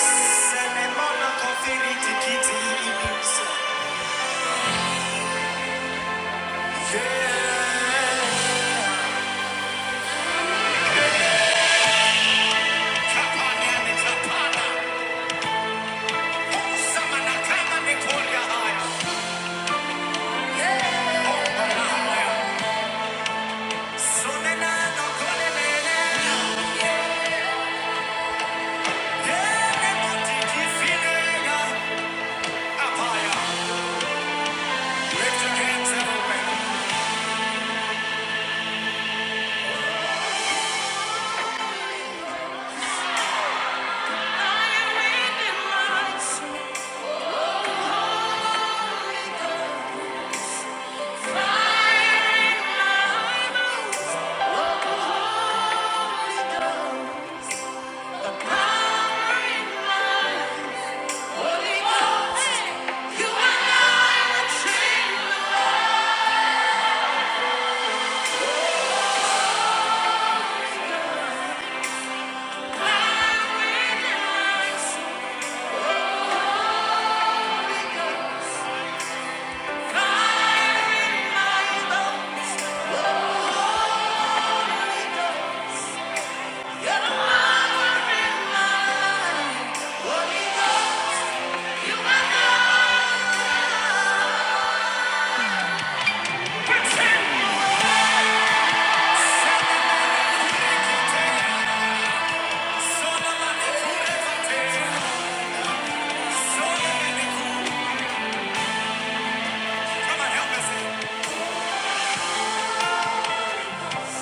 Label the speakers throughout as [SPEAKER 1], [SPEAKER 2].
[SPEAKER 1] Fire in my mouth.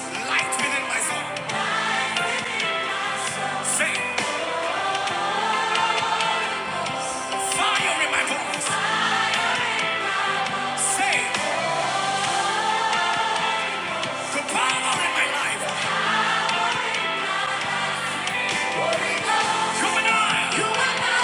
[SPEAKER 1] Light within my soul. Say. Fire in my bones. Say the power in my life. Come and I. You are my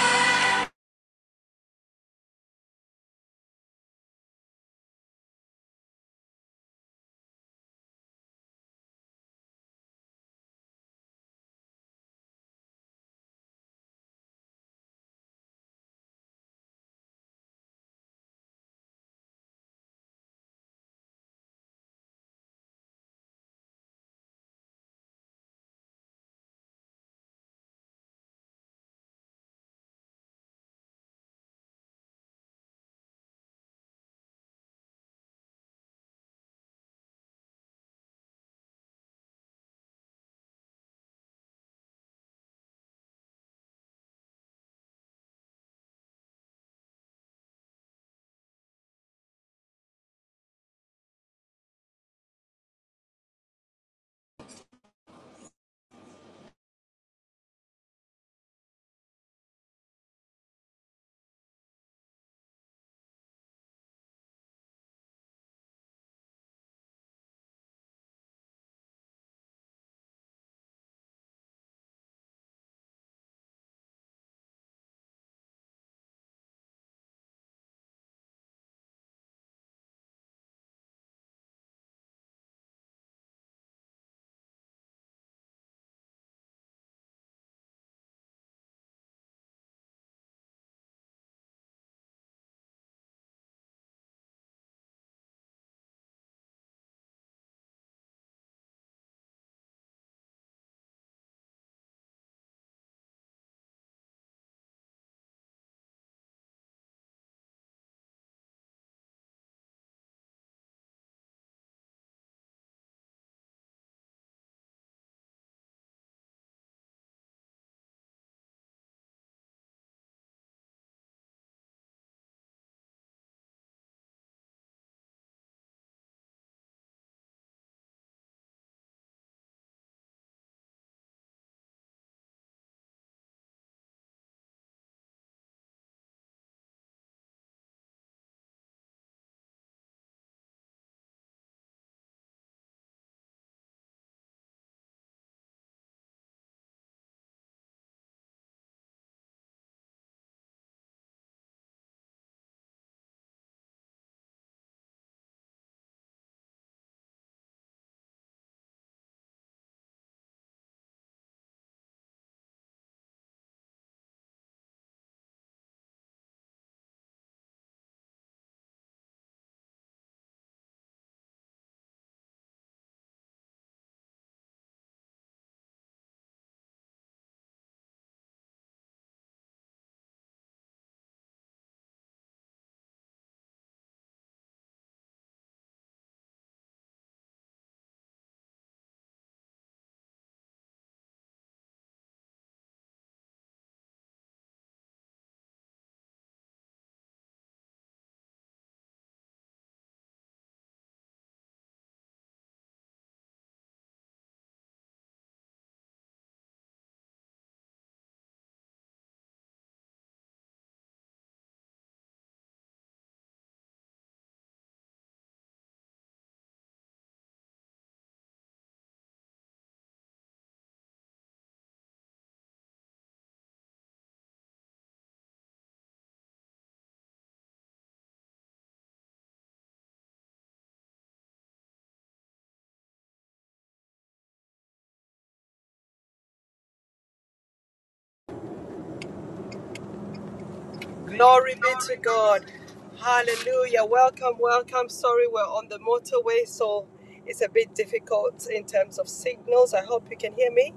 [SPEAKER 2] Glory be to God. Hallelujah. Welcome, welcome. Sorry, we're on the motorway, so it's a bit difficult in terms of signals. I hope you can hear me.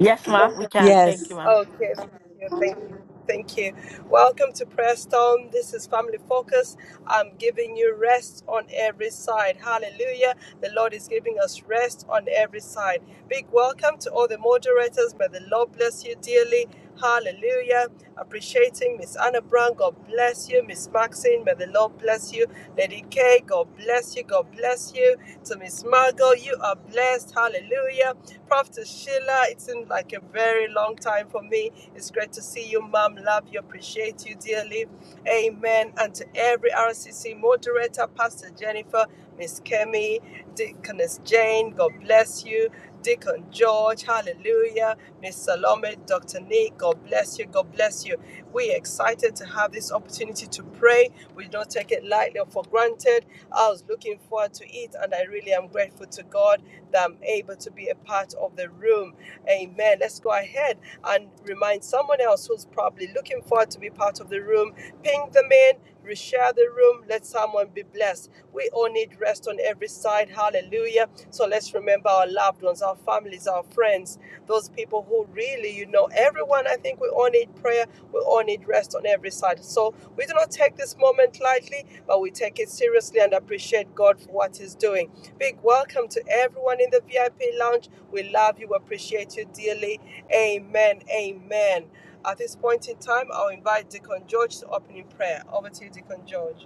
[SPEAKER 3] Yes, ma. We can. Thank you,
[SPEAKER 4] Yes.
[SPEAKER 3] ma.
[SPEAKER 2] Okay, thank you, thank you, thank you. Welcome to Prayer Storm. This is Family Focus. I'm giving you rest on every side. Hallelujah. The Lord is giving us rest on every side. Big welcome to all the moderators. May the Lord bless you dearly. Hallelujah. Appreciating Miss Anna Brown. God bless you. Miss Maxine. May the Lord bless you. Lady K. God bless you. God bless you. To Miss Margot. You you are blessed. Hallelujah. Prophet Sheila, it seemed like a very long time for me. It's great to see you, Mom. Love you, appreciate you dearly. Amen. And to every RCC moderator, Pastor Jennifer, Miss Kemi, Deaconess Jane, God bless you. Deacon George, hallelujah. Miss Salome, Dr. Nick, God bless you, God bless you. We're excited to have this opportunity to pray. We don't take it lightly or for granted. I was looking forward to it, and I really am grateful to God that I'm able to be a part of the room. Amen. Let's go ahead and remind someone else who's probably looking forward to be part of the room. Ping them in, reshare the room. Let someone be blessed. We all need rest on every side. Hallelujah. So let's remember our loved loved ones, our families, our friends, those people who really, you know, everyone, I think we all need prayer, we all need rest on every side. So we do not take this moment lightly, but we take it seriously and appreciate God for what He's doing. Big welcome to everyone in the VIP lounge. We love you, appreciate you dearly. Amen. Amen. At this point in time, I'll invite Deacon George to open in prayer. Over to you, Deacon George.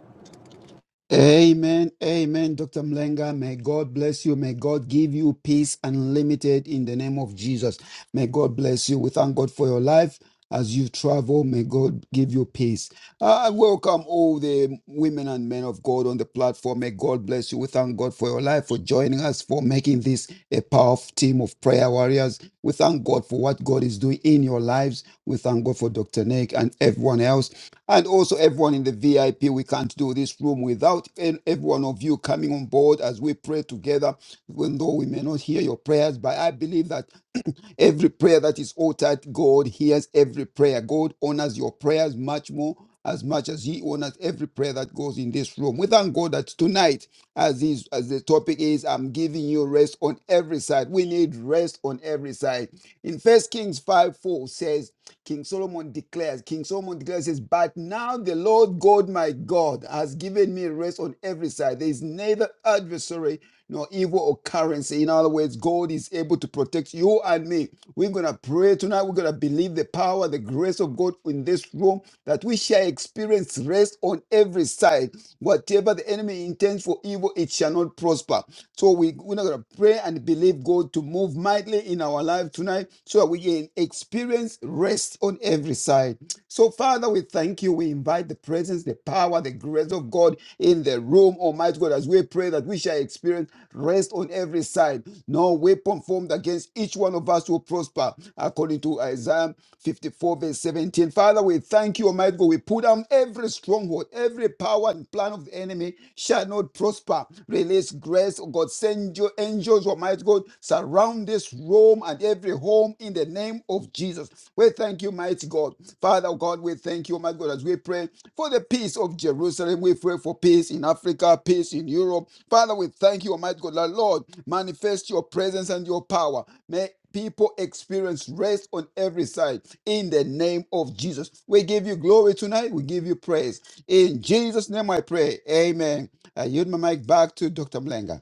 [SPEAKER 5] Amen. Amen. Dr. Mlenga, may God bless you. May God give you peace unlimited in the name of Jesus. May God bless you. We thank God for your life as you travel. May God give you peace. I welcome all the women and men of God on the platform. May God bless you. We thank God for your life, for joining us, for making this a powerful team of prayer warriors. We thank God for what God is doing in your lives. We thank God for Dr. Nick and everyone else, and also everyone in the VIP. We can't do this room without an- every one of you coming on board as we pray together. Even though we may not hear your prayers, but I believe that. Every prayer that is uttered, God hears every prayer. God honors your prayers much more as much as he honors every prayer that goes in this room. We thank God that tonight, as is as the topic is, I'm giving you rest on every side. We need rest on every side. In First Kings 5 4 says, King Solomon declares, King Solomon declares, says, But now the Lord God my God has given me rest on every side. There is neither adversary nor evil occurrence. In other words, God is able to protect you and me. We're going to pray tonight. We're going to believe the power, the grace of God in this room that we shall experience rest on every side. Whatever the enemy intends for evil, it shall not prosper. So we, we're not going to pray and believe God to move mightily in our life tonight tonight so that we can experience rest on every side. So, Father, we thank you. We invite the presence, the power, the grace of God in the room, Almighty God, as we pray that we shall experience rest on every side. No weapon formed against each one of us will prosper, according to Isaiah 54, verse 17. Father, we thank you, Almighty God. We put down every stronghold, every power and plan of the enemy shall not prosper. Release grace, oh God. Send your angels, Almighty God world surround this room and every home in the name of Jesus. We thank you, mighty God. Father God, we thank you, mighty God, as we pray for the peace of Jerusalem. We pray for peace in Africa, peace in Europe. Father, we thank you, Almighty God. Lord, manifest your presence and your power. May people experience rest on every side in the name of Jesus. We give you glory tonight. We give you praise. In Jesus' name I pray. Amen. I yield my mic back to Dr. Mlenga.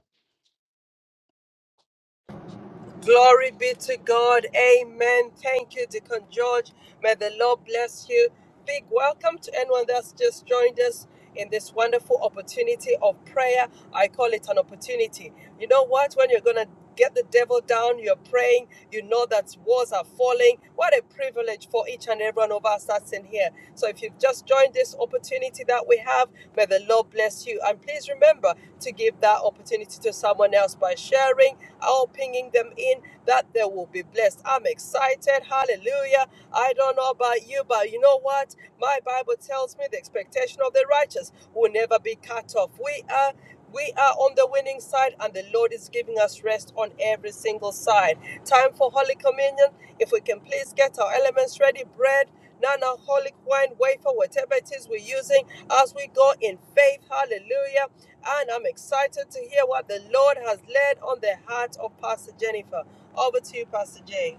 [SPEAKER 2] Glory be to God. Amen. Thank you, Deacon George. May the Lord bless you. Big welcome to anyone that's just joined us in this wonderful opportunity of prayer. I call it an opportunity. You know what? When you're going to get the devil down, you're praying, you know that walls are falling. What a privilege for each and every one of us that's in here here. So if you've just joined this opportunity that we have, may the Lord bless you. And please remember to give that opportunity to someone else by sharing or pinging them in that they will be blessed. I'm excited. Hallelujah. I don't know about you, but you know what? My Bible tells me the expectation of the righteous will never be cut off. We are we are on the winning side and the Lord is giving us rest on every single side. Time for Holy Communion. If we can please get our elements ready, bread non-alcoholic wine, wafer, whatever it is we're using as we go in faith. Hallelujah. And I'm excited to hear what the Lord has laid on the heart of Pastor Jennifer. Over to you, Pastor Jay.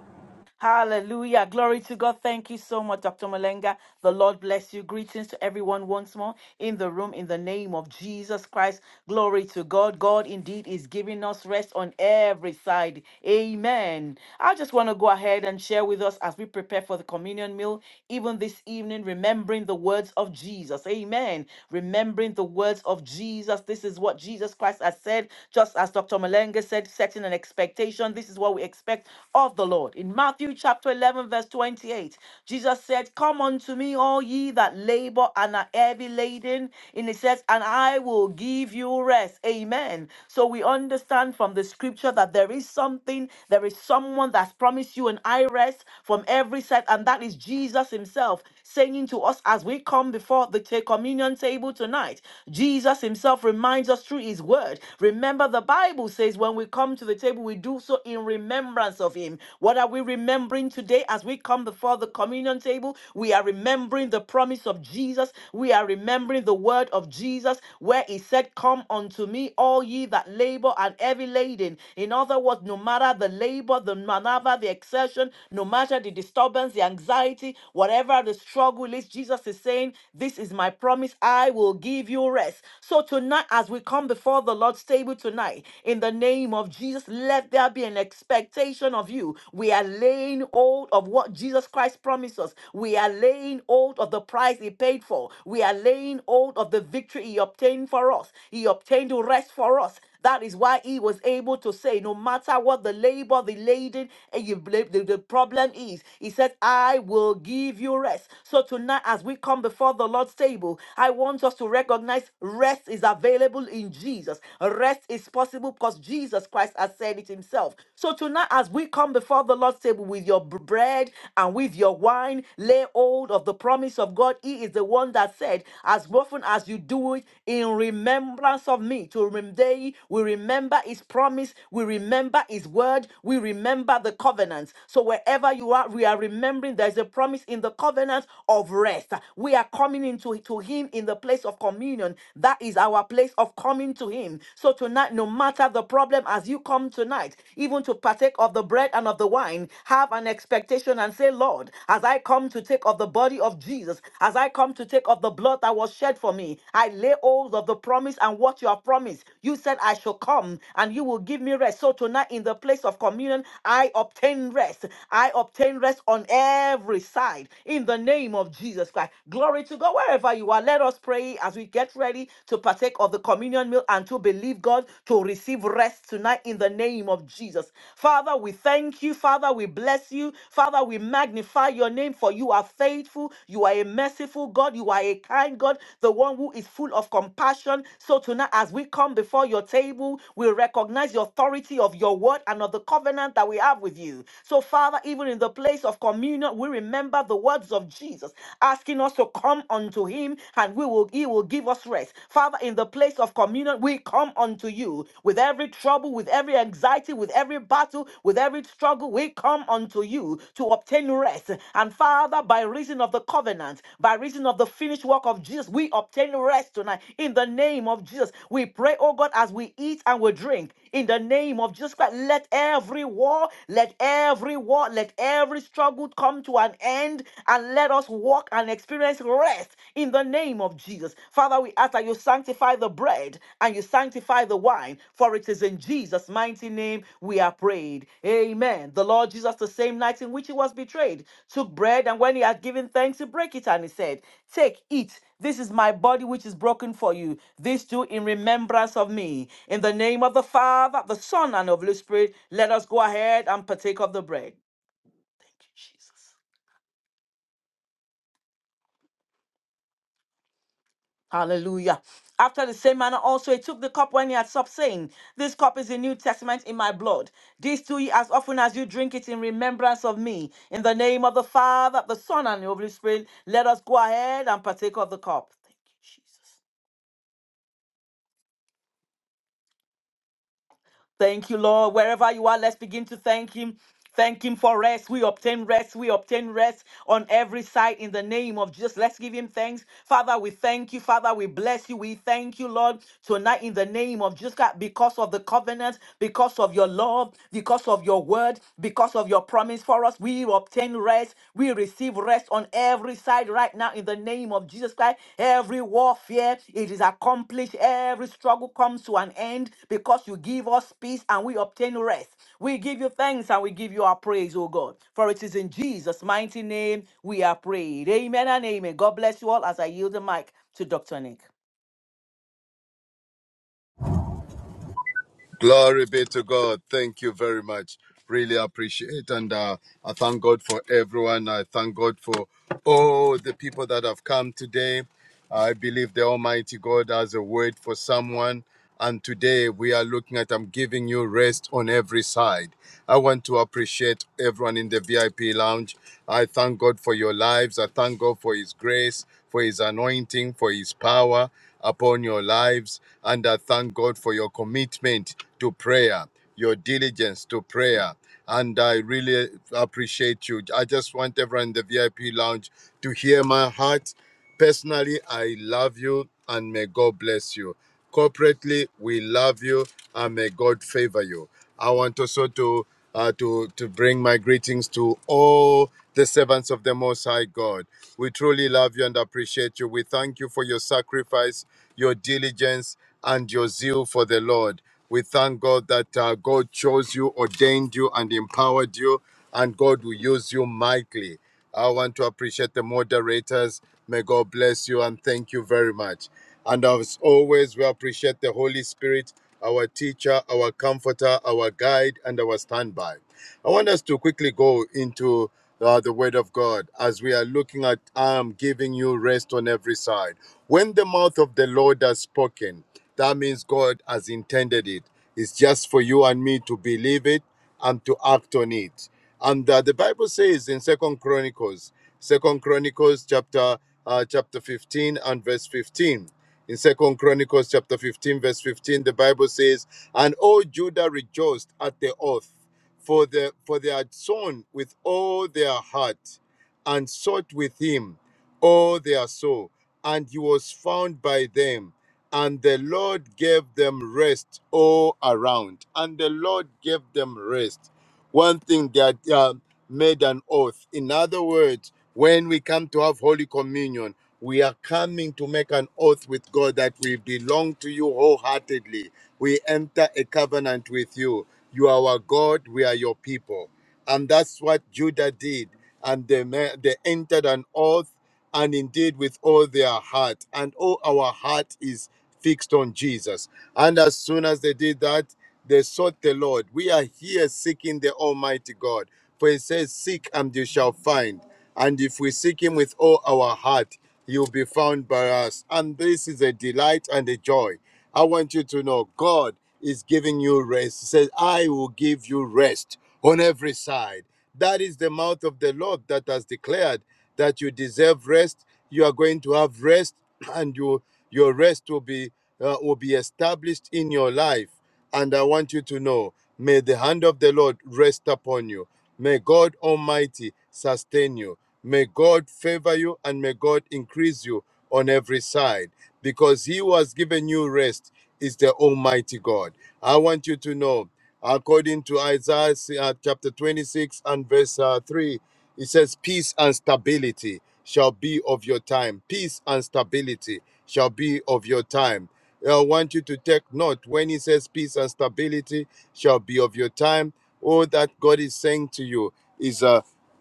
[SPEAKER 3] Hallelujah. Glory to God. Thank you so much, Dr. Malenga. The Lord bless you. Greetings to everyone once more in the room in the name of Jesus Christ. Glory to God. God indeed is giving us rest on every side. Amen. I just want to go ahead and share with us as we prepare for the communion meal, even this evening, remembering the words of Jesus. Amen. Remembering the words of Jesus. This is what Jesus Christ has said, just as Dr. Malenga said, setting an expectation. This is what we expect expect of the Lord. In Matthew chapter 11, verse 28, Jesus said, Come unto me, all ye that labor and are heavy laden. And it says, And I will give you rest. Amen. So we understand from the scripture that there is something, there is someone that's promised you an I rest from every side, and that is Jesus Himself saying to us as we come before the ta- communion table tonight. Jesus Himself reminds us through His word. Remember, the Bible says, When we come to come to the table, we do so in remembrance of him. What are we remembering today as we come before the communion table? We are remembering the promise of Jesus. We are remembering the word of Jesus where he said, Come unto me, all ye that labor and heavy laden. In other words, no matter the labor, the manava, the exertion, no matter the disturbance, the anxiety, whatever the struggle is, Jesus is saying, This is my promise. I will give you rest. So tonight, as we come before the Lord's table, you tonight. In the name of Jesus, let there be an expectation of you. We are laying hold of what Jesus Christ promised us. We are laying hold of the price he paid for. We are laying hold of the victory he obtained for us. He obtained rest for us. That is why he was able to say, no matter what the labor, the laden, and you bla- the, the problem is, he says, I will give you rest. So tonight, as we come before the Lord's table, I want us to recognize rest is available available in Jesus. Rest is possible because Jesus Christ has said it himself. So tonight, as we come before the Lord's table with your b- bread and with your wine, lay hold of the promise of God. He is the one that said, As often as you do it in remembrance of me, to rem- day we remember his promise, we remember his word, we remember the covenant. So wherever you are, we are remembering there's a promise in the covenant of rest. We are coming into to him in the place of communion. That is our place of coming to Him. So tonight, no matter the problem, as you come tonight, even to partake of the bread and of the wine, have an expectation and say, Lord, as I come to take of the body of Jesus, as I come to take of the blood that was shed for me, I lay hold of the promise and what you have promised. You said, I shall come and you will give me rest. So tonight, in the place of communion, I obtain rest. I obtain rest on every side in the name of Jesus Christ. Glory to God. But wherever you are, let us pray as we get ready to partake of the communion meal and to believe God to receive rest tonight in the name of Jesus. Father, we thank you. Father, we bless you. Father, we magnify your name for you are faithful. You are a merciful God. You are a kind God, the one who is full of compassion. So tonight, as we come before your table, we recognize the authority of your word and of the covenant that we have with you. So, Father, even in the place of communion, we remember the words of Jesus. Jesus, asking us to come unto him and we will he will give us rest. Father, in the place of communion, we come unto you with every trouble, with every anxiety, with every battle, with every struggle, we come unto you to obtain rest. And Father, by reason of the covenant, by reason of the finished work of Jesus, we obtain rest tonight in the name of Jesus. We pray, oh God, as we eat and we drink in the name of Jesus Christ. Let every war, let every war, let every struggle come to an end and let us walk and experience rest in the name of Jesus. Father, we ask that you sanctify the bread and you sanctify the wine, for it is in Jesus' mighty name we are praying betrayed. Amen. The Lord Jesus, the same night in which he was betrayed, took bread, and when he had given thanks, he broke it, and he said, Take, eat. This is my body which is broken for you. This do in remembrance of me. In the name of the Father, the Son, and of the Holy Spirit, let us go ahead and partake of the bread. Thank you, Jesus. Hallelujah. After the same manner also he took the cup when he had supped, saying, This cup is the New Testament in my blood. This do ye as often as you drink it in remembrance of me. In the name of the Father, the Son, and the Holy Spirit, let us go ahead and partake of the cup. Thank you, Jesus. Thank you, Lord. Wherever you are, let's begin to thank Him. Thank Him for rest. We obtain rest. We obtain rest on every side in the name of Jesus. Let's give Him thanks. Father, we thank you. Father, we bless you. We thank you, Lord, tonight in the name of Jesus God, because of the covenant, because of your love, because of your word, because of your promise for us. We obtain rest we receive rest on every side right now in the name of Jesus Christ. Every warfare, it is accomplished. Every struggle comes to an end because you give us peace and we obtain rest. We give you thanks and we give you our praise, oh God. For it is in Jesus' mighty name we are prayed. Amen and amen. God bless you all as I yield the mic to Dr. Nick.
[SPEAKER 6] Glory be to God. Thank you very much. Really appreciate and uh, I thank God for everyone. I thank God for all the people that have come today. I believe the Almighty God has a word for someone. And today we are looking at I'm giving you rest on every side. I want to appreciate everyone in the VIP lounge. I thank God for your lives. I thank God for His grace, for His anointing, for His power upon your lives. And I thank God for your commitment to prayer, your diligence to prayer. And I really appreciate you. I just want everyone in the VIP lounge to hear my heart. Personally, I love you and may God bless you. Corporately, we love you and may God favor you. I want also to uh, to, to bring my greetings to all the servants of the Most High God. We truly love you and appreciate you. We thank you for your sacrifice, your diligence, and your zeal for the Lord. We thank God that uh, God chose you, ordained you, and empowered you, and God will use you mightily. I want to appreciate the moderators. May God bless you and thank you very much. And as always, we appreciate the Holy Spirit, our teacher, our comforter, our guide, and our standby. I want us to quickly go into uh, the Word of God as we are looking at I am giving you rest on every side. When the mouth of the Lord has spoken, that means God has intended it. It's just for you and me to believe it and to act on it. And uh, the Bible says in Second Chronicles, Second Chronicles chapter uh, chapter 15 and verse 15. In Second Chronicles chapter 15 verse 15, the Bible says, "And all Judah rejoiced at the oath, for the for they had sown with all their heart, and sought with him all their soul, and he was found by them." And the Lord gave them rest all around. And the Lord gave them rest one thing that uh, made an oath. In other words, when we come to have Holy Communion, we are coming to make an oath with God that we belong to you wholeheartedly. We enter a covenant with you. You are our God, we are your people. And that's what Judah did. And they, ma- they entered an oath and indeed with all their heart. And all our heart is fixed on Jesus. And as soon as they did that, they sought the Lord. We are here seeking the Almighty God. For it says, Seek and you shall find. And if we seek him with all our heart, he'll be found by us. And this is a delight and a joy. I want you to know God is giving you rest. He says, I will give you rest on every side. That is the mouth of the Lord that has declared that you deserve rest. You are going to have rest, and you, your rest will be uh, will be established in your life. And I want you to know may the hand of the Lord rest upon you. May God Almighty sustain you. May God favor you and may God increase you on every side because He who has given you rest is the Almighty God. I want you to know, according to Isaiah uh, chapter 26 and verse uh, 3, it says, Peace and stability shall be of your time. Peace and stability shall be of your time. I want you to take note when he says peace and stability shall be of your time. All that God is saying to you is uh,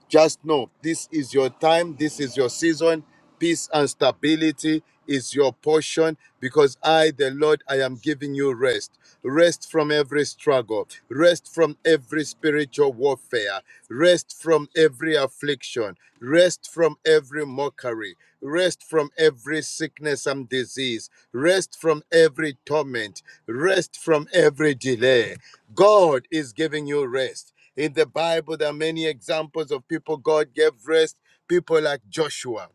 [SPEAKER 6] just know this is your time, this is your season. Peace and stability is your portion because I, the Lord, I am giving you rest. Rest from every struggle, rest from every spiritual warfare, rest from every affliction, rest from every mockery, rest from every sickness and disease, rest from every torment, rest from every delay. God is giving you rest. In the Bible, there are many examples of people God gave rest, people like Joshua.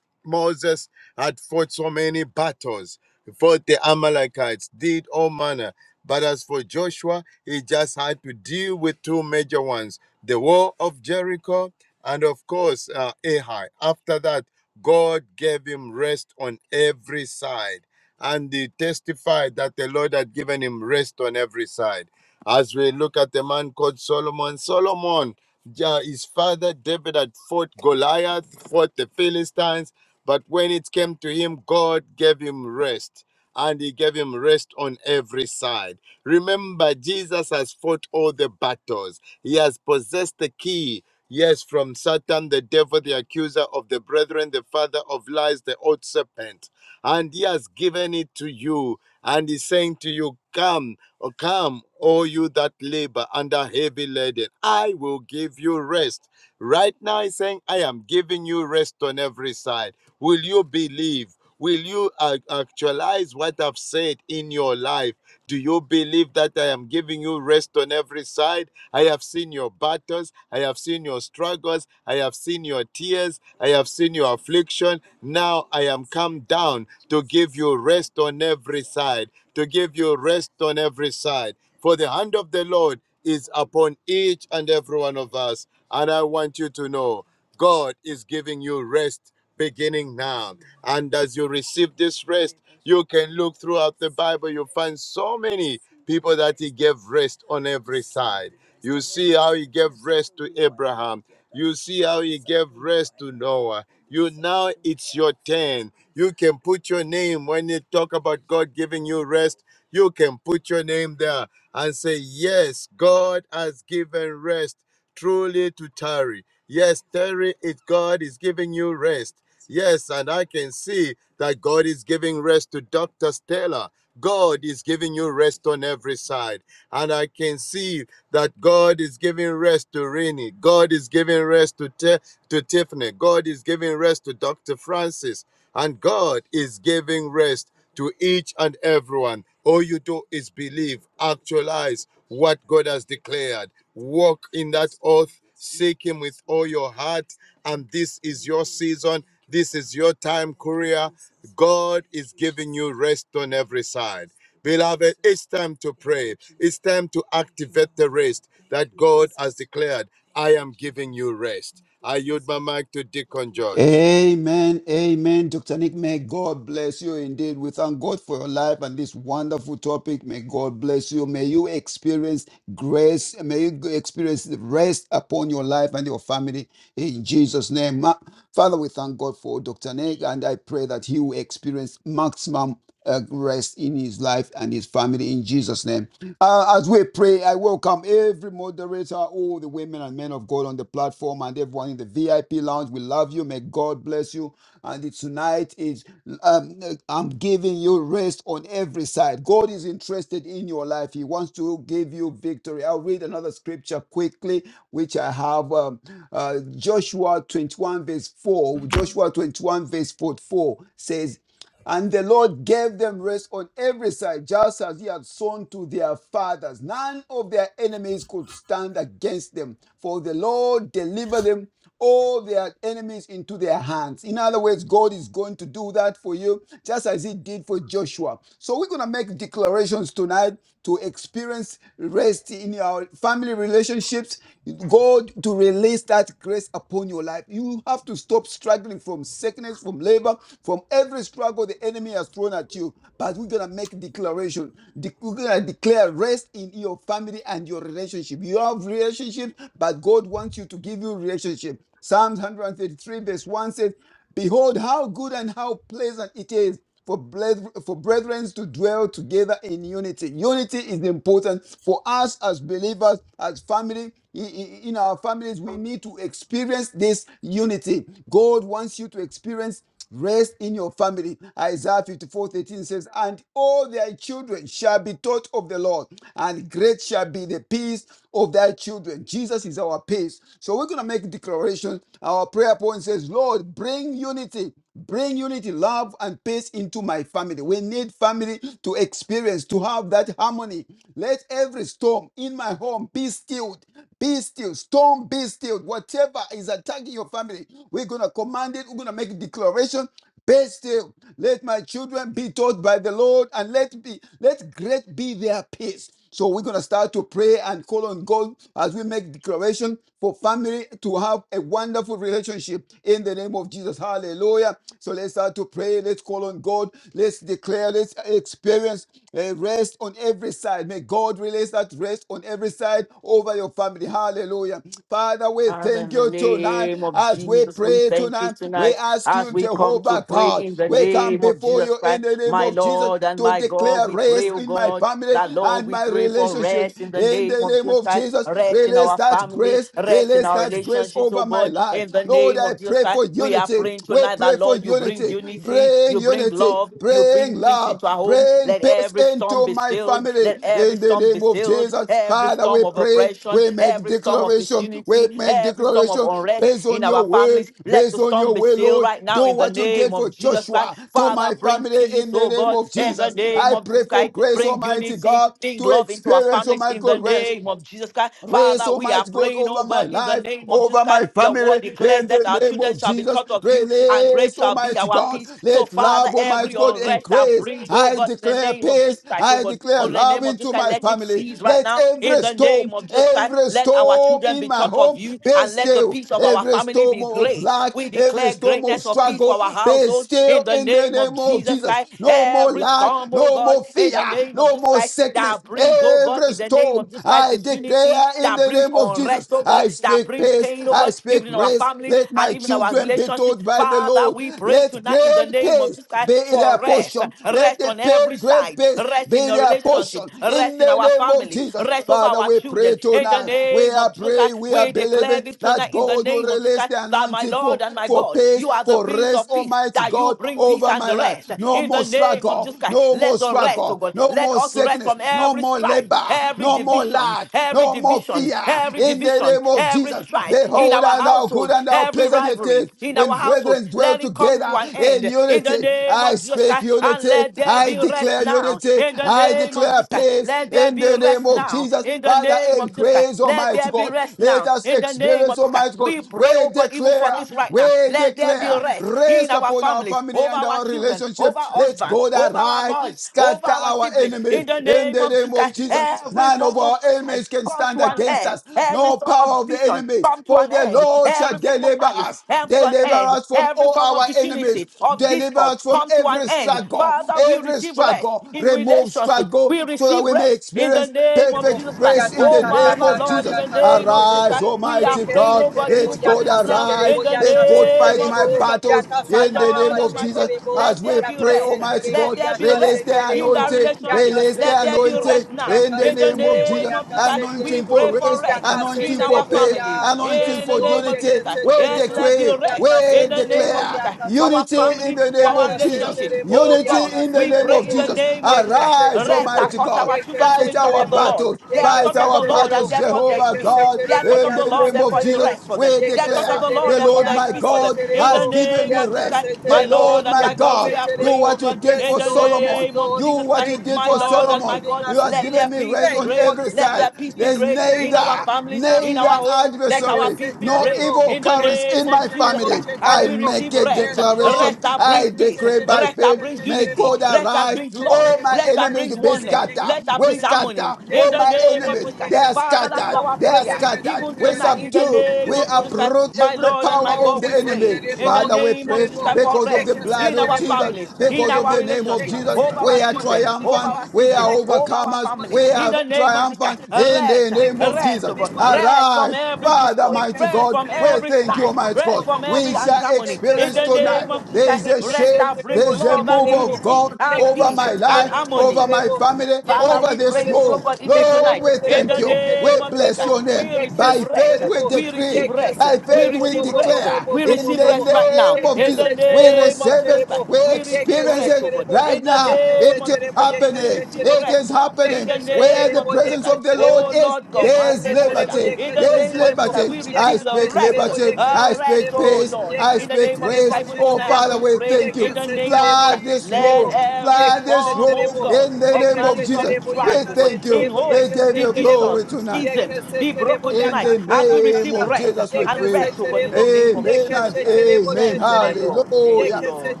[SPEAKER 6] Moses had fought so many battles, fought the Amalekites, did all manner. But as for Joshua, he just had to deal with two major ones the wall of Jericho and, of course, uh, Ahai. After that, God gave him rest on every side. And he testified that the Lord had given him rest on every side. As we look at a man called Solomon, Solomon, ja, his father David had fought Goliath, fought the Philistines but when it came to him, God gave him rest. And he gave him rest on every side. Remember, Jesus has fought all the battles. He has possessed the key. Yes, from Satan, the devil, the accuser of the brethren, the father of lies, the old serpent. And he has given it to you. And he's saying to you, Come, oh, come, all you that labor under heavy laden, I will give you rest. Right now, he's saying, I am giving you rest on every side. Will you believe? Will you ac- actualize what I've said in your life? Do you believe that I am giving you rest on every side? I have seen your battles. I have seen your struggles. I have seen your tears. I have seen your affliction. Now I am come down to give you rest on every side, to give you rest on every side. For the hand of the Lord is upon each and every one of us. And I want you to know God is giving you rest beginning now. And as you receive this rest, you can look throughout the Bible, you'll find so many people that He gave rest on every side. You see how he gave rest to Abraham. You see how he gave rest to Noah. You now it's your turn. You can put your name when you talk about God giving you rest. You can put your name there and say, Yes, God has given rest truly to Terry. Yes, Terry, it God is giving you rest. Yes, and I can see that God is giving rest to Dr. Stella. God is giving you rest on every side. And I can see that God is giving rest to Rini. God is giving rest to, Ti- to Tiffany. God is giving rest to Dr. Francis. And God is giving rest to each and everyone. All you do is believe, actualize what God has declared. Walk in that oath, seek Him with all your heart. And this is your season. This is your time, Korea. God is giving you rest on every side. Beloved, it's time to pray. It's time to activate the rest that God has declared. I am giving you rest. I yield my mic to Deacon George.
[SPEAKER 5] Amen. Amen. Dr. Nick, may God bless you indeed. We thank God for your life and this wonderful topic. May God bless you. May you experience grace. May you experience rest upon your life and your family in Jesus' name. Ma- Father, we thank God for Dr. Nick and I pray that he will experience maximum uh, rest in his life and his family in Jesus' name. Uh, as we pray, I welcome every moderator, all the women and men of God on the platform, and everyone in the VIP lounge. We love you. May God bless you. And it- tonight is um, I'm giving you rest on every side. God is interested in your life. He wants to give you victory. I'll read another scripture quickly, which I have um, uh, Joshua 21 verse 4. Joshua 21 verse 44 says. And the Lord gave them rest on every side, just as he had sown to their fathers. None of their enemies could stand against them, for the Lord delivered them all their enemies into their hands. In other words, God is going to do that for you, just as he did for Joshua. So we're going to make declarations tonight to experience rest in your family relationships. God to release that grace upon your life. You have to stop struggling from sickness, from labor, from every struggle the enemy has thrown at you. But we're gonna make declaration. De- we're gonna declare rest in your family and your relationship. You have relationship, but God wants you to give you relationship. Psalms 133 verse 1 says. Behold, how good and how pleasant it is for, bleth- for brethren to dwell together in unity. Unity is important for us as believers, as family. I- i- In our families, we need to experience this unity. God wants you to experience Rest in your family. Isaiah 54:13 says, And all thy children shall be taught of the Lord, and great shall be the peace of thy children. Jesus is our peace. So we're going to make declaration. Our prayer point says, Lord, bring unity. Bring unity, love, and peace into my family. We need family to experience, to have that harmony. Let every storm in my home be stilled be be still, storm be still, whatever is attacking your family, we're going to command it, we're going to make a declaration. Be still. Let my children be taught by the Lord, and let be let great be their peace. So we're gonna start to pray and call on God as we make declaration for family to have a wonderful relationship in the name of Jesus. Hallelujah. So let's start to pray. Let's call on God. Let's declare. Let's experience experience eh, rest on every side. May God release that rest on every side over your family. Hallelujah. Father, we
[SPEAKER 3] Father, in
[SPEAKER 5] thank
[SPEAKER 3] the
[SPEAKER 5] you tonight
[SPEAKER 3] name of
[SPEAKER 5] as we
[SPEAKER 3] Jesus, we
[SPEAKER 5] pray
[SPEAKER 3] thank you
[SPEAKER 5] tonight. We
[SPEAKER 3] tonight
[SPEAKER 5] ask
[SPEAKER 3] as
[SPEAKER 5] you,
[SPEAKER 3] we come to
[SPEAKER 5] Jehovah
[SPEAKER 3] pray
[SPEAKER 5] God,
[SPEAKER 3] in the
[SPEAKER 5] we come
[SPEAKER 3] name of
[SPEAKER 5] before
[SPEAKER 3] Jesus
[SPEAKER 5] you in
[SPEAKER 3] Christ.
[SPEAKER 5] the name
[SPEAKER 3] My
[SPEAKER 5] of Jesus
[SPEAKER 3] Lord and
[SPEAKER 5] to
[SPEAKER 3] my God,
[SPEAKER 5] declare
[SPEAKER 3] we pray,
[SPEAKER 5] rest
[SPEAKER 3] oh
[SPEAKER 5] in my
[SPEAKER 3] God,
[SPEAKER 5] family
[SPEAKER 3] That Lord,
[SPEAKER 5] and
[SPEAKER 3] we
[SPEAKER 5] my
[SPEAKER 3] pray for
[SPEAKER 5] relationship.
[SPEAKER 3] rest in the
[SPEAKER 5] In
[SPEAKER 3] name
[SPEAKER 5] the
[SPEAKER 3] of
[SPEAKER 5] name
[SPEAKER 3] Jesus
[SPEAKER 5] of
[SPEAKER 3] Christ,
[SPEAKER 5] Jesus,
[SPEAKER 3] rest in
[SPEAKER 5] release
[SPEAKER 3] our
[SPEAKER 5] that
[SPEAKER 3] family,
[SPEAKER 5] grace,
[SPEAKER 3] rest in
[SPEAKER 5] release
[SPEAKER 3] our
[SPEAKER 5] that grace
[SPEAKER 3] relationships, oh
[SPEAKER 5] over my
[SPEAKER 3] God,
[SPEAKER 5] life.
[SPEAKER 3] in the
[SPEAKER 5] Lord,
[SPEAKER 3] name
[SPEAKER 5] I
[SPEAKER 3] of Jesus
[SPEAKER 5] pray for
[SPEAKER 3] Christ.
[SPEAKER 5] for
[SPEAKER 3] We are
[SPEAKER 5] unity.
[SPEAKER 3] praying
[SPEAKER 5] We
[SPEAKER 3] tonight
[SPEAKER 5] pray
[SPEAKER 3] that
[SPEAKER 5] for
[SPEAKER 3] Lord, you bring
[SPEAKER 5] unity.
[SPEAKER 3] unity,
[SPEAKER 5] Bring
[SPEAKER 3] you bring
[SPEAKER 5] unity.
[SPEAKER 3] love, you bring
[SPEAKER 5] Bring
[SPEAKER 3] peace
[SPEAKER 5] love.
[SPEAKER 3] into our home.
[SPEAKER 5] Bring
[SPEAKER 3] Let
[SPEAKER 5] peace
[SPEAKER 3] every storm
[SPEAKER 5] into
[SPEAKER 3] be
[SPEAKER 5] my
[SPEAKER 3] stilled,
[SPEAKER 5] family.
[SPEAKER 3] let every
[SPEAKER 5] In the
[SPEAKER 3] storm be
[SPEAKER 5] name of
[SPEAKER 3] stilled,
[SPEAKER 5] Jesus.
[SPEAKER 3] every
[SPEAKER 5] Father,
[SPEAKER 3] storm
[SPEAKER 5] we
[SPEAKER 3] of
[SPEAKER 5] pray.
[SPEAKER 3] oppression,
[SPEAKER 5] We make
[SPEAKER 3] every storm of
[SPEAKER 5] declaration. We
[SPEAKER 3] disunity,
[SPEAKER 5] make
[SPEAKER 3] every storm of
[SPEAKER 5] declaration
[SPEAKER 3] unrest
[SPEAKER 5] based
[SPEAKER 3] in
[SPEAKER 5] on
[SPEAKER 3] our
[SPEAKER 5] your word.
[SPEAKER 3] families. Let
[SPEAKER 5] Based
[SPEAKER 3] the
[SPEAKER 5] on
[SPEAKER 3] storm
[SPEAKER 5] your
[SPEAKER 3] be
[SPEAKER 5] way,
[SPEAKER 3] stilled
[SPEAKER 5] Lord.
[SPEAKER 3] right now
[SPEAKER 5] Do
[SPEAKER 3] in the
[SPEAKER 5] what you did
[SPEAKER 3] name of
[SPEAKER 5] for
[SPEAKER 3] Jesus Christ.
[SPEAKER 5] Joshua to
[SPEAKER 3] Father,
[SPEAKER 5] my
[SPEAKER 3] Father, bring
[SPEAKER 5] family
[SPEAKER 3] peace,
[SPEAKER 5] in the
[SPEAKER 3] oh
[SPEAKER 5] name
[SPEAKER 3] God,
[SPEAKER 5] of
[SPEAKER 3] in the
[SPEAKER 5] Jesus.
[SPEAKER 3] name
[SPEAKER 5] I
[SPEAKER 3] of
[SPEAKER 5] pray
[SPEAKER 3] Jesus
[SPEAKER 5] for
[SPEAKER 3] Christ.
[SPEAKER 5] grace,
[SPEAKER 3] Bring
[SPEAKER 5] Almighty
[SPEAKER 3] unity,
[SPEAKER 5] God,
[SPEAKER 3] bring
[SPEAKER 5] to
[SPEAKER 3] love into our
[SPEAKER 5] experience,
[SPEAKER 3] families
[SPEAKER 5] Almighty
[SPEAKER 3] in the
[SPEAKER 5] God, rest.
[SPEAKER 3] name of Jesus Christ. Father,
[SPEAKER 5] Raise
[SPEAKER 3] we are
[SPEAKER 5] Almighty God
[SPEAKER 3] praying, oh
[SPEAKER 5] over my
[SPEAKER 3] God, in the
[SPEAKER 5] life,
[SPEAKER 3] name of Jesus
[SPEAKER 5] over my
[SPEAKER 3] Christ. The
[SPEAKER 5] family,
[SPEAKER 3] word declares
[SPEAKER 5] in the
[SPEAKER 3] that our
[SPEAKER 5] name
[SPEAKER 3] children
[SPEAKER 5] of
[SPEAKER 3] shall be
[SPEAKER 5] Jesus.
[SPEAKER 3] taught of you, and great
[SPEAKER 5] Release
[SPEAKER 3] shall be
[SPEAKER 5] Almighty
[SPEAKER 3] our
[SPEAKER 5] God.
[SPEAKER 3] peace. So,
[SPEAKER 5] Let
[SPEAKER 3] Father,
[SPEAKER 5] love,
[SPEAKER 3] every
[SPEAKER 5] Almighty God,
[SPEAKER 3] unrest that
[SPEAKER 5] increase.
[SPEAKER 3] brings, oh
[SPEAKER 5] I
[SPEAKER 3] God, in the
[SPEAKER 5] declare
[SPEAKER 3] name of
[SPEAKER 5] peace.
[SPEAKER 3] Jesus Christ, oh
[SPEAKER 5] I
[SPEAKER 3] God,
[SPEAKER 5] declare
[SPEAKER 3] oh, in the
[SPEAKER 5] love
[SPEAKER 3] name of Jesus
[SPEAKER 5] into
[SPEAKER 3] Christ,
[SPEAKER 5] my
[SPEAKER 3] let it
[SPEAKER 5] family.
[SPEAKER 3] cease right
[SPEAKER 5] Let
[SPEAKER 3] now. In
[SPEAKER 5] every
[SPEAKER 3] the name
[SPEAKER 5] storm,
[SPEAKER 3] of Jesus Christ,
[SPEAKER 5] every
[SPEAKER 3] let our
[SPEAKER 5] storm
[SPEAKER 3] children
[SPEAKER 5] in
[SPEAKER 3] be
[SPEAKER 5] my
[SPEAKER 3] taught of
[SPEAKER 5] home
[SPEAKER 3] you,
[SPEAKER 5] be
[SPEAKER 3] and let the
[SPEAKER 5] still.
[SPEAKER 3] peace of our
[SPEAKER 5] Every
[SPEAKER 3] family
[SPEAKER 5] storm
[SPEAKER 3] be
[SPEAKER 5] of
[SPEAKER 3] great
[SPEAKER 5] lack,
[SPEAKER 3] we
[SPEAKER 5] every
[SPEAKER 3] declare
[SPEAKER 5] storm of
[SPEAKER 3] greatness of peace for
[SPEAKER 5] struggle
[SPEAKER 3] our
[SPEAKER 5] be
[SPEAKER 3] household
[SPEAKER 5] still
[SPEAKER 3] in the
[SPEAKER 5] in the
[SPEAKER 3] name of
[SPEAKER 5] name of
[SPEAKER 3] Jesus
[SPEAKER 5] Jesus.
[SPEAKER 3] Christ.
[SPEAKER 5] No more
[SPEAKER 3] Every
[SPEAKER 5] lack,
[SPEAKER 3] storm, oh
[SPEAKER 5] no
[SPEAKER 3] God,
[SPEAKER 5] more
[SPEAKER 3] in
[SPEAKER 5] fear,
[SPEAKER 3] the name of
[SPEAKER 5] no
[SPEAKER 3] Jesus
[SPEAKER 5] more
[SPEAKER 3] Christ,
[SPEAKER 5] sickness.
[SPEAKER 3] that brings, oh
[SPEAKER 5] Every
[SPEAKER 3] God,
[SPEAKER 5] every
[SPEAKER 3] in the name of
[SPEAKER 5] storm.
[SPEAKER 3] Jesus Christ,
[SPEAKER 5] I
[SPEAKER 3] disunity,
[SPEAKER 5] declare in
[SPEAKER 3] that
[SPEAKER 5] the
[SPEAKER 3] brings
[SPEAKER 5] name of
[SPEAKER 3] unrest,
[SPEAKER 5] Jesus,
[SPEAKER 3] oh God,
[SPEAKER 5] I
[SPEAKER 3] that
[SPEAKER 5] speak
[SPEAKER 3] brings
[SPEAKER 5] peace,
[SPEAKER 3] pain, oh
[SPEAKER 5] I
[SPEAKER 3] God,
[SPEAKER 5] speak
[SPEAKER 3] even in our
[SPEAKER 5] rest.
[SPEAKER 3] families
[SPEAKER 5] Let
[SPEAKER 3] and
[SPEAKER 5] my
[SPEAKER 3] even our
[SPEAKER 5] children be
[SPEAKER 3] relationship.
[SPEAKER 5] taught by the
[SPEAKER 3] Father,
[SPEAKER 5] Lord.
[SPEAKER 3] we pray
[SPEAKER 5] Let
[SPEAKER 3] tonight in the
[SPEAKER 5] great
[SPEAKER 3] name of
[SPEAKER 5] peace
[SPEAKER 3] Jesus Christ
[SPEAKER 5] be
[SPEAKER 3] for
[SPEAKER 5] their
[SPEAKER 3] rest,
[SPEAKER 5] portion. Let
[SPEAKER 3] rest
[SPEAKER 5] the
[SPEAKER 3] on
[SPEAKER 5] pa-
[SPEAKER 3] every
[SPEAKER 5] great
[SPEAKER 3] side,
[SPEAKER 5] peace
[SPEAKER 3] rest in
[SPEAKER 5] be
[SPEAKER 3] the
[SPEAKER 5] their
[SPEAKER 3] relationship,
[SPEAKER 5] portion in
[SPEAKER 3] rest in
[SPEAKER 5] the
[SPEAKER 3] our
[SPEAKER 5] name of
[SPEAKER 3] family,
[SPEAKER 5] Jesus.
[SPEAKER 3] rest over
[SPEAKER 5] Father,
[SPEAKER 3] our
[SPEAKER 5] we
[SPEAKER 3] children.
[SPEAKER 5] pray
[SPEAKER 3] In the
[SPEAKER 5] tonight. We
[SPEAKER 3] name of
[SPEAKER 5] are
[SPEAKER 3] Jesus Christ,
[SPEAKER 5] praying, we are
[SPEAKER 3] we declare
[SPEAKER 5] believing
[SPEAKER 3] this
[SPEAKER 5] that
[SPEAKER 3] tonight in the
[SPEAKER 5] God
[SPEAKER 3] name
[SPEAKER 5] will
[SPEAKER 3] name of Jesus
[SPEAKER 5] release
[SPEAKER 3] Christ,
[SPEAKER 5] the
[SPEAKER 3] that my
[SPEAKER 5] anointing
[SPEAKER 3] Lord
[SPEAKER 5] for,
[SPEAKER 3] and my
[SPEAKER 5] for
[SPEAKER 3] God,
[SPEAKER 5] peace,
[SPEAKER 3] you are the
[SPEAKER 5] for
[SPEAKER 3] Prince
[SPEAKER 5] rest,
[SPEAKER 3] of Peace,
[SPEAKER 5] Almighty
[SPEAKER 3] that you
[SPEAKER 5] God,
[SPEAKER 3] bring peace
[SPEAKER 5] over
[SPEAKER 3] and
[SPEAKER 5] my life.
[SPEAKER 3] rest.
[SPEAKER 5] No
[SPEAKER 3] In the
[SPEAKER 5] more
[SPEAKER 3] name of
[SPEAKER 5] struggle,
[SPEAKER 3] Jesus Christ,
[SPEAKER 5] no
[SPEAKER 3] let
[SPEAKER 5] more
[SPEAKER 3] the rest, oh
[SPEAKER 5] struggle,
[SPEAKER 3] God,
[SPEAKER 5] no more
[SPEAKER 3] let
[SPEAKER 5] more
[SPEAKER 3] us rest
[SPEAKER 5] sickness,
[SPEAKER 3] from
[SPEAKER 5] no
[SPEAKER 3] every
[SPEAKER 5] more
[SPEAKER 3] strife,
[SPEAKER 5] labor,
[SPEAKER 3] every
[SPEAKER 5] no more
[SPEAKER 3] division,
[SPEAKER 5] lack,
[SPEAKER 3] every
[SPEAKER 5] no more
[SPEAKER 3] division,
[SPEAKER 5] fear.
[SPEAKER 3] every
[SPEAKER 5] In the
[SPEAKER 3] division,
[SPEAKER 5] name of
[SPEAKER 3] every
[SPEAKER 5] Jesus,
[SPEAKER 3] strife in
[SPEAKER 5] behold,
[SPEAKER 3] our
[SPEAKER 5] and how good
[SPEAKER 3] household,
[SPEAKER 5] and how
[SPEAKER 3] every
[SPEAKER 5] pleasant it
[SPEAKER 3] rivalry
[SPEAKER 5] is
[SPEAKER 3] in
[SPEAKER 5] when
[SPEAKER 3] our household.
[SPEAKER 5] brethren dwell
[SPEAKER 3] Let it come
[SPEAKER 5] together
[SPEAKER 3] to an
[SPEAKER 5] in
[SPEAKER 3] end in the
[SPEAKER 5] unity.
[SPEAKER 3] name
[SPEAKER 5] I
[SPEAKER 3] of Jesus
[SPEAKER 5] speak
[SPEAKER 3] Christ, and
[SPEAKER 5] unity,
[SPEAKER 3] let there
[SPEAKER 5] I
[SPEAKER 3] be rest
[SPEAKER 5] declare
[SPEAKER 3] now.
[SPEAKER 5] unity,
[SPEAKER 3] In the
[SPEAKER 5] I
[SPEAKER 3] name of
[SPEAKER 5] declare
[SPEAKER 3] Jesus Christ,
[SPEAKER 5] peace
[SPEAKER 3] let there
[SPEAKER 5] in
[SPEAKER 3] be
[SPEAKER 5] the name
[SPEAKER 3] rest
[SPEAKER 5] of
[SPEAKER 3] now.
[SPEAKER 5] Jesus.
[SPEAKER 3] In the
[SPEAKER 5] Father,
[SPEAKER 3] name of Jesus Christ,
[SPEAKER 5] increase,
[SPEAKER 3] let
[SPEAKER 5] Almighty
[SPEAKER 3] there be
[SPEAKER 5] God.
[SPEAKER 3] rest
[SPEAKER 5] Let
[SPEAKER 3] now
[SPEAKER 5] us
[SPEAKER 3] in the name of
[SPEAKER 5] experience,
[SPEAKER 3] Jesus Christ.
[SPEAKER 5] Almighty God.
[SPEAKER 3] We
[SPEAKER 5] We
[SPEAKER 3] pray, oh God, even for
[SPEAKER 5] declare,
[SPEAKER 3] this right now.
[SPEAKER 5] we
[SPEAKER 3] Let there be
[SPEAKER 5] declare,
[SPEAKER 3] rest in
[SPEAKER 5] rest
[SPEAKER 3] our
[SPEAKER 5] upon our
[SPEAKER 3] families,
[SPEAKER 5] family
[SPEAKER 3] over
[SPEAKER 5] and
[SPEAKER 3] our
[SPEAKER 5] our
[SPEAKER 3] children, over
[SPEAKER 5] relationship. Let
[SPEAKER 3] husband,
[SPEAKER 5] God arise
[SPEAKER 3] over our
[SPEAKER 5] arise,
[SPEAKER 3] mothers, over
[SPEAKER 5] scatter
[SPEAKER 3] our
[SPEAKER 5] our
[SPEAKER 3] siblings. In the
[SPEAKER 5] enemies in
[SPEAKER 3] name
[SPEAKER 5] the
[SPEAKER 3] of Jesus
[SPEAKER 5] name of
[SPEAKER 3] Christ,
[SPEAKER 5] Jesus.
[SPEAKER 3] every
[SPEAKER 5] None of
[SPEAKER 3] form of
[SPEAKER 5] our
[SPEAKER 3] life
[SPEAKER 5] enemies can
[SPEAKER 3] come
[SPEAKER 5] stand
[SPEAKER 3] to an
[SPEAKER 5] against
[SPEAKER 3] end.
[SPEAKER 5] us.
[SPEAKER 3] Every
[SPEAKER 5] No
[SPEAKER 3] form of
[SPEAKER 5] power of the
[SPEAKER 3] vision
[SPEAKER 5] enemy,
[SPEAKER 3] come to
[SPEAKER 5] for
[SPEAKER 3] an
[SPEAKER 5] the
[SPEAKER 3] end.
[SPEAKER 5] Lord shall
[SPEAKER 3] Every form of
[SPEAKER 5] deliver
[SPEAKER 3] malice
[SPEAKER 5] us.
[SPEAKER 3] come to an
[SPEAKER 5] Deliver
[SPEAKER 3] end.
[SPEAKER 5] us from
[SPEAKER 3] Every
[SPEAKER 5] all
[SPEAKER 3] form of
[SPEAKER 5] our enemies.
[SPEAKER 3] disunity, of
[SPEAKER 5] Deliver
[SPEAKER 3] discord
[SPEAKER 5] us from
[SPEAKER 3] come to an
[SPEAKER 5] every
[SPEAKER 3] end.
[SPEAKER 5] struggle,
[SPEAKER 3] Father, we
[SPEAKER 5] every
[SPEAKER 3] receive rest
[SPEAKER 5] struggle.
[SPEAKER 3] in
[SPEAKER 5] Remove
[SPEAKER 3] relationship.
[SPEAKER 5] struggle
[SPEAKER 3] We
[SPEAKER 5] so that
[SPEAKER 3] receive
[SPEAKER 5] we may
[SPEAKER 3] rest in the
[SPEAKER 5] experience
[SPEAKER 3] name of
[SPEAKER 5] perfect
[SPEAKER 3] Jesus Christ.
[SPEAKER 5] rest
[SPEAKER 2] Yata
[SPEAKER 5] in
[SPEAKER 3] Oh,
[SPEAKER 5] the
[SPEAKER 2] kata
[SPEAKER 5] name
[SPEAKER 3] Father,
[SPEAKER 5] of
[SPEAKER 3] Lord.
[SPEAKER 2] kata
[SPEAKER 3] Lord, in
[SPEAKER 5] Jesus.
[SPEAKER 3] the
[SPEAKER 2] kata
[SPEAKER 3] name of Jesus
[SPEAKER 2] seterebo
[SPEAKER 5] Arise,
[SPEAKER 3] Christ. We are
[SPEAKER 5] Almighty
[SPEAKER 2] yeke
[SPEAKER 3] praying,
[SPEAKER 5] God.
[SPEAKER 3] oh God,
[SPEAKER 2] seterebo
[SPEAKER 3] even
[SPEAKER 5] Let
[SPEAKER 3] for
[SPEAKER 5] God
[SPEAKER 2] yata
[SPEAKER 3] this love,
[SPEAKER 5] arise.
[SPEAKER 2] seterebo
[SPEAKER 3] in the
[SPEAKER 2] yata
[SPEAKER 5] Let God
[SPEAKER 3] name
[SPEAKER 5] fight
[SPEAKER 3] of
[SPEAKER 2] seterebo
[SPEAKER 5] my
[SPEAKER 3] Jesus Christ.
[SPEAKER 2] yata
[SPEAKER 5] battles
[SPEAKER 3] My
[SPEAKER 5] in the
[SPEAKER 2] satara
[SPEAKER 3] Lord
[SPEAKER 2] ba
[SPEAKER 5] name
[SPEAKER 3] and
[SPEAKER 5] of
[SPEAKER 3] my God,
[SPEAKER 5] Jesus
[SPEAKER 2] seterebo
[SPEAKER 3] let
[SPEAKER 5] as we
[SPEAKER 3] there be
[SPEAKER 2] yata
[SPEAKER 5] pray,
[SPEAKER 3] rest.
[SPEAKER 5] Almighty
[SPEAKER 2] seterebo
[SPEAKER 3] Let
[SPEAKER 5] God,
[SPEAKER 3] there be
[SPEAKER 2] yata
[SPEAKER 5] release
[SPEAKER 3] rest
[SPEAKER 5] the
[SPEAKER 3] in
[SPEAKER 2] seterebo
[SPEAKER 3] that
[SPEAKER 5] anointing,
[SPEAKER 2] yata
[SPEAKER 3] relationship.
[SPEAKER 5] release
[SPEAKER 3] Let
[SPEAKER 5] the
[SPEAKER 3] there be
[SPEAKER 2] seterebo
[SPEAKER 3] rest
[SPEAKER 5] anointing
[SPEAKER 3] now.
[SPEAKER 5] in
[SPEAKER 2] yata
[SPEAKER 5] the
[SPEAKER 3] In the
[SPEAKER 5] name of
[SPEAKER 2] seterebo
[SPEAKER 3] name
[SPEAKER 5] Jesus.
[SPEAKER 3] of
[SPEAKER 2] yata
[SPEAKER 3] Jesus Christ, we
[SPEAKER 5] Anointing
[SPEAKER 2] seterebo
[SPEAKER 5] for
[SPEAKER 3] pray for
[SPEAKER 5] rest,
[SPEAKER 3] rest
[SPEAKER 2] yata
[SPEAKER 3] in
[SPEAKER 5] anointing
[SPEAKER 3] our
[SPEAKER 5] for
[SPEAKER 2] seterebo
[SPEAKER 5] peace,
[SPEAKER 3] family.
[SPEAKER 2] Ya
[SPEAKER 5] anointing
[SPEAKER 3] In
[SPEAKER 2] Yes,
[SPEAKER 3] the
[SPEAKER 5] for
[SPEAKER 2] Lord,
[SPEAKER 3] name of Jesus
[SPEAKER 5] unity.
[SPEAKER 3] Christ.
[SPEAKER 5] We
[SPEAKER 3] Yes,
[SPEAKER 2] Yakaseterebo,
[SPEAKER 3] let
[SPEAKER 5] decree,
[SPEAKER 3] there be rest in
[SPEAKER 5] we
[SPEAKER 3] the name
[SPEAKER 2] Yakaseterebo,
[SPEAKER 3] of Jesus
[SPEAKER 5] declare
[SPEAKER 3] Christ for our
[SPEAKER 5] unity
[SPEAKER 2] Yakaseterebo,
[SPEAKER 5] in
[SPEAKER 3] family,
[SPEAKER 5] the
[SPEAKER 3] for
[SPEAKER 5] name
[SPEAKER 3] our
[SPEAKER 5] of Jesus.
[SPEAKER 3] relationship.
[SPEAKER 2] Yakaseterebo,
[SPEAKER 3] Oh
[SPEAKER 5] Unity
[SPEAKER 3] God,
[SPEAKER 5] in the
[SPEAKER 3] we
[SPEAKER 5] name
[SPEAKER 3] pray
[SPEAKER 5] of
[SPEAKER 3] in the
[SPEAKER 5] Jesus.
[SPEAKER 2] Yakaseterebo.
[SPEAKER 3] name of Jesus Christ.
[SPEAKER 5] Arise,
[SPEAKER 3] Rest
[SPEAKER 2] Yekeseterebo,
[SPEAKER 5] Almighty
[SPEAKER 3] across
[SPEAKER 5] God.
[SPEAKER 3] our children to be
[SPEAKER 5] Fight
[SPEAKER 3] taught
[SPEAKER 5] our
[SPEAKER 3] of the
[SPEAKER 2] yekeseterebo,
[SPEAKER 3] Lord.
[SPEAKER 5] battles.
[SPEAKER 3] There are
[SPEAKER 5] Fight
[SPEAKER 3] taught of
[SPEAKER 5] our
[SPEAKER 3] the Lord,
[SPEAKER 2] yekeseterebo,
[SPEAKER 3] and
[SPEAKER 5] battles,
[SPEAKER 3] therefore there is
[SPEAKER 5] Jehovah
[SPEAKER 3] peace.
[SPEAKER 5] God.
[SPEAKER 3] They are
[SPEAKER 2] yekeseterebo,
[SPEAKER 3] taught
[SPEAKER 5] In
[SPEAKER 3] of the
[SPEAKER 5] the
[SPEAKER 3] Lord,
[SPEAKER 5] name of
[SPEAKER 3] therefore is
[SPEAKER 2] yakaseterebo,
[SPEAKER 5] Jesus,
[SPEAKER 3] rest for them.
[SPEAKER 5] we
[SPEAKER 3] They are taught of
[SPEAKER 5] declare
[SPEAKER 3] the Lord,
[SPEAKER 5] the
[SPEAKER 2] yekeseterebo,
[SPEAKER 3] therefore
[SPEAKER 5] Lord
[SPEAKER 3] there is
[SPEAKER 5] my
[SPEAKER 3] peace for them.
[SPEAKER 5] God
[SPEAKER 3] In the
[SPEAKER 5] has
[SPEAKER 2] yakaseterebo,
[SPEAKER 5] given given
[SPEAKER 3] name
[SPEAKER 5] me
[SPEAKER 3] of Jesus
[SPEAKER 5] rest.
[SPEAKER 3] Christ,
[SPEAKER 5] The
[SPEAKER 3] my
[SPEAKER 2] yakaseterebo,
[SPEAKER 3] Lord
[SPEAKER 5] Lord
[SPEAKER 3] and
[SPEAKER 5] my
[SPEAKER 3] my God,
[SPEAKER 5] God,
[SPEAKER 3] we are
[SPEAKER 5] do
[SPEAKER 3] praying, oh
[SPEAKER 2] yakaseterebo.
[SPEAKER 5] what you
[SPEAKER 3] God.
[SPEAKER 5] did
[SPEAKER 2] Yes,
[SPEAKER 3] In
[SPEAKER 5] for
[SPEAKER 3] the
[SPEAKER 2] Lord, yes,
[SPEAKER 5] Solomon.
[SPEAKER 3] name of
[SPEAKER 2] Lord.
[SPEAKER 5] You
[SPEAKER 3] Jesus
[SPEAKER 5] what
[SPEAKER 3] Christ,
[SPEAKER 5] you
[SPEAKER 2] Thank you,
[SPEAKER 5] did
[SPEAKER 3] my
[SPEAKER 5] for
[SPEAKER 2] Father,
[SPEAKER 3] Lord
[SPEAKER 2] for
[SPEAKER 3] and my
[SPEAKER 5] Solomon.
[SPEAKER 2] giving
[SPEAKER 3] God,
[SPEAKER 2] us
[SPEAKER 5] You has
[SPEAKER 3] let
[SPEAKER 2] peace.
[SPEAKER 5] given
[SPEAKER 3] their
[SPEAKER 5] me
[SPEAKER 3] peace
[SPEAKER 5] rest
[SPEAKER 3] be
[SPEAKER 2] Thank
[SPEAKER 5] on
[SPEAKER 2] you
[SPEAKER 3] great.
[SPEAKER 2] for
[SPEAKER 5] every
[SPEAKER 3] Let
[SPEAKER 2] giving
[SPEAKER 5] side.
[SPEAKER 3] their
[SPEAKER 2] us
[SPEAKER 3] peace be
[SPEAKER 5] There's
[SPEAKER 2] peace.
[SPEAKER 3] great in
[SPEAKER 2] Thank
[SPEAKER 5] neither,
[SPEAKER 2] you
[SPEAKER 3] our
[SPEAKER 2] for
[SPEAKER 3] families,
[SPEAKER 2] giving us
[SPEAKER 3] in
[SPEAKER 5] neither
[SPEAKER 3] our
[SPEAKER 2] peace.
[SPEAKER 3] home. Let our
[SPEAKER 5] adversary,
[SPEAKER 3] peace be
[SPEAKER 5] no
[SPEAKER 3] great.
[SPEAKER 5] evil
[SPEAKER 3] In the
[SPEAKER 5] occurrence
[SPEAKER 3] name
[SPEAKER 5] in
[SPEAKER 3] of
[SPEAKER 5] my
[SPEAKER 3] Jesus
[SPEAKER 5] family.
[SPEAKER 3] Christ, as
[SPEAKER 5] I
[SPEAKER 3] we
[SPEAKER 5] make
[SPEAKER 3] receive
[SPEAKER 5] a
[SPEAKER 2] Yes,
[SPEAKER 3] rest,
[SPEAKER 2] Lord.
[SPEAKER 5] declaration.
[SPEAKER 3] rest that
[SPEAKER 5] I
[SPEAKER 3] brings peace,
[SPEAKER 5] decree by
[SPEAKER 3] rest that
[SPEAKER 5] faith.
[SPEAKER 3] brings
[SPEAKER 5] May
[SPEAKER 3] unity,
[SPEAKER 5] God
[SPEAKER 3] rest that
[SPEAKER 5] arise.
[SPEAKER 3] brings love,
[SPEAKER 5] All my
[SPEAKER 3] rest that
[SPEAKER 5] enemies
[SPEAKER 3] brings
[SPEAKER 5] be
[SPEAKER 3] oneness,
[SPEAKER 5] scattered.
[SPEAKER 3] let that
[SPEAKER 5] We
[SPEAKER 3] bring brings harmony
[SPEAKER 5] scatter.
[SPEAKER 3] in
[SPEAKER 5] All
[SPEAKER 3] the
[SPEAKER 5] my
[SPEAKER 3] name of
[SPEAKER 5] enemies,
[SPEAKER 3] Jesus Christ.
[SPEAKER 5] they are
[SPEAKER 3] Father, that's
[SPEAKER 5] scattered.
[SPEAKER 3] our
[SPEAKER 5] They are
[SPEAKER 3] prayer.
[SPEAKER 5] scattered.
[SPEAKER 3] Even
[SPEAKER 5] We
[SPEAKER 3] tonight, in the
[SPEAKER 5] subdue.
[SPEAKER 3] name
[SPEAKER 5] We
[SPEAKER 3] of Jesus Christ,
[SPEAKER 5] uproot every
[SPEAKER 3] my
[SPEAKER 5] every
[SPEAKER 3] Lord and
[SPEAKER 5] power
[SPEAKER 3] my
[SPEAKER 5] of
[SPEAKER 3] God,
[SPEAKER 5] the
[SPEAKER 3] we
[SPEAKER 5] enemy.
[SPEAKER 3] pray in the
[SPEAKER 5] Father, we
[SPEAKER 3] name of
[SPEAKER 5] pray
[SPEAKER 3] Jesus Christ for
[SPEAKER 5] because of the
[SPEAKER 3] rest
[SPEAKER 5] blood
[SPEAKER 3] in
[SPEAKER 5] of
[SPEAKER 3] our
[SPEAKER 5] Jesus,
[SPEAKER 3] families, in
[SPEAKER 5] because of
[SPEAKER 3] our
[SPEAKER 5] the name of
[SPEAKER 3] relationships,
[SPEAKER 5] Jesus,
[SPEAKER 3] over our
[SPEAKER 5] we are
[SPEAKER 3] children, over
[SPEAKER 5] triumphant,
[SPEAKER 3] our
[SPEAKER 5] we are
[SPEAKER 3] siblings, over our
[SPEAKER 5] overcomers,
[SPEAKER 3] family.
[SPEAKER 5] we
[SPEAKER 3] In
[SPEAKER 5] are
[SPEAKER 3] the name of Jesus Christ,
[SPEAKER 5] triumphant in the
[SPEAKER 3] rest,
[SPEAKER 5] name of
[SPEAKER 3] rest,
[SPEAKER 5] Jesus.
[SPEAKER 3] oh God,
[SPEAKER 2] Yes,
[SPEAKER 3] rest from
[SPEAKER 5] Arise.
[SPEAKER 2] Yeke
[SPEAKER 3] every
[SPEAKER 5] Father,
[SPEAKER 3] discord,
[SPEAKER 2] yeke yeke
[SPEAKER 5] mighty
[SPEAKER 3] rest
[SPEAKER 5] God,
[SPEAKER 3] from
[SPEAKER 5] we
[SPEAKER 3] every
[SPEAKER 5] thank you,
[SPEAKER 3] strife,
[SPEAKER 5] mighty
[SPEAKER 3] rest
[SPEAKER 5] God.
[SPEAKER 3] from every
[SPEAKER 5] We shall
[SPEAKER 3] harmony. In
[SPEAKER 2] se
[SPEAKER 5] experience
[SPEAKER 3] the
[SPEAKER 5] tonight.
[SPEAKER 3] name of Jesus
[SPEAKER 5] There
[SPEAKER 3] Christ,
[SPEAKER 5] is a
[SPEAKER 3] rest
[SPEAKER 5] shape,
[SPEAKER 3] that
[SPEAKER 5] there
[SPEAKER 3] brings
[SPEAKER 5] is a
[SPEAKER 3] love and
[SPEAKER 5] move of
[SPEAKER 3] unity
[SPEAKER 5] God
[SPEAKER 3] and
[SPEAKER 5] over
[SPEAKER 3] peace
[SPEAKER 5] my
[SPEAKER 3] and
[SPEAKER 5] life,
[SPEAKER 3] harmony
[SPEAKER 5] over my family,
[SPEAKER 3] Father,
[SPEAKER 5] over
[SPEAKER 3] we
[SPEAKER 5] this
[SPEAKER 3] pray this, oh
[SPEAKER 5] womb.
[SPEAKER 3] God, even
[SPEAKER 5] Lord,
[SPEAKER 3] tonight.
[SPEAKER 5] we
[SPEAKER 3] In
[SPEAKER 5] thank
[SPEAKER 3] the
[SPEAKER 5] you. We
[SPEAKER 3] name of Jesus,
[SPEAKER 5] bless your name.
[SPEAKER 3] we receive
[SPEAKER 5] By
[SPEAKER 3] rest.
[SPEAKER 5] faith we
[SPEAKER 3] We receive
[SPEAKER 5] decree,
[SPEAKER 3] rest.
[SPEAKER 5] by
[SPEAKER 3] We
[SPEAKER 5] faith we
[SPEAKER 3] receive rest.
[SPEAKER 5] declare
[SPEAKER 3] We
[SPEAKER 5] in
[SPEAKER 3] receive
[SPEAKER 5] the
[SPEAKER 3] rest right now.
[SPEAKER 5] name of
[SPEAKER 3] In
[SPEAKER 5] Jesus.
[SPEAKER 3] the
[SPEAKER 5] We
[SPEAKER 3] name of
[SPEAKER 5] receive
[SPEAKER 3] Jesus
[SPEAKER 5] it,
[SPEAKER 3] Christ,
[SPEAKER 5] we
[SPEAKER 3] we receive
[SPEAKER 5] experience
[SPEAKER 3] rest,
[SPEAKER 5] it
[SPEAKER 3] oh God.
[SPEAKER 5] right
[SPEAKER 3] In the
[SPEAKER 5] now.
[SPEAKER 3] name
[SPEAKER 5] It
[SPEAKER 3] of
[SPEAKER 5] is
[SPEAKER 2] se
[SPEAKER 3] Jesus Christ, we
[SPEAKER 5] happening.
[SPEAKER 3] receive
[SPEAKER 2] se
[SPEAKER 5] It
[SPEAKER 3] rest
[SPEAKER 5] is
[SPEAKER 3] now.
[SPEAKER 2] Yes,
[SPEAKER 3] In
[SPEAKER 5] happening.
[SPEAKER 3] the
[SPEAKER 2] Yeke
[SPEAKER 5] Where
[SPEAKER 3] name
[SPEAKER 5] the
[SPEAKER 3] of Jesus
[SPEAKER 5] presence
[SPEAKER 3] Christ.
[SPEAKER 5] of the Lord
[SPEAKER 3] Oh
[SPEAKER 5] is,
[SPEAKER 3] Lord God,
[SPEAKER 5] there
[SPEAKER 3] my
[SPEAKER 5] is
[SPEAKER 3] lebosha.
[SPEAKER 5] liberty.
[SPEAKER 3] In the
[SPEAKER 5] There is
[SPEAKER 3] name of Jesus Christ,
[SPEAKER 5] liberty.
[SPEAKER 3] we
[SPEAKER 5] I
[SPEAKER 3] receive the
[SPEAKER 5] speak
[SPEAKER 3] rest,
[SPEAKER 5] liberty. I
[SPEAKER 3] our rest,
[SPEAKER 5] speak
[SPEAKER 3] oh
[SPEAKER 5] peace.
[SPEAKER 3] Lord.
[SPEAKER 5] I
[SPEAKER 3] In the
[SPEAKER 5] speak
[SPEAKER 3] name of Jesus
[SPEAKER 5] grace.
[SPEAKER 3] Christ, even
[SPEAKER 5] Oh,
[SPEAKER 3] tonight as
[SPEAKER 5] Father,
[SPEAKER 3] we
[SPEAKER 5] we
[SPEAKER 3] pray,
[SPEAKER 5] thank
[SPEAKER 3] in
[SPEAKER 5] you.
[SPEAKER 3] the name of Jesus
[SPEAKER 5] Fly
[SPEAKER 3] Christ,
[SPEAKER 5] this
[SPEAKER 3] let
[SPEAKER 5] room.
[SPEAKER 3] every
[SPEAKER 5] Fly this
[SPEAKER 3] form,
[SPEAKER 5] room
[SPEAKER 3] oh God,
[SPEAKER 5] in the
[SPEAKER 3] of
[SPEAKER 5] name of
[SPEAKER 3] malice, of
[SPEAKER 5] Jesus. We
[SPEAKER 3] strife, oh God,
[SPEAKER 5] thank
[SPEAKER 3] in
[SPEAKER 5] you. We
[SPEAKER 3] homes,
[SPEAKER 5] give you
[SPEAKER 3] divisions,
[SPEAKER 5] glory tonight.
[SPEAKER 3] schisms, be broken
[SPEAKER 5] In
[SPEAKER 3] tonight
[SPEAKER 5] the
[SPEAKER 3] as we
[SPEAKER 5] name
[SPEAKER 3] receive
[SPEAKER 5] of
[SPEAKER 3] rest
[SPEAKER 5] Jesus, we
[SPEAKER 3] and
[SPEAKER 5] pray.
[SPEAKER 3] rest, oh God, in the name of
[SPEAKER 5] Amen
[SPEAKER 3] Jesus
[SPEAKER 5] and
[SPEAKER 3] Christ.
[SPEAKER 5] amen.
[SPEAKER 3] Thank you, my God. Thank you,
[SPEAKER 5] Hallelujah.
[SPEAKER 3] Lord.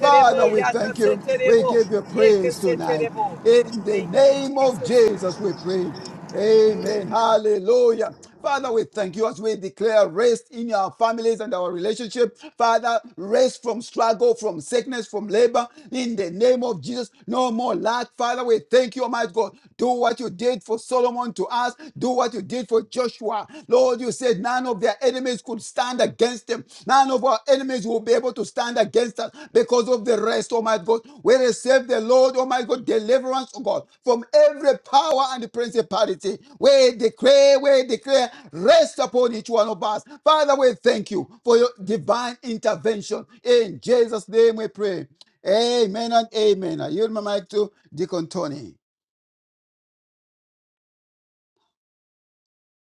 [SPEAKER 5] Father, we thank you. We give you praise tonight. In the
[SPEAKER 2] Thank you,
[SPEAKER 5] name of
[SPEAKER 2] Jesus.
[SPEAKER 5] Jesus, we pray. Amen. Hallelujah. Father, we thank you as we declare rest in our families and our relationship. Father, rest from struggle, from sickness, from labor. In the name of Jesus, no more lack. Father, we thank you, Almighty God. Do what you did for for Solomon to us. Do what you did for Joshua. Lord, you said none of their enemies could stand against them. None of our enemies will be able to stand against us because of the rest, oh my God. We receive the Lord, oh my God, deliverance, oh God, from every power and principality. We declare, we declare, rest upon each one of us. Father, we thank you for your divine intervention. In Jesus' name we pray. Amen and amen. I yield my mic to Deacon Tony.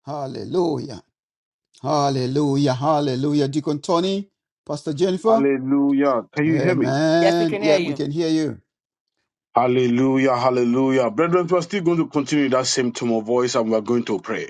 [SPEAKER 5] Hallelujah. Hallelujah, hallelujah. Deacon Tony, Pastor Jennifer,
[SPEAKER 7] Hallelujah. Can you hear me?
[SPEAKER 3] Yes, we
[SPEAKER 5] amen.
[SPEAKER 3] can hear
[SPEAKER 5] Yeah, we
[SPEAKER 3] you.
[SPEAKER 5] can hear you.
[SPEAKER 7] Hallelujah. Hallelujah. Brethren, we're still going to continue in that same tone of voice and we're going to pray.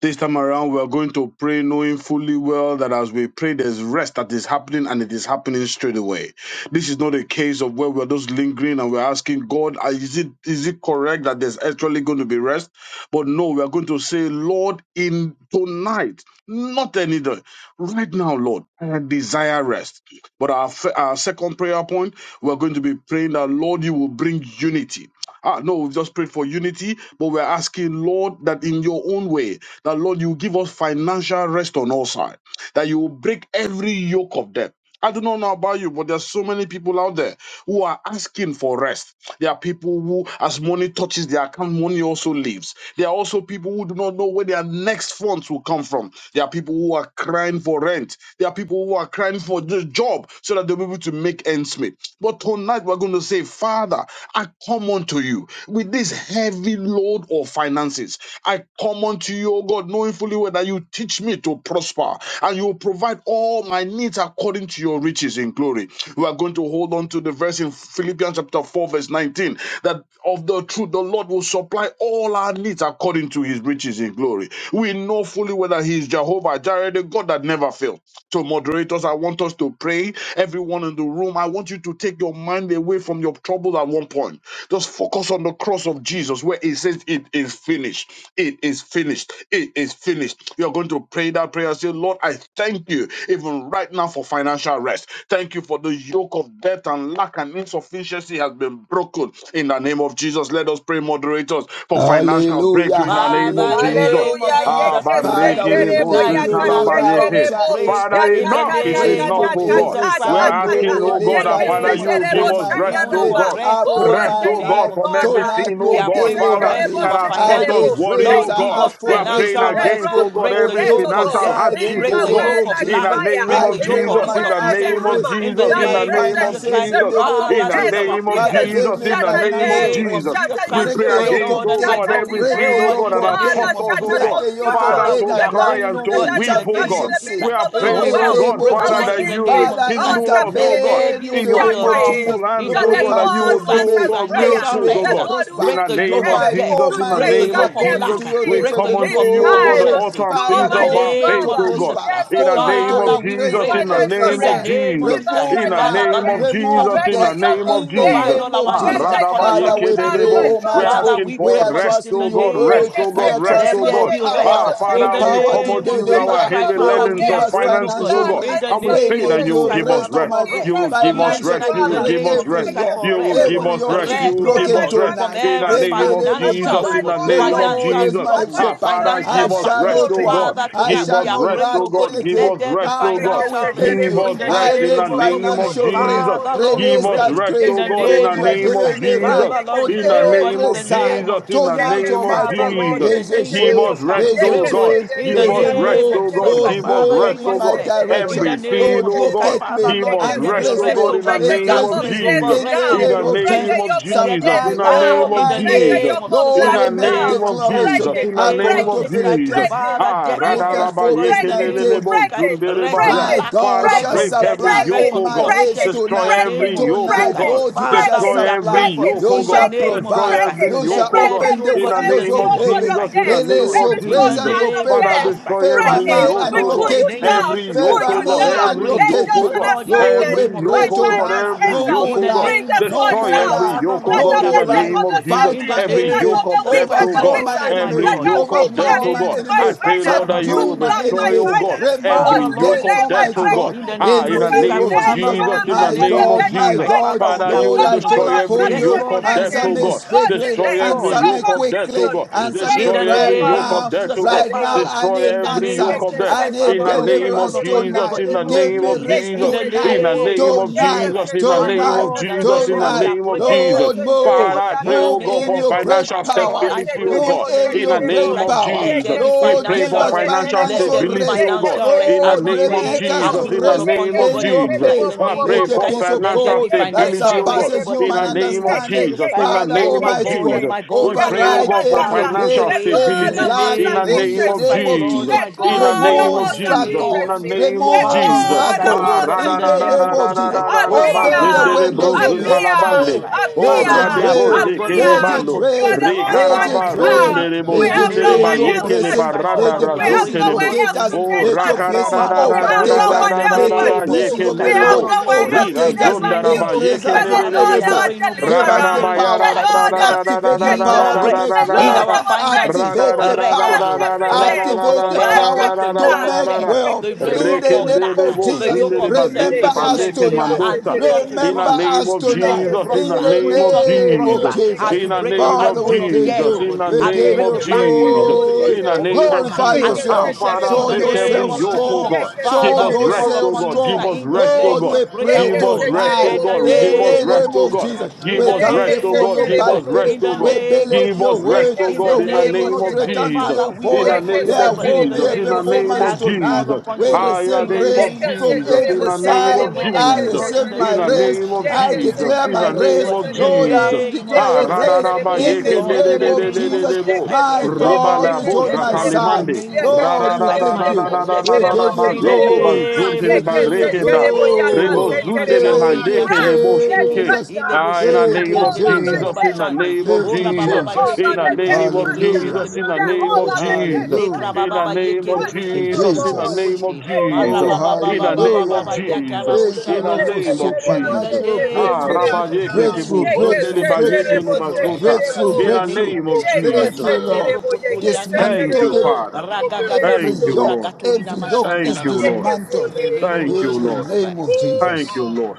[SPEAKER 7] This time around, we are going to pray knowing fully well that as we pray, there's rest that is happening and it is happening straight away. This is not a case of where we're just lingering and we're asking God, "Ah, is it is it correct that there's actually going to be rest? But no, we are going to say, Lord, in tonight, not any day, right now, Lord, I desire rest. But our, f- our second prayer point, we're going to be praying that, Lord, you will bring unity Ah, no, we've just prayed for unity, but we're asking, Lord, that in your own way, that Lord, you give us financial rest on all sides, that you will break every yoke of debt. I do not know about you, but there are so many people out there who are asking for rest. There are people who, as money touches their account, money also leaves. There are also people who do not know where their next funds will come from. There are people who are crying for rent. There are people who are crying for the job so that they'll be able to make ends meet. But tonight we're going to say, Father, I come unto you with this heavy heavy load of finances. I come unto you, O God, knowing fully well that you teach me to prosper and you provide all my needs according to your riches in glory. We are going to hold on to the verse in Philippians chapter 4, verse 19 that of the truth, the Lord will supply all our needs according to his riches in glory. We know fully whether he is Jehovah Jireh, the God that never fails. So, moderators, I want us to pray. Everyone in the room, I want you to take your mind away from your trouble at one point. Just focus on the cross of Jesus where it says, It is finished. It is finished. It is finished. You're going to pray that prayer. Say, Lord, I thank you even right now for financial rest. Thank you for the yoke of debt and lack and insufficiency has been broken in the name of Jesus. Let us pray, moderators, for financial
[SPEAKER 5] Hallelujah,
[SPEAKER 7] breakthrough in the name
[SPEAKER 3] Father,
[SPEAKER 7] of
[SPEAKER 3] in the
[SPEAKER 7] Jesus.
[SPEAKER 3] name
[SPEAKER 2] Aleluya,
[SPEAKER 3] of
[SPEAKER 5] hallelujah.
[SPEAKER 7] Ah,
[SPEAKER 3] Jesus, we
[SPEAKER 5] Father,
[SPEAKER 3] thank
[SPEAKER 7] bareke
[SPEAKER 3] you
[SPEAKER 7] le
[SPEAKER 5] we
[SPEAKER 2] yekeseterebo,
[SPEAKER 7] bo
[SPEAKER 5] thank
[SPEAKER 3] tonight,
[SPEAKER 5] you,
[SPEAKER 3] even
[SPEAKER 7] tara
[SPEAKER 3] as
[SPEAKER 5] Lord,
[SPEAKER 3] we
[SPEAKER 5] that we
[SPEAKER 3] come
[SPEAKER 7] bareke.
[SPEAKER 3] to
[SPEAKER 5] shall
[SPEAKER 2] yakashenderebo,
[SPEAKER 3] pray.
[SPEAKER 7] Father,
[SPEAKER 5] experience
[SPEAKER 3] In the
[SPEAKER 7] enough is
[SPEAKER 5] Raise
[SPEAKER 3] name
[SPEAKER 7] enough,
[SPEAKER 3] of
[SPEAKER 5] from
[SPEAKER 7] oh God.
[SPEAKER 3] Jesus
[SPEAKER 5] every
[SPEAKER 7] We
[SPEAKER 3] Christ, we
[SPEAKER 5] side,
[SPEAKER 7] are
[SPEAKER 3] pray,
[SPEAKER 5] Lord.
[SPEAKER 3] oh
[SPEAKER 7] asking,
[SPEAKER 2] yakakakakakakakakakaka,
[SPEAKER 7] oh
[SPEAKER 3] God, in
[SPEAKER 5] Release
[SPEAKER 7] God,
[SPEAKER 3] the
[SPEAKER 7] our
[SPEAKER 5] that
[SPEAKER 7] Father,
[SPEAKER 3] name
[SPEAKER 5] race
[SPEAKER 7] you
[SPEAKER 3] of
[SPEAKER 7] will
[SPEAKER 3] Jesus
[SPEAKER 2] yekesenderebo,
[SPEAKER 7] give
[SPEAKER 5] upon
[SPEAKER 3] Christ,
[SPEAKER 7] us
[SPEAKER 5] my
[SPEAKER 7] rest,
[SPEAKER 3] even
[SPEAKER 7] oh
[SPEAKER 5] family,
[SPEAKER 2] shandaraba.
[SPEAKER 3] for
[SPEAKER 7] God.
[SPEAKER 3] rest, oh
[SPEAKER 2] Oh,
[SPEAKER 5] upon
[SPEAKER 3] God, in
[SPEAKER 7] Rest,
[SPEAKER 3] the
[SPEAKER 5] my
[SPEAKER 7] oh
[SPEAKER 2] thank you,
[SPEAKER 3] name
[SPEAKER 7] God,
[SPEAKER 5] life.
[SPEAKER 3] of
[SPEAKER 7] from
[SPEAKER 3] Jesus Christ,
[SPEAKER 2] Father.
[SPEAKER 5] Tonight,
[SPEAKER 7] everything,
[SPEAKER 3] we
[SPEAKER 7] oh
[SPEAKER 3] are
[SPEAKER 5] Lord,
[SPEAKER 7] God,
[SPEAKER 3] praying for
[SPEAKER 7] Father,
[SPEAKER 5] deliver
[SPEAKER 3] rest
[SPEAKER 2] Yekeseterebo,
[SPEAKER 3] in
[SPEAKER 5] me.
[SPEAKER 7] that
[SPEAKER 3] our
[SPEAKER 7] has
[SPEAKER 5] I
[SPEAKER 7] caused us
[SPEAKER 5] need
[SPEAKER 2] shenterebo.
[SPEAKER 3] finances.
[SPEAKER 7] worry,
[SPEAKER 5] race.
[SPEAKER 7] oh
[SPEAKER 3] Lord,
[SPEAKER 2] Thank you
[SPEAKER 3] give
[SPEAKER 7] God.
[SPEAKER 5] I
[SPEAKER 2] for
[SPEAKER 3] us
[SPEAKER 5] ask
[SPEAKER 7] We
[SPEAKER 5] for
[SPEAKER 7] are
[SPEAKER 2] breaking
[SPEAKER 5] race,
[SPEAKER 7] praying
[SPEAKER 3] financial
[SPEAKER 2] the
[SPEAKER 3] rest.
[SPEAKER 5] Almighty
[SPEAKER 7] against,
[SPEAKER 2] rock
[SPEAKER 7] oh
[SPEAKER 5] God,
[SPEAKER 7] God,
[SPEAKER 2] of
[SPEAKER 3] Break
[SPEAKER 5] on
[SPEAKER 3] the
[SPEAKER 7] every
[SPEAKER 2] death, oh
[SPEAKER 3] yoke
[SPEAKER 5] every
[SPEAKER 3] of
[SPEAKER 2] God.
[SPEAKER 7] financial
[SPEAKER 3] debt.
[SPEAKER 5] side
[SPEAKER 2] Is
[SPEAKER 5] in
[SPEAKER 7] hardship,
[SPEAKER 2] in
[SPEAKER 5] the
[SPEAKER 3] Break
[SPEAKER 2] my
[SPEAKER 7] oh
[SPEAKER 3] the
[SPEAKER 7] God.
[SPEAKER 5] name
[SPEAKER 3] yoke
[SPEAKER 2] word
[SPEAKER 5] of
[SPEAKER 3] of
[SPEAKER 2] like
[SPEAKER 7] In the
[SPEAKER 3] lack
[SPEAKER 5] Jesus.
[SPEAKER 2] fire?
[SPEAKER 7] name
[SPEAKER 3] Break
[SPEAKER 5] I
[SPEAKER 7] of
[SPEAKER 3] the
[SPEAKER 2] Is
[SPEAKER 5] pray,
[SPEAKER 3] yoke
[SPEAKER 2] in
[SPEAKER 5] oh
[SPEAKER 3] of
[SPEAKER 2] my
[SPEAKER 7] Jesus,
[SPEAKER 5] my
[SPEAKER 7] in
[SPEAKER 5] God,
[SPEAKER 2] word
[SPEAKER 7] the
[SPEAKER 2] like
[SPEAKER 5] ask
[SPEAKER 2] a
[SPEAKER 7] name
[SPEAKER 5] for
[SPEAKER 7] of
[SPEAKER 3] insufficiency
[SPEAKER 5] race
[SPEAKER 2] hammer
[SPEAKER 3] in the
[SPEAKER 7] Jesus,
[SPEAKER 5] in
[SPEAKER 2] that
[SPEAKER 7] in
[SPEAKER 5] my
[SPEAKER 7] the
[SPEAKER 3] name
[SPEAKER 2] breaks
[SPEAKER 3] of
[SPEAKER 7] name
[SPEAKER 2] the,
[SPEAKER 7] of
[SPEAKER 3] Jesus
[SPEAKER 5] finances
[SPEAKER 3] Christ.
[SPEAKER 2] the
[SPEAKER 5] in
[SPEAKER 7] Jesus,
[SPEAKER 5] the
[SPEAKER 2] rock
[SPEAKER 5] name
[SPEAKER 2] of
[SPEAKER 7] in
[SPEAKER 5] of
[SPEAKER 3] Father,
[SPEAKER 7] the
[SPEAKER 3] this is
[SPEAKER 2] death
[SPEAKER 5] Jesus.
[SPEAKER 2] to
[SPEAKER 3] our
[SPEAKER 7] name of
[SPEAKER 3] prayer
[SPEAKER 5] Father,
[SPEAKER 2] pieces?
[SPEAKER 3] even
[SPEAKER 5] give
[SPEAKER 7] Jesus,
[SPEAKER 5] me
[SPEAKER 7] in
[SPEAKER 3] tonight
[SPEAKER 7] the
[SPEAKER 3] in
[SPEAKER 2] Shatter
[SPEAKER 3] the
[SPEAKER 7] name of
[SPEAKER 2] death,
[SPEAKER 5] financial
[SPEAKER 3] name
[SPEAKER 5] race.
[SPEAKER 3] of
[SPEAKER 7] Jesus.
[SPEAKER 3] Jesus
[SPEAKER 2] shatter
[SPEAKER 7] We
[SPEAKER 3] Christ.
[SPEAKER 5] Break
[SPEAKER 7] pray
[SPEAKER 5] the
[SPEAKER 3] My
[SPEAKER 2] usury
[SPEAKER 5] yoke
[SPEAKER 7] against,
[SPEAKER 3] Lord
[SPEAKER 5] of
[SPEAKER 7] oh
[SPEAKER 3] and my
[SPEAKER 5] debt.
[SPEAKER 7] God,
[SPEAKER 2] shatter
[SPEAKER 3] God, we
[SPEAKER 5] Break
[SPEAKER 3] pray,
[SPEAKER 7] everything,
[SPEAKER 3] oh
[SPEAKER 5] the
[SPEAKER 7] oh
[SPEAKER 2] delay,
[SPEAKER 3] God,
[SPEAKER 7] God,
[SPEAKER 5] yoke
[SPEAKER 3] in
[SPEAKER 7] that
[SPEAKER 3] the
[SPEAKER 7] has
[SPEAKER 5] of
[SPEAKER 2] Father,
[SPEAKER 5] debt.
[SPEAKER 7] caused
[SPEAKER 3] name of
[SPEAKER 7] us,
[SPEAKER 3] Jesus
[SPEAKER 7] oh
[SPEAKER 2] shatter
[SPEAKER 5] Break
[SPEAKER 3] Christ.
[SPEAKER 7] God,
[SPEAKER 5] the yoke of
[SPEAKER 2] confusion,
[SPEAKER 7] Father,
[SPEAKER 3] Father,
[SPEAKER 5] debt
[SPEAKER 3] we
[SPEAKER 7] to
[SPEAKER 2] the
[SPEAKER 5] and
[SPEAKER 3] are
[SPEAKER 5] lack,
[SPEAKER 7] cry
[SPEAKER 3] praying,
[SPEAKER 7] and
[SPEAKER 3] oh
[SPEAKER 7] to
[SPEAKER 2] confusion
[SPEAKER 3] God,
[SPEAKER 2] that
[SPEAKER 3] in
[SPEAKER 7] weep,
[SPEAKER 2] has
[SPEAKER 3] the
[SPEAKER 7] oh
[SPEAKER 2] come
[SPEAKER 3] name
[SPEAKER 2] in
[SPEAKER 7] God.
[SPEAKER 3] of
[SPEAKER 2] the
[SPEAKER 3] Jesus
[SPEAKER 5] insufficiency
[SPEAKER 7] We
[SPEAKER 3] Christ.
[SPEAKER 2] midst
[SPEAKER 7] are
[SPEAKER 2] of
[SPEAKER 5] in
[SPEAKER 2] our
[SPEAKER 7] praying,
[SPEAKER 5] the
[SPEAKER 7] oh
[SPEAKER 3] Jehovah,
[SPEAKER 2] wealth,
[SPEAKER 3] we
[SPEAKER 5] name
[SPEAKER 7] God,
[SPEAKER 3] pray,
[SPEAKER 5] of
[SPEAKER 3] oh
[SPEAKER 7] Father,
[SPEAKER 2] our
[SPEAKER 3] God, in
[SPEAKER 5] Jesus.
[SPEAKER 7] that
[SPEAKER 3] the
[SPEAKER 7] you
[SPEAKER 3] name
[SPEAKER 2] increase,
[SPEAKER 3] of
[SPEAKER 5] Father,
[SPEAKER 3] Jesus
[SPEAKER 2] our
[SPEAKER 3] Christ.
[SPEAKER 7] rekindle us, oh
[SPEAKER 3] Let
[SPEAKER 7] God,
[SPEAKER 2] stability.
[SPEAKER 3] there
[SPEAKER 5] intervene
[SPEAKER 3] be,
[SPEAKER 5] in
[SPEAKER 3] oh
[SPEAKER 7] in
[SPEAKER 5] the
[SPEAKER 3] God,
[SPEAKER 7] your
[SPEAKER 5] name
[SPEAKER 3] a
[SPEAKER 2] Shatter
[SPEAKER 5] of
[SPEAKER 3] rest
[SPEAKER 2] it.
[SPEAKER 7] powerful
[SPEAKER 5] Jesus.
[SPEAKER 3] in
[SPEAKER 7] hands,
[SPEAKER 2] You
[SPEAKER 3] the
[SPEAKER 2] are
[SPEAKER 7] oh
[SPEAKER 5] Lord,
[SPEAKER 2] the
[SPEAKER 7] God,
[SPEAKER 3] name
[SPEAKER 7] that
[SPEAKER 3] of
[SPEAKER 5] come
[SPEAKER 7] you
[SPEAKER 2] God
[SPEAKER 7] will
[SPEAKER 5] through
[SPEAKER 3] Jesus
[SPEAKER 2] who
[SPEAKER 7] do,
[SPEAKER 5] for
[SPEAKER 3] Christ
[SPEAKER 7] oh
[SPEAKER 3] for
[SPEAKER 5] me.
[SPEAKER 2] answers
[SPEAKER 7] God,
[SPEAKER 2] prayer,
[SPEAKER 5] Teach
[SPEAKER 3] financial
[SPEAKER 7] miracles,
[SPEAKER 5] me
[SPEAKER 7] oh
[SPEAKER 3] rest.
[SPEAKER 5] to
[SPEAKER 2] the
[SPEAKER 7] God.
[SPEAKER 2] God who
[SPEAKER 7] In
[SPEAKER 5] prosper.
[SPEAKER 3] Break
[SPEAKER 7] the
[SPEAKER 2] sits
[SPEAKER 3] the
[SPEAKER 2] in
[SPEAKER 7] name
[SPEAKER 3] yoke
[SPEAKER 7] of
[SPEAKER 3] of
[SPEAKER 5] Provide
[SPEAKER 2] heaven.
[SPEAKER 3] debt,
[SPEAKER 5] all
[SPEAKER 7] Jesus,
[SPEAKER 2] You
[SPEAKER 7] in
[SPEAKER 5] my
[SPEAKER 2] do
[SPEAKER 7] the
[SPEAKER 3] break the
[SPEAKER 5] needs
[SPEAKER 7] name
[SPEAKER 3] yoke
[SPEAKER 7] of
[SPEAKER 2] exactly
[SPEAKER 3] of
[SPEAKER 2] as
[SPEAKER 5] according
[SPEAKER 7] Jesus,
[SPEAKER 2] you
[SPEAKER 3] lack,
[SPEAKER 5] to your
[SPEAKER 7] we
[SPEAKER 2] please.
[SPEAKER 3] break
[SPEAKER 5] riches
[SPEAKER 3] the
[SPEAKER 7] come
[SPEAKER 5] and
[SPEAKER 3] yoke
[SPEAKER 2] It's
[SPEAKER 7] unto
[SPEAKER 3] of
[SPEAKER 7] you, O God, the
[SPEAKER 2] time
[SPEAKER 5] glory.
[SPEAKER 7] author
[SPEAKER 3] insufficiency
[SPEAKER 2] to
[SPEAKER 7] and
[SPEAKER 3] in
[SPEAKER 5] Father,
[SPEAKER 3] the
[SPEAKER 7] finisher of
[SPEAKER 2] Almighty
[SPEAKER 5] cause
[SPEAKER 7] our
[SPEAKER 5] me
[SPEAKER 3] name
[SPEAKER 5] to
[SPEAKER 7] faith,
[SPEAKER 3] of
[SPEAKER 7] O
[SPEAKER 2] Father.
[SPEAKER 7] God.
[SPEAKER 3] Jesus
[SPEAKER 5] prosper.
[SPEAKER 3] Christ.
[SPEAKER 2] Yes,
[SPEAKER 7] In
[SPEAKER 2] oh
[SPEAKER 7] the
[SPEAKER 5] Cause
[SPEAKER 2] God,
[SPEAKER 5] me to
[SPEAKER 7] name of
[SPEAKER 3] Father,
[SPEAKER 2] give
[SPEAKER 3] we
[SPEAKER 2] me
[SPEAKER 5] increase
[SPEAKER 7] Jesus,
[SPEAKER 3] pray,
[SPEAKER 5] from
[SPEAKER 3] oh
[SPEAKER 7] in the
[SPEAKER 3] God,
[SPEAKER 2] financial
[SPEAKER 5] every
[SPEAKER 3] in
[SPEAKER 7] name
[SPEAKER 3] the
[SPEAKER 7] of
[SPEAKER 2] rest.
[SPEAKER 5] side.
[SPEAKER 3] name of
[SPEAKER 7] Jesus,
[SPEAKER 2] Give
[SPEAKER 3] Jesus
[SPEAKER 2] us
[SPEAKER 3] Christ,
[SPEAKER 5] Remove
[SPEAKER 7] in the
[SPEAKER 3] Father,
[SPEAKER 5] lack.
[SPEAKER 2] financial
[SPEAKER 3] that
[SPEAKER 7] name
[SPEAKER 3] you
[SPEAKER 7] of
[SPEAKER 3] will
[SPEAKER 2] rest.
[SPEAKER 3] teach us
[SPEAKER 7] Jesus,
[SPEAKER 3] to
[SPEAKER 5] Remove
[SPEAKER 2] Break
[SPEAKER 7] in the
[SPEAKER 2] the
[SPEAKER 5] debt
[SPEAKER 3] prosper,
[SPEAKER 2] yoke
[SPEAKER 7] name
[SPEAKER 2] of
[SPEAKER 7] of
[SPEAKER 5] in the
[SPEAKER 3] provide
[SPEAKER 2] death.
[SPEAKER 7] Jesus.
[SPEAKER 5] name
[SPEAKER 3] all
[SPEAKER 5] of
[SPEAKER 3] our
[SPEAKER 7] Ah,
[SPEAKER 2] Break
[SPEAKER 3] needs
[SPEAKER 5] Jesus.
[SPEAKER 2] the
[SPEAKER 7] Radaba
[SPEAKER 3] according
[SPEAKER 2] yoke
[SPEAKER 3] to your
[SPEAKER 5] Father,
[SPEAKER 2] of
[SPEAKER 5] we
[SPEAKER 3] riches in
[SPEAKER 2] that,
[SPEAKER 5] pray,
[SPEAKER 2] my
[SPEAKER 3] glory.
[SPEAKER 7] Yekedebo. We're
[SPEAKER 5] Almighty
[SPEAKER 2] Father.
[SPEAKER 3] Father,
[SPEAKER 5] God,
[SPEAKER 7] asking
[SPEAKER 3] we
[SPEAKER 5] we
[SPEAKER 7] for
[SPEAKER 3] pray
[SPEAKER 5] are
[SPEAKER 3] for
[SPEAKER 7] rest,
[SPEAKER 3] this in
[SPEAKER 5] trusting
[SPEAKER 7] O
[SPEAKER 3] the
[SPEAKER 7] God,
[SPEAKER 5] your
[SPEAKER 3] name
[SPEAKER 2] Break
[SPEAKER 3] of
[SPEAKER 7] rest,
[SPEAKER 5] word,
[SPEAKER 3] Jesus
[SPEAKER 7] O
[SPEAKER 5] we
[SPEAKER 3] Christ.
[SPEAKER 7] God,
[SPEAKER 5] are
[SPEAKER 7] rest,
[SPEAKER 3] Let
[SPEAKER 7] O
[SPEAKER 5] trusting
[SPEAKER 3] there
[SPEAKER 5] your
[SPEAKER 7] God.
[SPEAKER 3] be
[SPEAKER 5] power,
[SPEAKER 3] rest
[SPEAKER 7] Ah,
[SPEAKER 5] your
[SPEAKER 3] in
[SPEAKER 7] Father,
[SPEAKER 3] the
[SPEAKER 7] we
[SPEAKER 5] power
[SPEAKER 7] come
[SPEAKER 5] to
[SPEAKER 3] name
[SPEAKER 7] unto
[SPEAKER 3] of
[SPEAKER 7] you with our
[SPEAKER 3] Jesus
[SPEAKER 2] the
[SPEAKER 5] deliver.
[SPEAKER 3] Christ.
[SPEAKER 7] heavy
[SPEAKER 2] yoke of
[SPEAKER 3] Father,
[SPEAKER 5] Lord,
[SPEAKER 7] laden
[SPEAKER 3] we
[SPEAKER 5] give
[SPEAKER 3] are
[SPEAKER 7] of
[SPEAKER 5] us
[SPEAKER 2] death,
[SPEAKER 3] praying, oh
[SPEAKER 7] finances,
[SPEAKER 3] God,
[SPEAKER 7] O
[SPEAKER 5] financial
[SPEAKER 2] lack,
[SPEAKER 7] God,
[SPEAKER 3] in
[SPEAKER 2] and
[SPEAKER 5] rest.
[SPEAKER 3] the
[SPEAKER 7] and we
[SPEAKER 5] We
[SPEAKER 3] name
[SPEAKER 7] pray
[SPEAKER 3] of
[SPEAKER 7] that
[SPEAKER 5] need
[SPEAKER 7] you
[SPEAKER 3] Jesus
[SPEAKER 7] will
[SPEAKER 5] your
[SPEAKER 3] Christ,
[SPEAKER 7] give
[SPEAKER 2] insufficiency.
[SPEAKER 7] us
[SPEAKER 5] rest,
[SPEAKER 3] Father,
[SPEAKER 7] rest.
[SPEAKER 3] for
[SPEAKER 5] Almighty God.
[SPEAKER 2] Teach
[SPEAKER 7] You
[SPEAKER 3] rest.
[SPEAKER 7] will
[SPEAKER 2] us,
[SPEAKER 7] give
[SPEAKER 3] Even
[SPEAKER 7] us
[SPEAKER 2] Almighty
[SPEAKER 7] rest.
[SPEAKER 5] Financially
[SPEAKER 3] tonight,
[SPEAKER 7] You
[SPEAKER 3] in
[SPEAKER 7] will
[SPEAKER 3] the
[SPEAKER 2] Father.
[SPEAKER 5] break
[SPEAKER 7] give
[SPEAKER 3] name
[SPEAKER 7] us
[SPEAKER 3] of
[SPEAKER 5] every
[SPEAKER 3] Jesus
[SPEAKER 7] rest.
[SPEAKER 2] Make
[SPEAKER 3] Christ,
[SPEAKER 2] us
[SPEAKER 5] yoke.
[SPEAKER 3] for
[SPEAKER 7] You will
[SPEAKER 3] rest, oh
[SPEAKER 7] give
[SPEAKER 3] God.
[SPEAKER 5] Every
[SPEAKER 2] sensible.
[SPEAKER 7] us
[SPEAKER 5] yoke
[SPEAKER 7] rest.
[SPEAKER 5] is
[SPEAKER 2] Teach
[SPEAKER 7] You
[SPEAKER 3] Rest,
[SPEAKER 7] will
[SPEAKER 2] me
[SPEAKER 3] oh
[SPEAKER 2] and
[SPEAKER 7] give
[SPEAKER 5] broken
[SPEAKER 2] my
[SPEAKER 7] us
[SPEAKER 3] God,
[SPEAKER 7] rest.
[SPEAKER 3] from
[SPEAKER 2] family
[SPEAKER 5] tonight.
[SPEAKER 2] to
[SPEAKER 7] In the
[SPEAKER 3] every
[SPEAKER 5] In
[SPEAKER 7] name
[SPEAKER 5] the
[SPEAKER 2] prosper
[SPEAKER 7] of
[SPEAKER 5] name
[SPEAKER 2] and
[SPEAKER 5] of
[SPEAKER 3] financial,
[SPEAKER 5] Jesus,
[SPEAKER 7] Jesus,
[SPEAKER 3] oh
[SPEAKER 2] provide
[SPEAKER 7] in
[SPEAKER 3] God,
[SPEAKER 7] the
[SPEAKER 2] all
[SPEAKER 5] the
[SPEAKER 7] name
[SPEAKER 2] our
[SPEAKER 7] of
[SPEAKER 5] Lord
[SPEAKER 3] financial
[SPEAKER 2] needs
[SPEAKER 5] is
[SPEAKER 7] Jesus.
[SPEAKER 5] my
[SPEAKER 3] struggle,
[SPEAKER 7] Our
[SPEAKER 2] according to
[SPEAKER 5] shepherd.
[SPEAKER 2] your
[SPEAKER 7] Father,
[SPEAKER 5] I
[SPEAKER 3] financial
[SPEAKER 7] give
[SPEAKER 2] riches
[SPEAKER 7] us
[SPEAKER 2] in
[SPEAKER 5] shall
[SPEAKER 7] rest,
[SPEAKER 3] battle.
[SPEAKER 5] not
[SPEAKER 7] O
[SPEAKER 2] glory.
[SPEAKER 5] want.
[SPEAKER 7] God.
[SPEAKER 3] Father,
[SPEAKER 5] I
[SPEAKER 3] tonight
[SPEAKER 7] Give
[SPEAKER 5] shall
[SPEAKER 3] we
[SPEAKER 7] us
[SPEAKER 3] are
[SPEAKER 5] not
[SPEAKER 7] rest,
[SPEAKER 3] praying,
[SPEAKER 5] lack
[SPEAKER 7] O
[SPEAKER 3] oh God,
[SPEAKER 7] God. Give
[SPEAKER 5] anything.
[SPEAKER 3] let
[SPEAKER 7] us
[SPEAKER 3] there be
[SPEAKER 7] rest, O
[SPEAKER 5] Father,
[SPEAKER 2] Break
[SPEAKER 7] God.
[SPEAKER 5] we
[SPEAKER 3] financial
[SPEAKER 5] thank
[SPEAKER 3] rest
[SPEAKER 2] the
[SPEAKER 7] Give
[SPEAKER 5] you
[SPEAKER 7] us
[SPEAKER 3] in
[SPEAKER 2] yoke
[SPEAKER 3] the
[SPEAKER 7] rest in the
[SPEAKER 5] provided
[SPEAKER 3] name of Jesus
[SPEAKER 7] name of
[SPEAKER 3] Christ.
[SPEAKER 5] financial race.
[SPEAKER 7] Jesus.
[SPEAKER 3] Father, Lord, we
[SPEAKER 7] Give
[SPEAKER 5] Release
[SPEAKER 7] us
[SPEAKER 5] that
[SPEAKER 3] pray
[SPEAKER 7] rest,
[SPEAKER 3] in
[SPEAKER 5] grace.
[SPEAKER 7] O
[SPEAKER 3] the
[SPEAKER 7] God, in
[SPEAKER 5] Lord,
[SPEAKER 7] the
[SPEAKER 3] name
[SPEAKER 5] you
[SPEAKER 3] of
[SPEAKER 5] are
[SPEAKER 7] name
[SPEAKER 3] Jesus
[SPEAKER 7] of
[SPEAKER 5] giving
[SPEAKER 3] Christ.
[SPEAKER 5] me rest
[SPEAKER 7] Jesus.
[SPEAKER 3] Father, Lord,
[SPEAKER 5] on
[SPEAKER 3] we
[SPEAKER 7] In the
[SPEAKER 3] pray, oh God,
[SPEAKER 7] name
[SPEAKER 3] in
[SPEAKER 5] every
[SPEAKER 3] the
[SPEAKER 7] of
[SPEAKER 5] side.
[SPEAKER 3] name
[SPEAKER 7] Jesus.
[SPEAKER 3] of
[SPEAKER 7] In
[SPEAKER 3] Jesus
[SPEAKER 7] the
[SPEAKER 3] Christ.
[SPEAKER 5] Tonight,
[SPEAKER 7] name of
[SPEAKER 5] Almighty
[SPEAKER 3] Father,
[SPEAKER 5] God,
[SPEAKER 3] Lord,
[SPEAKER 7] Jesus.
[SPEAKER 3] in
[SPEAKER 5] there
[SPEAKER 3] the
[SPEAKER 5] is a
[SPEAKER 3] name
[SPEAKER 7] Give
[SPEAKER 3] of
[SPEAKER 7] us
[SPEAKER 5] shift,
[SPEAKER 3] Jesus Christ,
[SPEAKER 5] there
[SPEAKER 7] rest,
[SPEAKER 3] we
[SPEAKER 5] is a
[SPEAKER 3] pray,
[SPEAKER 7] O
[SPEAKER 3] oh
[SPEAKER 7] God.
[SPEAKER 3] God,
[SPEAKER 5] change,
[SPEAKER 3] in
[SPEAKER 5] there
[SPEAKER 7] Give
[SPEAKER 3] the
[SPEAKER 5] is
[SPEAKER 7] us
[SPEAKER 5] a
[SPEAKER 7] rest,
[SPEAKER 3] name
[SPEAKER 5] move.
[SPEAKER 3] of
[SPEAKER 7] O
[SPEAKER 3] Jesus
[SPEAKER 7] God.
[SPEAKER 3] Christ,
[SPEAKER 5] Lord,
[SPEAKER 7] Give us
[SPEAKER 3] Father,
[SPEAKER 5] move
[SPEAKER 7] rest,
[SPEAKER 3] give
[SPEAKER 5] in
[SPEAKER 7] O
[SPEAKER 3] us
[SPEAKER 5] my
[SPEAKER 7] God.
[SPEAKER 3] rest. In
[SPEAKER 5] direction.
[SPEAKER 3] the
[SPEAKER 7] Everything,
[SPEAKER 3] name
[SPEAKER 5] Lord,
[SPEAKER 3] of
[SPEAKER 7] O
[SPEAKER 3] Jesus Christ,
[SPEAKER 7] God.
[SPEAKER 5] locate
[SPEAKER 3] Father,
[SPEAKER 5] me
[SPEAKER 7] Give
[SPEAKER 3] Lord,
[SPEAKER 7] us
[SPEAKER 3] let there
[SPEAKER 5] and
[SPEAKER 3] be
[SPEAKER 7] rest,
[SPEAKER 5] bless
[SPEAKER 7] O
[SPEAKER 3] rest,
[SPEAKER 5] me,
[SPEAKER 7] God,
[SPEAKER 3] oh
[SPEAKER 7] in the
[SPEAKER 3] God,
[SPEAKER 7] name
[SPEAKER 3] that
[SPEAKER 5] increase
[SPEAKER 7] of
[SPEAKER 2] of
[SPEAKER 3] brings,
[SPEAKER 5] me
[SPEAKER 3] oh
[SPEAKER 7] Jesus.
[SPEAKER 2] death
[SPEAKER 3] God,
[SPEAKER 5] in
[SPEAKER 3] rest
[SPEAKER 5] the
[SPEAKER 7] In
[SPEAKER 3] from
[SPEAKER 2] now.
[SPEAKER 7] the
[SPEAKER 5] name
[SPEAKER 3] your
[SPEAKER 5] of
[SPEAKER 2] Break
[SPEAKER 3] death,
[SPEAKER 7] name
[SPEAKER 2] the
[SPEAKER 5] Jesus.
[SPEAKER 7] of
[SPEAKER 2] yoke of
[SPEAKER 3] regret
[SPEAKER 7] Jesus,
[SPEAKER 3] from
[SPEAKER 2] death
[SPEAKER 5] Supply
[SPEAKER 7] in the
[SPEAKER 3] lack,
[SPEAKER 7] name
[SPEAKER 2] now.
[SPEAKER 5] all
[SPEAKER 3] in
[SPEAKER 7] of
[SPEAKER 3] the
[SPEAKER 5] my
[SPEAKER 2] Break the
[SPEAKER 5] needs.
[SPEAKER 7] Jesus,
[SPEAKER 3] name
[SPEAKER 2] yoke
[SPEAKER 3] of
[SPEAKER 2] of
[SPEAKER 3] Jesus
[SPEAKER 7] in
[SPEAKER 5] Lord,
[SPEAKER 2] lack
[SPEAKER 5] we
[SPEAKER 7] the
[SPEAKER 3] Christ,
[SPEAKER 5] make
[SPEAKER 3] death
[SPEAKER 7] name
[SPEAKER 2] now.
[SPEAKER 7] of
[SPEAKER 3] from lack,
[SPEAKER 2] Break
[SPEAKER 5] declaration
[SPEAKER 3] in
[SPEAKER 7] Jesus,
[SPEAKER 3] the
[SPEAKER 2] it.
[SPEAKER 7] in the
[SPEAKER 3] name
[SPEAKER 7] name
[SPEAKER 3] of
[SPEAKER 5] according
[SPEAKER 7] of
[SPEAKER 2] Break
[SPEAKER 5] to
[SPEAKER 2] it.
[SPEAKER 3] Jesus Christ,
[SPEAKER 7] Jesus.
[SPEAKER 5] Philippians
[SPEAKER 2] Break it.
[SPEAKER 3] Father,
[SPEAKER 7] Ah,
[SPEAKER 3] death from
[SPEAKER 2] Break
[SPEAKER 5] Philippians
[SPEAKER 3] lack,
[SPEAKER 2] it
[SPEAKER 3] oh
[SPEAKER 7] radaraba
[SPEAKER 5] 4
[SPEAKER 3] God,
[SPEAKER 5] verse
[SPEAKER 3] in
[SPEAKER 2] break
[SPEAKER 3] the
[SPEAKER 2] it,
[SPEAKER 3] name
[SPEAKER 5] 19.
[SPEAKER 3] of Jesus
[SPEAKER 7] yekenelelebo
[SPEAKER 2] break it,
[SPEAKER 3] Christ, rest
[SPEAKER 2] break
[SPEAKER 3] from
[SPEAKER 7] zunderebaya.
[SPEAKER 5] My
[SPEAKER 2] it,
[SPEAKER 3] lack,
[SPEAKER 5] God
[SPEAKER 7] Father,
[SPEAKER 2] break
[SPEAKER 3] death
[SPEAKER 5] shall
[SPEAKER 2] it,
[SPEAKER 7] break
[SPEAKER 3] from death,
[SPEAKER 7] every
[SPEAKER 5] supply
[SPEAKER 2] break
[SPEAKER 3] rest
[SPEAKER 5] all
[SPEAKER 2] it,
[SPEAKER 7] yoke,
[SPEAKER 3] from
[SPEAKER 7] O
[SPEAKER 5] my
[SPEAKER 7] God.
[SPEAKER 2] break
[SPEAKER 5] needs
[SPEAKER 2] it,
[SPEAKER 3] insufficiency, in
[SPEAKER 7] Destroy
[SPEAKER 3] the
[SPEAKER 5] tonight.
[SPEAKER 2] break it,
[SPEAKER 7] every
[SPEAKER 3] name of
[SPEAKER 7] yoke,
[SPEAKER 3] Jesus
[SPEAKER 7] O
[SPEAKER 2] break
[SPEAKER 5] Tonight,
[SPEAKER 3] Christ.
[SPEAKER 2] it,
[SPEAKER 7] God.
[SPEAKER 5] Lord, you
[SPEAKER 2] break
[SPEAKER 5] shall
[SPEAKER 3] Father,
[SPEAKER 2] it,
[SPEAKER 3] we
[SPEAKER 7] Destroy
[SPEAKER 3] are
[SPEAKER 7] every
[SPEAKER 3] praying
[SPEAKER 5] supply,
[SPEAKER 2] break it, break
[SPEAKER 3] for
[SPEAKER 2] it,
[SPEAKER 3] this
[SPEAKER 7] yoke,
[SPEAKER 5] you
[SPEAKER 7] O
[SPEAKER 3] in the
[SPEAKER 7] God.
[SPEAKER 5] shall
[SPEAKER 3] name of Jesus
[SPEAKER 5] provide,
[SPEAKER 7] Destroy
[SPEAKER 2] break
[SPEAKER 3] Christ.
[SPEAKER 2] it,
[SPEAKER 7] every
[SPEAKER 5] you
[SPEAKER 3] Let
[SPEAKER 5] shall
[SPEAKER 7] yoke, O
[SPEAKER 2] break
[SPEAKER 3] there
[SPEAKER 7] God.
[SPEAKER 3] be,
[SPEAKER 5] open
[SPEAKER 3] oh
[SPEAKER 5] the
[SPEAKER 2] every
[SPEAKER 7] In
[SPEAKER 3] God,
[SPEAKER 7] the
[SPEAKER 3] in the
[SPEAKER 5] windows
[SPEAKER 2] every
[SPEAKER 7] name
[SPEAKER 5] of
[SPEAKER 7] of
[SPEAKER 3] name of
[SPEAKER 2] stronghold
[SPEAKER 3] Jesus
[SPEAKER 5] heaven,
[SPEAKER 2] of
[SPEAKER 7] Jesus,
[SPEAKER 3] Christ.
[SPEAKER 7] in
[SPEAKER 2] death,
[SPEAKER 7] the
[SPEAKER 3] Yes,
[SPEAKER 7] name
[SPEAKER 5] release
[SPEAKER 3] Lord,
[SPEAKER 5] your
[SPEAKER 7] of
[SPEAKER 2] every
[SPEAKER 3] in
[SPEAKER 5] grace
[SPEAKER 2] strong
[SPEAKER 3] the
[SPEAKER 5] and
[SPEAKER 7] Jesus.
[SPEAKER 2] man
[SPEAKER 5] your
[SPEAKER 2] of
[SPEAKER 3] name of
[SPEAKER 7] Father,
[SPEAKER 2] death,
[SPEAKER 5] favor.
[SPEAKER 3] Jesus Christ.
[SPEAKER 7] destroy
[SPEAKER 3] My
[SPEAKER 2] break
[SPEAKER 5] Favor
[SPEAKER 7] every
[SPEAKER 2] it.
[SPEAKER 5] me
[SPEAKER 3] Father,
[SPEAKER 7] yoke,
[SPEAKER 5] and
[SPEAKER 2] We
[SPEAKER 7] O
[SPEAKER 3] Lord, in
[SPEAKER 2] pull
[SPEAKER 7] God.
[SPEAKER 3] the
[SPEAKER 2] you
[SPEAKER 5] locate
[SPEAKER 3] name
[SPEAKER 5] me,
[SPEAKER 3] of
[SPEAKER 2] down,
[SPEAKER 7] Every
[SPEAKER 3] Jesus
[SPEAKER 2] pull
[SPEAKER 3] Christ.
[SPEAKER 7] yoke,
[SPEAKER 5] favor
[SPEAKER 7] oh
[SPEAKER 2] you
[SPEAKER 3] Father,
[SPEAKER 7] God,
[SPEAKER 5] me
[SPEAKER 3] we are
[SPEAKER 2] down.
[SPEAKER 5] and
[SPEAKER 7] every
[SPEAKER 3] praying.
[SPEAKER 7] yoke,
[SPEAKER 5] locate me.
[SPEAKER 2] Angels
[SPEAKER 7] oh
[SPEAKER 3] Oh,
[SPEAKER 2] on
[SPEAKER 7] God,
[SPEAKER 3] Lord, in the
[SPEAKER 5] Lord,
[SPEAKER 2] assignment,
[SPEAKER 5] we
[SPEAKER 7] every
[SPEAKER 3] name of
[SPEAKER 5] pray
[SPEAKER 2] my
[SPEAKER 7] yoke,
[SPEAKER 3] Jesus
[SPEAKER 7] oh God,
[SPEAKER 5] tonight
[SPEAKER 2] finance
[SPEAKER 7] every
[SPEAKER 3] Father,
[SPEAKER 5] no
[SPEAKER 2] angels,
[SPEAKER 7] yoke,
[SPEAKER 5] more
[SPEAKER 3] in
[SPEAKER 7] oh
[SPEAKER 3] the
[SPEAKER 7] God.
[SPEAKER 5] lack,
[SPEAKER 2] bring
[SPEAKER 3] name
[SPEAKER 2] the
[SPEAKER 3] of
[SPEAKER 5] no
[SPEAKER 2] swords
[SPEAKER 3] Jesus
[SPEAKER 5] more
[SPEAKER 7] Destroy
[SPEAKER 3] Christ,
[SPEAKER 2] out,
[SPEAKER 7] every
[SPEAKER 5] lack,
[SPEAKER 3] Father,
[SPEAKER 7] yoke, oh
[SPEAKER 3] Lord,
[SPEAKER 2] cut
[SPEAKER 5] no
[SPEAKER 3] we
[SPEAKER 7] God,
[SPEAKER 2] off
[SPEAKER 7] in
[SPEAKER 3] are
[SPEAKER 2] the
[SPEAKER 5] more
[SPEAKER 7] the
[SPEAKER 2] neck
[SPEAKER 3] praying, oh
[SPEAKER 5] lack.
[SPEAKER 7] name
[SPEAKER 2] of the
[SPEAKER 7] of
[SPEAKER 3] God,
[SPEAKER 7] Jesus.
[SPEAKER 5] Fight
[SPEAKER 3] in
[SPEAKER 5] my
[SPEAKER 2] serpent,
[SPEAKER 3] the
[SPEAKER 7] Every
[SPEAKER 2] cut
[SPEAKER 3] name
[SPEAKER 5] enemies,
[SPEAKER 7] yoke
[SPEAKER 3] of
[SPEAKER 2] off the
[SPEAKER 7] of
[SPEAKER 3] Jesus
[SPEAKER 2] witch
[SPEAKER 7] death,
[SPEAKER 3] Christ,
[SPEAKER 2] and
[SPEAKER 7] oh
[SPEAKER 2] the
[SPEAKER 3] my
[SPEAKER 5] overthrow
[SPEAKER 7] God,
[SPEAKER 5] my
[SPEAKER 3] Lord
[SPEAKER 2] wizard,
[SPEAKER 3] and my
[SPEAKER 5] enemies,
[SPEAKER 7] every
[SPEAKER 2] that
[SPEAKER 3] God,
[SPEAKER 7] yoke
[SPEAKER 2] have been
[SPEAKER 7] of
[SPEAKER 3] in
[SPEAKER 2] speak
[SPEAKER 3] the
[SPEAKER 7] death,
[SPEAKER 5] overpower
[SPEAKER 7] oh
[SPEAKER 5] my
[SPEAKER 3] name
[SPEAKER 7] God.
[SPEAKER 2] to
[SPEAKER 3] of
[SPEAKER 2] my
[SPEAKER 7] I
[SPEAKER 3] Jesus
[SPEAKER 5] enemies,
[SPEAKER 3] Christ,
[SPEAKER 7] pray,
[SPEAKER 2] finance,
[SPEAKER 7] Lord,
[SPEAKER 3] Father,
[SPEAKER 7] that you
[SPEAKER 2] to
[SPEAKER 3] Lord,
[SPEAKER 7] will
[SPEAKER 5] subdue
[SPEAKER 3] in the
[SPEAKER 5] my
[SPEAKER 2] block
[SPEAKER 3] name
[SPEAKER 2] my
[SPEAKER 3] of
[SPEAKER 7] destroy,
[SPEAKER 5] enemies,
[SPEAKER 7] oh
[SPEAKER 3] Jesus
[SPEAKER 7] God,
[SPEAKER 3] Christ,
[SPEAKER 2] finance, or
[SPEAKER 3] Father,
[SPEAKER 5] remove
[SPEAKER 7] every
[SPEAKER 2] to
[SPEAKER 7] yoke
[SPEAKER 3] Lord,
[SPEAKER 5] death,
[SPEAKER 3] in,
[SPEAKER 2] delay
[SPEAKER 7] of
[SPEAKER 2] my
[SPEAKER 7] death,
[SPEAKER 5] Almighty
[SPEAKER 7] oh God.
[SPEAKER 5] God,
[SPEAKER 3] in
[SPEAKER 2] breakthrough,
[SPEAKER 3] the
[SPEAKER 7] Ah,
[SPEAKER 5] in
[SPEAKER 2] to
[SPEAKER 3] name
[SPEAKER 7] in
[SPEAKER 3] of
[SPEAKER 5] the
[SPEAKER 7] the
[SPEAKER 3] Jesus
[SPEAKER 5] name
[SPEAKER 7] name
[SPEAKER 3] Christ,
[SPEAKER 5] of
[SPEAKER 7] of
[SPEAKER 2] terminate
[SPEAKER 3] Father,
[SPEAKER 5] Jesus.
[SPEAKER 2] when
[SPEAKER 7] Jesus,
[SPEAKER 3] Lord,
[SPEAKER 2] I'm
[SPEAKER 3] in
[SPEAKER 7] in
[SPEAKER 3] the
[SPEAKER 7] the
[SPEAKER 2] just
[SPEAKER 5] My
[SPEAKER 2] on
[SPEAKER 3] name
[SPEAKER 2] the
[SPEAKER 7] name
[SPEAKER 3] of
[SPEAKER 7] of
[SPEAKER 5] God,
[SPEAKER 2] verge
[SPEAKER 3] Jesus
[SPEAKER 2] of
[SPEAKER 5] my
[SPEAKER 7] Jesus.
[SPEAKER 3] Christ,
[SPEAKER 5] God,
[SPEAKER 3] Father,
[SPEAKER 2] breakthrough.
[SPEAKER 3] we
[SPEAKER 7] Father,
[SPEAKER 3] are
[SPEAKER 5] Lord,
[SPEAKER 2] No
[SPEAKER 7] you
[SPEAKER 5] I
[SPEAKER 3] praying, oh
[SPEAKER 5] call
[SPEAKER 3] God.
[SPEAKER 7] destroy
[SPEAKER 2] contract shall
[SPEAKER 5] upon
[SPEAKER 7] every
[SPEAKER 2] be
[SPEAKER 3] Yes,
[SPEAKER 5] you.
[SPEAKER 7] yoke
[SPEAKER 3] Lord,
[SPEAKER 7] of
[SPEAKER 3] in the
[SPEAKER 7] death,
[SPEAKER 5] Answer
[SPEAKER 2] terminated,
[SPEAKER 7] oh
[SPEAKER 3] name
[SPEAKER 5] me
[SPEAKER 3] of
[SPEAKER 7] God.
[SPEAKER 2] no
[SPEAKER 3] Jesus Christ,
[SPEAKER 5] speedily,
[SPEAKER 7] Destroy
[SPEAKER 3] yes,
[SPEAKER 2] delay,
[SPEAKER 7] every
[SPEAKER 3] Lord
[SPEAKER 5] answer
[SPEAKER 2] no
[SPEAKER 5] me
[SPEAKER 7] yoke of death, oh
[SPEAKER 5] quickly,
[SPEAKER 2] confusion.
[SPEAKER 7] God.
[SPEAKER 3] pray.
[SPEAKER 5] answer me
[SPEAKER 3] In
[SPEAKER 2] Break
[SPEAKER 3] the
[SPEAKER 7] Destroy
[SPEAKER 2] it, all,
[SPEAKER 5] right
[SPEAKER 7] every yoke
[SPEAKER 3] name
[SPEAKER 2] Father,
[SPEAKER 3] of
[SPEAKER 7] of
[SPEAKER 5] now.
[SPEAKER 7] death,
[SPEAKER 2] in
[SPEAKER 3] Jesus
[SPEAKER 7] oh
[SPEAKER 2] the
[SPEAKER 7] God.
[SPEAKER 3] Christ,
[SPEAKER 5] Right
[SPEAKER 2] name
[SPEAKER 5] now,
[SPEAKER 2] of
[SPEAKER 3] Father.
[SPEAKER 5] I
[SPEAKER 7] Destroy
[SPEAKER 5] need
[SPEAKER 2] Jesus.
[SPEAKER 3] In the
[SPEAKER 7] every
[SPEAKER 3] name
[SPEAKER 7] yoke
[SPEAKER 3] of
[SPEAKER 5] answers,
[SPEAKER 7] of
[SPEAKER 3] Jesus
[SPEAKER 7] death.
[SPEAKER 5] I
[SPEAKER 3] Christ,
[SPEAKER 7] In
[SPEAKER 5] need
[SPEAKER 3] Father,
[SPEAKER 7] the
[SPEAKER 2] Yekeseterebo,
[SPEAKER 3] Lord, we
[SPEAKER 7] name of
[SPEAKER 3] call
[SPEAKER 5] deliverance
[SPEAKER 2] sheterebo,
[SPEAKER 3] upon you, O
[SPEAKER 7] Jesus,
[SPEAKER 5] tonight.
[SPEAKER 3] God,
[SPEAKER 7] in the
[SPEAKER 3] even
[SPEAKER 2] sheterebo.
[SPEAKER 5] Give
[SPEAKER 7] name
[SPEAKER 5] me
[SPEAKER 7] of
[SPEAKER 3] today.
[SPEAKER 5] rest
[SPEAKER 3] In
[SPEAKER 7] Jesus,
[SPEAKER 3] the
[SPEAKER 7] in
[SPEAKER 5] tonight,
[SPEAKER 7] the
[SPEAKER 2] Yekeseterebo,
[SPEAKER 3] name
[SPEAKER 7] name
[SPEAKER 3] of
[SPEAKER 7] of
[SPEAKER 3] Jesus
[SPEAKER 5] tonight,
[SPEAKER 3] Christ,
[SPEAKER 7] Jesus, in the
[SPEAKER 3] my
[SPEAKER 2] yekeseterebo,
[SPEAKER 7] name
[SPEAKER 5] tonight,
[SPEAKER 7] of
[SPEAKER 3] Lord and my
[SPEAKER 7] Jesus, in
[SPEAKER 3] God,
[SPEAKER 7] the
[SPEAKER 2] yekeseterebo.
[SPEAKER 3] we
[SPEAKER 5] tonight.
[SPEAKER 3] are
[SPEAKER 7] name of
[SPEAKER 3] praying, oh
[SPEAKER 5] Lord,
[SPEAKER 3] God,
[SPEAKER 7] Jesus.
[SPEAKER 5] Lord,
[SPEAKER 3] even
[SPEAKER 2] Yekeseterebo,
[SPEAKER 5] move.
[SPEAKER 7] Father,
[SPEAKER 3] today.
[SPEAKER 7] I
[SPEAKER 3] In
[SPEAKER 7] pray,
[SPEAKER 3] the
[SPEAKER 5] Move
[SPEAKER 7] oh God,
[SPEAKER 3] name
[SPEAKER 5] in
[SPEAKER 3] of
[SPEAKER 7] for
[SPEAKER 5] your
[SPEAKER 3] Jesus Christ,
[SPEAKER 5] great
[SPEAKER 2] yakaseterebo.
[SPEAKER 7] financial
[SPEAKER 3] Father,
[SPEAKER 2] The
[SPEAKER 3] Lord,
[SPEAKER 5] power.
[SPEAKER 3] I
[SPEAKER 7] stability,
[SPEAKER 3] pray, oh
[SPEAKER 7] oh
[SPEAKER 2] God
[SPEAKER 3] God,
[SPEAKER 5] Move
[SPEAKER 2] of
[SPEAKER 7] God,
[SPEAKER 2] all
[SPEAKER 3] in the
[SPEAKER 5] in
[SPEAKER 7] in
[SPEAKER 2] sufficiency,
[SPEAKER 3] name
[SPEAKER 7] the
[SPEAKER 5] your
[SPEAKER 3] of Jesus
[SPEAKER 5] great
[SPEAKER 7] name of
[SPEAKER 3] Christ,
[SPEAKER 5] power.
[SPEAKER 3] let
[SPEAKER 7] Jesus.
[SPEAKER 3] there be
[SPEAKER 7] We
[SPEAKER 5] Lord,
[SPEAKER 7] pray
[SPEAKER 5] give
[SPEAKER 7] for
[SPEAKER 3] financial
[SPEAKER 5] us
[SPEAKER 3] rest.
[SPEAKER 7] financial
[SPEAKER 3] Let
[SPEAKER 5] financial
[SPEAKER 3] there be
[SPEAKER 7] stability,
[SPEAKER 5] rest.
[SPEAKER 7] oh God,
[SPEAKER 3] financial rest
[SPEAKER 7] in the
[SPEAKER 3] as
[SPEAKER 5] Lord,
[SPEAKER 3] we
[SPEAKER 7] name of
[SPEAKER 3] pray,
[SPEAKER 5] make us
[SPEAKER 3] as
[SPEAKER 7] Jesus,
[SPEAKER 5] to
[SPEAKER 3] we
[SPEAKER 7] in the
[SPEAKER 3] call
[SPEAKER 5] rest
[SPEAKER 3] upon
[SPEAKER 7] name
[SPEAKER 3] you, oh
[SPEAKER 7] of
[SPEAKER 5] in
[SPEAKER 3] God, even
[SPEAKER 5] your
[SPEAKER 7] Jesus. Jesus.
[SPEAKER 3] tonight. In
[SPEAKER 5] peace.
[SPEAKER 3] the
[SPEAKER 7] I
[SPEAKER 3] name of
[SPEAKER 5] Let
[SPEAKER 7] pray
[SPEAKER 3] Jesus
[SPEAKER 5] the
[SPEAKER 7] for
[SPEAKER 3] Christ,
[SPEAKER 5] peace of
[SPEAKER 3] let there
[SPEAKER 7] financial
[SPEAKER 3] be
[SPEAKER 5] God that
[SPEAKER 7] stability,
[SPEAKER 3] financial
[SPEAKER 7] oh God,
[SPEAKER 3] rest, oh
[SPEAKER 5] surpasses
[SPEAKER 3] God,
[SPEAKER 7] in
[SPEAKER 3] in
[SPEAKER 5] human
[SPEAKER 7] the
[SPEAKER 3] the
[SPEAKER 7] name
[SPEAKER 3] name
[SPEAKER 7] of
[SPEAKER 3] of
[SPEAKER 5] understanding,
[SPEAKER 3] Jesus
[SPEAKER 7] Jesus,
[SPEAKER 3] Christ.
[SPEAKER 7] in the
[SPEAKER 5] Father
[SPEAKER 3] Oh,
[SPEAKER 7] name
[SPEAKER 3] my
[SPEAKER 7] of
[SPEAKER 5] Almighty
[SPEAKER 3] God
[SPEAKER 5] God,
[SPEAKER 3] and
[SPEAKER 7] Jesus.
[SPEAKER 3] my
[SPEAKER 7] We
[SPEAKER 3] God, my
[SPEAKER 7] pray, oh
[SPEAKER 3] God,
[SPEAKER 5] override
[SPEAKER 3] my
[SPEAKER 7] God, for
[SPEAKER 3] Father,
[SPEAKER 5] every
[SPEAKER 3] we
[SPEAKER 5] day,
[SPEAKER 7] financial
[SPEAKER 3] pray in
[SPEAKER 5] every
[SPEAKER 3] the
[SPEAKER 7] stability,
[SPEAKER 5] lack
[SPEAKER 7] in the
[SPEAKER 3] name of
[SPEAKER 5] in
[SPEAKER 7] name
[SPEAKER 5] the
[SPEAKER 3] Jesus
[SPEAKER 7] of
[SPEAKER 5] name
[SPEAKER 3] Christ.
[SPEAKER 5] of
[SPEAKER 3] Lord,
[SPEAKER 7] Jesus,
[SPEAKER 5] Jesus.
[SPEAKER 2] the
[SPEAKER 3] my God,
[SPEAKER 7] in the
[SPEAKER 3] I
[SPEAKER 2] God
[SPEAKER 3] pray, oh
[SPEAKER 7] name
[SPEAKER 2] of
[SPEAKER 5] Remove
[SPEAKER 3] God,
[SPEAKER 7] of
[SPEAKER 3] in the
[SPEAKER 2] all
[SPEAKER 7] Jesus,
[SPEAKER 3] name
[SPEAKER 7] in
[SPEAKER 3] of
[SPEAKER 7] the
[SPEAKER 2] sufficiency,
[SPEAKER 5] struggle,
[SPEAKER 3] Jesus Christ.
[SPEAKER 7] name of
[SPEAKER 2] the
[SPEAKER 3] Father,
[SPEAKER 5] remove
[SPEAKER 7] Jesus.
[SPEAKER 3] Lord,
[SPEAKER 2] God
[SPEAKER 3] I
[SPEAKER 2] of
[SPEAKER 3] pray,
[SPEAKER 5] struggles
[SPEAKER 7] Ah,
[SPEAKER 3] oh
[SPEAKER 2] all
[SPEAKER 3] God,
[SPEAKER 7] ra
[SPEAKER 3] in
[SPEAKER 7] da
[SPEAKER 5] in
[SPEAKER 3] the
[SPEAKER 7] da
[SPEAKER 5] the
[SPEAKER 7] da
[SPEAKER 3] name
[SPEAKER 5] name
[SPEAKER 7] da
[SPEAKER 3] of
[SPEAKER 2] sufficiency.
[SPEAKER 7] da
[SPEAKER 5] of
[SPEAKER 3] Jesus
[SPEAKER 7] da
[SPEAKER 5] Jesus.
[SPEAKER 3] Christ.
[SPEAKER 7] da da
[SPEAKER 3] Oh,
[SPEAKER 7] da ba
[SPEAKER 3] Father,
[SPEAKER 5] Open the
[SPEAKER 3] Lord,
[SPEAKER 7] zendele
[SPEAKER 2] Appear,
[SPEAKER 3] in the
[SPEAKER 5] windows of
[SPEAKER 7] brozu
[SPEAKER 3] name
[SPEAKER 5] heaven
[SPEAKER 3] of Jesus
[SPEAKER 7] kalabande.
[SPEAKER 2] appear,
[SPEAKER 5] rain,
[SPEAKER 3] Christ.
[SPEAKER 7] Oh,
[SPEAKER 2] appear,
[SPEAKER 5] let
[SPEAKER 3] Father,
[SPEAKER 5] it
[SPEAKER 3] we
[SPEAKER 7] rade
[SPEAKER 3] are
[SPEAKER 2] Abia,
[SPEAKER 3] pray,
[SPEAKER 5] rain,
[SPEAKER 3] oh
[SPEAKER 7] bozi
[SPEAKER 3] God, in the
[SPEAKER 5] let
[SPEAKER 2] Abia,
[SPEAKER 5] it
[SPEAKER 3] name
[SPEAKER 7] kelebando.
[SPEAKER 3] of
[SPEAKER 2] You
[SPEAKER 3] Jesus
[SPEAKER 2] are
[SPEAKER 5] rain,
[SPEAKER 2] the
[SPEAKER 3] Christ.
[SPEAKER 2] only
[SPEAKER 3] Father,
[SPEAKER 5] let
[SPEAKER 2] one
[SPEAKER 3] Lord,
[SPEAKER 2] we
[SPEAKER 5] it
[SPEAKER 3] we
[SPEAKER 7] Rikaraba
[SPEAKER 5] rain,
[SPEAKER 3] pray
[SPEAKER 2] have!
[SPEAKER 7] rondele
[SPEAKER 3] in
[SPEAKER 2] We
[SPEAKER 5] let
[SPEAKER 3] the
[SPEAKER 5] it
[SPEAKER 2] have no
[SPEAKER 7] bozundele
[SPEAKER 5] rain
[SPEAKER 7] ba
[SPEAKER 2] one
[SPEAKER 5] your
[SPEAKER 3] name
[SPEAKER 2] else
[SPEAKER 3] of
[SPEAKER 7] yekele
[SPEAKER 2] but
[SPEAKER 3] Jesus
[SPEAKER 5] blessings,
[SPEAKER 3] Christ.
[SPEAKER 2] you!
[SPEAKER 5] let
[SPEAKER 7] rada
[SPEAKER 3] Father,
[SPEAKER 5] the
[SPEAKER 3] we
[SPEAKER 2] We
[SPEAKER 3] are
[SPEAKER 2] have
[SPEAKER 5] blessings
[SPEAKER 3] praying, oh
[SPEAKER 2] nowhere
[SPEAKER 7] razotelebo.
[SPEAKER 3] God, in
[SPEAKER 5] locate
[SPEAKER 2] else
[SPEAKER 3] the
[SPEAKER 2] to
[SPEAKER 5] us,
[SPEAKER 3] name
[SPEAKER 7] Oh,
[SPEAKER 3] of
[SPEAKER 2] turn
[SPEAKER 5] let
[SPEAKER 3] Jesus
[SPEAKER 2] but
[SPEAKER 5] your
[SPEAKER 3] Christ.
[SPEAKER 2] you!
[SPEAKER 5] blessings
[SPEAKER 3] Father,
[SPEAKER 2] We
[SPEAKER 3] we
[SPEAKER 2] have
[SPEAKER 3] pray, oh
[SPEAKER 2] no
[SPEAKER 5] overtake
[SPEAKER 3] God,
[SPEAKER 5] us,
[SPEAKER 3] in
[SPEAKER 2] one
[SPEAKER 3] the
[SPEAKER 2] else
[SPEAKER 5] let your
[SPEAKER 2] but
[SPEAKER 7] ra-ka-ra-ra-ra-ra-ra-ra-ra-ra-ra-ra,
[SPEAKER 3] name of
[SPEAKER 2] you!
[SPEAKER 5] blessings
[SPEAKER 3] Jesus
[SPEAKER 5] of
[SPEAKER 2] We
[SPEAKER 5] the
[SPEAKER 3] Christ.
[SPEAKER 2] have
[SPEAKER 5] Lord
[SPEAKER 3] Father,
[SPEAKER 7] yekelelebo,
[SPEAKER 2] nowhere
[SPEAKER 3] Lord.
[SPEAKER 2] else to
[SPEAKER 3] In
[SPEAKER 5] overtake
[SPEAKER 3] the
[SPEAKER 2] turn
[SPEAKER 5] us,
[SPEAKER 2] but
[SPEAKER 3] name
[SPEAKER 2] you!
[SPEAKER 3] of
[SPEAKER 7] rigazondaraba,
[SPEAKER 5] increase
[SPEAKER 3] Jesus
[SPEAKER 2] You
[SPEAKER 5] us
[SPEAKER 2] are
[SPEAKER 3] Christ,
[SPEAKER 2] the
[SPEAKER 5] from
[SPEAKER 3] Father,
[SPEAKER 2] Lord
[SPEAKER 5] every
[SPEAKER 3] we are
[SPEAKER 7] yekelelelebo,
[SPEAKER 2] our
[SPEAKER 5] side,
[SPEAKER 3] praying, oh God,
[SPEAKER 5] give
[SPEAKER 3] in the
[SPEAKER 5] us
[SPEAKER 2] deliverer!
[SPEAKER 5] the
[SPEAKER 3] name of
[SPEAKER 2] The
[SPEAKER 3] Jesus
[SPEAKER 5] power,
[SPEAKER 3] Christ, even
[SPEAKER 2] Lord
[SPEAKER 3] tonight.
[SPEAKER 2] our
[SPEAKER 5] activate the
[SPEAKER 3] Give
[SPEAKER 2] vindicator!
[SPEAKER 3] us
[SPEAKER 5] power to make
[SPEAKER 2] The
[SPEAKER 3] rest in
[SPEAKER 2] Lord
[SPEAKER 5] wealth,
[SPEAKER 3] our
[SPEAKER 7] ra-ra-ra-ba-ya-ra-ra-ra-ra-ra-ra-ra-ra-ra-ra-ra-ra-ra-ra,
[SPEAKER 2] our
[SPEAKER 3] finances.
[SPEAKER 2] breakthrough!
[SPEAKER 5] activate the
[SPEAKER 3] Rest, oh
[SPEAKER 2] Crush
[SPEAKER 5] power,
[SPEAKER 3] God.
[SPEAKER 2] every
[SPEAKER 3] Rest,
[SPEAKER 2] debt!
[SPEAKER 3] oh God,
[SPEAKER 5] activate
[SPEAKER 3] from
[SPEAKER 5] the
[SPEAKER 2] Crush
[SPEAKER 5] power
[SPEAKER 3] every
[SPEAKER 5] power
[SPEAKER 3] the
[SPEAKER 2] every
[SPEAKER 5] to
[SPEAKER 3] yoke
[SPEAKER 2] lack!
[SPEAKER 3] of
[SPEAKER 5] make
[SPEAKER 3] death,
[SPEAKER 7] ra-ra-ra-ra-ra-ra-ra-ra-ra-ra-ra-ra-ra-ra-ra-ra-ra-ra,
[SPEAKER 2] Yes,
[SPEAKER 5] wealth
[SPEAKER 3] the
[SPEAKER 5] in
[SPEAKER 3] yoke
[SPEAKER 5] the
[SPEAKER 3] of
[SPEAKER 5] name
[SPEAKER 3] lack,
[SPEAKER 2] yes,
[SPEAKER 5] of
[SPEAKER 7] rekelelebo,
[SPEAKER 3] the
[SPEAKER 5] Jesus.
[SPEAKER 3] yoke of
[SPEAKER 5] Remember
[SPEAKER 7] zundelebazeke,
[SPEAKER 2] Yes,
[SPEAKER 5] us
[SPEAKER 7] baleke,
[SPEAKER 3] insufficiency,
[SPEAKER 5] tonight.
[SPEAKER 3] and
[SPEAKER 7] mandosa.
[SPEAKER 3] teach us to
[SPEAKER 7] In the
[SPEAKER 5] Remember
[SPEAKER 3] prosper.
[SPEAKER 7] name
[SPEAKER 5] us
[SPEAKER 7] of
[SPEAKER 3] Teach us
[SPEAKER 5] tonight
[SPEAKER 3] to
[SPEAKER 7] Jesus,
[SPEAKER 2] Yes,
[SPEAKER 7] in
[SPEAKER 5] in
[SPEAKER 7] the
[SPEAKER 3] prosper.
[SPEAKER 5] the
[SPEAKER 7] name
[SPEAKER 3] Teach
[SPEAKER 7] of
[SPEAKER 3] us to
[SPEAKER 5] name of
[SPEAKER 7] Jesus,
[SPEAKER 3] prosper
[SPEAKER 5] Jesus.
[SPEAKER 3] as
[SPEAKER 7] in
[SPEAKER 3] you
[SPEAKER 7] the
[SPEAKER 3] break the
[SPEAKER 7] name
[SPEAKER 5] Father,
[SPEAKER 7] of
[SPEAKER 5] we
[SPEAKER 3] backbone of
[SPEAKER 5] thank
[SPEAKER 3] death,
[SPEAKER 5] you.
[SPEAKER 7] Jesus,
[SPEAKER 3] oh
[SPEAKER 7] in
[SPEAKER 3] God.
[SPEAKER 7] the
[SPEAKER 5] We
[SPEAKER 3] As you
[SPEAKER 5] give
[SPEAKER 7] name
[SPEAKER 3] break
[SPEAKER 7] of
[SPEAKER 5] you
[SPEAKER 3] the backbone of
[SPEAKER 7] Jesus.
[SPEAKER 3] yes,
[SPEAKER 5] glory.
[SPEAKER 7] In the
[SPEAKER 3] Lord, of
[SPEAKER 7] name
[SPEAKER 3] lack
[SPEAKER 7] of
[SPEAKER 5] Glorify
[SPEAKER 3] and
[SPEAKER 7] Jesus. our
[SPEAKER 5] yourself.
[SPEAKER 7] Father,
[SPEAKER 3] insufficiency in
[SPEAKER 5] Show
[SPEAKER 3] the
[SPEAKER 7] break every
[SPEAKER 3] name
[SPEAKER 5] yourself
[SPEAKER 3] of
[SPEAKER 7] yoke, oh
[SPEAKER 3] Jesus.
[SPEAKER 5] strong.
[SPEAKER 7] God. Give
[SPEAKER 5] Show
[SPEAKER 3] Father,
[SPEAKER 7] us
[SPEAKER 3] we
[SPEAKER 7] rest,
[SPEAKER 3] call
[SPEAKER 5] yourself
[SPEAKER 7] oh
[SPEAKER 3] upon you
[SPEAKER 7] God. Give
[SPEAKER 5] strong.
[SPEAKER 3] tonight
[SPEAKER 7] us
[SPEAKER 3] in the
[SPEAKER 7] rest, oh
[SPEAKER 5] Lord,
[SPEAKER 3] place
[SPEAKER 7] God.
[SPEAKER 5] we
[SPEAKER 3] of prayer,
[SPEAKER 5] pray
[SPEAKER 7] Give
[SPEAKER 3] oh
[SPEAKER 7] us
[SPEAKER 3] God.
[SPEAKER 7] rest, oh
[SPEAKER 5] tonight
[SPEAKER 3] In the
[SPEAKER 7] God. Give
[SPEAKER 5] in
[SPEAKER 7] us
[SPEAKER 5] the
[SPEAKER 3] name
[SPEAKER 7] rest,
[SPEAKER 3] of
[SPEAKER 5] name
[SPEAKER 7] oh
[SPEAKER 5] of
[SPEAKER 7] God.
[SPEAKER 3] Jesus.
[SPEAKER 5] Jesus.
[SPEAKER 3] In
[SPEAKER 7] Give
[SPEAKER 5] We
[SPEAKER 3] the
[SPEAKER 7] us
[SPEAKER 5] come
[SPEAKER 7] rest, oh
[SPEAKER 3] name
[SPEAKER 5] before
[SPEAKER 3] of
[SPEAKER 7] God.
[SPEAKER 5] you
[SPEAKER 3] Jesus
[SPEAKER 7] Give
[SPEAKER 5] by
[SPEAKER 7] us
[SPEAKER 3] Christ.
[SPEAKER 5] faith.
[SPEAKER 7] rest,
[SPEAKER 3] In the
[SPEAKER 7] oh God.
[SPEAKER 5] We
[SPEAKER 3] name of
[SPEAKER 5] believe
[SPEAKER 7] Give us
[SPEAKER 3] Jesus
[SPEAKER 5] your
[SPEAKER 3] Christ.
[SPEAKER 7] rest,
[SPEAKER 5] word.
[SPEAKER 7] oh
[SPEAKER 3] In the
[SPEAKER 7] God,
[SPEAKER 5] Your
[SPEAKER 7] in the
[SPEAKER 5] word
[SPEAKER 3] name
[SPEAKER 5] will
[SPEAKER 3] of
[SPEAKER 7] name
[SPEAKER 5] not
[SPEAKER 3] Jesus
[SPEAKER 7] of
[SPEAKER 3] Christ.
[SPEAKER 5] return to
[SPEAKER 7] Jesus.
[SPEAKER 3] Father,
[SPEAKER 5] you
[SPEAKER 3] we
[SPEAKER 7] In
[SPEAKER 5] void.
[SPEAKER 7] the
[SPEAKER 3] pray for
[SPEAKER 7] name
[SPEAKER 3] this, oh
[SPEAKER 5] There
[SPEAKER 7] of
[SPEAKER 3] God. In
[SPEAKER 5] will
[SPEAKER 3] the
[SPEAKER 5] be
[SPEAKER 2] terrible,
[SPEAKER 7] Jesus.
[SPEAKER 5] a
[SPEAKER 7] In
[SPEAKER 3] name
[SPEAKER 7] the
[SPEAKER 3] of
[SPEAKER 2] yes,
[SPEAKER 3] Jesus
[SPEAKER 7] name
[SPEAKER 5] performance
[SPEAKER 3] Christ,
[SPEAKER 7] of
[SPEAKER 3] as
[SPEAKER 2] terrible.
[SPEAKER 3] we
[SPEAKER 5] tonight.
[SPEAKER 3] call
[SPEAKER 7] Jesus.
[SPEAKER 3] upon you, oh
[SPEAKER 5] We
[SPEAKER 3] God.
[SPEAKER 7] Ah, in the
[SPEAKER 5] receive
[SPEAKER 3] In the
[SPEAKER 7] name of
[SPEAKER 5] rest
[SPEAKER 3] name of
[SPEAKER 5] from
[SPEAKER 3] Jesus
[SPEAKER 7] Jesus. In
[SPEAKER 3] Christ.
[SPEAKER 2] Yekesetelebo,
[SPEAKER 5] every
[SPEAKER 7] the name
[SPEAKER 3] Father,
[SPEAKER 5] side.
[SPEAKER 7] of
[SPEAKER 2] shetelebo,
[SPEAKER 3] Lord, we
[SPEAKER 5] I
[SPEAKER 3] ask,
[SPEAKER 7] Jesus.
[SPEAKER 3] Lord, in
[SPEAKER 5] receive
[SPEAKER 3] the
[SPEAKER 7] In
[SPEAKER 2] yekesetelebo.
[SPEAKER 5] my
[SPEAKER 7] the
[SPEAKER 3] name of
[SPEAKER 5] rest.
[SPEAKER 7] name of
[SPEAKER 3] Jesus
[SPEAKER 5] I
[SPEAKER 3] Christ. We
[SPEAKER 7] Jesus.
[SPEAKER 5] declare
[SPEAKER 7] In
[SPEAKER 5] my
[SPEAKER 7] the
[SPEAKER 3] thank
[SPEAKER 2] Yekesetelebo,
[SPEAKER 3] you, oh
[SPEAKER 7] name
[SPEAKER 3] God,
[SPEAKER 5] rest.
[SPEAKER 7] of
[SPEAKER 3] in the
[SPEAKER 2] shetelebo.
[SPEAKER 5] Lord, I
[SPEAKER 7] Jesus.
[SPEAKER 3] name of
[SPEAKER 5] declare
[SPEAKER 7] Ah,
[SPEAKER 5] your
[SPEAKER 7] ra
[SPEAKER 3] Jesus
[SPEAKER 7] da
[SPEAKER 3] Christ.
[SPEAKER 5] rest
[SPEAKER 7] da
[SPEAKER 2] Yekesetelebo,
[SPEAKER 7] ba ye
[SPEAKER 5] in
[SPEAKER 3] Yes,
[SPEAKER 7] ke
[SPEAKER 5] the
[SPEAKER 3] Lord,
[SPEAKER 7] de de
[SPEAKER 3] in
[SPEAKER 5] name
[SPEAKER 3] the
[SPEAKER 7] de
[SPEAKER 2] yekesetelebo.
[SPEAKER 5] of
[SPEAKER 7] de de
[SPEAKER 3] name of
[SPEAKER 7] de
[SPEAKER 5] Jesus.
[SPEAKER 7] de
[SPEAKER 3] Jesus
[SPEAKER 7] bo.
[SPEAKER 3] Christ.
[SPEAKER 5] My
[SPEAKER 3] Yes, my
[SPEAKER 2] Yekesetelebo,
[SPEAKER 3] God.
[SPEAKER 5] God
[SPEAKER 7] Rubala
[SPEAKER 5] is on
[SPEAKER 7] boza
[SPEAKER 3] Yes,
[SPEAKER 5] my
[SPEAKER 3] Lord,
[SPEAKER 2] yekesetelebo.
[SPEAKER 3] in the
[SPEAKER 5] side.
[SPEAKER 7] talimande.
[SPEAKER 3] name of
[SPEAKER 7] Ra
[SPEAKER 5] Lord,
[SPEAKER 7] ra
[SPEAKER 3] Jesus
[SPEAKER 5] we
[SPEAKER 7] ra
[SPEAKER 3] Christ,
[SPEAKER 2] Yekesetelebo,
[SPEAKER 7] ra
[SPEAKER 3] my
[SPEAKER 5] thank
[SPEAKER 7] ra ra
[SPEAKER 5] you.
[SPEAKER 7] ra
[SPEAKER 3] Lord.
[SPEAKER 7] ra
[SPEAKER 3] Yes,
[SPEAKER 7] ra
[SPEAKER 5] We
[SPEAKER 7] ra
[SPEAKER 3] Lord,
[SPEAKER 2] yekesetelebo,
[SPEAKER 7] ra
[SPEAKER 5] give you
[SPEAKER 7] ba
[SPEAKER 3] in the
[SPEAKER 7] yoko
[SPEAKER 2] shetelebo.
[SPEAKER 7] ba
[SPEAKER 5] glory.
[SPEAKER 7] zunte
[SPEAKER 3] name
[SPEAKER 7] le
[SPEAKER 5] We
[SPEAKER 3] of
[SPEAKER 7] ba
[SPEAKER 5] give you
[SPEAKER 3] Jesus. Yes,
[SPEAKER 7] rekenda.
[SPEAKER 2] Yekesetelebo,
[SPEAKER 3] Lord.
[SPEAKER 5] glory.
[SPEAKER 7] Rebo
[SPEAKER 3] Ori
[SPEAKER 7] zunde le
[SPEAKER 2] yakasetelebo.
[SPEAKER 3] mashande
[SPEAKER 5] Thank you,
[SPEAKER 7] mandeke le
[SPEAKER 3] yakari
[SPEAKER 2] Crush,
[SPEAKER 7] bo
[SPEAKER 2] death
[SPEAKER 3] muzeki,
[SPEAKER 7] shuke.
[SPEAKER 5] Jesus.
[SPEAKER 2] crusher.
[SPEAKER 3] ile
[SPEAKER 7] Ah, in the
[SPEAKER 3] boshende
[SPEAKER 5] Thank
[SPEAKER 7] name
[SPEAKER 5] you,
[SPEAKER 7] of
[SPEAKER 3] yande
[SPEAKER 2] Jehovah, my
[SPEAKER 3] lokuro
[SPEAKER 5] Jesus.
[SPEAKER 7] Jesus, in
[SPEAKER 2] death
[SPEAKER 7] the
[SPEAKER 3] bashande,
[SPEAKER 7] name of
[SPEAKER 2] crusher.
[SPEAKER 5] Thank
[SPEAKER 3] ora
[SPEAKER 5] you,
[SPEAKER 3] baba
[SPEAKER 7] Jesus,
[SPEAKER 3] ba
[SPEAKER 5] Jesus.
[SPEAKER 2] Jehovah
[SPEAKER 7] in
[SPEAKER 3] yeke ile
[SPEAKER 7] the
[SPEAKER 2] that death
[SPEAKER 7] name
[SPEAKER 3] bosheke
[SPEAKER 7] of
[SPEAKER 3] ile
[SPEAKER 2] crusher.
[SPEAKER 3] boshende
[SPEAKER 5] Hallelujah.
[SPEAKER 7] Jesus,
[SPEAKER 3] ile
[SPEAKER 7] in the
[SPEAKER 3] lokuro
[SPEAKER 7] name of
[SPEAKER 2] Jehovah,
[SPEAKER 3] boshke,
[SPEAKER 2] that death
[SPEAKER 7] Jesus,
[SPEAKER 3] lekra
[SPEAKER 5] Hallelujah.
[SPEAKER 7] in
[SPEAKER 3] baba
[SPEAKER 7] the
[SPEAKER 3] ba
[SPEAKER 2] crusher.
[SPEAKER 7] name
[SPEAKER 3] yeke
[SPEAKER 7] of
[SPEAKER 5] Thank
[SPEAKER 3] ile
[SPEAKER 2] Crush it,
[SPEAKER 5] you,
[SPEAKER 3] boshende
[SPEAKER 2] oh
[SPEAKER 3] ile
[SPEAKER 7] Jesus, in the
[SPEAKER 2] God.
[SPEAKER 3] lokuro
[SPEAKER 5] Jesus.
[SPEAKER 7] name of
[SPEAKER 3] boshke, mara
[SPEAKER 7] Jesus,
[SPEAKER 5] Oh,
[SPEAKER 3] baba
[SPEAKER 7] in
[SPEAKER 2] Yekesetelebo,
[SPEAKER 3] baba
[SPEAKER 7] the
[SPEAKER 3] baba
[SPEAKER 7] name of
[SPEAKER 5] hallelujah.
[SPEAKER 3] baba
[SPEAKER 2] yekesetelebo,
[SPEAKER 3] yakara
[SPEAKER 7] Jesus,
[SPEAKER 5] Thank
[SPEAKER 7] in
[SPEAKER 5] you,
[SPEAKER 7] the
[SPEAKER 3] mushande
[SPEAKER 5] Lord,
[SPEAKER 3] la
[SPEAKER 5] for
[SPEAKER 7] name of
[SPEAKER 2] yekesetelebo.
[SPEAKER 3] In the
[SPEAKER 7] Jesus.
[SPEAKER 5] supernatural
[SPEAKER 3] name
[SPEAKER 7] Ah,
[SPEAKER 3] of
[SPEAKER 5] breakthrough,
[SPEAKER 7] Rabba
[SPEAKER 3] Jesus,
[SPEAKER 7] yeke
[SPEAKER 3] in
[SPEAKER 7] ke
[SPEAKER 3] the
[SPEAKER 7] bo
[SPEAKER 5] breakthrough,
[SPEAKER 3] name of Jesus,
[SPEAKER 7] zunde
[SPEAKER 5] breakthrough,
[SPEAKER 3] Christ, we
[SPEAKER 5] breakthrough,
[SPEAKER 2] Yekesetelebo,
[SPEAKER 3] receive rest.
[SPEAKER 2] setelebo.
[SPEAKER 5] breakthrough,
[SPEAKER 3] In
[SPEAKER 7] In
[SPEAKER 3] the
[SPEAKER 7] the
[SPEAKER 5] breakthrough.
[SPEAKER 3] name
[SPEAKER 7] name
[SPEAKER 3] of
[SPEAKER 7] of
[SPEAKER 3] Jesus, Christ.
[SPEAKER 5] Thank
[SPEAKER 7] Jesus.
[SPEAKER 5] you,
[SPEAKER 3] male
[SPEAKER 5] Lord.
[SPEAKER 2] Yekesetelebo,
[SPEAKER 3] brokoturi yande ile
[SPEAKER 7] Thank
[SPEAKER 5] Dismantle
[SPEAKER 7] you,
[SPEAKER 2] yekesetelebo.
[SPEAKER 3] boshke,
[SPEAKER 5] the,
[SPEAKER 7] Father.
[SPEAKER 3] ragagaga
[SPEAKER 2] Yes,
[SPEAKER 5] every
[SPEAKER 7] Thank you,
[SPEAKER 3] bozebra
[SPEAKER 2] Lord.
[SPEAKER 5] yoke.
[SPEAKER 7] Lord.
[SPEAKER 3] katurina
[SPEAKER 5] Every yoke
[SPEAKER 3] mashande
[SPEAKER 7] Thank
[SPEAKER 5] is
[SPEAKER 3] la
[SPEAKER 7] you, Lord.
[SPEAKER 3] In
[SPEAKER 5] dismantled
[SPEAKER 3] the
[SPEAKER 2] Yekesetelebo, bo,
[SPEAKER 3] name
[SPEAKER 7] Thank
[SPEAKER 3] of
[SPEAKER 2] bo, bo,
[SPEAKER 5] in
[SPEAKER 7] you,
[SPEAKER 5] the
[SPEAKER 7] Lord.
[SPEAKER 3] Jesus
[SPEAKER 5] name of
[SPEAKER 2] bo,
[SPEAKER 3] Christ.
[SPEAKER 7] Thank
[SPEAKER 5] Jesus.
[SPEAKER 7] you, Lord.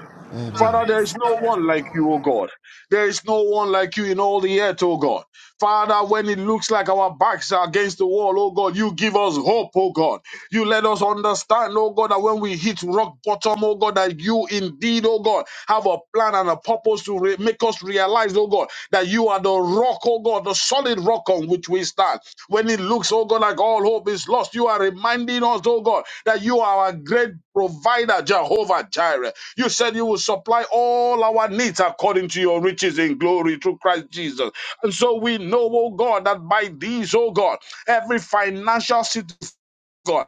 [SPEAKER 2] bo,
[SPEAKER 5] Amen.
[SPEAKER 7] Father, there is no
[SPEAKER 2] setelebo.
[SPEAKER 7] one like you, O God. There is no one like you in all the earth, O God. Father, when it looks like our backs are against the wall, O God, you give us hope, O God. You let us understand, O God, that when we hit rock bottom, O God, that you indeed, O God, have a plan and a purpose to re- make us realize, O God, that you are the rock, O God, the solid rock on which we stand. When it looks, O God, like all hope is lost, you are reminding us, O God, that you are our great provider, Jehovah Jireh. You said you will supply all our needs according to your riches in glory through Christ Jesus. And so we know, oh God, that by these, oh God, every financial situation, God.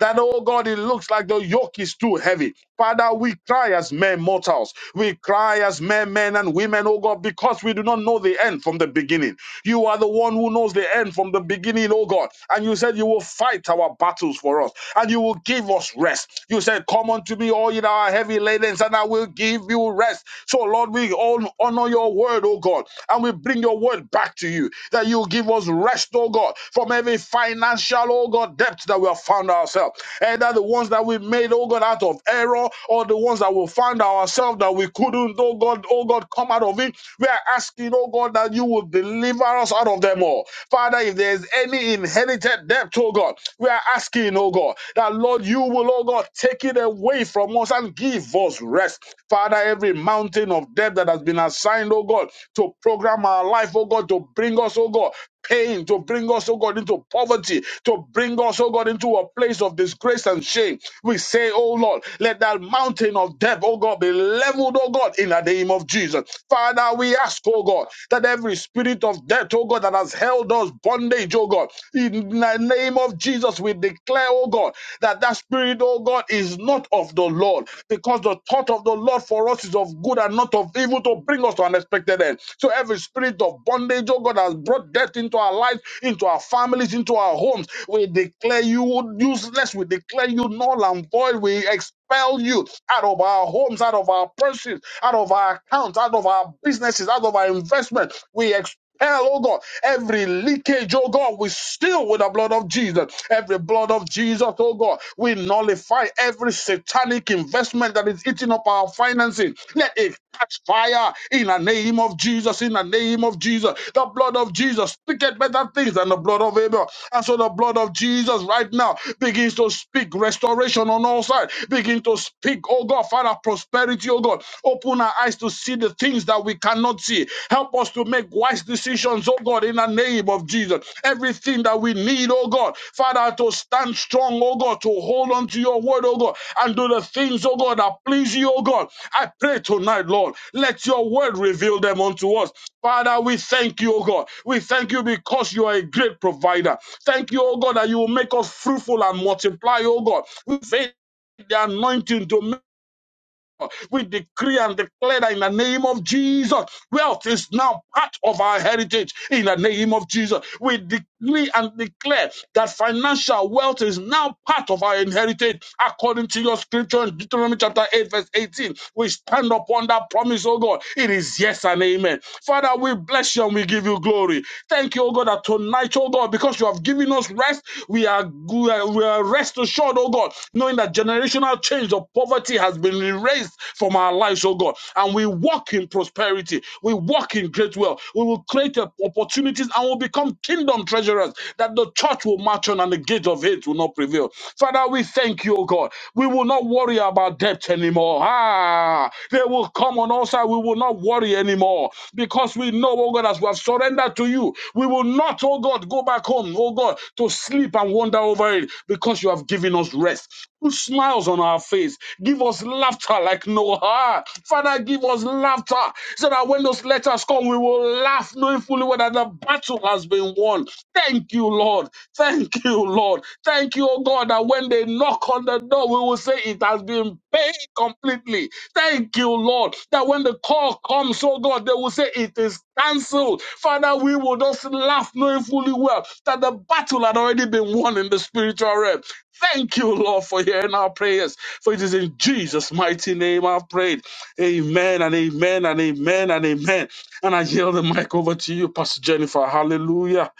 [SPEAKER 7] That, oh God, it looks like the yoke is too heavy. Father, we cry as men mortals. We cry as men, men and women, oh God, because we do not know the end from the beginning. You are the one who knows the end from the beginning, oh God. And you said you will fight our battles for us and you will give us rest. You said, Come unto me, all ye that are heavy laden, and I will give you rest. So, Lord, we all honor your word, oh God, and we bring your word back to you that you give us rest, oh God, from every financial, oh God, debt that we have found ourselves. Either the ones that we made, oh God, out of error, or the ones that we found ourselves that we couldn't, oh God, oh God, come out of it. We are asking, oh God, that you will deliver us out of them all. Father, if there is any inherited debt, oh God, we are asking, oh God, that Lord, you will, oh God, take it away from us and give us rest. Father, every mountain mountain of debt that has been assigned, oh God, to program our life, oh God, to bring us, oh God, pain, to bring us, oh God, into poverty, to bring us, oh God, into a place of disgrace and shame. We say, oh Lord, let that mountain of debt, oh God, be leveled, oh God, in the name of Jesus. Father, we ask, oh God, that every spirit of debt, oh God, that has held us bondage, oh God, in the name of Jesus, we declare, oh God, that that spirit, oh God, is not of the Lord, because the thought of the Lord for us is of good and not of evil to bring us to an expected end. So every spirit of bondage, oh God, has brought death into our lives, into our families, into our homes. We declare you useless. We declare you null and void. We expel you out of our homes, out of our purses, out of our accounts, out of our businesses, out of our investment. We expel hell, oh God. Every leakage, oh God, we steal with the blood of Jesus. Every blood of Jesus, oh God, we nullify every satanic investment that is eating up our finances. Let it catch fire in the name of Jesus, in the name of Jesus. The blood of Jesus speaketh better things than the blood of Abel. And so the blood of Jesus right now begins to speak restoration on all sides. Begin to speak, oh God, Father, prosperity, oh God. Open open our eyes to see the things that we cannot see. Help us to make wise decisions, oh God, in the name of Jesus. Everything that we need, oh God, Father, to stand strong, oh God, to hold on to your word, oh God, and do the things, oh God, that please you, oh God. I pray tonight, Lord, let your word reveal them unto us. Father, we thank you, oh God. We thank you because you are a great provider. Thank you, oh God, that you will make us fruitful and multiply, oh God. We thank the anointing to we decree and declare that in the name of Jesus, wealth is now part of our heritage. In the name of Jesus, we decree and declare that financial wealth is now part of our inheritance. According to your scripture in Deuteronomy chapter 8, verse 18, we stand upon that promise, oh God. It is yes and amen. Father, we bless you and we give you glory. Thank you, oh God, that tonight, oh God, because you have given us rest, we are, we are we are rest assured, oh God, knowing that generational change of poverty has been erased from our lives, oh God. And we walk in prosperity. We walk in great wealth. We will create op- opportunities and will become kingdom treasurers that the church will march on and the gate of hate will not prevail. Father, we thank you, oh God. We will not worry about debt anymore. Ah, they will come on us and we will not worry anymore because we know, oh God, as we have surrendered to you, we will not, oh God, go back home, oh God, to sleep and wander over it because you have given us rest. Put smiles on our face. Give us laughter like Noah. Father, give us laughter so that when those letters come, we will laugh knowing fully whether the battle has been won. Thank you, Lord. Thank you, Lord. Thank you, oh God, that when they knock on the door, we will say it has been Pay completely. Thank you, Lord, that when the call comes, oh God, they will say it is cancelled. Father, we will just laugh knowing fully well that the battle had already been won in the spiritual realm. Thank you, Lord, for hearing our prayers. For it is in Jesus' mighty name I've prayed. Amen and amen and amen and amen. And I yield the mic over to you, Pastor Jennifer. Hallelujah.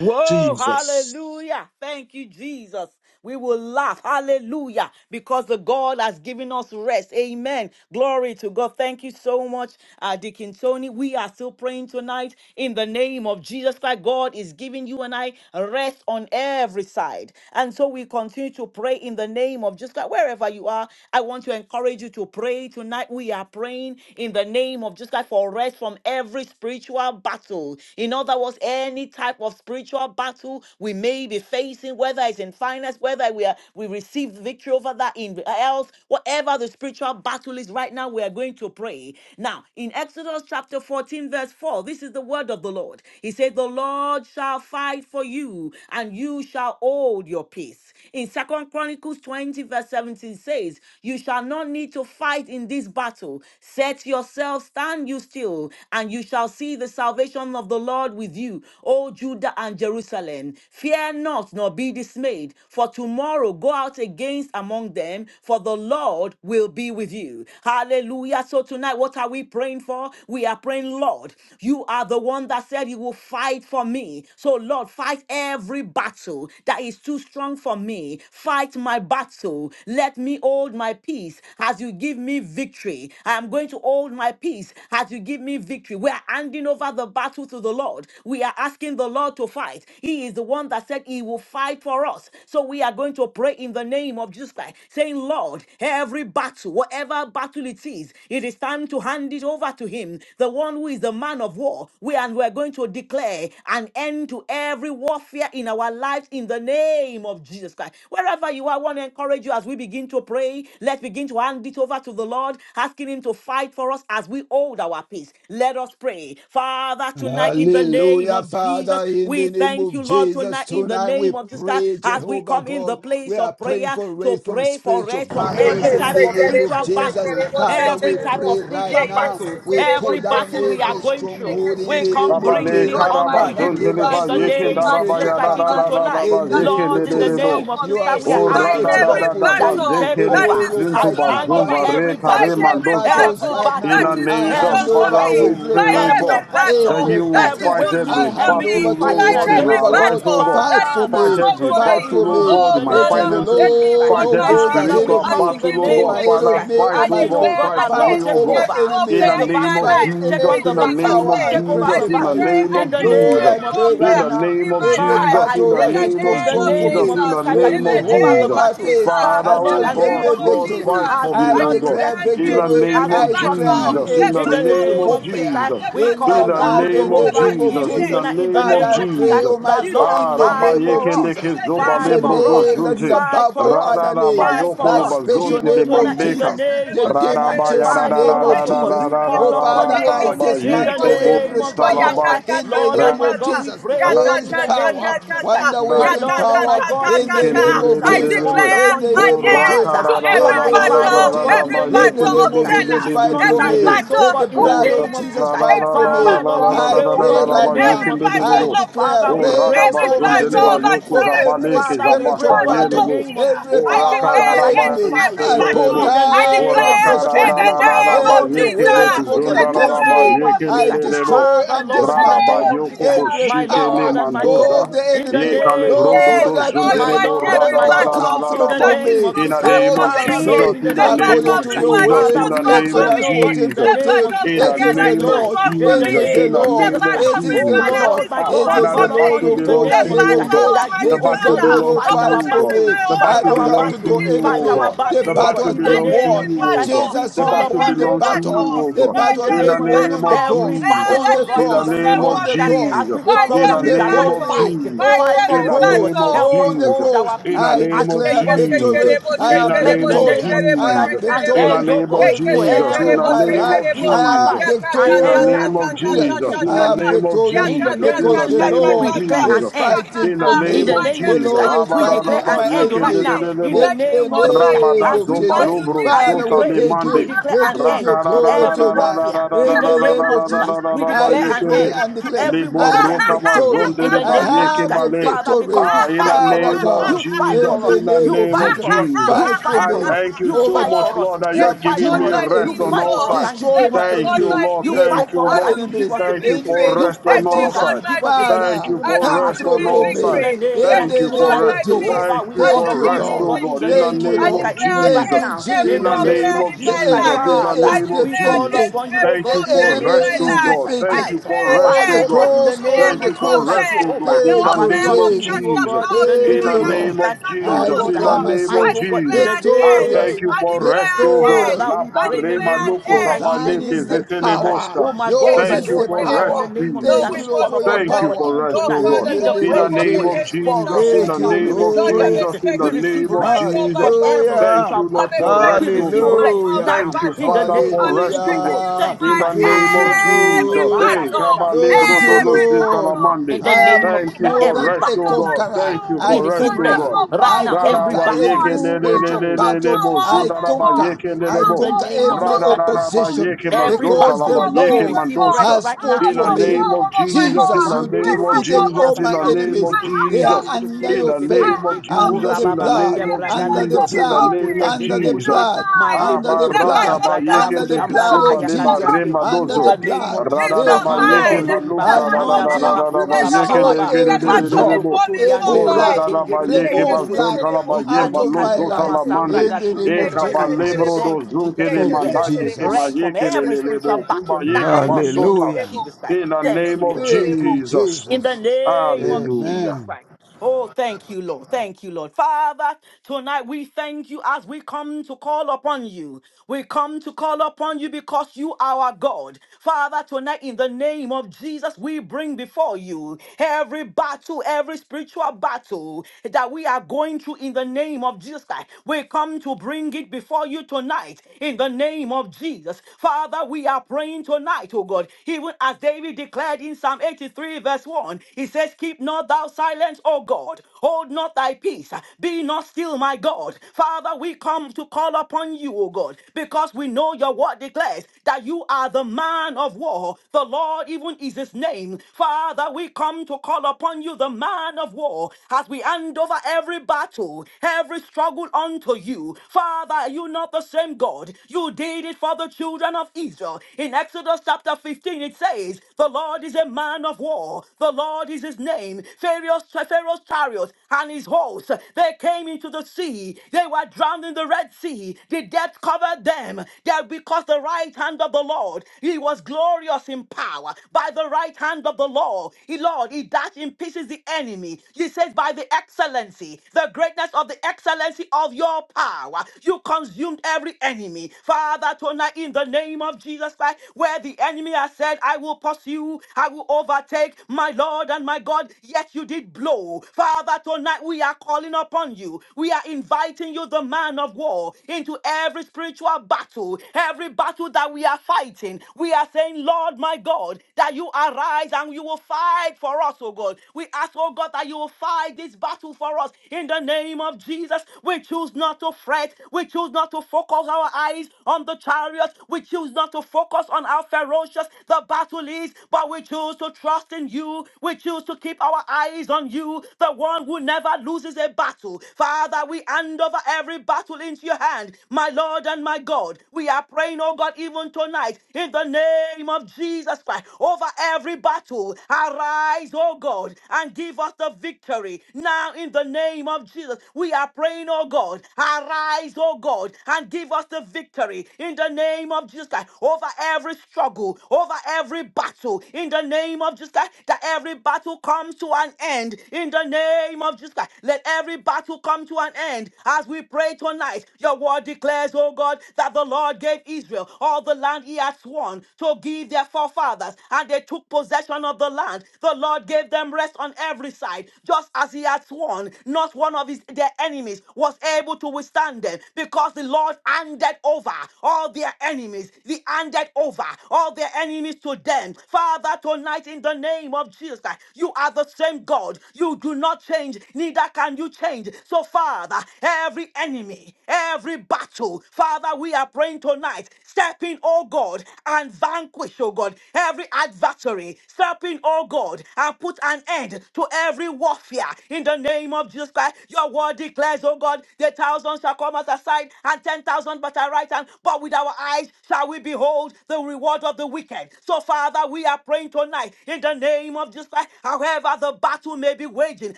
[SPEAKER 3] Whoa,
[SPEAKER 7] Jesus.
[SPEAKER 3] hallelujah. Thank you, Jesus. We will laugh. Hallelujah. Because the God has given us rest. Amen. Glory to God. Thank you so much, uh, Deacon Tony. We are still praying tonight in the name of Jesus Christ. God is giving you and I rest on every side. And so we continue to pray in the name of Jesus Christ, wherever you are I want to encourage you to pray tonight. We are praying in the name of just like for rest from every spiritual battle. In other words, any type of spiritual battle we may be facing, whether it's in finance, whether we are we received victory over that in health, whatever the spiritual battle is right now, we are going to pray. Now, in Exodus chapter 14, verse 4, this is the word of the Lord. He said, The Lord shall fight for you, and you shall hold your peace. In Second Chronicles 20, verse 17 says, You shall not need to fight in this battle. Set yourself, stand you still, and you shall see the salvation of the Lord with you, O Judah and Jerusalem. Fear not, nor be dismayed, for tomorrow go out against among them, for the Lord will be with you. Hallelujah. So tonight, what are we praying for? We are praying, Lord, you are the one that said you will fight for me. So, Lord, fight every battle that is too strong for me. Fight my battle. Let me hold my peace as you give me victory. I am going to hold my peace as you give me victory. We are handing over the battle to the Lord. We are asking the Lord to fight. He is the one that said he will fight for us. So we are going to pray in the name of Jesus Christ, saying, Lord, every battle, whatever battle it is, it is time to hand it over to him, the one who is the man of war. We and we're going to declare an end to every warfare in our lives in the name name of Jesus Christ. Wherever you are, I want to encourage you as we begin to pray. Let's begin to hand it over to the Lord, asking Him to fight for us as we hold our peace. Let us pray. Father, tonight in the name
[SPEAKER 5] Hallelujah,
[SPEAKER 3] of Jesus,
[SPEAKER 5] Father, in
[SPEAKER 3] we
[SPEAKER 5] the name
[SPEAKER 3] thank
[SPEAKER 5] of
[SPEAKER 3] you, Lord,
[SPEAKER 5] Jesus,
[SPEAKER 3] tonight in the
[SPEAKER 5] tonight we
[SPEAKER 3] name of Jesus Christ,
[SPEAKER 5] pray,
[SPEAKER 3] as we
[SPEAKER 5] Jehovah
[SPEAKER 3] come in
[SPEAKER 5] God.
[SPEAKER 3] the
[SPEAKER 5] We
[SPEAKER 3] place
[SPEAKER 5] are
[SPEAKER 3] of
[SPEAKER 5] praying
[SPEAKER 3] prayer
[SPEAKER 5] for
[SPEAKER 3] to
[SPEAKER 5] raise from
[SPEAKER 3] pray for
[SPEAKER 5] spiritual
[SPEAKER 3] rest from
[SPEAKER 2] Lord, fight
[SPEAKER 5] battles
[SPEAKER 3] every
[SPEAKER 5] in
[SPEAKER 3] type
[SPEAKER 5] the
[SPEAKER 3] of
[SPEAKER 5] name
[SPEAKER 2] every
[SPEAKER 5] of
[SPEAKER 3] spiritual
[SPEAKER 2] battle.
[SPEAKER 5] Jesus.
[SPEAKER 3] battle,
[SPEAKER 5] Father, we
[SPEAKER 3] every type
[SPEAKER 5] pray
[SPEAKER 3] of
[SPEAKER 5] right
[SPEAKER 3] spiritual
[SPEAKER 5] now.
[SPEAKER 3] battle,
[SPEAKER 5] We pull
[SPEAKER 3] every
[SPEAKER 5] down
[SPEAKER 3] battle we are
[SPEAKER 5] every
[SPEAKER 3] going through.
[SPEAKER 5] stronghold in
[SPEAKER 3] We
[SPEAKER 5] the
[SPEAKER 3] come
[SPEAKER 5] name of
[SPEAKER 7] Abale
[SPEAKER 3] bringing it
[SPEAKER 5] Jesus.
[SPEAKER 3] unto
[SPEAKER 7] karaba
[SPEAKER 5] Father, give
[SPEAKER 3] you in
[SPEAKER 5] us
[SPEAKER 7] zonteleba
[SPEAKER 3] the
[SPEAKER 5] raise from
[SPEAKER 3] name of
[SPEAKER 2] Fight
[SPEAKER 7] yekendaraba
[SPEAKER 3] Jesus
[SPEAKER 5] spiritual
[SPEAKER 3] Christ
[SPEAKER 2] every
[SPEAKER 3] Father, even
[SPEAKER 5] battles
[SPEAKER 2] battle
[SPEAKER 3] tonight.
[SPEAKER 7] yadadadadaba
[SPEAKER 5] in the
[SPEAKER 2] that
[SPEAKER 5] name
[SPEAKER 2] is
[SPEAKER 3] Lord,
[SPEAKER 5] of
[SPEAKER 3] in the
[SPEAKER 2] too
[SPEAKER 5] Jesus.
[SPEAKER 2] strong
[SPEAKER 7] yekenderebo.
[SPEAKER 3] name of
[SPEAKER 2] for
[SPEAKER 3] Jesus,
[SPEAKER 5] You
[SPEAKER 2] me.
[SPEAKER 3] that
[SPEAKER 5] have
[SPEAKER 3] we are
[SPEAKER 7] O
[SPEAKER 5] said in
[SPEAKER 2] Fight
[SPEAKER 3] asking,
[SPEAKER 7] rada
[SPEAKER 3] oh
[SPEAKER 7] da
[SPEAKER 5] Exodus
[SPEAKER 2] every
[SPEAKER 7] da
[SPEAKER 3] God,
[SPEAKER 7] da
[SPEAKER 3] that you
[SPEAKER 5] 14,
[SPEAKER 2] battle
[SPEAKER 3] take
[SPEAKER 5] the
[SPEAKER 7] bazekele
[SPEAKER 2] that
[SPEAKER 3] over
[SPEAKER 5] Lord
[SPEAKER 2] is
[SPEAKER 5] will
[SPEAKER 2] too
[SPEAKER 7] zintu
[SPEAKER 3] as we
[SPEAKER 5] fight
[SPEAKER 2] strong
[SPEAKER 5] my
[SPEAKER 3] hand
[SPEAKER 2] for
[SPEAKER 3] over
[SPEAKER 7] bazumba
[SPEAKER 5] battles
[SPEAKER 2] me.
[SPEAKER 3] every
[SPEAKER 7] rekare
[SPEAKER 5] fight
[SPEAKER 2] Fight
[SPEAKER 5] my
[SPEAKER 3] battle,
[SPEAKER 2] every
[SPEAKER 7] mandosa.
[SPEAKER 5] battles
[SPEAKER 3] every
[SPEAKER 2] battle
[SPEAKER 5] right
[SPEAKER 7] In
[SPEAKER 5] now.
[SPEAKER 2] that
[SPEAKER 7] the
[SPEAKER 2] is
[SPEAKER 3] battle,
[SPEAKER 5] I
[SPEAKER 7] name
[SPEAKER 2] too
[SPEAKER 7] of us,
[SPEAKER 5] hand
[SPEAKER 3] every
[SPEAKER 2] strong for
[SPEAKER 5] over
[SPEAKER 7] Father,
[SPEAKER 2] me.
[SPEAKER 7] we
[SPEAKER 3] struggle,
[SPEAKER 5] every
[SPEAKER 7] pray,
[SPEAKER 2] Fight
[SPEAKER 7] O
[SPEAKER 3] every
[SPEAKER 2] every
[SPEAKER 7] God,
[SPEAKER 5] battle,
[SPEAKER 7] that
[SPEAKER 3] oppression,
[SPEAKER 2] battle
[SPEAKER 5] every
[SPEAKER 7] you will
[SPEAKER 2] that is
[SPEAKER 3] every
[SPEAKER 5] battle.
[SPEAKER 7] fight
[SPEAKER 3] way
[SPEAKER 2] too
[SPEAKER 3] in which
[SPEAKER 5] I
[SPEAKER 2] strong
[SPEAKER 7] every
[SPEAKER 3] the
[SPEAKER 2] for
[SPEAKER 5] hand
[SPEAKER 3] enemy
[SPEAKER 2] me.
[SPEAKER 3] is
[SPEAKER 5] over
[SPEAKER 7] battle,
[SPEAKER 5] to
[SPEAKER 7] O
[SPEAKER 3] fighting
[SPEAKER 5] you,
[SPEAKER 2] Fight
[SPEAKER 7] God, in
[SPEAKER 2] every
[SPEAKER 3] against
[SPEAKER 7] our
[SPEAKER 5] Jehovah
[SPEAKER 3] us.
[SPEAKER 5] God.
[SPEAKER 7] lives, O
[SPEAKER 2] battle
[SPEAKER 7] God.
[SPEAKER 5] Fight
[SPEAKER 2] that is
[SPEAKER 5] for
[SPEAKER 2] too
[SPEAKER 7] Fight
[SPEAKER 3] Father,
[SPEAKER 5] me.
[SPEAKER 2] strong
[SPEAKER 7] every
[SPEAKER 2] for me.
[SPEAKER 5] Fight
[SPEAKER 3] tonight we
[SPEAKER 7] battle,
[SPEAKER 5] for
[SPEAKER 7] O
[SPEAKER 5] me.
[SPEAKER 3] come in
[SPEAKER 7] God, in
[SPEAKER 3] the
[SPEAKER 2] Oh,
[SPEAKER 7] my
[SPEAKER 5] It is
[SPEAKER 3] name
[SPEAKER 2] Father,
[SPEAKER 5] the
[SPEAKER 3] of
[SPEAKER 7] finances.
[SPEAKER 2] let
[SPEAKER 3] Jesus
[SPEAKER 2] me
[SPEAKER 5] Lord
[SPEAKER 3] Christ.
[SPEAKER 7] Fight
[SPEAKER 2] on
[SPEAKER 5] who
[SPEAKER 2] my
[SPEAKER 7] every
[SPEAKER 5] goes
[SPEAKER 2] peace
[SPEAKER 3] Father,
[SPEAKER 5] ahead
[SPEAKER 3] we
[SPEAKER 5] of
[SPEAKER 7] spiritual
[SPEAKER 2] as
[SPEAKER 3] come
[SPEAKER 5] me.
[SPEAKER 2] you
[SPEAKER 3] in the
[SPEAKER 7] battle,
[SPEAKER 2] give
[SPEAKER 7] O
[SPEAKER 2] me
[SPEAKER 5] Go
[SPEAKER 3] name
[SPEAKER 7] God.
[SPEAKER 3] of
[SPEAKER 5] ahead
[SPEAKER 3] Jesus
[SPEAKER 7] Father,
[SPEAKER 2] victory.
[SPEAKER 5] of
[SPEAKER 3] Christ,
[SPEAKER 5] me,
[SPEAKER 2] I
[SPEAKER 7] fight, O
[SPEAKER 3] asking,
[SPEAKER 5] Almighty
[SPEAKER 7] God,
[SPEAKER 3] oh
[SPEAKER 5] God.
[SPEAKER 2] declare
[SPEAKER 3] God,
[SPEAKER 7] fight
[SPEAKER 2] an
[SPEAKER 3] that
[SPEAKER 7] for
[SPEAKER 3] Lord,
[SPEAKER 7] me,
[SPEAKER 2] end
[SPEAKER 5] Fight
[SPEAKER 3] take
[SPEAKER 7] O
[SPEAKER 2] to
[SPEAKER 5] all my
[SPEAKER 7] God.
[SPEAKER 2] every
[SPEAKER 3] over,
[SPEAKER 7] In the
[SPEAKER 3] take
[SPEAKER 5] enemies.
[SPEAKER 2] warfare
[SPEAKER 3] the
[SPEAKER 2] in
[SPEAKER 7] name
[SPEAKER 2] my
[SPEAKER 7] of
[SPEAKER 3] battle,
[SPEAKER 5] Fight
[SPEAKER 2] life.
[SPEAKER 3] take
[SPEAKER 7] Jesus,
[SPEAKER 2] In
[SPEAKER 3] on the
[SPEAKER 7] in the
[SPEAKER 5] every
[SPEAKER 2] Jesus'
[SPEAKER 7] name
[SPEAKER 3] battle,
[SPEAKER 5] power
[SPEAKER 7] of
[SPEAKER 2] name,
[SPEAKER 3] take
[SPEAKER 5] and
[SPEAKER 3] over
[SPEAKER 2] I
[SPEAKER 7] Jesus,
[SPEAKER 3] the
[SPEAKER 7] in the
[SPEAKER 3] battle
[SPEAKER 2] declare
[SPEAKER 5] principality.
[SPEAKER 7] name
[SPEAKER 2] an
[SPEAKER 3] in
[SPEAKER 7] of
[SPEAKER 3] the
[SPEAKER 2] end to
[SPEAKER 5] Lord,
[SPEAKER 7] Jesus.
[SPEAKER 5] I
[SPEAKER 3] name
[SPEAKER 2] every
[SPEAKER 3] of
[SPEAKER 5] pray
[SPEAKER 3] Jesus.
[SPEAKER 7] In
[SPEAKER 5] right
[SPEAKER 2] warfare
[SPEAKER 7] the
[SPEAKER 5] now.
[SPEAKER 7] name
[SPEAKER 2] in
[SPEAKER 7] of
[SPEAKER 2] my
[SPEAKER 5] Every
[SPEAKER 3] Father,
[SPEAKER 2] life.
[SPEAKER 7] Jesus,
[SPEAKER 3] I
[SPEAKER 7] in
[SPEAKER 5] battle
[SPEAKER 7] the
[SPEAKER 2] In
[SPEAKER 5] that
[SPEAKER 2] the
[SPEAKER 3] pray
[SPEAKER 5] is
[SPEAKER 7] name
[SPEAKER 5] too
[SPEAKER 7] of
[SPEAKER 3] in
[SPEAKER 2] name
[SPEAKER 3] the
[SPEAKER 2] of
[SPEAKER 5] strong for
[SPEAKER 3] name
[SPEAKER 7] Jesus,
[SPEAKER 3] of
[SPEAKER 5] me,
[SPEAKER 7] in
[SPEAKER 2] Jesus.
[SPEAKER 3] Jesus
[SPEAKER 7] the
[SPEAKER 3] Christ that
[SPEAKER 5] let
[SPEAKER 2] In
[SPEAKER 3] you
[SPEAKER 7] name
[SPEAKER 5] me
[SPEAKER 2] the
[SPEAKER 7] of
[SPEAKER 3] take over the
[SPEAKER 2] name
[SPEAKER 5] hold
[SPEAKER 7] Jesus.
[SPEAKER 2] of
[SPEAKER 5] my
[SPEAKER 3] battle.
[SPEAKER 5] pace
[SPEAKER 2] Jesus.
[SPEAKER 7] Father,
[SPEAKER 3] Father,
[SPEAKER 5] as
[SPEAKER 2] In
[SPEAKER 3] Lord,
[SPEAKER 7] oh
[SPEAKER 5] you
[SPEAKER 2] the
[SPEAKER 3] and
[SPEAKER 5] give
[SPEAKER 3] give
[SPEAKER 7] God,
[SPEAKER 2] name
[SPEAKER 5] me
[SPEAKER 3] us
[SPEAKER 2] of
[SPEAKER 7] Lord,
[SPEAKER 3] peace
[SPEAKER 5] victory.
[SPEAKER 2] Jesus.
[SPEAKER 7] fight
[SPEAKER 3] as
[SPEAKER 7] for
[SPEAKER 3] we,
[SPEAKER 7] me,
[SPEAKER 5] I
[SPEAKER 2] I
[SPEAKER 7] oh
[SPEAKER 3] Lord, we
[SPEAKER 7] God.
[SPEAKER 2] declare
[SPEAKER 5] declare
[SPEAKER 3] rest
[SPEAKER 2] an
[SPEAKER 3] in
[SPEAKER 7] In
[SPEAKER 2] end
[SPEAKER 7] the
[SPEAKER 3] you,
[SPEAKER 2] to
[SPEAKER 5] victory.
[SPEAKER 7] name
[SPEAKER 3] as
[SPEAKER 2] every
[SPEAKER 3] we
[SPEAKER 7] of
[SPEAKER 5] I
[SPEAKER 3] trust
[SPEAKER 5] declare
[SPEAKER 3] in
[SPEAKER 2] battle.
[SPEAKER 5] an
[SPEAKER 7] Jesus,
[SPEAKER 3] you.
[SPEAKER 2] The
[SPEAKER 7] in
[SPEAKER 5] end
[SPEAKER 7] the
[SPEAKER 3] In
[SPEAKER 5] to
[SPEAKER 3] the
[SPEAKER 2] battle of
[SPEAKER 5] every
[SPEAKER 7] name
[SPEAKER 3] name
[SPEAKER 7] of
[SPEAKER 3] of Jesus
[SPEAKER 2] usury.
[SPEAKER 5] warfare
[SPEAKER 3] Christ,
[SPEAKER 7] Jesus,
[SPEAKER 2] The
[SPEAKER 3] we
[SPEAKER 5] in
[SPEAKER 2] battle
[SPEAKER 3] call
[SPEAKER 7] in
[SPEAKER 5] my
[SPEAKER 2] of
[SPEAKER 7] the
[SPEAKER 3] upon you,
[SPEAKER 2] love.
[SPEAKER 5] life
[SPEAKER 7] name
[SPEAKER 5] in
[SPEAKER 7] of
[SPEAKER 5] the
[SPEAKER 2] The
[SPEAKER 3] Jehovah,
[SPEAKER 5] name
[SPEAKER 2] battle
[SPEAKER 5] of
[SPEAKER 7] Jesus,
[SPEAKER 2] of
[SPEAKER 3] even
[SPEAKER 7] in
[SPEAKER 2] death.
[SPEAKER 7] the
[SPEAKER 5] Jesus.
[SPEAKER 3] tonight in the
[SPEAKER 7] name
[SPEAKER 2] The
[SPEAKER 5] Father,
[SPEAKER 7] of
[SPEAKER 5] I
[SPEAKER 3] name of Jesus
[SPEAKER 2] battle
[SPEAKER 5] pray,
[SPEAKER 7] Jesus.
[SPEAKER 3] Christ,
[SPEAKER 2] of
[SPEAKER 3] the
[SPEAKER 5] Almighty God
[SPEAKER 2] usury.
[SPEAKER 3] Lord
[SPEAKER 7] Ah,
[SPEAKER 5] in the
[SPEAKER 7] Rabba
[SPEAKER 2] In
[SPEAKER 3] fight
[SPEAKER 5] name of
[SPEAKER 3] for
[SPEAKER 7] yeke
[SPEAKER 3] us.
[SPEAKER 2] in
[SPEAKER 5] Jesus.
[SPEAKER 7] leke
[SPEAKER 2] the
[SPEAKER 5] There
[SPEAKER 7] zoba
[SPEAKER 2] name
[SPEAKER 5] is
[SPEAKER 3] Fight
[SPEAKER 5] a
[SPEAKER 2] of
[SPEAKER 7] lebro
[SPEAKER 3] for
[SPEAKER 2] Jesus.
[SPEAKER 3] us.
[SPEAKER 5] name that is
[SPEAKER 7] dozunte.
[SPEAKER 3] Fight
[SPEAKER 5] above all
[SPEAKER 3] for us.
[SPEAKER 7] Rada
[SPEAKER 5] other
[SPEAKER 7] Rabba
[SPEAKER 5] name.
[SPEAKER 3] Fight
[SPEAKER 2] Yes,
[SPEAKER 7] yoko
[SPEAKER 3] for
[SPEAKER 5] That
[SPEAKER 2] Lord.
[SPEAKER 3] us.
[SPEAKER 7] loba
[SPEAKER 5] special
[SPEAKER 7] zonte
[SPEAKER 3] Even
[SPEAKER 7] de
[SPEAKER 5] name of
[SPEAKER 3] tonight, in the
[SPEAKER 7] mandeka.
[SPEAKER 5] Jesus.
[SPEAKER 3] name
[SPEAKER 5] The
[SPEAKER 3] of Jesus
[SPEAKER 7] Rada
[SPEAKER 3] Christ.
[SPEAKER 5] demon
[SPEAKER 7] ba ya da
[SPEAKER 5] chasing
[SPEAKER 3] Fight
[SPEAKER 7] da
[SPEAKER 5] name
[SPEAKER 7] da
[SPEAKER 3] for us,
[SPEAKER 5] of
[SPEAKER 7] da
[SPEAKER 3] oh
[SPEAKER 7] da
[SPEAKER 3] God.
[SPEAKER 5] Jesus.
[SPEAKER 7] da
[SPEAKER 3] We
[SPEAKER 7] da
[SPEAKER 3] call
[SPEAKER 7] da
[SPEAKER 5] Oh,
[SPEAKER 7] da
[SPEAKER 3] upon
[SPEAKER 5] Father,
[SPEAKER 7] da
[SPEAKER 3] you, oh
[SPEAKER 5] I
[SPEAKER 3] God.
[SPEAKER 7] ba
[SPEAKER 3] In the
[SPEAKER 7] yeke
[SPEAKER 5] dismantle
[SPEAKER 7] bo
[SPEAKER 3] name
[SPEAKER 5] every
[SPEAKER 3] of Jesus
[SPEAKER 5] struggle
[SPEAKER 7] talaba.
[SPEAKER 3] Christ.
[SPEAKER 5] in the
[SPEAKER 3] Lord and
[SPEAKER 5] name
[SPEAKER 3] my
[SPEAKER 5] of
[SPEAKER 3] God, we
[SPEAKER 5] Jesus.
[SPEAKER 3] pray, oh
[SPEAKER 5] There
[SPEAKER 3] God,
[SPEAKER 5] is
[SPEAKER 3] in the name
[SPEAKER 5] power,
[SPEAKER 3] of Jesus Christ.
[SPEAKER 5] wonder
[SPEAKER 3] My
[SPEAKER 7] Oh,
[SPEAKER 5] waking
[SPEAKER 3] Lord and my
[SPEAKER 5] power
[SPEAKER 3] God, in
[SPEAKER 5] in
[SPEAKER 3] the
[SPEAKER 5] the
[SPEAKER 3] name
[SPEAKER 5] name
[SPEAKER 3] of Jesus
[SPEAKER 5] of
[SPEAKER 3] Christ,
[SPEAKER 2] I
[SPEAKER 3] we
[SPEAKER 5] Jesus.
[SPEAKER 3] call
[SPEAKER 2] declare
[SPEAKER 5] In
[SPEAKER 3] upon
[SPEAKER 5] the
[SPEAKER 3] you.
[SPEAKER 2] an
[SPEAKER 5] name of
[SPEAKER 2] end
[SPEAKER 5] Jesus.
[SPEAKER 3] Father,
[SPEAKER 2] to
[SPEAKER 5] In
[SPEAKER 2] every
[SPEAKER 5] the
[SPEAKER 3] fight,
[SPEAKER 5] name
[SPEAKER 3] fight,
[SPEAKER 5] of
[SPEAKER 3] oh
[SPEAKER 2] battle,
[SPEAKER 3] God,
[SPEAKER 5] Jesus.
[SPEAKER 3] in
[SPEAKER 2] every
[SPEAKER 3] the
[SPEAKER 5] Let
[SPEAKER 3] name
[SPEAKER 5] the
[SPEAKER 2] battle
[SPEAKER 3] of
[SPEAKER 2] of
[SPEAKER 5] name
[SPEAKER 3] Jesus
[SPEAKER 5] of
[SPEAKER 3] Christ.
[SPEAKER 5] Jesus
[SPEAKER 2] jealous,
[SPEAKER 3] Keep
[SPEAKER 5] fight
[SPEAKER 3] not
[SPEAKER 5] for
[SPEAKER 2] every
[SPEAKER 5] me.
[SPEAKER 3] silence,
[SPEAKER 2] battle
[SPEAKER 3] oh
[SPEAKER 5] Let
[SPEAKER 3] God,
[SPEAKER 5] the
[SPEAKER 3] in the
[SPEAKER 2] of
[SPEAKER 7] Oh,
[SPEAKER 5] blood of
[SPEAKER 3] name of
[SPEAKER 2] delay,
[SPEAKER 3] Jesus
[SPEAKER 5] Jesus
[SPEAKER 7] la
[SPEAKER 3] Christ.
[SPEAKER 7] la
[SPEAKER 5] fight
[SPEAKER 7] la
[SPEAKER 5] for
[SPEAKER 2] every
[SPEAKER 7] la la
[SPEAKER 5] me.
[SPEAKER 3] Father,
[SPEAKER 7] la
[SPEAKER 3] Lord,
[SPEAKER 7] la
[SPEAKER 2] battle
[SPEAKER 3] we
[SPEAKER 7] la
[SPEAKER 2] of
[SPEAKER 7] la
[SPEAKER 3] pray,
[SPEAKER 5] I
[SPEAKER 7] la
[SPEAKER 3] oh
[SPEAKER 7] la
[SPEAKER 2] death
[SPEAKER 5] pray
[SPEAKER 7] la
[SPEAKER 3] God, in the
[SPEAKER 5] right
[SPEAKER 7] ba
[SPEAKER 2] sickness,
[SPEAKER 3] name
[SPEAKER 2] every
[SPEAKER 5] now.
[SPEAKER 3] of
[SPEAKER 7] yekinde de
[SPEAKER 3] Jesus
[SPEAKER 5] I
[SPEAKER 3] Christ.
[SPEAKER 2] battle
[SPEAKER 7] bo.
[SPEAKER 5] and
[SPEAKER 2] of
[SPEAKER 5] declare,
[SPEAKER 3] Father,
[SPEAKER 7] Oh,
[SPEAKER 2] victory,
[SPEAKER 3] we
[SPEAKER 7] rada
[SPEAKER 3] pray, oh
[SPEAKER 7] ba
[SPEAKER 5] Rest,
[SPEAKER 2] every
[SPEAKER 3] God, in
[SPEAKER 7] zonde
[SPEAKER 3] the
[SPEAKER 5] Almighty
[SPEAKER 2] battle
[SPEAKER 7] ba
[SPEAKER 2] of
[SPEAKER 3] name
[SPEAKER 5] God,
[SPEAKER 3] of
[SPEAKER 7] yoko
[SPEAKER 3] Jesus
[SPEAKER 5] from
[SPEAKER 7] za
[SPEAKER 3] Christ.
[SPEAKER 7] ba
[SPEAKER 2] anxiety,
[SPEAKER 5] every
[SPEAKER 7] ke
[SPEAKER 3] Father,
[SPEAKER 7] za
[SPEAKER 3] we
[SPEAKER 2] every
[SPEAKER 7] ba
[SPEAKER 3] pray,
[SPEAKER 5] spiritual
[SPEAKER 3] oh
[SPEAKER 7] sa
[SPEAKER 3] God, in
[SPEAKER 2] battle
[SPEAKER 3] the
[SPEAKER 2] of
[SPEAKER 5] battle,
[SPEAKER 7] bo.
[SPEAKER 3] name of
[SPEAKER 2] fear,
[SPEAKER 3] Jesus
[SPEAKER 5] every
[SPEAKER 7] Oh,
[SPEAKER 3] Christ.
[SPEAKER 2] I
[SPEAKER 7] ra ka
[SPEAKER 5] power of
[SPEAKER 7] ra
[SPEAKER 3] Father,
[SPEAKER 7] da
[SPEAKER 3] that
[SPEAKER 5] the
[SPEAKER 3] you
[SPEAKER 2] declare
[SPEAKER 3] will
[SPEAKER 7] ba
[SPEAKER 5] enemy.
[SPEAKER 2] into
[SPEAKER 3] fight, oh
[SPEAKER 7] le
[SPEAKER 2] every
[SPEAKER 5] I
[SPEAKER 3] God,
[SPEAKER 5] pull
[SPEAKER 3] in
[SPEAKER 2] battle.
[SPEAKER 7] bo.
[SPEAKER 3] the
[SPEAKER 2] I
[SPEAKER 5] down
[SPEAKER 7] Oh,
[SPEAKER 3] name
[SPEAKER 7] ra
[SPEAKER 3] of
[SPEAKER 2] declare
[SPEAKER 5] every
[SPEAKER 7] ka
[SPEAKER 3] Jesus
[SPEAKER 7] ra
[SPEAKER 2] in
[SPEAKER 3] Christ.
[SPEAKER 7] la
[SPEAKER 2] the
[SPEAKER 7] la
[SPEAKER 5] stronghold,
[SPEAKER 7] la
[SPEAKER 3] Father,
[SPEAKER 7] la
[SPEAKER 2] name
[SPEAKER 7] ba
[SPEAKER 3] Lord,
[SPEAKER 2] of
[SPEAKER 5] every
[SPEAKER 3] keep me
[SPEAKER 7] yeke le
[SPEAKER 5] word
[SPEAKER 7] ke
[SPEAKER 3] silent,
[SPEAKER 2] Jesus,
[SPEAKER 3] oh
[SPEAKER 5] spoken
[SPEAKER 3] God,
[SPEAKER 2] in
[SPEAKER 7] zonda
[SPEAKER 3] in
[SPEAKER 7] la
[SPEAKER 2] the
[SPEAKER 3] the
[SPEAKER 7] la
[SPEAKER 5] against
[SPEAKER 7] ba
[SPEAKER 5] me.
[SPEAKER 3] name
[SPEAKER 2] name
[SPEAKER 3] of
[SPEAKER 2] of
[SPEAKER 7] yeke
[SPEAKER 3] Jesus
[SPEAKER 7] le
[SPEAKER 5] I
[SPEAKER 3] Christ.
[SPEAKER 2] Jesus,
[SPEAKER 7] bo.
[SPEAKER 5] destroy
[SPEAKER 3] Father,
[SPEAKER 2] in
[SPEAKER 5] and
[SPEAKER 2] the
[SPEAKER 3] Lord,
[SPEAKER 7] Ra
[SPEAKER 3] in the
[SPEAKER 7] ba
[SPEAKER 2] name
[SPEAKER 3] name
[SPEAKER 5] dismantle
[SPEAKER 3] of
[SPEAKER 2] of
[SPEAKER 3] Jesus
[SPEAKER 7] yoko
[SPEAKER 3] Christ,
[SPEAKER 7] bo
[SPEAKER 5] every
[SPEAKER 3] my
[SPEAKER 7] shike
[SPEAKER 2] Jesus.
[SPEAKER 7] le
[SPEAKER 3] Lord
[SPEAKER 5] power
[SPEAKER 3] and my
[SPEAKER 7] mandoza.
[SPEAKER 5] of
[SPEAKER 3] God,
[SPEAKER 5] the
[SPEAKER 3] in the
[SPEAKER 7] Ye
[SPEAKER 5] enemy.
[SPEAKER 7] ka
[SPEAKER 3] name
[SPEAKER 7] bro
[SPEAKER 3] of
[SPEAKER 7] do
[SPEAKER 2] Yeah,
[SPEAKER 3] Jesus
[SPEAKER 5] Lord,
[SPEAKER 7] do
[SPEAKER 5] I
[SPEAKER 3] Christ,
[SPEAKER 7] zonde
[SPEAKER 2] Lord,
[SPEAKER 3] my
[SPEAKER 7] le
[SPEAKER 5] pray.
[SPEAKER 2] fight
[SPEAKER 7] bo
[SPEAKER 3] Lord
[SPEAKER 7] ra
[SPEAKER 3] and
[SPEAKER 2] every
[SPEAKER 3] my
[SPEAKER 7] la
[SPEAKER 5] Lord,
[SPEAKER 7] la
[SPEAKER 3] God,
[SPEAKER 7] la
[SPEAKER 5] come
[SPEAKER 7] la
[SPEAKER 2] battle
[SPEAKER 3] in
[SPEAKER 5] through
[SPEAKER 7] la
[SPEAKER 3] the
[SPEAKER 7] ba.
[SPEAKER 5] for
[SPEAKER 2] that is
[SPEAKER 3] name
[SPEAKER 5] me.
[SPEAKER 3] of
[SPEAKER 2] too
[SPEAKER 7] In
[SPEAKER 3] Jesus
[SPEAKER 7] the
[SPEAKER 3] Christ.
[SPEAKER 2] strong
[SPEAKER 7] name
[SPEAKER 5] Lord,
[SPEAKER 2] for
[SPEAKER 7] of
[SPEAKER 5] you
[SPEAKER 2] me.
[SPEAKER 5] have
[SPEAKER 3] Father, Lord,
[SPEAKER 7] Jesus,
[SPEAKER 5] said,
[SPEAKER 3] in
[SPEAKER 7] in
[SPEAKER 3] the
[SPEAKER 2] The
[SPEAKER 7] the
[SPEAKER 3] name of
[SPEAKER 7] name
[SPEAKER 2] battle
[SPEAKER 5] according
[SPEAKER 7] of
[SPEAKER 2] of
[SPEAKER 3] Jesus
[SPEAKER 5] to
[SPEAKER 2] the
[SPEAKER 3] Christ.
[SPEAKER 5] your
[SPEAKER 2] world
[SPEAKER 7] Jesus,
[SPEAKER 2] is
[SPEAKER 5] word,
[SPEAKER 3] Father,
[SPEAKER 7] in
[SPEAKER 2] too
[SPEAKER 7] the
[SPEAKER 3] we are
[SPEAKER 2] strong
[SPEAKER 7] name
[SPEAKER 2] for
[SPEAKER 7] of
[SPEAKER 3] praying,
[SPEAKER 5] Exodus
[SPEAKER 3] oh God,
[SPEAKER 2] me.
[SPEAKER 5] 14
[SPEAKER 3] in
[SPEAKER 5] 14.
[SPEAKER 7] Jesus
[SPEAKER 3] the
[SPEAKER 2] The
[SPEAKER 3] name
[SPEAKER 2] battle
[SPEAKER 3] of
[SPEAKER 2] of
[SPEAKER 3] Jesus
[SPEAKER 7] in
[SPEAKER 3] Christ,
[SPEAKER 7] the
[SPEAKER 5] it is
[SPEAKER 3] even
[SPEAKER 2] together
[SPEAKER 5] the
[SPEAKER 2] is
[SPEAKER 7] name
[SPEAKER 2] too
[SPEAKER 7] of
[SPEAKER 3] tonight,
[SPEAKER 5] Lord,
[SPEAKER 2] strong for
[SPEAKER 3] in
[SPEAKER 5] it
[SPEAKER 3] the
[SPEAKER 5] is
[SPEAKER 7] Jesus,
[SPEAKER 5] the
[SPEAKER 7] in
[SPEAKER 2] me.
[SPEAKER 3] name
[SPEAKER 7] the
[SPEAKER 3] of
[SPEAKER 5] Lord,
[SPEAKER 2] The
[SPEAKER 7] name
[SPEAKER 3] Jesus
[SPEAKER 7] of
[SPEAKER 3] Christ.
[SPEAKER 2] battle
[SPEAKER 5] it
[SPEAKER 2] of
[SPEAKER 5] is
[SPEAKER 3] Oh,
[SPEAKER 5] the
[SPEAKER 3] my
[SPEAKER 7] Jesus.
[SPEAKER 2] refinance
[SPEAKER 5] Lord,
[SPEAKER 3] Lord,
[SPEAKER 2] is
[SPEAKER 3] my
[SPEAKER 2] too
[SPEAKER 7] Ah,
[SPEAKER 3] God,
[SPEAKER 5] it
[SPEAKER 3] we
[SPEAKER 2] strong
[SPEAKER 5] is
[SPEAKER 7] Father,
[SPEAKER 5] the
[SPEAKER 7] the
[SPEAKER 3] call
[SPEAKER 2] for
[SPEAKER 3] call
[SPEAKER 5] Lord
[SPEAKER 2] me.
[SPEAKER 3] upon
[SPEAKER 7] battle
[SPEAKER 3] you
[SPEAKER 5] who
[SPEAKER 3] in the
[SPEAKER 5] goes
[SPEAKER 7] belongs to
[SPEAKER 3] name
[SPEAKER 2] The
[SPEAKER 3] of
[SPEAKER 5] ahead
[SPEAKER 3] Jesus
[SPEAKER 7] you, O
[SPEAKER 5] of
[SPEAKER 2] battle,
[SPEAKER 3] Christ
[SPEAKER 7] God.
[SPEAKER 5] me,
[SPEAKER 3] that you,
[SPEAKER 7] The
[SPEAKER 2] Almighty
[SPEAKER 5] it
[SPEAKER 3] oh
[SPEAKER 5] is the
[SPEAKER 7] battle
[SPEAKER 3] God, will
[SPEAKER 5] Lord
[SPEAKER 2] Father,
[SPEAKER 7] belongs
[SPEAKER 5] who
[SPEAKER 7] to
[SPEAKER 2] of
[SPEAKER 3] fight our
[SPEAKER 7] you,
[SPEAKER 5] fights
[SPEAKER 7] O
[SPEAKER 5] for
[SPEAKER 7] God.
[SPEAKER 2] possessing
[SPEAKER 3] battle,
[SPEAKER 5] me.
[SPEAKER 2] my
[SPEAKER 7] The
[SPEAKER 2] own
[SPEAKER 5] I
[SPEAKER 3] fight
[SPEAKER 7] battle
[SPEAKER 5] don't
[SPEAKER 3] our
[SPEAKER 5] have
[SPEAKER 7] belongs
[SPEAKER 5] to
[SPEAKER 7] to
[SPEAKER 5] do
[SPEAKER 2] property
[SPEAKER 3] battle,
[SPEAKER 2] is
[SPEAKER 7] you,
[SPEAKER 2] too
[SPEAKER 3] fight
[SPEAKER 7] O
[SPEAKER 5] anything.
[SPEAKER 3] our
[SPEAKER 2] hard.
[SPEAKER 7] God.
[SPEAKER 2] For
[SPEAKER 5] The
[SPEAKER 7] The
[SPEAKER 3] battle, oh
[SPEAKER 2] me.
[SPEAKER 5] battle
[SPEAKER 3] God,
[SPEAKER 7] battle
[SPEAKER 5] has
[SPEAKER 3] in the
[SPEAKER 5] been
[SPEAKER 2] Fight
[SPEAKER 7] belongs to
[SPEAKER 3] name
[SPEAKER 2] every
[SPEAKER 3] of
[SPEAKER 5] won,
[SPEAKER 7] you,
[SPEAKER 3] Jesus
[SPEAKER 7] O
[SPEAKER 3] Christ.
[SPEAKER 7] God.
[SPEAKER 2] battle.
[SPEAKER 3] We
[SPEAKER 5] Jesus,
[SPEAKER 7] The
[SPEAKER 5] you
[SPEAKER 3] call
[SPEAKER 2] Fight
[SPEAKER 7] battle
[SPEAKER 3] upon
[SPEAKER 5] won
[SPEAKER 3] you,
[SPEAKER 5] the
[SPEAKER 2] every
[SPEAKER 3] oh
[SPEAKER 7] belongs to
[SPEAKER 3] God,
[SPEAKER 7] you,
[SPEAKER 3] even
[SPEAKER 5] battle.
[SPEAKER 2] battle.
[SPEAKER 3] this
[SPEAKER 7] O
[SPEAKER 5] The
[SPEAKER 7] God.
[SPEAKER 3] evening in
[SPEAKER 2] Fight
[SPEAKER 5] battle
[SPEAKER 3] the
[SPEAKER 5] has
[SPEAKER 7] In the
[SPEAKER 3] name
[SPEAKER 2] every
[SPEAKER 5] been
[SPEAKER 3] of Jesus.
[SPEAKER 5] won
[SPEAKER 7] name
[SPEAKER 5] on the
[SPEAKER 7] of
[SPEAKER 2] battle.
[SPEAKER 3] Every
[SPEAKER 2] Eh,
[SPEAKER 5] cross,
[SPEAKER 7] Jesus,
[SPEAKER 3] battle,
[SPEAKER 5] on
[SPEAKER 2] that
[SPEAKER 3] oh
[SPEAKER 5] the
[SPEAKER 2] is
[SPEAKER 3] God,
[SPEAKER 7] in the
[SPEAKER 3] in
[SPEAKER 2] too
[SPEAKER 5] cross,
[SPEAKER 3] the
[SPEAKER 7] name
[SPEAKER 2] strong
[SPEAKER 3] name of
[SPEAKER 5] on
[SPEAKER 7] of
[SPEAKER 2] for
[SPEAKER 3] Jesus
[SPEAKER 5] the
[SPEAKER 2] me.
[SPEAKER 3] Christ,
[SPEAKER 5] cross,
[SPEAKER 3] as
[SPEAKER 7] Jesus,
[SPEAKER 3] we
[SPEAKER 5] the
[SPEAKER 3] call
[SPEAKER 2] Fight
[SPEAKER 7] in
[SPEAKER 5] cross
[SPEAKER 7] the
[SPEAKER 3] upon you,
[SPEAKER 2] every
[SPEAKER 3] that
[SPEAKER 7] name
[SPEAKER 3] Lord,
[SPEAKER 5] before
[SPEAKER 7] of
[SPEAKER 2] battle.
[SPEAKER 5] me,
[SPEAKER 3] fight,
[SPEAKER 7] Jesus,
[SPEAKER 2] Fight
[SPEAKER 3] fight
[SPEAKER 5] on the
[SPEAKER 7] in
[SPEAKER 2] every
[SPEAKER 3] for
[SPEAKER 7] the
[SPEAKER 3] us, oh
[SPEAKER 5] cross,
[SPEAKER 3] God.
[SPEAKER 7] name
[SPEAKER 2] battle.
[SPEAKER 7] of
[SPEAKER 3] Help us
[SPEAKER 5] on
[SPEAKER 3] to
[SPEAKER 5] the
[SPEAKER 7] Jesus,
[SPEAKER 3] hold
[SPEAKER 5] cross.
[SPEAKER 3] our
[SPEAKER 7] in
[SPEAKER 3] peace
[SPEAKER 7] the
[SPEAKER 5] I
[SPEAKER 3] as
[SPEAKER 7] name
[SPEAKER 3] you
[SPEAKER 7] of
[SPEAKER 3] give
[SPEAKER 5] declare
[SPEAKER 3] us victory.
[SPEAKER 7] Jesus,
[SPEAKER 5] victory.
[SPEAKER 2] Rekeseterebo,
[SPEAKER 5] I
[SPEAKER 3] We
[SPEAKER 7] in the
[SPEAKER 5] am
[SPEAKER 3] declare in
[SPEAKER 2] seterebo,
[SPEAKER 7] name
[SPEAKER 3] the
[SPEAKER 7] of
[SPEAKER 3] name
[SPEAKER 5] victorious.
[SPEAKER 3] of
[SPEAKER 2] seterebo,
[SPEAKER 3] Jesus
[SPEAKER 5] I
[SPEAKER 3] Christ
[SPEAKER 7] Jesus,
[SPEAKER 5] am
[SPEAKER 3] an
[SPEAKER 7] in
[SPEAKER 2] seterebo.
[SPEAKER 7] the
[SPEAKER 3] end,
[SPEAKER 5] victorious.
[SPEAKER 3] oh
[SPEAKER 7] name of
[SPEAKER 3] God,
[SPEAKER 5] Every
[SPEAKER 3] to
[SPEAKER 7] Jesus.
[SPEAKER 5] area
[SPEAKER 7] In
[SPEAKER 3] every
[SPEAKER 5] of
[SPEAKER 2] Rekeseterebo,
[SPEAKER 7] the
[SPEAKER 5] my
[SPEAKER 7] name
[SPEAKER 3] warfare
[SPEAKER 5] life,
[SPEAKER 7] of
[SPEAKER 2] seterebo.
[SPEAKER 3] in our
[SPEAKER 5] I
[SPEAKER 7] Jesus.
[SPEAKER 5] am
[SPEAKER 3] life.
[SPEAKER 2] Yaka, ka,
[SPEAKER 3] And
[SPEAKER 7] In the
[SPEAKER 2] ka,
[SPEAKER 3] end
[SPEAKER 2] ka,
[SPEAKER 5] victorious
[SPEAKER 7] name
[SPEAKER 2] ka,
[SPEAKER 7] of
[SPEAKER 2] ka, ka,
[SPEAKER 7] Jesus.
[SPEAKER 5] victorious.
[SPEAKER 2] ka,
[SPEAKER 3] now
[SPEAKER 7] In
[SPEAKER 2] ka,
[SPEAKER 7] the
[SPEAKER 5] I am
[SPEAKER 2] ka.
[SPEAKER 7] name of
[SPEAKER 5] victorious
[SPEAKER 3] in
[SPEAKER 2] Yaka,
[SPEAKER 3] the
[SPEAKER 7] Jesus.
[SPEAKER 2] ka,
[SPEAKER 3] name
[SPEAKER 7] In
[SPEAKER 3] of
[SPEAKER 2] ka,
[SPEAKER 5] because
[SPEAKER 7] the
[SPEAKER 3] Jesus
[SPEAKER 5] the
[SPEAKER 2] ka,
[SPEAKER 3] Christ,
[SPEAKER 7] name
[SPEAKER 2] ka,
[SPEAKER 7] of
[SPEAKER 3] we
[SPEAKER 2] ka,
[SPEAKER 5] Lord
[SPEAKER 2] ka.
[SPEAKER 3] declare an
[SPEAKER 7] Jesus.
[SPEAKER 5] is
[SPEAKER 3] end.
[SPEAKER 2] Yaka,
[SPEAKER 5] fighting
[SPEAKER 7] In the
[SPEAKER 5] for
[SPEAKER 2] ka.
[SPEAKER 3] In
[SPEAKER 7] name
[SPEAKER 3] the
[SPEAKER 7] of
[SPEAKER 5] me.
[SPEAKER 2] Fight
[SPEAKER 3] name
[SPEAKER 5] The
[SPEAKER 3] of
[SPEAKER 7] Jesus.
[SPEAKER 2] every
[SPEAKER 3] Jesus
[SPEAKER 5] Lord
[SPEAKER 3] Christ,
[SPEAKER 5] is
[SPEAKER 2] battle
[SPEAKER 7] Raba
[SPEAKER 3] we
[SPEAKER 2] that is
[SPEAKER 5] fighting
[SPEAKER 3] declare
[SPEAKER 2] too
[SPEAKER 7] raba
[SPEAKER 3] an
[SPEAKER 5] my
[SPEAKER 2] strong
[SPEAKER 3] end
[SPEAKER 7] yeke
[SPEAKER 2] for
[SPEAKER 3] right
[SPEAKER 7] le
[SPEAKER 2] me.
[SPEAKER 5] enemies
[SPEAKER 7] le
[SPEAKER 3] now.
[SPEAKER 7] le le
[SPEAKER 3] In the
[SPEAKER 7] mo.
[SPEAKER 2] Let me
[SPEAKER 5] the
[SPEAKER 3] name of
[SPEAKER 2] hold
[SPEAKER 3] Jesus
[SPEAKER 2] my
[SPEAKER 3] Christ,
[SPEAKER 7] Raba
[SPEAKER 5] name
[SPEAKER 7] da
[SPEAKER 2] peace
[SPEAKER 3] as
[SPEAKER 5] of
[SPEAKER 3] we
[SPEAKER 7] zomba
[SPEAKER 5] Jesus.
[SPEAKER 2] as you
[SPEAKER 3] pray,
[SPEAKER 7] lumbo
[SPEAKER 2] give
[SPEAKER 3] as
[SPEAKER 2] me
[SPEAKER 3] we
[SPEAKER 5] Father,
[SPEAKER 7] shota
[SPEAKER 5] we
[SPEAKER 7] li
[SPEAKER 2] victory.
[SPEAKER 3] pray,
[SPEAKER 5] thank
[SPEAKER 3] we
[SPEAKER 5] you.
[SPEAKER 7] mande.
[SPEAKER 3] declare
[SPEAKER 5] We
[SPEAKER 3] an
[SPEAKER 5] give
[SPEAKER 3] end
[SPEAKER 5] you
[SPEAKER 7] Raka
[SPEAKER 3] to
[SPEAKER 7] raka
[SPEAKER 5] glory
[SPEAKER 3] every
[SPEAKER 7] raka raka
[SPEAKER 5] tonight.
[SPEAKER 3] warfare.
[SPEAKER 7] raka
[SPEAKER 3] In
[SPEAKER 5] In
[SPEAKER 3] the
[SPEAKER 7] raka
[SPEAKER 5] the
[SPEAKER 7] raka raka
[SPEAKER 5] name
[SPEAKER 3] name of
[SPEAKER 5] of
[SPEAKER 7] raka
[SPEAKER 3] Jesus Christ,
[SPEAKER 5] Jesus,
[SPEAKER 7] raka raka
[SPEAKER 3] we
[SPEAKER 7] raba
[SPEAKER 5] I
[SPEAKER 3] declare an
[SPEAKER 7] yeke
[SPEAKER 5] decree
[SPEAKER 7] le.
[SPEAKER 3] end
[SPEAKER 5] and
[SPEAKER 3] to
[SPEAKER 5] declare
[SPEAKER 3] every
[SPEAKER 7] Libu
[SPEAKER 5] I
[SPEAKER 3] warfare
[SPEAKER 5] am
[SPEAKER 7] rokama
[SPEAKER 5] victorious.
[SPEAKER 3] in
[SPEAKER 7] zondele
[SPEAKER 3] the
[SPEAKER 5] I
[SPEAKER 7] ba
[SPEAKER 3] name of Jesus
[SPEAKER 7] yeke
[SPEAKER 5] have
[SPEAKER 7] ba
[SPEAKER 3] Christ.
[SPEAKER 5] the
[SPEAKER 7] le.
[SPEAKER 3] Father,
[SPEAKER 5] victory.
[SPEAKER 3] because you
[SPEAKER 7] Ah, in the
[SPEAKER 3] fight for
[SPEAKER 5] Father
[SPEAKER 3] us.
[SPEAKER 7] name of
[SPEAKER 5] God,
[SPEAKER 3] You fight
[SPEAKER 5] in
[SPEAKER 7] Jesus.
[SPEAKER 3] for
[SPEAKER 5] the
[SPEAKER 3] us.
[SPEAKER 7] In the
[SPEAKER 5] name
[SPEAKER 3] You
[SPEAKER 5] of
[SPEAKER 7] name
[SPEAKER 3] fight
[SPEAKER 7] of
[SPEAKER 5] Jesus,
[SPEAKER 3] for us.
[SPEAKER 7] Jesus.
[SPEAKER 3] You
[SPEAKER 5] fight for
[SPEAKER 3] fight
[SPEAKER 7] I
[SPEAKER 3] for
[SPEAKER 5] me.
[SPEAKER 3] us.
[SPEAKER 7] thank you
[SPEAKER 3] You
[SPEAKER 7] so
[SPEAKER 5] Over,
[SPEAKER 3] fight
[SPEAKER 7] much,
[SPEAKER 2] Oh,
[SPEAKER 3] for us.
[SPEAKER 7] Lord, that
[SPEAKER 3] You
[SPEAKER 7] you're
[SPEAKER 2] let me
[SPEAKER 3] fight
[SPEAKER 7] giving
[SPEAKER 2] hold
[SPEAKER 7] me
[SPEAKER 5] subdue
[SPEAKER 3] for us.
[SPEAKER 5] my
[SPEAKER 2] my
[SPEAKER 7] rest
[SPEAKER 3] You
[SPEAKER 2] peace,
[SPEAKER 7] on
[SPEAKER 5] enemies,
[SPEAKER 3] fight
[SPEAKER 7] all
[SPEAKER 3] for us
[SPEAKER 2] Lord.
[SPEAKER 7] sides.
[SPEAKER 3] and you
[SPEAKER 5] destroy
[SPEAKER 3] give
[SPEAKER 2] Let
[SPEAKER 3] us
[SPEAKER 5] my
[SPEAKER 2] me
[SPEAKER 3] the
[SPEAKER 7] Thank
[SPEAKER 2] hold
[SPEAKER 7] you,
[SPEAKER 3] victory.
[SPEAKER 5] enemies,
[SPEAKER 2] my
[SPEAKER 7] Lord.
[SPEAKER 3] You
[SPEAKER 2] peace
[SPEAKER 5] remove
[SPEAKER 7] Thank
[SPEAKER 3] fight
[SPEAKER 7] you,
[SPEAKER 3] for us
[SPEAKER 5] my
[SPEAKER 2] as
[SPEAKER 7] Lord.
[SPEAKER 3] and
[SPEAKER 2] you
[SPEAKER 3] you give
[SPEAKER 2] give
[SPEAKER 5] enemies.
[SPEAKER 3] us
[SPEAKER 2] me
[SPEAKER 3] the
[SPEAKER 7] Thank you
[SPEAKER 5] In
[SPEAKER 3] victory.
[SPEAKER 5] the
[SPEAKER 2] victory.
[SPEAKER 7] for
[SPEAKER 5] name
[SPEAKER 3] You
[SPEAKER 7] rest on
[SPEAKER 3] fight
[SPEAKER 5] of
[SPEAKER 2] Let
[SPEAKER 3] for
[SPEAKER 2] me
[SPEAKER 7] all
[SPEAKER 3] us and
[SPEAKER 5] Jesus,
[SPEAKER 3] you
[SPEAKER 2] hold
[SPEAKER 7] sides.
[SPEAKER 2] my
[SPEAKER 3] give us the
[SPEAKER 2] peace
[SPEAKER 3] victory.
[SPEAKER 7] Thank
[SPEAKER 5] Father,
[SPEAKER 7] you
[SPEAKER 3] Even
[SPEAKER 2] as
[SPEAKER 7] for
[SPEAKER 2] you
[SPEAKER 3] now
[SPEAKER 5] come
[SPEAKER 3] as
[SPEAKER 7] rest
[SPEAKER 2] give
[SPEAKER 3] we
[SPEAKER 5] through
[SPEAKER 7] on
[SPEAKER 2] me
[SPEAKER 3] pray.
[SPEAKER 5] for
[SPEAKER 7] all
[SPEAKER 3] In
[SPEAKER 5] me.
[SPEAKER 7] sides.
[SPEAKER 3] the
[SPEAKER 2] victory.
[SPEAKER 3] name
[SPEAKER 5] In
[SPEAKER 2] Let
[SPEAKER 3] of
[SPEAKER 7] Thank
[SPEAKER 2] me
[SPEAKER 5] the
[SPEAKER 7] you
[SPEAKER 3] Jesus
[SPEAKER 7] for
[SPEAKER 5] name
[SPEAKER 2] hold
[SPEAKER 3] Christ,
[SPEAKER 7] rest.
[SPEAKER 5] of
[SPEAKER 2] my
[SPEAKER 5] Jesus,
[SPEAKER 2] peace
[SPEAKER 3] Jehovah,
[SPEAKER 7] Thank
[SPEAKER 3] we
[SPEAKER 7] you
[SPEAKER 2] as
[SPEAKER 3] call
[SPEAKER 5] thank
[SPEAKER 7] for
[SPEAKER 2] you
[SPEAKER 5] you,
[SPEAKER 3] upon
[SPEAKER 2] give
[SPEAKER 7] rest,
[SPEAKER 3] you,
[SPEAKER 2] me
[SPEAKER 3] O
[SPEAKER 5] Lord.
[SPEAKER 7] oh
[SPEAKER 3] God, in
[SPEAKER 7] God,
[SPEAKER 3] the
[SPEAKER 7] in
[SPEAKER 2] victory.
[SPEAKER 7] the
[SPEAKER 5] Thank
[SPEAKER 3] name
[SPEAKER 5] you,
[SPEAKER 3] of
[SPEAKER 2] I
[SPEAKER 7] name
[SPEAKER 3] Jesus
[SPEAKER 5] Lord.
[SPEAKER 7] of
[SPEAKER 3] Christ,
[SPEAKER 2] declare
[SPEAKER 3] even
[SPEAKER 2] an
[SPEAKER 3] right
[SPEAKER 5] Thank
[SPEAKER 7] Jesus.
[SPEAKER 2] end
[SPEAKER 5] you,
[SPEAKER 3] now.
[SPEAKER 2] to
[SPEAKER 7] In
[SPEAKER 2] every
[SPEAKER 3] In
[SPEAKER 7] the
[SPEAKER 3] the
[SPEAKER 5] Jesus.
[SPEAKER 3] name
[SPEAKER 7] name
[SPEAKER 2] warfare
[SPEAKER 3] of
[SPEAKER 7] of
[SPEAKER 2] in my
[SPEAKER 5] The
[SPEAKER 3] Jesus
[SPEAKER 2] life
[SPEAKER 3] Christ,
[SPEAKER 7] Jesus.
[SPEAKER 2] life.
[SPEAKER 7] In
[SPEAKER 5] enemy
[SPEAKER 7] the
[SPEAKER 2] I
[SPEAKER 3] Father,
[SPEAKER 5] is
[SPEAKER 7] name of
[SPEAKER 3] we
[SPEAKER 2] declare an
[SPEAKER 3] call
[SPEAKER 7] Jesus.
[SPEAKER 2] end
[SPEAKER 5] defeated.
[SPEAKER 2] to
[SPEAKER 3] upon you, O
[SPEAKER 2] every
[SPEAKER 7] Thank
[SPEAKER 5] The
[SPEAKER 3] God,
[SPEAKER 7] you
[SPEAKER 3] in the
[SPEAKER 2] warfare
[SPEAKER 7] for
[SPEAKER 2] in
[SPEAKER 5] enemy
[SPEAKER 7] rest,
[SPEAKER 2] my
[SPEAKER 3] name
[SPEAKER 5] is
[SPEAKER 7] oh
[SPEAKER 3] of
[SPEAKER 2] life.
[SPEAKER 3] Jesus
[SPEAKER 7] God.
[SPEAKER 2] I
[SPEAKER 7] Thank
[SPEAKER 5] defeated.
[SPEAKER 7] you
[SPEAKER 3] Christ.
[SPEAKER 7] for
[SPEAKER 2] declare an
[SPEAKER 7] rest,
[SPEAKER 5] On
[SPEAKER 3] Fight,
[SPEAKER 5] the
[SPEAKER 7] oh
[SPEAKER 2] end
[SPEAKER 3] oh
[SPEAKER 7] God.
[SPEAKER 3] God, in the
[SPEAKER 5] cross,
[SPEAKER 2] to
[SPEAKER 5] on
[SPEAKER 3] name
[SPEAKER 7] Thank
[SPEAKER 2] every
[SPEAKER 5] the
[SPEAKER 7] you
[SPEAKER 3] of Jesus
[SPEAKER 7] for
[SPEAKER 5] cross.
[SPEAKER 3] Christ,
[SPEAKER 7] rest,
[SPEAKER 2] warfare.
[SPEAKER 7] oh God,
[SPEAKER 3] Jehovah.
[SPEAKER 2] The
[SPEAKER 7] in
[SPEAKER 5] Thank
[SPEAKER 7] the
[SPEAKER 3] Our
[SPEAKER 5] you,
[SPEAKER 2] warfare
[SPEAKER 7] name
[SPEAKER 3] trust
[SPEAKER 2] of
[SPEAKER 7] of
[SPEAKER 3] in you,
[SPEAKER 5] Jesus.
[SPEAKER 2] just
[SPEAKER 3] oh
[SPEAKER 7] Jesus.
[SPEAKER 3] God, in
[SPEAKER 2] about
[SPEAKER 3] the
[SPEAKER 7] In
[SPEAKER 5] Thank you,
[SPEAKER 7] the
[SPEAKER 3] name of Jesus
[SPEAKER 2] refinancing
[SPEAKER 5] Lord.
[SPEAKER 7] name
[SPEAKER 3] Christ.
[SPEAKER 2] and
[SPEAKER 7] of
[SPEAKER 2] something
[SPEAKER 3] Lord
[SPEAKER 5] I
[SPEAKER 7] Jesus.
[SPEAKER 2] goes
[SPEAKER 3] God,
[SPEAKER 7] In
[SPEAKER 3] that
[SPEAKER 7] the
[SPEAKER 3] you
[SPEAKER 5] declare
[SPEAKER 2] wrong.
[SPEAKER 3] will
[SPEAKER 7] name
[SPEAKER 3] fight,
[SPEAKER 7] of
[SPEAKER 2] I
[SPEAKER 5] myself
[SPEAKER 3] oh God,
[SPEAKER 7] Jesus.
[SPEAKER 3] in
[SPEAKER 2] declare
[SPEAKER 3] the
[SPEAKER 2] an
[SPEAKER 7] I
[SPEAKER 2] end.
[SPEAKER 7] thank
[SPEAKER 5] victorious,
[SPEAKER 3] name
[SPEAKER 7] you
[SPEAKER 2] I
[SPEAKER 3] of
[SPEAKER 7] for
[SPEAKER 3] Jesus
[SPEAKER 7] rest,
[SPEAKER 3] Christ.
[SPEAKER 2] declare an
[SPEAKER 7] O God.
[SPEAKER 2] end.
[SPEAKER 5] victorious.
[SPEAKER 3] Father,
[SPEAKER 7] La
[SPEAKER 3] we
[SPEAKER 2] I
[SPEAKER 3] pray in the
[SPEAKER 7] barema
[SPEAKER 2] declare
[SPEAKER 3] name
[SPEAKER 2] an
[SPEAKER 3] of
[SPEAKER 7] loko
[SPEAKER 3] Jesus
[SPEAKER 5] For
[SPEAKER 2] end.
[SPEAKER 3] Christ, in the
[SPEAKER 5] thine
[SPEAKER 7] zabalete
[SPEAKER 5] is
[SPEAKER 3] name
[SPEAKER 5] the
[SPEAKER 3] of Jesus Christ.
[SPEAKER 5] power.
[SPEAKER 7] zeteleboska.
[SPEAKER 3] Oh my God,
[SPEAKER 5] Yours
[SPEAKER 3] my
[SPEAKER 7] Thank
[SPEAKER 5] is
[SPEAKER 7] you
[SPEAKER 3] God,
[SPEAKER 5] the
[SPEAKER 3] my
[SPEAKER 7] for
[SPEAKER 3] God, in
[SPEAKER 7] rest,
[SPEAKER 3] the
[SPEAKER 2] Yekesetelebo.
[SPEAKER 5] power.
[SPEAKER 3] name of Jesus,
[SPEAKER 2] No
[SPEAKER 5] Thank
[SPEAKER 3] Christ, we
[SPEAKER 5] you,
[SPEAKER 7] Jesus.
[SPEAKER 5] Lord,
[SPEAKER 2] weapon
[SPEAKER 3] call
[SPEAKER 5] for your
[SPEAKER 2] from
[SPEAKER 3] upon you,
[SPEAKER 7] Thank
[SPEAKER 3] oh
[SPEAKER 2] the
[SPEAKER 7] you
[SPEAKER 3] God,
[SPEAKER 7] for
[SPEAKER 5] power.
[SPEAKER 3] even
[SPEAKER 7] rest,
[SPEAKER 2] oh
[SPEAKER 7] O
[SPEAKER 3] tonight,
[SPEAKER 7] God.
[SPEAKER 5] In
[SPEAKER 2] Father,
[SPEAKER 3] in
[SPEAKER 5] the
[SPEAKER 3] the
[SPEAKER 2] no
[SPEAKER 7] In
[SPEAKER 5] name
[SPEAKER 2] weapon
[SPEAKER 7] the
[SPEAKER 5] of
[SPEAKER 3] praise of
[SPEAKER 2] from the
[SPEAKER 7] name
[SPEAKER 3] prayer.
[SPEAKER 7] of
[SPEAKER 5] Jesus.
[SPEAKER 2] against me
[SPEAKER 3] For
[SPEAKER 2] shall
[SPEAKER 7] Jesus, in
[SPEAKER 3] rest,
[SPEAKER 7] the
[SPEAKER 5] Thank you,
[SPEAKER 2] prosper.
[SPEAKER 3] we
[SPEAKER 7] name of
[SPEAKER 3] receive
[SPEAKER 2] Lord, I'm
[SPEAKER 5] Lord.
[SPEAKER 7] Jesus,
[SPEAKER 3] rest.
[SPEAKER 7] in the
[SPEAKER 3] We
[SPEAKER 2] expecting you
[SPEAKER 3] receive
[SPEAKER 7] name
[SPEAKER 2] to
[SPEAKER 7] of
[SPEAKER 2] fight
[SPEAKER 3] rest
[SPEAKER 2] all my
[SPEAKER 7] Jesus.
[SPEAKER 3] from every
[SPEAKER 2] battles.
[SPEAKER 7] Thank
[SPEAKER 5] Hallelujah.
[SPEAKER 3] spiritual
[SPEAKER 7] you, Lord,
[SPEAKER 2] I'm
[SPEAKER 7] for
[SPEAKER 3] battle.
[SPEAKER 2] expecting
[SPEAKER 3] We
[SPEAKER 7] rest, O
[SPEAKER 2] you to
[SPEAKER 3] receive
[SPEAKER 7] God.
[SPEAKER 2] fight
[SPEAKER 3] rest
[SPEAKER 2] all
[SPEAKER 5] Hallelujah.
[SPEAKER 2] my
[SPEAKER 7] Thank
[SPEAKER 3] now
[SPEAKER 7] you,
[SPEAKER 3] in
[SPEAKER 2] battles.
[SPEAKER 3] the
[SPEAKER 7] Father,
[SPEAKER 3] name
[SPEAKER 7] for
[SPEAKER 2] I'm
[SPEAKER 3] of
[SPEAKER 7] rest,
[SPEAKER 3] Jesus
[SPEAKER 7] O
[SPEAKER 3] Christ.
[SPEAKER 2] expecting
[SPEAKER 7] God.
[SPEAKER 2] you to
[SPEAKER 5] Hallelujah.
[SPEAKER 3] Thank you,
[SPEAKER 7] In
[SPEAKER 2] fight
[SPEAKER 3] my
[SPEAKER 7] the
[SPEAKER 3] Father.
[SPEAKER 7] name
[SPEAKER 5] Thank
[SPEAKER 7] of
[SPEAKER 5] you,
[SPEAKER 3] Thank you, oh
[SPEAKER 2] every
[SPEAKER 7] Jesus.
[SPEAKER 5] Lord.
[SPEAKER 7] Hey,
[SPEAKER 3] God.
[SPEAKER 2] battle,
[SPEAKER 7] kabale
[SPEAKER 5] Thank you,
[SPEAKER 7] brododo
[SPEAKER 2] every
[SPEAKER 5] Lord.
[SPEAKER 2] battle,
[SPEAKER 3] In
[SPEAKER 7] zintalamande.
[SPEAKER 3] the
[SPEAKER 5] I am
[SPEAKER 3] name of
[SPEAKER 2] every
[SPEAKER 7] Thank
[SPEAKER 3] Jesus,
[SPEAKER 7] you
[SPEAKER 5] more
[SPEAKER 2] battle
[SPEAKER 7] for
[SPEAKER 2] I
[SPEAKER 3] every
[SPEAKER 5] than
[SPEAKER 7] rest,
[SPEAKER 5] a
[SPEAKER 2] hand
[SPEAKER 7] O
[SPEAKER 3] battle.
[SPEAKER 2] over
[SPEAKER 7] God.
[SPEAKER 2] to
[SPEAKER 5] conqueror.
[SPEAKER 7] Thank you
[SPEAKER 2] you.
[SPEAKER 3] We
[SPEAKER 7] for
[SPEAKER 5] I
[SPEAKER 7] rest,
[SPEAKER 3] receive
[SPEAKER 2] I
[SPEAKER 7] O
[SPEAKER 2] have
[SPEAKER 3] rest
[SPEAKER 7] God.
[SPEAKER 5] conquer.
[SPEAKER 2] no
[SPEAKER 3] right
[SPEAKER 5] I
[SPEAKER 2] power
[SPEAKER 3] now.
[SPEAKER 2] on
[SPEAKER 3] Every
[SPEAKER 5] conquer
[SPEAKER 7] Radaba
[SPEAKER 2] my
[SPEAKER 3] battle.
[SPEAKER 7] yeke
[SPEAKER 5] every
[SPEAKER 7] le
[SPEAKER 2] own.
[SPEAKER 7] le
[SPEAKER 2] I
[SPEAKER 7] le
[SPEAKER 5] spiritual
[SPEAKER 2] have
[SPEAKER 7] le
[SPEAKER 3] Ooh,
[SPEAKER 2] no
[SPEAKER 7] le le
[SPEAKER 5] battle.
[SPEAKER 7] bo
[SPEAKER 2] power on
[SPEAKER 5] I
[SPEAKER 7] zunda
[SPEAKER 2] my own.
[SPEAKER 7] raba
[SPEAKER 2] I
[SPEAKER 5] conquer.
[SPEAKER 7] yeke le le
[SPEAKER 5] I
[SPEAKER 3] in
[SPEAKER 2] have
[SPEAKER 7] bo
[SPEAKER 3] the
[SPEAKER 2] no
[SPEAKER 5] conquer
[SPEAKER 3] name of
[SPEAKER 2] power
[SPEAKER 5] every
[SPEAKER 3] Jesus,
[SPEAKER 7] rada
[SPEAKER 2] on my
[SPEAKER 7] raba
[SPEAKER 5] opposition
[SPEAKER 2] own.
[SPEAKER 7] yeke
[SPEAKER 2] I have
[SPEAKER 3] Every
[SPEAKER 2] no
[SPEAKER 7] mazonta
[SPEAKER 5] because the
[SPEAKER 3] battle,
[SPEAKER 7] raba
[SPEAKER 2] power
[SPEAKER 3] we
[SPEAKER 2] on
[SPEAKER 7] yeke
[SPEAKER 5] Lord
[SPEAKER 2] my
[SPEAKER 3] receive
[SPEAKER 2] own.
[SPEAKER 3] rest
[SPEAKER 7] mandoska.
[SPEAKER 5] has
[SPEAKER 3] right
[SPEAKER 2] I
[SPEAKER 3] now
[SPEAKER 5] fought
[SPEAKER 2] have
[SPEAKER 7] In
[SPEAKER 3] in
[SPEAKER 7] the
[SPEAKER 5] for
[SPEAKER 2] no
[SPEAKER 3] the
[SPEAKER 7] name
[SPEAKER 3] name
[SPEAKER 5] me.
[SPEAKER 3] of
[SPEAKER 7] of
[SPEAKER 2] power on
[SPEAKER 3] Jesus.
[SPEAKER 2] my
[SPEAKER 7] Jesus, in
[SPEAKER 5] Jesus,
[SPEAKER 2] own.
[SPEAKER 7] the
[SPEAKER 5] you
[SPEAKER 3] Mande
[SPEAKER 2] I
[SPEAKER 7] name of
[SPEAKER 3] broko
[SPEAKER 2] hand
[SPEAKER 5] defeated
[SPEAKER 3] tori
[SPEAKER 2] over
[SPEAKER 5] all
[SPEAKER 7] Jesus,
[SPEAKER 3] baba
[SPEAKER 2] to
[SPEAKER 7] in
[SPEAKER 5] my
[SPEAKER 7] the
[SPEAKER 2] you.
[SPEAKER 7] name
[SPEAKER 3] shande
[SPEAKER 7] of
[SPEAKER 5] enemies.
[SPEAKER 2] I
[SPEAKER 3] lebo
[SPEAKER 2] hand
[SPEAKER 5] They
[SPEAKER 3] shebre
[SPEAKER 5] are
[SPEAKER 7] Jesus,
[SPEAKER 3] gere
[SPEAKER 2] over
[SPEAKER 3] lebo
[SPEAKER 2] to
[SPEAKER 5] under
[SPEAKER 2] you.
[SPEAKER 7] in
[SPEAKER 3] shebre
[SPEAKER 5] your
[SPEAKER 7] the
[SPEAKER 3] gete
[SPEAKER 2] I
[SPEAKER 3] lebo
[SPEAKER 5] faith,
[SPEAKER 7] name of
[SPEAKER 3] she.
[SPEAKER 2] hand over
[SPEAKER 5] under
[SPEAKER 3] Ora
[SPEAKER 7] Jesus,
[SPEAKER 2] to
[SPEAKER 5] the
[SPEAKER 7] in
[SPEAKER 2] you.
[SPEAKER 7] the
[SPEAKER 3] baba ba
[SPEAKER 5] blood,
[SPEAKER 7] name of
[SPEAKER 3] yambra
[SPEAKER 5] under
[SPEAKER 3] galo
[SPEAKER 2] Everything
[SPEAKER 5] the
[SPEAKER 3] bo
[SPEAKER 7] Jesus,
[SPEAKER 3] so
[SPEAKER 7] in the
[SPEAKER 3] broko
[SPEAKER 5] blood,
[SPEAKER 2] before
[SPEAKER 3] tori
[SPEAKER 2] me
[SPEAKER 7] name of
[SPEAKER 3] yande
[SPEAKER 5] under the
[SPEAKER 3] lebo
[SPEAKER 2] is
[SPEAKER 7] Jesus.
[SPEAKER 3] she.
[SPEAKER 2] not
[SPEAKER 5] blood,
[SPEAKER 3] Male
[SPEAKER 2] mine.
[SPEAKER 5] under the
[SPEAKER 3] broko
[SPEAKER 2] That
[SPEAKER 3] tori
[SPEAKER 2] which
[SPEAKER 7] Abaraka
[SPEAKER 5] blood,
[SPEAKER 3] yambra gala
[SPEAKER 2] belongs
[SPEAKER 3] bo
[SPEAKER 5] under
[SPEAKER 2] to
[SPEAKER 7] Bayeke
[SPEAKER 5] the
[SPEAKER 7] de
[SPEAKER 2] the
[SPEAKER 3] shamba la
[SPEAKER 5] blood
[SPEAKER 2] Lord,
[SPEAKER 7] Zumba
[SPEAKER 5] of
[SPEAKER 3] kaya kari
[SPEAKER 2] that
[SPEAKER 7] Lima
[SPEAKER 5] Jesus,
[SPEAKER 3] yande.
[SPEAKER 2] which
[SPEAKER 5] under
[SPEAKER 3] In
[SPEAKER 5] the
[SPEAKER 2] before
[SPEAKER 7] Remadozo.
[SPEAKER 3] the
[SPEAKER 2] me
[SPEAKER 3] name
[SPEAKER 5] blood.
[SPEAKER 3] of
[SPEAKER 2] is
[SPEAKER 3] Jesus
[SPEAKER 7] Radada
[SPEAKER 3] Christ,
[SPEAKER 5] Thank
[SPEAKER 2] not
[SPEAKER 5] you,
[SPEAKER 3] mare
[SPEAKER 7] Bayeke
[SPEAKER 2] mine.
[SPEAKER 5] Lord.
[SPEAKER 3] kotori
[SPEAKER 7] Maluma
[SPEAKER 2] That
[SPEAKER 3] baba shanda
[SPEAKER 2] which
[SPEAKER 3] la
[SPEAKER 5] Anointing,
[SPEAKER 3] baba
[SPEAKER 2] belongs to
[SPEAKER 7] Radada
[SPEAKER 3] ora
[SPEAKER 2] the
[SPEAKER 3] baba
[SPEAKER 7] Bayeke
[SPEAKER 3] baba
[SPEAKER 2] Lord,
[SPEAKER 5] destroy
[SPEAKER 7] de
[SPEAKER 3] ba.
[SPEAKER 2] that
[SPEAKER 5] every
[SPEAKER 3] Male
[SPEAKER 2] which
[SPEAKER 5] yoke,
[SPEAKER 7] Gedebo.
[SPEAKER 3] broko
[SPEAKER 2] before me
[SPEAKER 3] tori
[SPEAKER 2] is
[SPEAKER 7] O
[SPEAKER 3] yande
[SPEAKER 2] not
[SPEAKER 5] every
[SPEAKER 3] lebo
[SPEAKER 2] mine.
[SPEAKER 5] lack,
[SPEAKER 3] she
[SPEAKER 7] Radada
[SPEAKER 3] yende lebo
[SPEAKER 7] Bayeke
[SPEAKER 3] koro bo
[SPEAKER 5] remove
[SPEAKER 3] bo
[SPEAKER 5] lack
[SPEAKER 3] she.
[SPEAKER 7] Bazontala
[SPEAKER 2] Yekerekekelebo.
[SPEAKER 3] Ika
[SPEAKER 5] out
[SPEAKER 7] Bayemba
[SPEAKER 3] ni
[SPEAKER 5] of my
[SPEAKER 3] kalima
[SPEAKER 5] life
[SPEAKER 7] Lozotala
[SPEAKER 3] masambra
[SPEAKER 2] Yekerekekelebo.
[SPEAKER 7] Mande.
[SPEAKER 5] in the
[SPEAKER 3] gato
[SPEAKER 5] name
[SPEAKER 2] Yekerekekelebo.
[SPEAKER 3] yende
[SPEAKER 5] of
[SPEAKER 7] Eka
[SPEAKER 3] lebo
[SPEAKER 2] Yes,
[SPEAKER 3] kaya.
[SPEAKER 2] television.
[SPEAKER 7] Balebro
[SPEAKER 5] Jesus.
[SPEAKER 7] do
[SPEAKER 3] Thank you, Jesus,
[SPEAKER 2] Yes,
[SPEAKER 7] Zunkele
[SPEAKER 3] for
[SPEAKER 2] yes,
[SPEAKER 5] Thank you,
[SPEAKER 3] rest.
[SPEAKER 7] Mandaye
[SPEAKER 2] television.
[SPEAKER 5] Jesus.
[SPEAKER 3] Rest from
[SPEAKER 7] Kemayeke
[SPEAKER 2] Yes, yes,
[SPEAKER 3] every spiritual
[SPEAKER 7] Lelebo.
[SPEAKER 2] television.
[SPEAKER 3] battle now
[SPEAKER 7] Kubayeka
[SPEAKER 2] Yes,
[SPEAKER 3] in the
[SPEAKER 2] yes,
[SPEAKER 3] name
[SPEAKER 7] Basota.
[SPEAKER 3] of
[SPEAKER 5] Hallelujah.
[SPEAKER 2] television.
[SPEAKER 3] Jesus Christ.
[SPEAKER 7] In the
[SPEAKER 2] Yes,
[SPEAKER 3] Thank
[SPEAKER 2] yes,
[SPEAKER 7] name
[SPEAKER 3] you,
[SPEAKER 7] of
[SPEAKER 3] Lord.
[SPEAKER 5] Thank
[SPEAKER 2] television.
[SPEAKER 5] you,
[SPEAKER 7] Jesus.
[SPEAKER 3] In the
[SPEAKER 5] Jesus.
[SPEAKER 3] name of
[SPEAKER 7] Hallelujah.
[SPEAKER 3] Jesus
[SPEAKER 5] Amen.
[SPEAKER 3] Christ. Oh, thank you, Lord. Thank you, Lord. Father, tonight we thank you as we come to call upon you. We come to call upon you because you are our God. Father, tonight in the name of Jesus, we bring before you every battle, every spiritual battle that we are going through in the name of Jesus Christ. We come to bring it before you tonight in the name of Jesus. Father, we are praying tonight, oh God, even as David declared in Psalm 83, verse 1, he says, Keep not thou silence, O God, hold not thy peace, be not still, my God. Father, we come to call upon you on you, O God, because we know your word declares that you are the man of war. The Lord even is his name. Father, we come to call upon you, the man of war, as we hand over every battle, every struggle unto you. Father, are you not the same God? You did it for the children of Israel. In Exodus chapter 15, it says, The Lord is a man of war. The Lord is his name. Pharaoh's, Pharaoh's chariot and his horse, they came into the sea. They were drowned in the Red Red Sea, the death covered them. That because the right hand of the Lord, he was glorious in power. By the right hand of the Lord, he Lord, he dashed in pieces the enemy. He says, by the excellency, the greatness of the excellency of your power, you consumed every enemy. Father, tonight in the name of Jesus Christ, where the enemy has said, I will pursue, I will overtake, my Lord and my God, yet you did blow. Father, tonight we are calling upon you. We are inviting you the spiritual man of war into every spiritual battle, every battle that we are fighting. We are saying, Lord, my God, that you arise and you will fight for us, oh God. We ask, oh God, that you will fight this battle for us in the name of Jesus. We choose not to fret. We choose not to focus our eyes on the chariots. We choose not to focus on how ferocious the battle is, but we choose to trust in you. We choose to keep our eyes on you, the one who never loses a battle. Father, we hand over every battle into your hand, my Lord and my God. We are praying, oh God, even tonight, in the name of Jesus Christ, over every battle. Arise, oh God, and give us the victory. Now, in the name of Jesus, we are praying, oh God, arise, oh God, and give us the victory in the name of Jesus Christ, over every struggle, over every battle, in the name of Jesus Christ, that every battle comes to an end, in the name of Jesus Christ. Let every battle come come to an end as we pray tonight. Your word declares, oh God, that the Lord gave Israel all the land he had sworn to give their forefathers, and they took possession of the land. The Lord gave them rest on every side, just as he had sworn. Not one of his their enemies was able to withstand them, because the Lord handed over all their enemies. He handed over all their enemies to them. Father, tonight in the name of Jesus Christ, you are the same God. You do not change, neither can you you change. So, Father, every enemy, every battle, Father, we are praying tonight. Step in, oh God, and vanquish, oh God, every adversary. Step in, oh God, and put an end to every warfare in the name of Jesus Christ. Your word declares, oh God, the thousand shall come at our side and ten thousand but our right hand, but with our eyes shall we behold the reward of the wicked. So, Father, we are praying tonight in the name of Jesus Christ. However, the battle may be waging,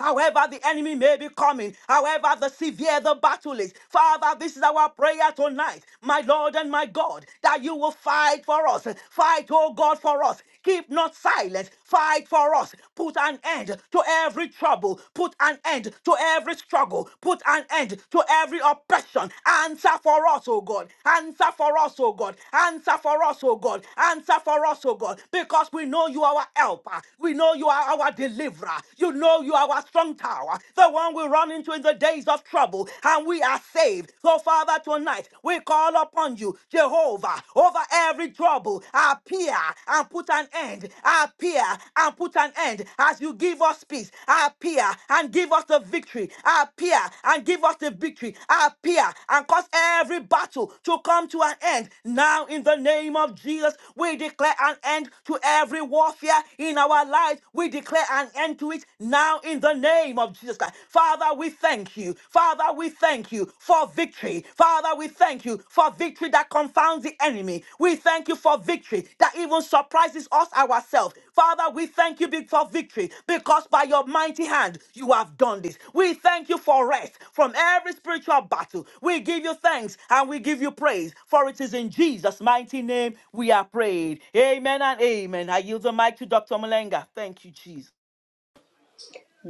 [SPEAKER 3] however, however the enemy may be coming, however the severe the battle is. Father, this is our prayer tonight, my Lord and my God, that you will fight for us. Fight, oh God, for us. Keep not silent. Fight for us. Put an end to every trouble. Put an end to every struggle. Put an end to every oppression. Answer for us, oh God. Answer for us, oh God. Answer for us, oh God. Answer for us, oh God. Because we know you are our helper. We know you are our deliverer. You know you are our strong tower, the one we run into in the days of trouble, and we are saved. So, Father, tonight we call upon you, Jehovah, over every trouble. Appear and put an end. Appear and put an end as you give us peace. Appear and give us the victory. Appear and give us the victory. Appear and cause every battle to come to an end. Now, in the name of Jesus, we declare an end to every warfare in our lives. We declare an end to it do it now in the name of Jesus Christ. Father, we thank you. Father, we thank you for victory. Father, we thank you for victory that confounds the enemy. We thank you for victory that even surprises us ourselves. Father, we thank you be- for victory because by your mighty hand you have done this. We thank you for rest from every spiritual battle. We give you thanks and we give you praise, for it is in Jesus' mighty name we are prayed. Amen and amen. I yield the mic to Dr. Malenga. Thank you, Jesus.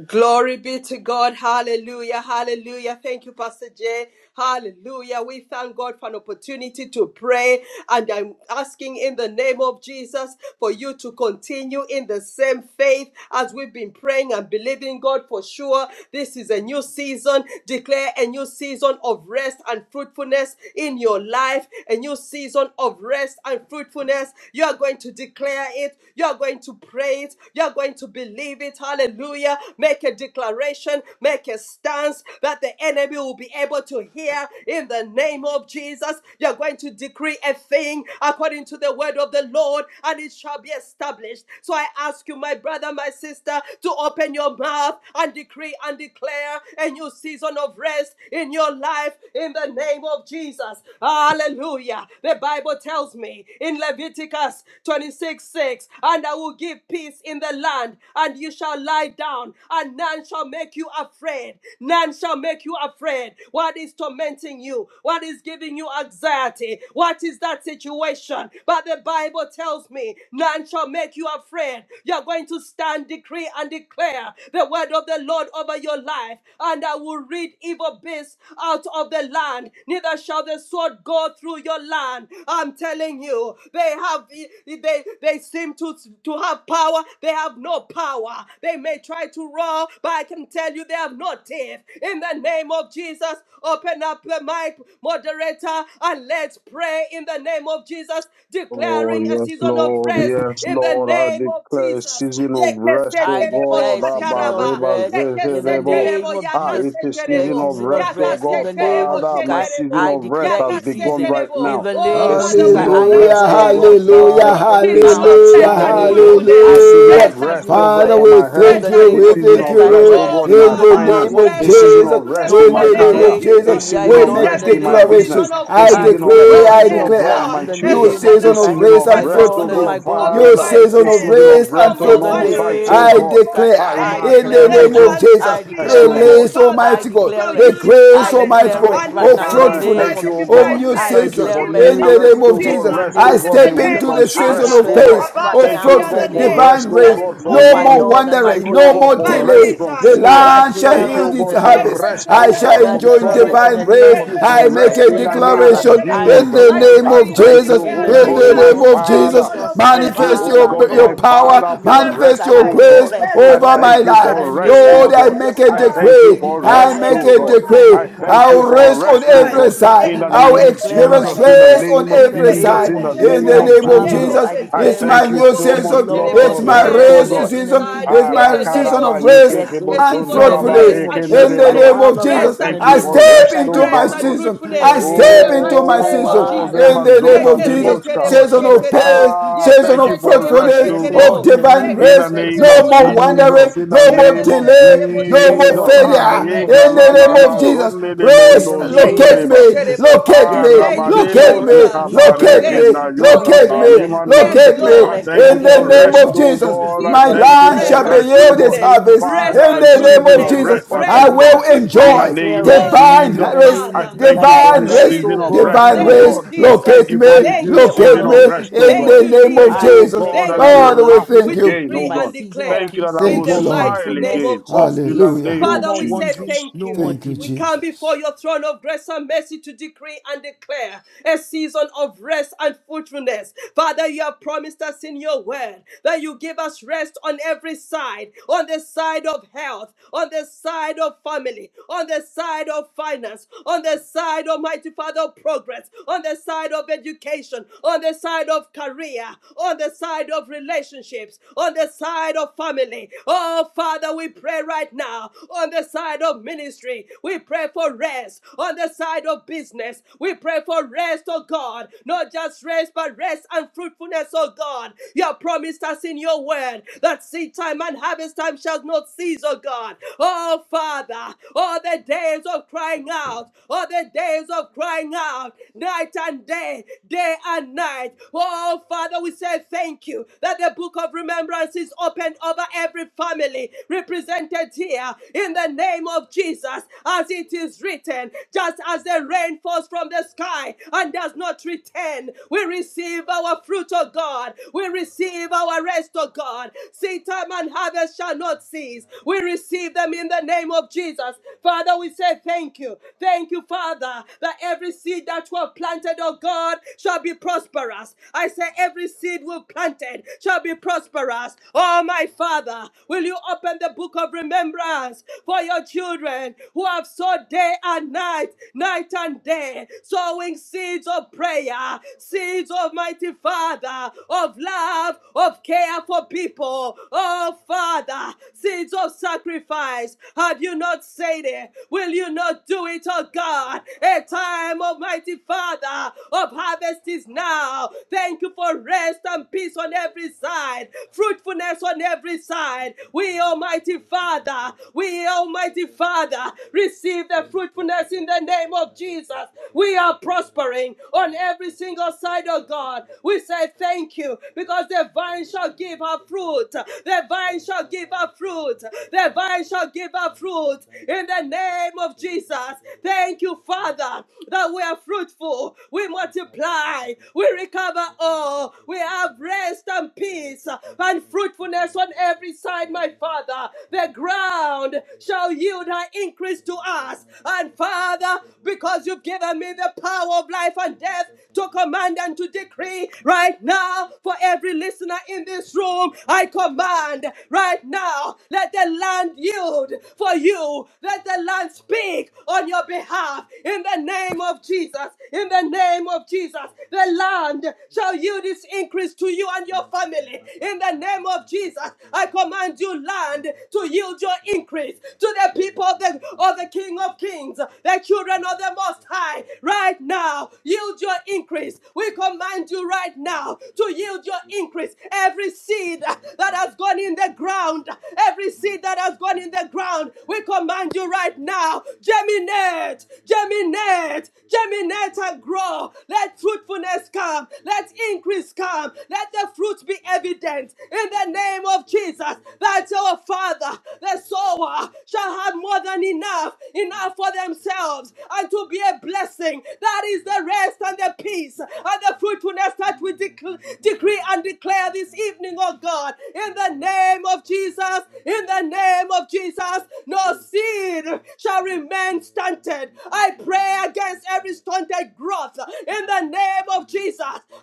[SPEAKER 2] Glory be to God. Hallelujah. Hallelujah. Thank you, Pastor Jay. Hallelujah. We thank God for an opportunity to pray. And I'm asking in the name of Jesus for you to continue in the same faith as we've been praying and believing God for sure. This is a new season. Declare a new season of rest and fruitfulness in your life, a new season of rest and fruitfulness. You are going to declare it. You are going to pray it. You are going to believe it. Hallelujah make a declaration, make a stance that the enemy will be able to hear in the name of Jesus. You're going to decree a thing according to the word of the Lord, and it shall be established. So I ask you, my brother, my sister, to open your mouth and decree and declare a new season of rest in your life in the name of Jesus. Hallelujah. The Bible tells me in Leviticus 26 6, and I will give peace in the land, and you shall lie down down, and none shall make you afraid. None shall make you afraid. What is tormenting you? What is giving you anxiety? What is that situation? But the Bible tells me, none shall make you afraid. You're going to stand, decree, and declare the word of the Lord over your life, and I will rid evil beasts out of the land. Neither shall the sword go through your land. I'm telling you, they have they they seem to to have power. They have no power. They may try try to roar, but I can tell you they have no teeth. In the name of Jesus, open up the mic, moderator, and let's pray in the name of Jesus,
[SPEAKER 7] Oh,
[SPEAKER 2] declaring a
[SPEAKER 7] yes,
[SPEAKER 2] season of
[SPEAKER 7] Lord.
[SPEAKER 2] rest
[SPEAKER 7] Yes,
[SPEAKER 2] in the
[SPEAKER 7] Lord. I
[SPEAKER 2] name of
[SPEAKER 7] declare a
[SPEAKER 2] Jesus.
[SPEAKER 7] season of rest, oh
[SPEAKER 3] I
[SPEAKER 2] Yekeseterebo
[SPEAKER 3] declare a
[SPEAKER 7] God.
[SPEAKER 3] season
[SPEAKER 7] Abba,
[SPEAKER 3] of
[SPEAKER 2] shataraba.
[SPEAKER 7] reba,
[SPEAKER 3] rest
[SPEAKER 7] zehe,
[SPEAKER 3] in the
[SPEAKER 7] rebo.
[SPEAKER 2] Yekeseterebo
[SPEAKER 3] name of
[SPEAKER 7] Ah,
[SPEAKER 3] Jesus.
[SPEAKER 7] it's a
[SPEAKER 3] Let a
[SPEAKER 7] season
[SPEAKER 2] yakaseterebo.
[SPEAKER 7] of
[SPEAKER 3] season
[SPEAKER 7] rest,
[SPEAKER 3] of
[SPEAKER 7] oh
[SPEAKER 3] rest in
[SPEAKER 7] God.
[SPEAKER 3] the name
[SPEAKER 2] Yakaseterebo
[SPEAKER 3] of
[SPEAKER 7] Father,
[SPEAKER 3] Jesus
[SPEAKER 7] my
[SPEAKER 3] Christ.
[SPEAKER 7] season
[SPEAKER 3] I
[SPEAKER 2] sheterebo.
[SPEAKER 7] of rest
[SPEAKER 3] declare
[SPEAKER 7] has
[SPEAKER 3] a
[SPEAKER 7] begun
[SPEAKER 3] season
[SPEAKER 7] right
[SPEAKER 2] Yakaseterebo.
[SPEAKER 3] in
[SPEAKER 7] now.
[SPEAKER 3] the
[SPEAKER 2] Oh,
[SPEAKER 7] A
[SPEAKER 3] name of Jesus
[SPEAKER 2] Father,
[SPEAKER 7] season
[SPEAKER 2] we
[SPEAKER 3] Christ.
[SPEAKER 7] of
[SPEAKER 3] I
[SPEAKER 2] pray
[SPEAKER 7] rest,
[SPEAKER 5] Hallelujah,
[SPEAKER 2] in the
[SPEAKER 3] declare
[SPEAKER 7] oh
[SPEAKER 2] name
[SPEAKER 3] a
[SPEAKER 7] God,
[SPEAKER 2] of
[SPEAKER 3] season
[SPEAKER 2] Jesus
[SPEAKER 3] of
[SPEAKER 5] hallelujah,
[SPEAKER 7] Father.
[SPEAKER 3] rest for me
[SPEAKER 7] It
[SPEAKER 2] season
[SPEAKER 3] now
[SPEAKER 2] of
[SPEAKER 7] starts
[SPEAKER 3] in
[SPEAKER 5] hallelujah,
[SPEAKER 2] rest
[SPEAKER 7] now,
[SPEAKER 3] the
[SPEAKER 2] and
[SPEAKER 7] oh
[SPEAKER 3] name of
[SPEAKER 7] God.
[SPEAKER 3] Jesus.
[SPEAKER 2] fruitfulness,
[SPEAKER 7] A
[SPEAKER 3] I
[SPEAKER 7] season
[SPEAKER 3] declare
[SPEAKER 7] of
[SPEAKER 3] a
[SPEAKER 5] hallelujah.
[SPEAKER 2] rest and
[SPEAKER 7] rest,
[SPEAKER 3] season
[SPEAKER 7] oh
[SPEAKER 3] of
[SPEAKER 7] God,
[SPEAKER 5] Father,
[SPEAKER 7] for
[SPEAKER 2] fruitfulness,
[SPEAKER 3] rest
[SPEAKER 5] we
[SPEAKER 7] my
[SPEAKER 3] in
[SPEAKER 7] health.
[SPEAKER 2] rest
[SPEAKER 5] thank
[SPEAKER 3] the
[SPEAKER 5] you,
[SPEAKER 2] and
[SPEAKER 7] A
[SPEAKER 3] name
[SPEAKER 5] we
[SPEAKER 3] of
[SPEAKER 7] season
[SPEAKER 5] thank
[SPEAKER 3] Jesus
[SPEAKER 7] of
[SPEAKER 2] fruitfulness.
[SPEAKER 5] you,
[SPEAKER 3] Christ.
[SPEAKER 7] rest, oh
[SPEAKER 5] Lord,
[SPEAKER 2] Oh
[SPEAKER 3] Rest,
[SPEAKER 7] God, in my
[SPEAKER 5] in the
[SPEAKER 3] no
[SPEAKER 2] Father,
[SPEAKER 3] more
[SPEAKER 7] finance.
[SPEAKER 5] name of
[SPEAKER 7] A
[SPEAKER 2] rest
[SPEAKER 3] wandering,
[SPEAKER 2] and
[SPEAKER 7] season
[SPEAKER 5] Jesus,
[SPEAKER 7] of rest
[SPEAKER 2] fruitfulness
[SPEAKER 3] no
[SPEAKER 2] in
[SPEAKER 7] in
[SPEAKER 5] in
[SPEAKER 2] the
[SPEAKER 3] more
[SPEAKER 7] my
[SPEAKER 5] the
[SPEAKER 2] name
[SPEAKER 5] name
[SPEAKER 2] of
[SPEAKER 7] career.
[SPEAKER 5] of
[SPEAKER 3] delay. The
[SPEAKER 7] A
[SPEAKER 5] Jesus,
[SPEAKER 2] Jesus.
[SPEAKER 3] year,
[SPEAKER 7] season
[SPEAKER 5] we
[SPEAKER 2] We
[SPEAKER 7] of
[SPEAKER 3] Lord, in
[SPEAKER 5] make
[SPEAKER 7] rest
[SPEAKER 2] step
[SPEAKER 3] the
[SPEAKER 7] in
[SPEAKER 2] into
[SPEAKER 7] my
[SPEAKER 3] name
[SPEAKER 2] a
[SPEAKER 3] of
[SPEAKER 5] declaration.
[SPEAKER 2] season
[SPEAKER 7] business.
[SPEAKER 2] of
[SPEAKER 7] A
[SPEAKER 5] I
[SPEAKER 3] I
[SPEAKER 2] peace.
[SPEAKER 7] season of
[SPEAKER 3] declare a
[SPEAKER 5] declare.
[SPEAKER 2] Oh
[SPEAKER 7] rest,
[SPEAKER 5] I
[SPEAKER 3] season
[SPEAKER 2] yes,
[SPEAKER 7] oh
[SPEAKER 3] of
[SPEAKER 7] God, with
[SPEAKER 3] rest
[SPEAKER 2] Lord,
[SPEAKER 7] my
[SPEAKER 3] in
[SPEAKER 5] declare,
[SPEAKER 3] the
[SPEAKER 2] a
[SPEAKER 5] new
[SPEAKER 7] children
[SPEAKER 3] name of
[SPEAKER 2] season
[SPEAKER 7] a
[SPEAKER 3] Jesus
[SPEAKER 5] season
[SPEAKER 2] of
[SPEAKER 5] of
[SPEAKER 3] Christ.
[SPEAKER 7] season
[SPEAKER 5] race
[SPEAKER 7] of
[SPEAKER 5] and
[SPEAKER 3] My
[SPEAKER 2] fruitfulness, oh
[SPEAKER 7] rest, oh
[SPEAKER 3] Lord and
[SPEAKER 2] God,
[SPEAKER 3] my
[SPEAKER 7] God,
[SPEAKER 5] fruitfulness,
[SPEAKER 3] God,
[SPEAKER 2] of
[SPEAKER 3] we
[SPEAKER 5] new
[SPEAKER 7] Father,
[SPEAKER 3] declare
[SPEAKER 2] divine
[SPEAKER 3] a
[SPEAKER 5] season
[SPEAKER 7] a
[SPEAKER 3] season
[SPEAKER 5] of
[SPEAKER 2] rest.
[SPEAKER 3] of
[SPEAKER 7] season of
[SPEAKER 5] race
[SPEAKER 3] rest
[SPEAKER 2] No
[SPEAKER 5] and
[SPEAKER 7] rest
[SPEAKER 3] in
[SPEAKER 7] on
[SPEAKER 2] more
[SPEAKER 3] the
[SPEAKER 7] all
[SPEAKER 5] fruitfulness.
[SPEAKER 2] wandering,
[SPEAKER 7] sides, oh
[SPEAKER 3] name
[SPEAKER 5] I
[SPEAKER 3] of
[SPEAKER 7] God.
[SPEAKER 2] no
[SPEAKER 3] Jesus Christ.
[SPEAKER 7] Ah,
[SPEAKER 5] declare,
[SPEAKER 7] in
[SPEAKER 3] I
[SPEAKER 7] my
[SPEAKER 2] day
[SPEAKER 5] in the
[SPEAKER 3] declare
[SPEAKER 2] the
[SPEAKER 5] name
[SPEAKER 7] academics,
[SPEAKER 3] rest.
[SPEAKER 5] of
[SPEAKER 7] oh
[SPEAKER 2] land
[SPEAKER 5] Jesus,
[SPEAKER 3] I
[SPEAKER 2] shall be,
[SPEAKER 7] rest,
[SPEAKER 3] declare
[SPEAKER 7] oh
[SPEAKER 2] Almighty
[SPEAKER 3] rest.
[SPEAKER 7] God.
[SPEAKER 5] release,
[SPEAKER 3] I
[SPEAKER 2] Father,
[SPEAKER 5] Almighty God,
[SPEAKER 3] declare
[SPEAKER 2] shall
[SPEAKER 5] the
[SPEAKER 2] you
[SPEAKER 3] rest.
[SPEAKER 5] grace,
[SPEAKER 3] I
[SPEAKER 2] inhabit,
[SPEAKER 5] Almighty
[SPEAKER 3] declare rest
[SPEAKER 5] God,
[SPEAKER 2] and we
[SPEAKER 3] right
[SPEAKER 5] of
[SPEAKER 3] now in
[SPEAKER 2] shall
[SPEAKER 7] Father,
[SPEAKER 3] the
[SPEAKER 7] I
[SPEAKER 3] name
[SPEAKER 2] enjoy
[SPEAKER 7] thank
[SPEAKER 5] fruitfulness,
[SPEAKER 3] of
[SPEAKER 2] the
[SPEAKER 7] you, oh
[SPEAKER 3] Jesus
[SPEAKER 5] of
[SPEAKER 3] Christ.
[SPEAKER 7] God.
[SPEAKER 2] divine
[SPEAKER 5] new
[SPEAKER 3] I
[SPEAKER 2] rest
[SPEAKER 7] Thank you
[SPEAKER 5] season.
[SPEAKER 3] declare
[SPEAKER 7] for
[SPEAKER 2] in the
[SPEAKER 3] rest
[SPEAKER 5] In
[SPEAKER 7] new
[SPEAKER 2] name
[SPEAKER 3] and
[SPEAKER 5] the name
[SPEAKER 7] rest,
[SPEAKER 2] of
[SPEAKER 7] oh
[SPEAKER 5] of
[SPEAKER 3] fruitfulness
[SPEAKER 7] God.
[SPEAKER 3] in
[SPEAKER 5] Jesus,
[SPEAKER 3] the
[SPEAKER 2] Jesus,
[SPEAKER 7] Rest,
[SPEAKER 5] I
[SPEAKER 7] oh
[SPEAKER 3] name
[SPEAKER 7] God,
[SPEAKER 3] of
[SPEAKER 2] in
[SPEAKER 5] step
[SPEAKER 2] the
[SPEAKER 7] away
[SPEAKER 3] Jesus.
[SPEAKER 2] name
[SPEAKER 5] into
[SPEAKER 7] from
[SPEAKER 5] the
[SPEAKER 2] of
[SPEAKER 3] I
[SPEAKER 5] season
[SPEAKER 7] stress,
[SPEAKER 2] Jesus,
[SPEAKER 5] of
[SPEAKER 7] oh
[SPEAKER 3] declare
[SPEAKER 7] God.
[SPEAKER 5] peace,
[SPEAKER 3] rest
[SPEAKER 2] above
[SPEAKER 3] right
[SPEAKER 5] of
[SPEAKER 7] Thank
[SPEAKER 3] now
[SPEAKER 7] you,
[SPEAKER 2] every
[SPEAKER 7] oh
[SPEAKER 3] in the
[SPEAKER 5] fruitfulness,
[SPEAKER 7] God,
[SPEAKER 2] other
[SPEAKER 7] for
[SPEAKER 3] name
[SPEAKER 2] name.
[SPEAKER 3] of
[SPEAKER 5] divine
[SPEAKER 7] rest,
[SPEAKER 3] Jesus
[SPEAKER 7] oh
[SPEAKER 5] race.
[SPEAKER 3] Christ.
[SPEAKER 2] There is
[SPEAKER 7] God,
[SPEAKER 2] no
[SPEAKER 3] Oh,
[SPEAKER 7] from
[SPEAKER 5] No
[SPEAKER 3] my
[SPEAKER 2] name
[SPEAKER 7] worry.
[SPEAKER 5] more
[SPEAKER 2] but
[SPEAKER 3] Lord and my
[SPEAKER 2] Jesus.
[SPEAKER 7] Thank
[SPEAKER 5] wandering,
[SPEAKER 3] God,
[SPEAKER 7] you, oh
[SPEAKER 5] no
[SPEAKER 3] I
[SPEAKER 7] God,
[SPEAKER 5] more
[SPEAKER 2] By
[SPEAKER 7] for
[SPEAKER 3] declare
[SPEAKER 7] rest
[SPEAKER 5] delay.
[SPEAKER 3] rest.
[SPEAKER 7] from
[SPEAKER 2] Jesus,
[SPEAKER 5] The
[SPEAKER 3] I
[SPEAKER 7] fear.
[SPEAKER 2] by
[SPEAKER 5] land shall
[SPEAKER 3] declare
[SPEAKER 7] Thank you, oh
[SPEAKER 5] yield
[SPEAKER 2] Jesus.
[SPEAKER 3] rest in
[SPEAKER 5] its
[SPEAKER 3] the
[SPEAKER 7] God,
[SPEAKER 3] name
[SPEAKER 2] Yes,
[SPEAKER 7] for
[SPEAKER 3] of
[SPEAKER 5] harvest.
[SPEAKER 2] yes,
[SPEAKER 7] rest,
[SPEAKER 3] Jesus.
[SPEAKER 2] yes,
[SPEAKER 5] I
[SPEAKER 7] oh
[SPEAKER 5] shall
[SPEAKER 7] God,
[SPEAKER 3] I
[SPEAKER 2] terrible,
[SPEAKER 7] from
[SPEAKER 5] enjoy
[SPEAKER 2] yes,
[SPEAKER 3] declare
[SPEAKER 7] troubles.
[SPEAKER 3] rest in
[SPEAKER 2] terrible.
[SPEAKER 5] divine
[SPEAKER 3] the name
[SPEAKER 5] race.
[SPEAKER 2] Yes,
[SPEAKER 7] Thank
[SPEAKER 3] of
[SPEAKER 7] you
[SPEAKER 2] yes,
[SPEAKER 7] for
[SPEAKER 5] I
[SPEAKER 2] yes,
[SPEAKER 3] Jesus
[SPEAKER 5] make
[SPEAKER 3] Christ.
[SPEAKER 7] rest
[SPEAKER 5] a
[SPEAKER 2] terrible,
[SPEAKER 7] in the
[SPEAKER 3] Thank you,
[SPEAKER 2] yes, yes,
[SPEAKER 7] name
[SPEAKER 3] Father.
[SPEAKER 2] yes,
[SPEAKER 7] of
[SPEAKER 5] declaration
[SPEAKER 3] I
[SPEAKER 2] terrible.
[SPEAKER 5] in
[SPEAKER 7] Jesus.
[SPEAKER 5] the
[SPEAKER 2] I
[SPEAKER 3] declare
[SPEAKER 5] name
[SPEAKER 7] I
[SPEAKER 3] rest,
[SPEAKER 5] of
[SPEAKER 3] O
[SPEAKER 2] decree and
[SPEAKER 3] God,
[SPEAKER 7] thank you,
[SPEAKER 5] Jesus.
[SPEAKER 3] in
[SPEAKER 2] declare
[SPEAKER 3] the
[SPEAKER 7] O
[SPEAKER 5] In
[SPEAKER 2] right
[SPEAKER 7] God,
[SPEAKER 5] the
[SPEAKER 7] my
[SPEAKER 3] name
[SPEAKER 2] now
[SPEAKER 5] name
[SPEAKER 3] of
[SPEAKER 5] of
[SPEAKER 2] a
[SPEAKER 5] Jesus,
[SPEAKER 7] Father.
[SPEAKER 2] season
[SPEAKER 3] Jesus.
[SPEAKER 2] of
[SPEAKER 7] Thank
[SPEAKER 2] rest
[SPEAKER 7] you,
[SPEAKER 2] and
[SPEAKER 5] manifest
[SPEAKER 7] O
[SPEAKER 5] your,
[SPEAKER 3] Father,
[SPEAKER 7] God,
[SPEAKER 5] your
[SPEAKER 2] fruitfulness.
[SPEAKER 7] my
[SPEAKER 3] Lord, we take
[SPEAKER 7] Father,
[SPEAKER 3] the
[SPEAKER 5] power,
[SPEAKER 3] name
[SPEAKER 7] for
[SPEAKER 3] of
[SPEAKER 2] Rest
[SPEAKER 3] Jesus.
[SPEAKER 5] manifest
[SPEAKER 7] rest,
[SPEAKER 3] I
[SPEAKER 5] your
[SPEAKER 7] O
[SPEAKER 2] on
[SPEAKER 3] declare
[SPEAKER 5] grace
[SPEAKER 7] God.
[SPEAKER 2] every side.
[SPEAKER 3] rest, O
[SPEAKER 2] Rest
[SPEAKER 7] I
[SPEAKER 2] on
[SPEAKER 5] over my
[SPEAKER 3] God,
[SPEAKER 2] every
[SPEAKER 7] thank you
[SPEAKER 3] in
[SPEAKER 7] for
[SPEAKER 3] the
[SPEAKER 2] side.
[SPEAKER 5] life.
[SPEAKER 7] rest,
[SPEAKER 3] name
[SPEAKER 7] O
[SPEAKER 2] Rest
[SPEAKER 5] Lord,
[SPEAKER 3] of
[SPEAKER 5] I
[SPEAKER 2] on
[SPEAKER 7] God.
[SPEAKER 5] make
[SPEAKER 3] Jesus
[SPEAKER 2] every
[SPEAKER 5] a
[SPEAKER 7] I
[SPEAKER 3] Christ.
[SPEAKER 2] side.
[SPEAKER 7] thank you
[SPEAKER 3] We
[SPEAKER 5] decree.
[SPEAKER 7] for
[SPEAKER 2] Rest
[SPEAKER 5] I
[SPEAKER 3] declare
[SPEAKER 7] rest,
[SPEAKER 2] on
[SPEAKER 5] I make
[SPEAKER 3] rest,
[SPEAKER 7] O
[SPEAKER 3] O
[SPEAKER 5] a
[SPEAKER 2] every
[SPEAKER 7] God.
[SPEAKER 3] God, in the
[SPEAKER 2] side.
[SPEAKER 7] I
[SPEAKER 5] decree.
[SPEAKER 3] name of
[SPEAKER 7] thank
[SPEAKER 5] I'll
[SPEAKER 2] Flesh
[SPEAKER 7] you
[SPEAKER 3] Jesus
[SPEAKER 2] on
[SPEAKER 7] for
[SPEAKER 5] rest
[SPEAKER 3] Christ.
[SPEAKER 2] every
[SPEAKER 5] on
[SPEAKER 7] rest,
[SPEAKER 3] We
[SPEAKER 7] O
[SPEAKER 2] side.
[SPEAKER 5] every
[SPEAKER 7] God.
[SPEAKER 3] thank you, Lord, in
[SPEAKER 2] Yeke
[SPEAKER 7] In
[SPEAKER 3] the
[SPEAKER 5] side.
[SPEAKER 7] the
[SPEAKER 3] name of
[SPEAKER 5] I'll
[SPEAKER 3] I
[SPEAKER 2] se
[SPEAKER 7] name of
[SPEAKER 3] declare
[SPEAKER 2] terebo,
[SPEAKER 5] experience
[SPEAKER 7] Jesus,
[SPEAKER 3] rest,
[SPEAKER 2] she
[SPEAKER 3] O
[SPEAKER 7] in the
[SPEAKER 3] God,
[SPEAKER 5] rest on
[SPEAKER 2] terebo.
[SPEAKER 7] name of
[SPEAKER 3] in the
[SPEAKER 5] every
[SPEAKER 2] Yeke
[SPEAKER 7] Jesus,
[SPEAKER 5] side.
[SPEAKER 3] name
[SPEAKER 7] in
[SPEAKER 2] se
[SPEAKER 3] of
[SPEAKER 7] the
[SPEAKER 3] Jesus
[SPEAKER 5] In
[SPEAKER 7] name
[SPEAKER 5] the
[SPEAKER 2] terebo.
[SPEAKER 7] of
[SPEAKER 3] Christ,
[SPEAKER 5] name of
[SPEAKER 3] Father,
[SPEAKER 7] Jesus.
[SPEAKER 3] Lord.
[SPEAKER 2] Yeke
[SPEAKER 5] Jesus,
[SPEAKER 3] I
[SPEAKER 2] se
[SPEAKER 7] I
[SPEAKER 5] it's
[SPEAKER 3] declare
[SPEAKER 2] terebo,
[SPEAKER 5] my
[SPEAKER 7] thank
[SPEAKER 2] bo,
[SPEAKER 3] rest.
[SPEAKER 7] you
[SPEAKER 2] bo,
[SPEAKER 5] new
[SPEAKER 2] bo,
[SPEAKER 7] so
[SPEAKER 2] bo,
[SPEAKER 3] Yes,
[SPEAKER 2] she
[SPEAKER 7] much,
[SPEAKER 5] season.
[SPEAKER 7] Lord,
[SPEAKER 2] terebo.
[SPEAKER 5] It's
[SPEAKER 3] Lord.
[SPEAKER 7] for
[SPEAKER 5] my
[SPEAKER 3] Yes,
[SPEAKER 7] rest,
[SPEAKER 2] Rest
[SPEAKER 3] yes,
[SPEAKER 7] O
[SPEAKER 2] on
[SPEAKER 5] rest
[SPEAKER 7] God.
[SPEAKER 3] Lord,
[SPEAKER 2] every
[SPEAKER 3] in the
[SPEAKER 5] season.
[SPEAKER 3] name
[SPEAKER 2] side
[SPEAKER 5] It's
[SPEAKER 2] in
[SPEAKER 5] my
[SPEAKER 2] the name
[SPEAKER 5] season
[SPEAKER 2] of
[SPEAKER 5] of rest
[SPEAKER 2] Jesus.
[SPEAKER 3] Yes,
[SPEAKER 2] A
[SPEAKER 3] Lord,
[SPEAKER 5] and
[SPEAKER 3] in
[SPEAKER 2] season
[SPEAKER 3] the
[SPEAKER 2] of
[SPEAKER 7] Arakarabayekekebozontalaba
[SPEAKER 5] fruitfulness.
[SPEAKER 3] name
[SPEAKER 2] rest
[SPEAKER 3] of
[SPEAKER 2] and
[SPEAKER 5] In
[SPEAKER 3] Jesus
[SPEAKER 5] the
[SPEAKER 3] Christ,
[SPEAKER 7] ekenderebro.
[SPEAKER 2] fruitfulness.
[SPEAKER 5] name of
[SPEAKER 3] Father,
[SPEAKER 7] I
[SPEAKER 5] Jesus,
[SPEAKER 3] Lord,
[SPEAKER 2] Rest
[SPEAKER 3] in
[SPEAKER 2] and
[SPEAKER 3] the
[SPEAKER 7] thank you
[SPEAKER 5] I
[SPEAKER 3] name
[SPEAKER 7] for
[SPEAKER 3] of Jesus
[SPEAKER 2] fruitfulness.
[SPEAKER 5] step
[SPEAKER 7] rest,
[SPEAKER 3] Christ,
[SPEAKER 7] O
[SPEAKER 5] into my
[SPEAKER 2] Rest
[SPEAKER 7] God.
[SPEAKER 2] and
[SPEAKER 3] Lord,
[SPEAKER 5] season.
[SPEAKER 3] in the
[SPEAKER 5] I
[SPEAKER 2] fruitfulness in
[SPEAKER 5] step
[SPEAKER 3] name
[SPEAKER 2] the
[SPEAKER 3] of
[SPEAKER 5] into
[SPEAKER 3] Jesus
[SPEAKER 2] mighty
[SPEAKER 5] my
[SPEAKER 3] Christ,
[SPEAKER 2] name of
[SPEAKER 5] season.
[SPEAKER 7] Oh,
[SPEAKER 2] Jesus.
[SPEAKER 3] Father,
[SPEAKER 5] In the name
[SPEAKER 3] yes,
[SPEAKER 7] Lemazota
[SPEAKER 3] in
[SPEAKER 5] of
[SPEAKER 2] Yeke
[SPEAKER 3] the
[SPEAKER 2] se
[SPEAKER 5] Jesus,
[SPEAKER 3] name
[SPEAKER 7] Leboska.
[SPEAKER 3] of
[SPEAKER 2] terebo,
[SPEAKER 5] season
[SPEAKER 2] she
[SPEAKER 5] of
[SPEAKER 3] Jesus Christ,
[SPEAKER 2] terebo.
[SPEAKER 5] peace,
[SPEAKER 7] Ah,
[SPEAKER 2] Yeke
[SPEAKER 5] season
[SPEAKER 7] thank
[SPEAKER 3] Ah,
[SPEAKER 7] you
[SPEAKER 2] se
[SPEAKER 5] of
[SPEAKER 7] for
[SPEAKER 2] terebo,
[SPEAKER 3] Lord,
[SPEAKER 7] rest,
[SPEAKER 2] she
[SPEAKER 5] fruitfulness,
[SPEAKER 7] oh
[SPEAKER 3] yes,
[SPEAKER 7] God.
[SPEAKER 5] of
[SPEAKER 3] Lord,
[SPEAKER 2] terebo.
[SPEAKER 3] in the
[SPEAKER 5] divine
[SPEAKER 3] name of
[SPEAKER 7] In
[SPEAKER 2] Yeke
[SPEAKER 7] the
[SPEAKER 5] rest.
[SPEAKER 2] se
[SPEAKER 3] Jesus
[SPEAKER 7] name
[SPEAKER 5] No
[SPEAKER 7] of
[SPEAKER 3] Christ,
[SPEAKER 2] terebo,
[SPEAKER 5] more
[SPEAKER 2] she
[SPEAKER 3] Father, we
[SPEAKER 5] wandering,
[SPEAKER 2] terebo.
[SPEAKER 7] Jesus,
[SPEAKER 3] pray.
[SPEAKER 7] in the
[SPEAKER 5] no more
[SPEAKER 2] Yeke
[SPEAKER 7] name of
[SPEAKER 2] se
[SPEAKER 5] delay,
[SPEAKER 2] terebo,
[SPEAKER 5] no
[SPEAKER 2] she
[SPEAKER 3] Yes,
[SPEAKER 5] more
[SPEAKER 7] Jesus.
[SPEAKER 3] Lord,
[SPEAKER 2] terebo.
[SPEAKER 3] in the
[SPEAKER 7] Ha,
[SPEAKER 5] failure.
[SPEAKER 3] name
[SPEAKER 7] ye
[SPEAKER 3] of
[SPEAKER 7] ka
[SPEAKER 2] Yeke
[SPEAKER 5] In
[SPEAKER 7] la
[SPEAKER 2] se
[SPEAKER 5] the
[SPEAKER 3] Jesus
[SPEAKER 7] la
[SPEAKER 5] name
[SPEAKER 3] Christ.
[SPEAKER 5] of
[SPEAKER 7] la,
[SPEAKER 2] terebo.
[SPEAKER 5] Jesus,
[SPEAKER 7] zonde le
[SPEAKER 3] In
[SPEAKER 5] raise,
[SPEAKER 3] the
[SPEAKER 7] mondo,
[SPEAKER 3] name
[SPEAKER 7] zonde
[SPEAKER 5] locate
[SPEAKER 7] le
[SPEAKER 3] of
[SPEAKER 7] ba.
[SPEAKER 5] me,
[SPEAKER 3] Jesus Christ.
[SPEAKER 2] Yekeseterebo.
[SPEAKER 5] locate
[SPEAKER 3] Yes,
[SPEAKER 5] me,
[SPEAKER 3] Lord, we
[SPEAKER 2] Thank you,
[SPEAKER 3] declare
[SPEAKER 5] locate
[SPEAKER 7] Arabadebo
[SPEAKER 3] rest.
[SPEAKER 5] me,
[SPEAKER 3] We
[SPEAKER 2] Jesus.
[SPEAKER 3] declare
[SPEAKER 5] locate
[SPEAKER 7] sukabareke
[SPEAKER 5] me,
[SPEAKER 2] Thank
[SPEAKER 3] rest.
[SPEAKER 2] you,
[SPEAKER 7] na
[SPEAKER 3] We
[SPEAKER 2] Father.
[SPEAKER 7] yosa
[SPEAKER 5] locate
[SPEAKER 3] declare
[SPEAKER 5] me,
[SPEAKER 3] rest.
[SPEAKER 7] dalimando.
[SPEAKER 3] We
[SPEAKER 2] Yes,
[SPEAKER 5] locate me.
[SPEAKER 3] declare
[SPEAKER 7] I
[SPEAKER 2] Lord.
[SPEAKER 3] rest in
[SPEAKER 7] thank you
[SPEAKER 3] the,
[SPEAKER 5] In
[SPEAKER 3] in
[SPEAKER 5] the
[SPEAKER 2] Yes,
[SPEAKER 3] the
[SPEAKER 7] for rest,
[SPEAKER 5] name
[SPEAKER 3] name
[SPEAKER 5] of
[SPEAKER 2] Lord.
[SPEAKER 3] of
[SPEAKER 7] O
[SPEAKER 5] Jesus,
[SPEAKER 3] Jesus.
[SPEAKER 7] God. I
[SPEAKER 5] my
[SPEAKER 2] Season
[SPEAKER 3] We
[SPEAKER 7] thank
[SPEAKER 2] of
[SPEAKER 7] you
[SPEAKER 5] land
[SPEAKER 3] declare
[SPEAKER 7] for
[SPEAKER 2] rest
[SPEAKER 5] shall be
[SPEAKER 2] and
[SPEAKER 7] rest,
[SPEAKER 3] rest
[SPEAKER 7] O
[SPEAKER 3] in
[SPEAKER 5] yield
[SPEAKER 3] the
[SPEAKER 7] God.
[SPEAKER 5] its
[SPEAKER 2] fruitfulness.
[SPEAKER 3] name of
[SPEAKER 5] harvest.
[SPEAKER 3] Jesus
[SPEAKER 5] In
[SPEAKER 2] Rest
[SPEAKER 3] Christ.
[SPEAKER 7] Father, a
[SPEAKER 2] and
[SPEAKER 5] the
[SPEAKER 3] We
[SPEAKER 7] season
[SPEAKER 5] name of
[SPEAKER 7] of
[SPEAKER 3] declare
[SPEAKER 2] fruitfulness.
[SPEAKER 3] rest
[SPEAKER 7] rest
[SPEAKER 5] Jesus,
[SPEAKER 3] on
[SPEAKER 7] has
[SPEAKER 5] I
[SPEAKER 2] Rest
[SPEAKER 3] every
[SPEAKER 2] and
[SPEAKER 5] will
[SPEAKER 7] begun.
[SPEAKER 3] side.
[SPEAKER 7] In
[SPEAKER 3] I
[SPEAKER 7] the
[SPEAKER 5] enjoy
[SPEAKER 2] fruitfulness.
[SPEAKER 3] declare
[SPEAKER 7] name of
[SPEAKER 2] Oh,
[SPEAKER 3] rest
[SPEAKER 2] thank
[SPEAKER 5] divine
[SPEAKER 3] in
[SPEAKER 7] Jesus,
[SPEAKER 2] you,
[SPEAKER 3] the
[SPEAKER 5] rest,
[SPEAKER 3] name
[SPEAKER 7] I
[SPEAKER 3] of
[SPEAKER 2] Father.
[SPEAKER 3] Jesus
[SPEAKER 7] thank
[SPEAKER 3] Christ.
[SPEAKER 7] you for
[SPEAKER 2] Thank
[SPEAKER 5] divine
[SPEAKER 2] you,
[SPEAKER 7] this
[SPEAKER 3] Rest,
[SPEAKER 5] rest.
[SPEAKER 7] season
[SPEAKER 3] oh
[SPEAKER 7] of
[SPEAKER 2] Jesus.
[SPEAKER 3] God, in
[SPEAKER 7] rest,
[SPEAKER 5] Divine
[SPEAKER 3] the
[SPEAKER 7] O
[SPEAKER 2] Thank
[SPEAKER 3] name
[SPEAKER 2] you,
[SPEAKER 7] God.
[SPEAKER 5] rest,
[SPEAKER 3] of Jesus Christ.
[SPEAKER 7] Thank
[SPEAKER 5] locate
[SPEAKER 2] Jesus.
[SPEAKER 7] you
[SPEAKER 5] me,
[SPEAKER 7] for
[SPEAKER 3] I
[SPEAKER 7] this
[SPEAKER 2] Thank
[SPEAKER 7] new
[SPEAKER 2] you,
[SPEAKER 3] declare, oh
[SPEAKER 5] locate
[SPEAKER 7] season
[SPEAKER 5] me
[SPEAKER 7] of
[SPEAKER 3] God,
[SPEAKER 2] Father.
[SPEAKER 3] a
[SPEAKER 7] rest,
[SPEAKER 3] season
[SPEAKER 7] O
[SPEAKER 3] of
[SPEAKER 5] in
[SPEAKER 7] God.
[SPEAKER 2] Thank
[SPEAKER 5] the
[SPEAKER 2] you,
[SPEAKER 3] rest.
[SPEAKER 5] name of
[SPEAKER 7] Thank you,
[SPEAKER 3] I
[SPEAKER 2] Jesus.
[SPEAKER 7] O
[SPEAKER 5] Jesus.
[SPEAKER 3] declare
[SPEAKER 7] God,
[SPEAKER 3] in
[SPEAKER 2] Thank
[SPEAKER 3] the
[SPEAKER 7] that
[SPEAKER 2] you,
[SPEAKER 7] I
[SPEAKER 3] name
[SPEAKER 7] will
[SPEAKER 5] Father,
[SPEAKER 3] of
[SPEAKER 5] we
[SPEAKER 2] Father.
[SPEAKER 7] laugh
[SPEAKER 3] Jesus,
[SPEAKER 5] thank
[SPEAKER 2] We
[SPEAKER 5] you.
[SPEAKER 7] again,
[SPEAKER 3] in
[SPEAKER 7] O
[SPEAKER 2] decree
[SPEAKER 3] my
[SPEAKER 7] God.
[SPEAKER 2] and
[SPEAKER 3] season of
[SPEAKER 7] Thank
[SPEAKER 2] declare
[SPEAKER 7] you that
[SPEAKER 3] peace,
[SPEAKER 7] I
[SPEAKER 2] in
[SPEAKER 7] will
[SPEAKER 5] Thank
[SPEAKER 2] the
[SPEAKER 5] you,
[SPEAKER 3] of
[SPEAKER 5] Lord.
[SPEAKER 2] mighty
[SPEAKER 7] smile
[SPEAKER 2] name
[SPEAKER 3] fruitfulness,
[SPEAKER 7] again.
[SPEAKER 2] of
[SPEAKER 3] of
[SPEAKER 2] Jesus.
[SPEAKER 7] In the
[SPEAKER 3] peace,
[SPEAKER 5] Hallelujah.
[SPEAKER 7] name
[SPEAKER 3] no
[SPEAKER 7] of
[SPEAKER 2] Father,
[SPEAKER 3] more
[SPEAKER 2] we say
[SPEAKER 3] wandering,
[SPEAKER 7] Jesus.
[SPEAKER 2] thank
[SPEAKER 3] no
[SPEAKER 2] you.
[SPEAKER 3] more
[SPEAKER 5] Thank you,
[SPEAKER 3] delay
[SPEAKER 2] We come before
[SPEAKER 5] Jesus.
[SPEAKER 2] your throne of grace and mercy to decree and declare a season of rest and fruitfulness. Father, you have promised us in your word that you give us rest on every side on the side of health, on the side of family, on the side of finance, on the side, Almighty Father, of progress, on the side of education, on the side of career, on the side of relationships, on the side of family. Oh. Oh, Father, we pray right now on the side of ministry. We pray for rest on the side of business. We pray for rest, oh God. Not just rest, but rest and fruitfulness, oh God. You have promised us in your word that seed time and harvest time shall not cease, oh God. Oh, Father, all the days of crying out, all the days of crying out, night and day, day and night. Oh, Father, we say thank you that the book of remembrance remembrance is opened over every family represented here in the name of Jesus, as it is written, just as the rain falls from the sky and does not return, we receive our fruit, O God. We receive our rest, O God. Seed time and harvest shall not cease. We receive them in the name of Jesus. Father, we say thank you. Thank you, Father, that every seed that you have planted, O God, shall be prosperous. I say every seed will will planted shall be prosperous. Oh, my Father, will you open the book of remembrance for your children who have sowed day and night, night and day, sowing seeds of prayer, seeds of mighty Father, of love, of care for people. Oh, Father, seeds of sacrifice. Have you not said it? Will you not do it, oh God? A time, Almighty Father, of harvest is now now. Thank you for rest and peace on every side, fruitfulness on every side. We, Almighty Father, we, Almighty Father, receive the fruitfulness in the name of Jesus. We are prospering on every single side, of God. We say thank you because the vine shall give her fruit. The vine shall give her fruit. The vine shall give her fruit in the name of Jesus. Thank you, Father, that we are fruitful double, we multiply, we recover all, we have rest and peace and fruitfulness on every side, my Father. The ground shall yield her increase to us. And Father, because you've given me the power of life and death to command and to decree right now for every listener in this room, I command right now, let the land yield for you, let the land speak on your behalf in the name of Jesus, in the name of Jesus. The land shall yield its increase to you and your family. In the name of Jesus, I command you, land, to yield your increase to the people of the, of the King of Kings, the children of the Most High. Right now, yield your increase. We command you right now to yield your increase. Every seed that has gone in the ground, every seed that has gone in the ground, we command you right now now. Germinate, germinate, germinate and grow. Let fruitfulness come. Let increase come. Let the fruit be evident in the name of Jesus. That our Father, the sower, shall have more than enough, enough for themselves, and to be a blessing. That is the rest and the peace and the fruitfulness that we decl- decree and declare this evening, oh God, in the name of Jesus, in the name of Jesus. Jesus, no seed shall remain stunted. I pray against every stunted growth in the name of Jesus.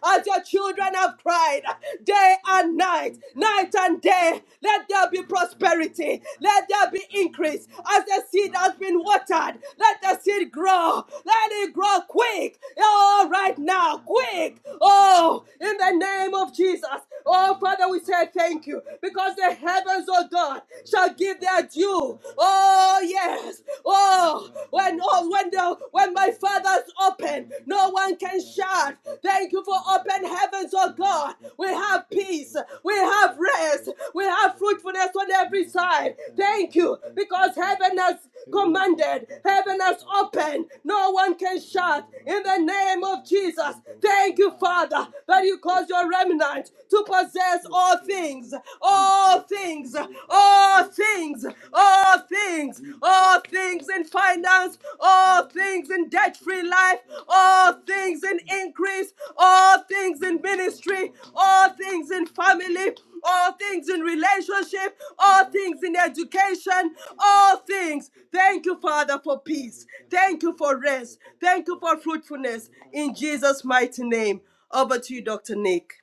[SPEAKER 2] As your children have cried day and night, night and day, let there be prosperity, let there be increase. As the seed has been watered, let the seed grow, let it grow quick. Oh, right now, quick. Oh, in the name of Jesus. Oh, Father, we say thank you because the heavens hands, oh God, shall give their due. Oh yes. Oh, when oh when the when my father's open, no one can shut. Thank you for open heavens, oh God. We have peace, we have rest, we have fruitfulness on every side. Thank you, because heaven has commanded, heaven has opened, no one can shut. In the name of Jesus, thank you, Father, that you cause your remnant to possess all all things, all things, all things, all things, all things in finance, all things in debt free life, all things in increase, all things in ministry, all things in family, all things in relationship, all things in education, all things. Thank you, Father, for peace. Thank you for rest. Thank you for fruitfulness. In Jesus' mighty name. Over to you, Dr. Nick.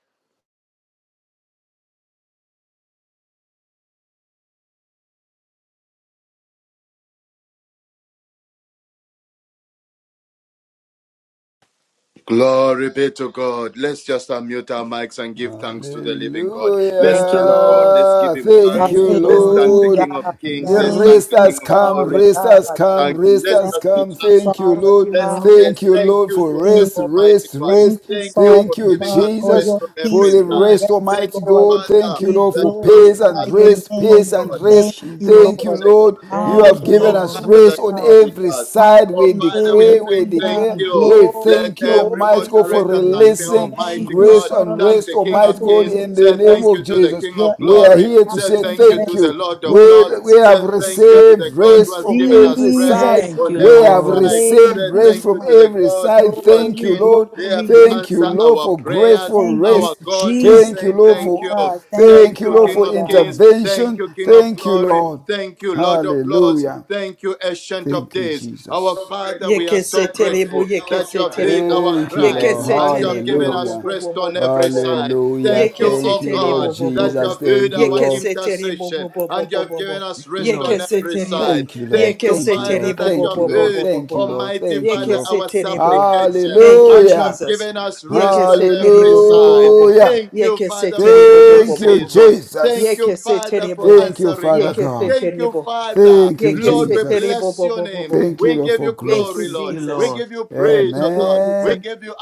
[SPEAKER 6] Glory be to God. Let's just unmute our mics and give thanks to the living God. Let's
[SPEAKER 3] Thank you,
[SPEAKER 6] thank God.
[SPEAKER 3] Lord.
[SPEAKER 6] Let's give
[SPEAKER 5] Hallelujah.
[SPEAKER 6] him
[SPEAKER 5] Thank
[SPEAKER 6] thanks.
[SPEAKER 3] Thank
[SPEAKER 5] you,
[SPEAKER 3] you,
[SPEAKER 6] Let's
[SPEAKER 3] Lord.
[SPEAKER 6] thank the
[SPEAKER 4] Hallelujah.
[SPEAKER 5] Lord.
[SPEAKER 6] King of Kings.
[SPEAKER 5] The
[SPEAKER 6] Let's
[SPEAKER 4] Thank
[SPEAKER 6] thank
[SPEAKER 5] rest
[SPEAKER 6] the
[SPEAKER 4] you,
[SPEAKER 5] has
[SPEAKER 6] King of
[SPEAKER 5] come,
[SPEAKER 4] Father
[SPEAKER 6] Glory.
[SPEAKER 5] rest has
[SPEAKER 6] Let's
[SPEAKER 4] God.
[SPEAKER 5] come,
[SPEAKER 6] thank him.
[SPEAKER 5] rest
[SPEAKER 6] Let's
[SPEAKER 5] has
[SPEAKER 4] Thank
[SPEAKER 6] just
[SPEAKER 4] you,
[SPEAKER 6] be
[SPEAKER 5] come. Thank
[SPEAKER 6] thankful.
[SPEAKER 5] you,
[SPEAKER 4] Father
[SPEAKER 3] Thank
[SPEAKER 5] Lord.
[SPEAKER 3] you,
[SPEAKER 4] God,
[SPEAKER 6] Let's,
[SPEAKER 3] Lord.
[SPEAKER 4] for
[SPEAKER 3] In
[SPEAKER 5] Thank
[SPEAKER 6] let's
[SPEAKER 5] you,
[SPEAKER 6] thank
[SPEAKER 5] Lord,
[SPEAKER 6] you
[SPEAKER 5] for
[SPEAKER 6] to the
[SPEAKER 4] everything.
[SPEAKER 5] rest,
[SPEAKER 6] Almighty
[SPEAKER 5] rest,
[SPEAKER 6] God.
[SPEAKER 4] Thank
[SPEAKER 5] rest.
[SPEAKER 4] you,
[SPEAKER 6] Thank you
[SPEAKER 4] Father
[SPEAKER 6] for
[SPEAKER 5] Thank you,
[SPEAKER 6] giving
[SPEAKER 4] God,
[SPEAKER 6] us
[SPEAKER 4] for
[SPEAKER 6] rest
[SPEAKER 5] Jesus,
[SPEAKER 4] your
[SPEAKER 6] on
[SPEAKER 5] for
[SPEAKER 6] every
[SPEAKER 5] the
[SPEAKER 4] peaceful
[SPEAKER 6] side.
[SPEAKER 5] rest,
[SPEAKER 4] rest,
[SPEAKER 6] Thank
[SPEAKER 5] Almighty
[SPEAKER 6] you,
[SPEAKER 4] Lord.
[SPEAKER 5] God.
[SPEAKER 6] Father,
[SPEAKER 5] Thank you,
[SPEAKER 4] We
[SPEAKER 5] Lord,
[SPEAKER 6] that
[SPEAKER 5] for
[SPEAKER 6] you are
[SPEAKER 5] peace
[SPEAKER 6] with
[SPEAKER 5] and
[SPEAKER 4] glorify
[SPEAKER 6] us.
[SPEAKER 4] your
[SPEAKER 6] Thank
[SPEAKER 5] rest,
[SPEAKER 6] you, oh
[SPEAKER 5] peace
[SPEAKER 4] name.
[SPEAKER 3] the
[SPEAKER 4] We
[SPEAKER 5] and
[SPEAKER 6] God,
[SPEAKER 3] name of
[SPEAKER 5] rest.
[SPEAKER 4] thank
[SPEAKER 6] that
[SPEAKER 4] you,
[SPEAKER 6] you have not
[SPEAKER 3] Jesus.
[SPEAKER 5] Thank you,
[SPEAKER 4] Lord.
[SPEAKER 6] forsaken
[SPEAKER 5] Lord.
[SPEAKER 6] us.
[SPEAKER 5] You
[SPEAKER 6] Thank
[SPEAKER 3] Thank
[SPEAKER 5] have
[SPEAKER 3] you,
[SPEAKER 6] you,
[SPEAKER 5] given
[SPEAKER 6] oh
[SPEAKER 5] us
[SPEAKER 3] Lord.
[SPEAKER 6] Father,
[SPEAKER 4] Hallelujah.
[SPEAKER 5] rest
[SPEAKER 6] that
[SPEAKER 5] on
[SPEAKER 6] you are with
[SPEAKER 5] every
[SPEAKER 6] us.
[SPEAKER 4] Hallelujah.
[SPEAKER 5] side.
[SPEAKER 6] Our
[SPEAKER 5] We
[SPEAKER 6] Father, we are
[SPEAKER 5] declare. we
[SPEAKER 6] saying thank
[SPEAKER 5] declare,
[SPEAKER 6] you.
[SPEAKER 5] we
[SPEAKER 4] Glory,
[SPEAKER 6] Let
[SPEAKER 5] thank you,
[SPEAKER 6] every
[SPEAKER 5] Almighty
[SPEAKER 4] glory,
[SPEAKER 5] God, for
[SPEAKER 6] moderator
[SPEAKER 3] In the
[SPEAKER 4] glory.
[SPEAKER 6] thank the
[SPEAKER 3] name
[SPEAKER 5] releasing
[SPEAKER 3] of
[SPEAKER 4] Thank
[SPEAKER 6] Almighty
[SPEAKER 4] you,
[SPEAKER 3] Jesus.
[SPEAKER 5] grace
[SPEAKER 6] God,
[SPEAKER 4] Father
[SPEAKER 5] and
[SPEAKER 6] thank
[SPEAKER 5] rest,
[SPEAKER 6] the King
[SPEAKER 4] God,
[SPEAKER 5] Almighty
[SPEAKER 6] of
[SPEAKER 4] for
[SPEAKER 5] God,
[SPEAKER 6] Kings,
[SPEAKER 4] your
[SPEAKER 5] in the
[SPEAKER 6] say
[SPEAKER 5] name
[SPEAKER 4] rest.
[SPEAKER 6] thank you
[SPEAKER 5] of
[SPEAKER 6] to the
[SPEAKER 5] Jesus.
[SPEAKER 6] King
[SPEAKER 4] your
[SPEAKER 6] of
[SPEAKER 5] We are
[SPEAKER 6] Glory,
[SPEAKER 5] here to
[SPEAKER 6] say
[SPEAKER 5] say
[SPEAKER 4] everlasting
[SPEAKER 6] thank you
[SPEAKER 5] thank
[SPEAKER 6] to the
[SPEAKER 4] rest,
[SPEAKER 5] you.
[SPEAKER 6] Lord
[SPEAKER 5] We,
[SPEAKER 6] of
[SPEAKER 4] your
[SPEAKER 6] Lords,
[SPEAKER 5] we
[SPEAKER 4] peaceful
[SPEAKER 5] have
[SPEAKER 6] say
[SPEAKER 4] rest.
[SPEAKER 6] thank you
[SPEAKER 4] Thank
[SPEAKER 6] to
[SPEAKER 5] received
[SPEAKER 6] the God
[SPEAKER 4] you,
[SPEAKER 6] who
[SPEAKER 5] rest
[SPEAKER 6] has
[SPEAKER 5] from
[SPEAKER 6] given us
[SPEAKER 5] every
[SPEAKER 6] rest
[SPEAKER 5] side.
[SPEAKER 4] Jesus.
[SPEAKER 3] Thank
[SPEAKER 6] on
[SPEAKER 3] you,
[SPEAKER 5] We
[SPEAKER 6] every
[SPEAKER 5] have
[SPEAKER 3] Lord.
[SPEAKER 6] side.
[SPEAKER 5] received
[SPEAKER 6] Say
[SPEAKER 5] rest
[SPEAKER 6] thank you
[SPEAKER 5] from
[SPEAKER 4] Hallelujah.
[SPEAKER 6] to the
[SPEAKER 5] every
[SPEAKER 6] God
[SPEAKER 5] side.
[SPEAKER 6] who has
[SPEAKER 5] Thank
[SPEAKER 4] Glory,
[SPEAKER 5] you,
[SPEAKER 6] been
[SPEAKER 5] Lord.
[SPEAKER 6] there
[SPEAKER 4] glory,
[SPEAKER 6] to
[SPEAKER 5] Thank you,
[SPEAKER 6] answer
[SPEAKER 4] glory.
[SPEAKER 5] Lord,
[SPEAKER 6] our
[SPEAKER 5] for grace,
[SPEAKER 6] prayers.
[SPEAKER 5] for
[SPEAKER 4] Thank you,
[SPEAKER 6] Our
[SPEAKER 5] rest.
[SPEAKER 6] God, we are
[SPEAKER 4] Jesus.
[SPEAKER 5] Thank you,
[SPEAKER 6] saying
[SPEAKER 5] Lord,
[SPEAKER 4] My
[SPEAKER 6] thank you.
[SPEAKER 5] for
[SPEAKER 4] God. Thank
[SPEAKER 6] Thank
[SPEAKER 5] thank
[SPEAKER 4] you,
[SPEAKER 5] you,
[SPEAKER 6] you,
[SPEAKER 5] Lord,
[SPEAKER 6] King
[SPEAKER 4] Father
[SPEAKER 5] for
[SPEAKER 6] of
[SPEAKER 4] God.
[SPEAKER 6] Kings. Thank
[SPEAKER 5] intervention.
[SPEAKER 6] you, King of
[SPEAKER 5] Thank you,
[SPEAKER 6] Glory.
[SPEAKER 5] Lord.
[SPEAKER 6] Thank you, Lord of Lords.
[SPEAKER 5] Hallelujah.
[SPEAKER 6] Thank you, Ancient of
[SPEAKER 5] Thank you,
[SPEAKER 6] Days. Our
[SPEAKER 5] Jesus.
[SPEAKER 6] Father, we are
[SPEAKER 2] Yeke se
[SPEAKER 6] so
[SPEAKER 2] terebo,
[SPEAKER 6] grateful
[SPEAKER 2] yeke
[SPEAKER 6] that you
[SPEAKER 2] se
[SPEAKER 6] have heard
[SPEAKER 2] terebo,
[SPEAKER 6] our
[SPEAKER 5] Thank you,
[SPEAKER 2] yeke
[SPEAKER 6] cries
[SPEAKER 3] Thank
[SPEAKER 5] Lord.
[SPEAKER 3] you,
[SPEAKER 2] se
[SPEAKER 3] Lord.
[SPEAKER 6] and you
[SPEAKER 3] Thank
[SPEAKER 6] have
[SPEAKER 3] you,
[SPEAKER 2] terebo,
[SPEAKER 6] given
[SPEAKER 2] bo
[SPEAKER 3] Lord.
[SPEAKER 2] bo
[SPEAKER 6] us
[SPEAKER 5] Hallelujah.
[SPEAKER 2] bo bo
[SPEAKER 6] rest
[SPEAKER 2] bo
[SPEAKER 6] on
[SPEAKER 2] bo bo
[SPEAKER 6] every
[SPEAKER 2] bo bo,
[SPEAKER 6] side.
[SPEAKER 5] Hallelujah.
[SPEAKER 6] Thank
[SPEAKER 2] yeke
[SPEAKER 6] you,
[SPEAKER 2] se
[SPEAKER 5] Thank
[SPEAKER 6] oh
[SPEAKER 5] you, Lord
[SPEAKER 6] God,
[SPEAKER 2] terebo, bo bo
[SPEAKER 6] that you
[SPEAKER 2] bo,
[SPEAKER 5] Jesus.
[SPEAKER 6] have heard
[SPEAKER 5] Thank you,
[SPEAKER 6] our
[SPEAKER 2] yeke
[SPEAKER 5] Lord.
[SPEAKER 2] se terebo,
[SPEAKER 6] intercession
[SPEAKER 2] bo bo bo
[SPEAKER 6] and you
[SPEAKER 2] bo
[SPEAKER 6] have
[SPEAKER 2] bo
[SPEAKER 6] given
[SPEAKER 2] bo,
[SPEAKER 6] us
[SPEAKER 3] Thank you,
[SPEAKER 6] rest
[SPEAKER 3] Lord.
[SPEAKER 2] yeke
[SPEAKER 6] on
[SPEAKER 2] se
[SPEAKER 6] every
[SPEAKER 2] terebo,
[SPEAKER 6] side.
[SPEAKER 5] Thank you, Lord.
[SPEAKER 6] Thank
[SPEAKER 2] yeke
[SPEAKER 6] you,
[SPEAKER 5] Thank
[SPEAKER 2] se
[SPEAKER 5] you,
[SPEAKER 6] Father,
[SPEAKER 5] Lord.
[SPEAKER 2] terebo,
[SPEAKER 6] that
[SPEAKER 2] bo
[SPEAKER 6] you
[SPEAKER 5] Thank
[SPEAKER 6] have
[SPEAKER 5] you,
[SPEAKER 2] bo bo
[SPEAKER 5] Lord.
[SPEAKER 2] bo
[SPEAKER 6] heard,
[SPEAKER 2] bo
[SPEAKER 5] Thank
[SPEAKER 2] bo
[SPEAKER 5] you,
[SPEAKER 2] bo,
[SPEAKER 5] Lord.
[SPEAKER 6] Almighty
[SPEAKER 5] Thank you,
[SPEAKER 6] Father,
[SPEAKER 2] yeke
[SPEAKER 5] Lord.
[SPEAKER 2] se
[SPEAKER 6] our
[SPEAKER 2] terebo.
[SPEAKER 6] supplication,
[SPEAKER 2] Thank you,
[SPEAKER 6] and you
[SPEAKER 5] Hallelujah.
[SPEAKER 6] have
[SPEAKER 2] Jesus.
[SPEAKER 6] given us rest
[SPEAKER 2] Yeke
[SPEAKER 6] on
[SPEAKER 2] se
[SPEAKER 6] every
[SPEAKER 2] terebo, bo bo bo
[SPEAKER 6] side.
[SPEAKER 2] bo,
[SPEAKER 5] Hallelujah.
[SPEAKER 6] Thank you,
[SPEAKER 2] yeke se
[SPEAKER 6] Father, for
[SPEAKER 2] terebo,
[SPEAKER 6] the
[SPEAKER 2] bo
[SPEAKER 6] new
[SPEAKER 2] bo
[SPEAKER 5] Thank
[SPEAKER 2] bo
[SPEAKER 5] you,
[SPEAKER 2] bo bo,
[SPEAKER 6] season. Thank
[SPEAKER 5] Jesus.
[SPEAKER 6] you,
[SPEAKER 2] yeke se
[SPEAKER 6] Father, for
[SPEAKER 2] terebo,
[SPEAKER 5] Thank you,
[SPEAKER 6] answering
[SPEAKER 5] Father
[SPEAKER 6] us.
[SPEAKER 2] yeke se
[SPEAKER 5] God.
[SPEAKER 6] Thank you,
[SPEAKER 2] terebo,
[SPEAKER 6] Father.
[SPEAKER 5] Thank you,
[SPEAKER 2] yeke
[SPEAKER 6] Lord,
[SPEAKER 2] se
[SPEAKER 6] we
[SPEAKER 5] Jesus.
[SPEAKER 2] terebo,
[SPEAKER 6] bless
[SPEAKER 2] bo
[SPEAKER 6] your
[SPEAKER 2] bo bo
[SPEAKER 6] name.
[SPEAKER 2] bo bo.
[SPEAKER 5] Thank you,
[SPEAKER 6] We
[SPEAKER 5] Lord,
[SPEAKER 6] give
[SPEAKER 5] for
[SPEAKER 6] you
[SPEAKER 2] Thank
[SPEAKER 6] glory,
[SPEAKER 2] you,
[SPEAKER 3] Thank
[SPEAKER 5] grace.
[SPEAKER 6] Lord.
[SPEAKER 3] you,
[SPEAKER 6] We
[SPEAKER 2] Jesus.
[SPEAKER 3] Lord.
[SPEAKER 6] give you praise,
[SPEAKER 2] Thank
[SPEAKER 6] oh
[SPEAKER 2] you,
[SPEAKER 6] God. We
[SPEAKER 2] Jesus.
[SPEAKER 5] Amen.
[SPEAKER 6] give you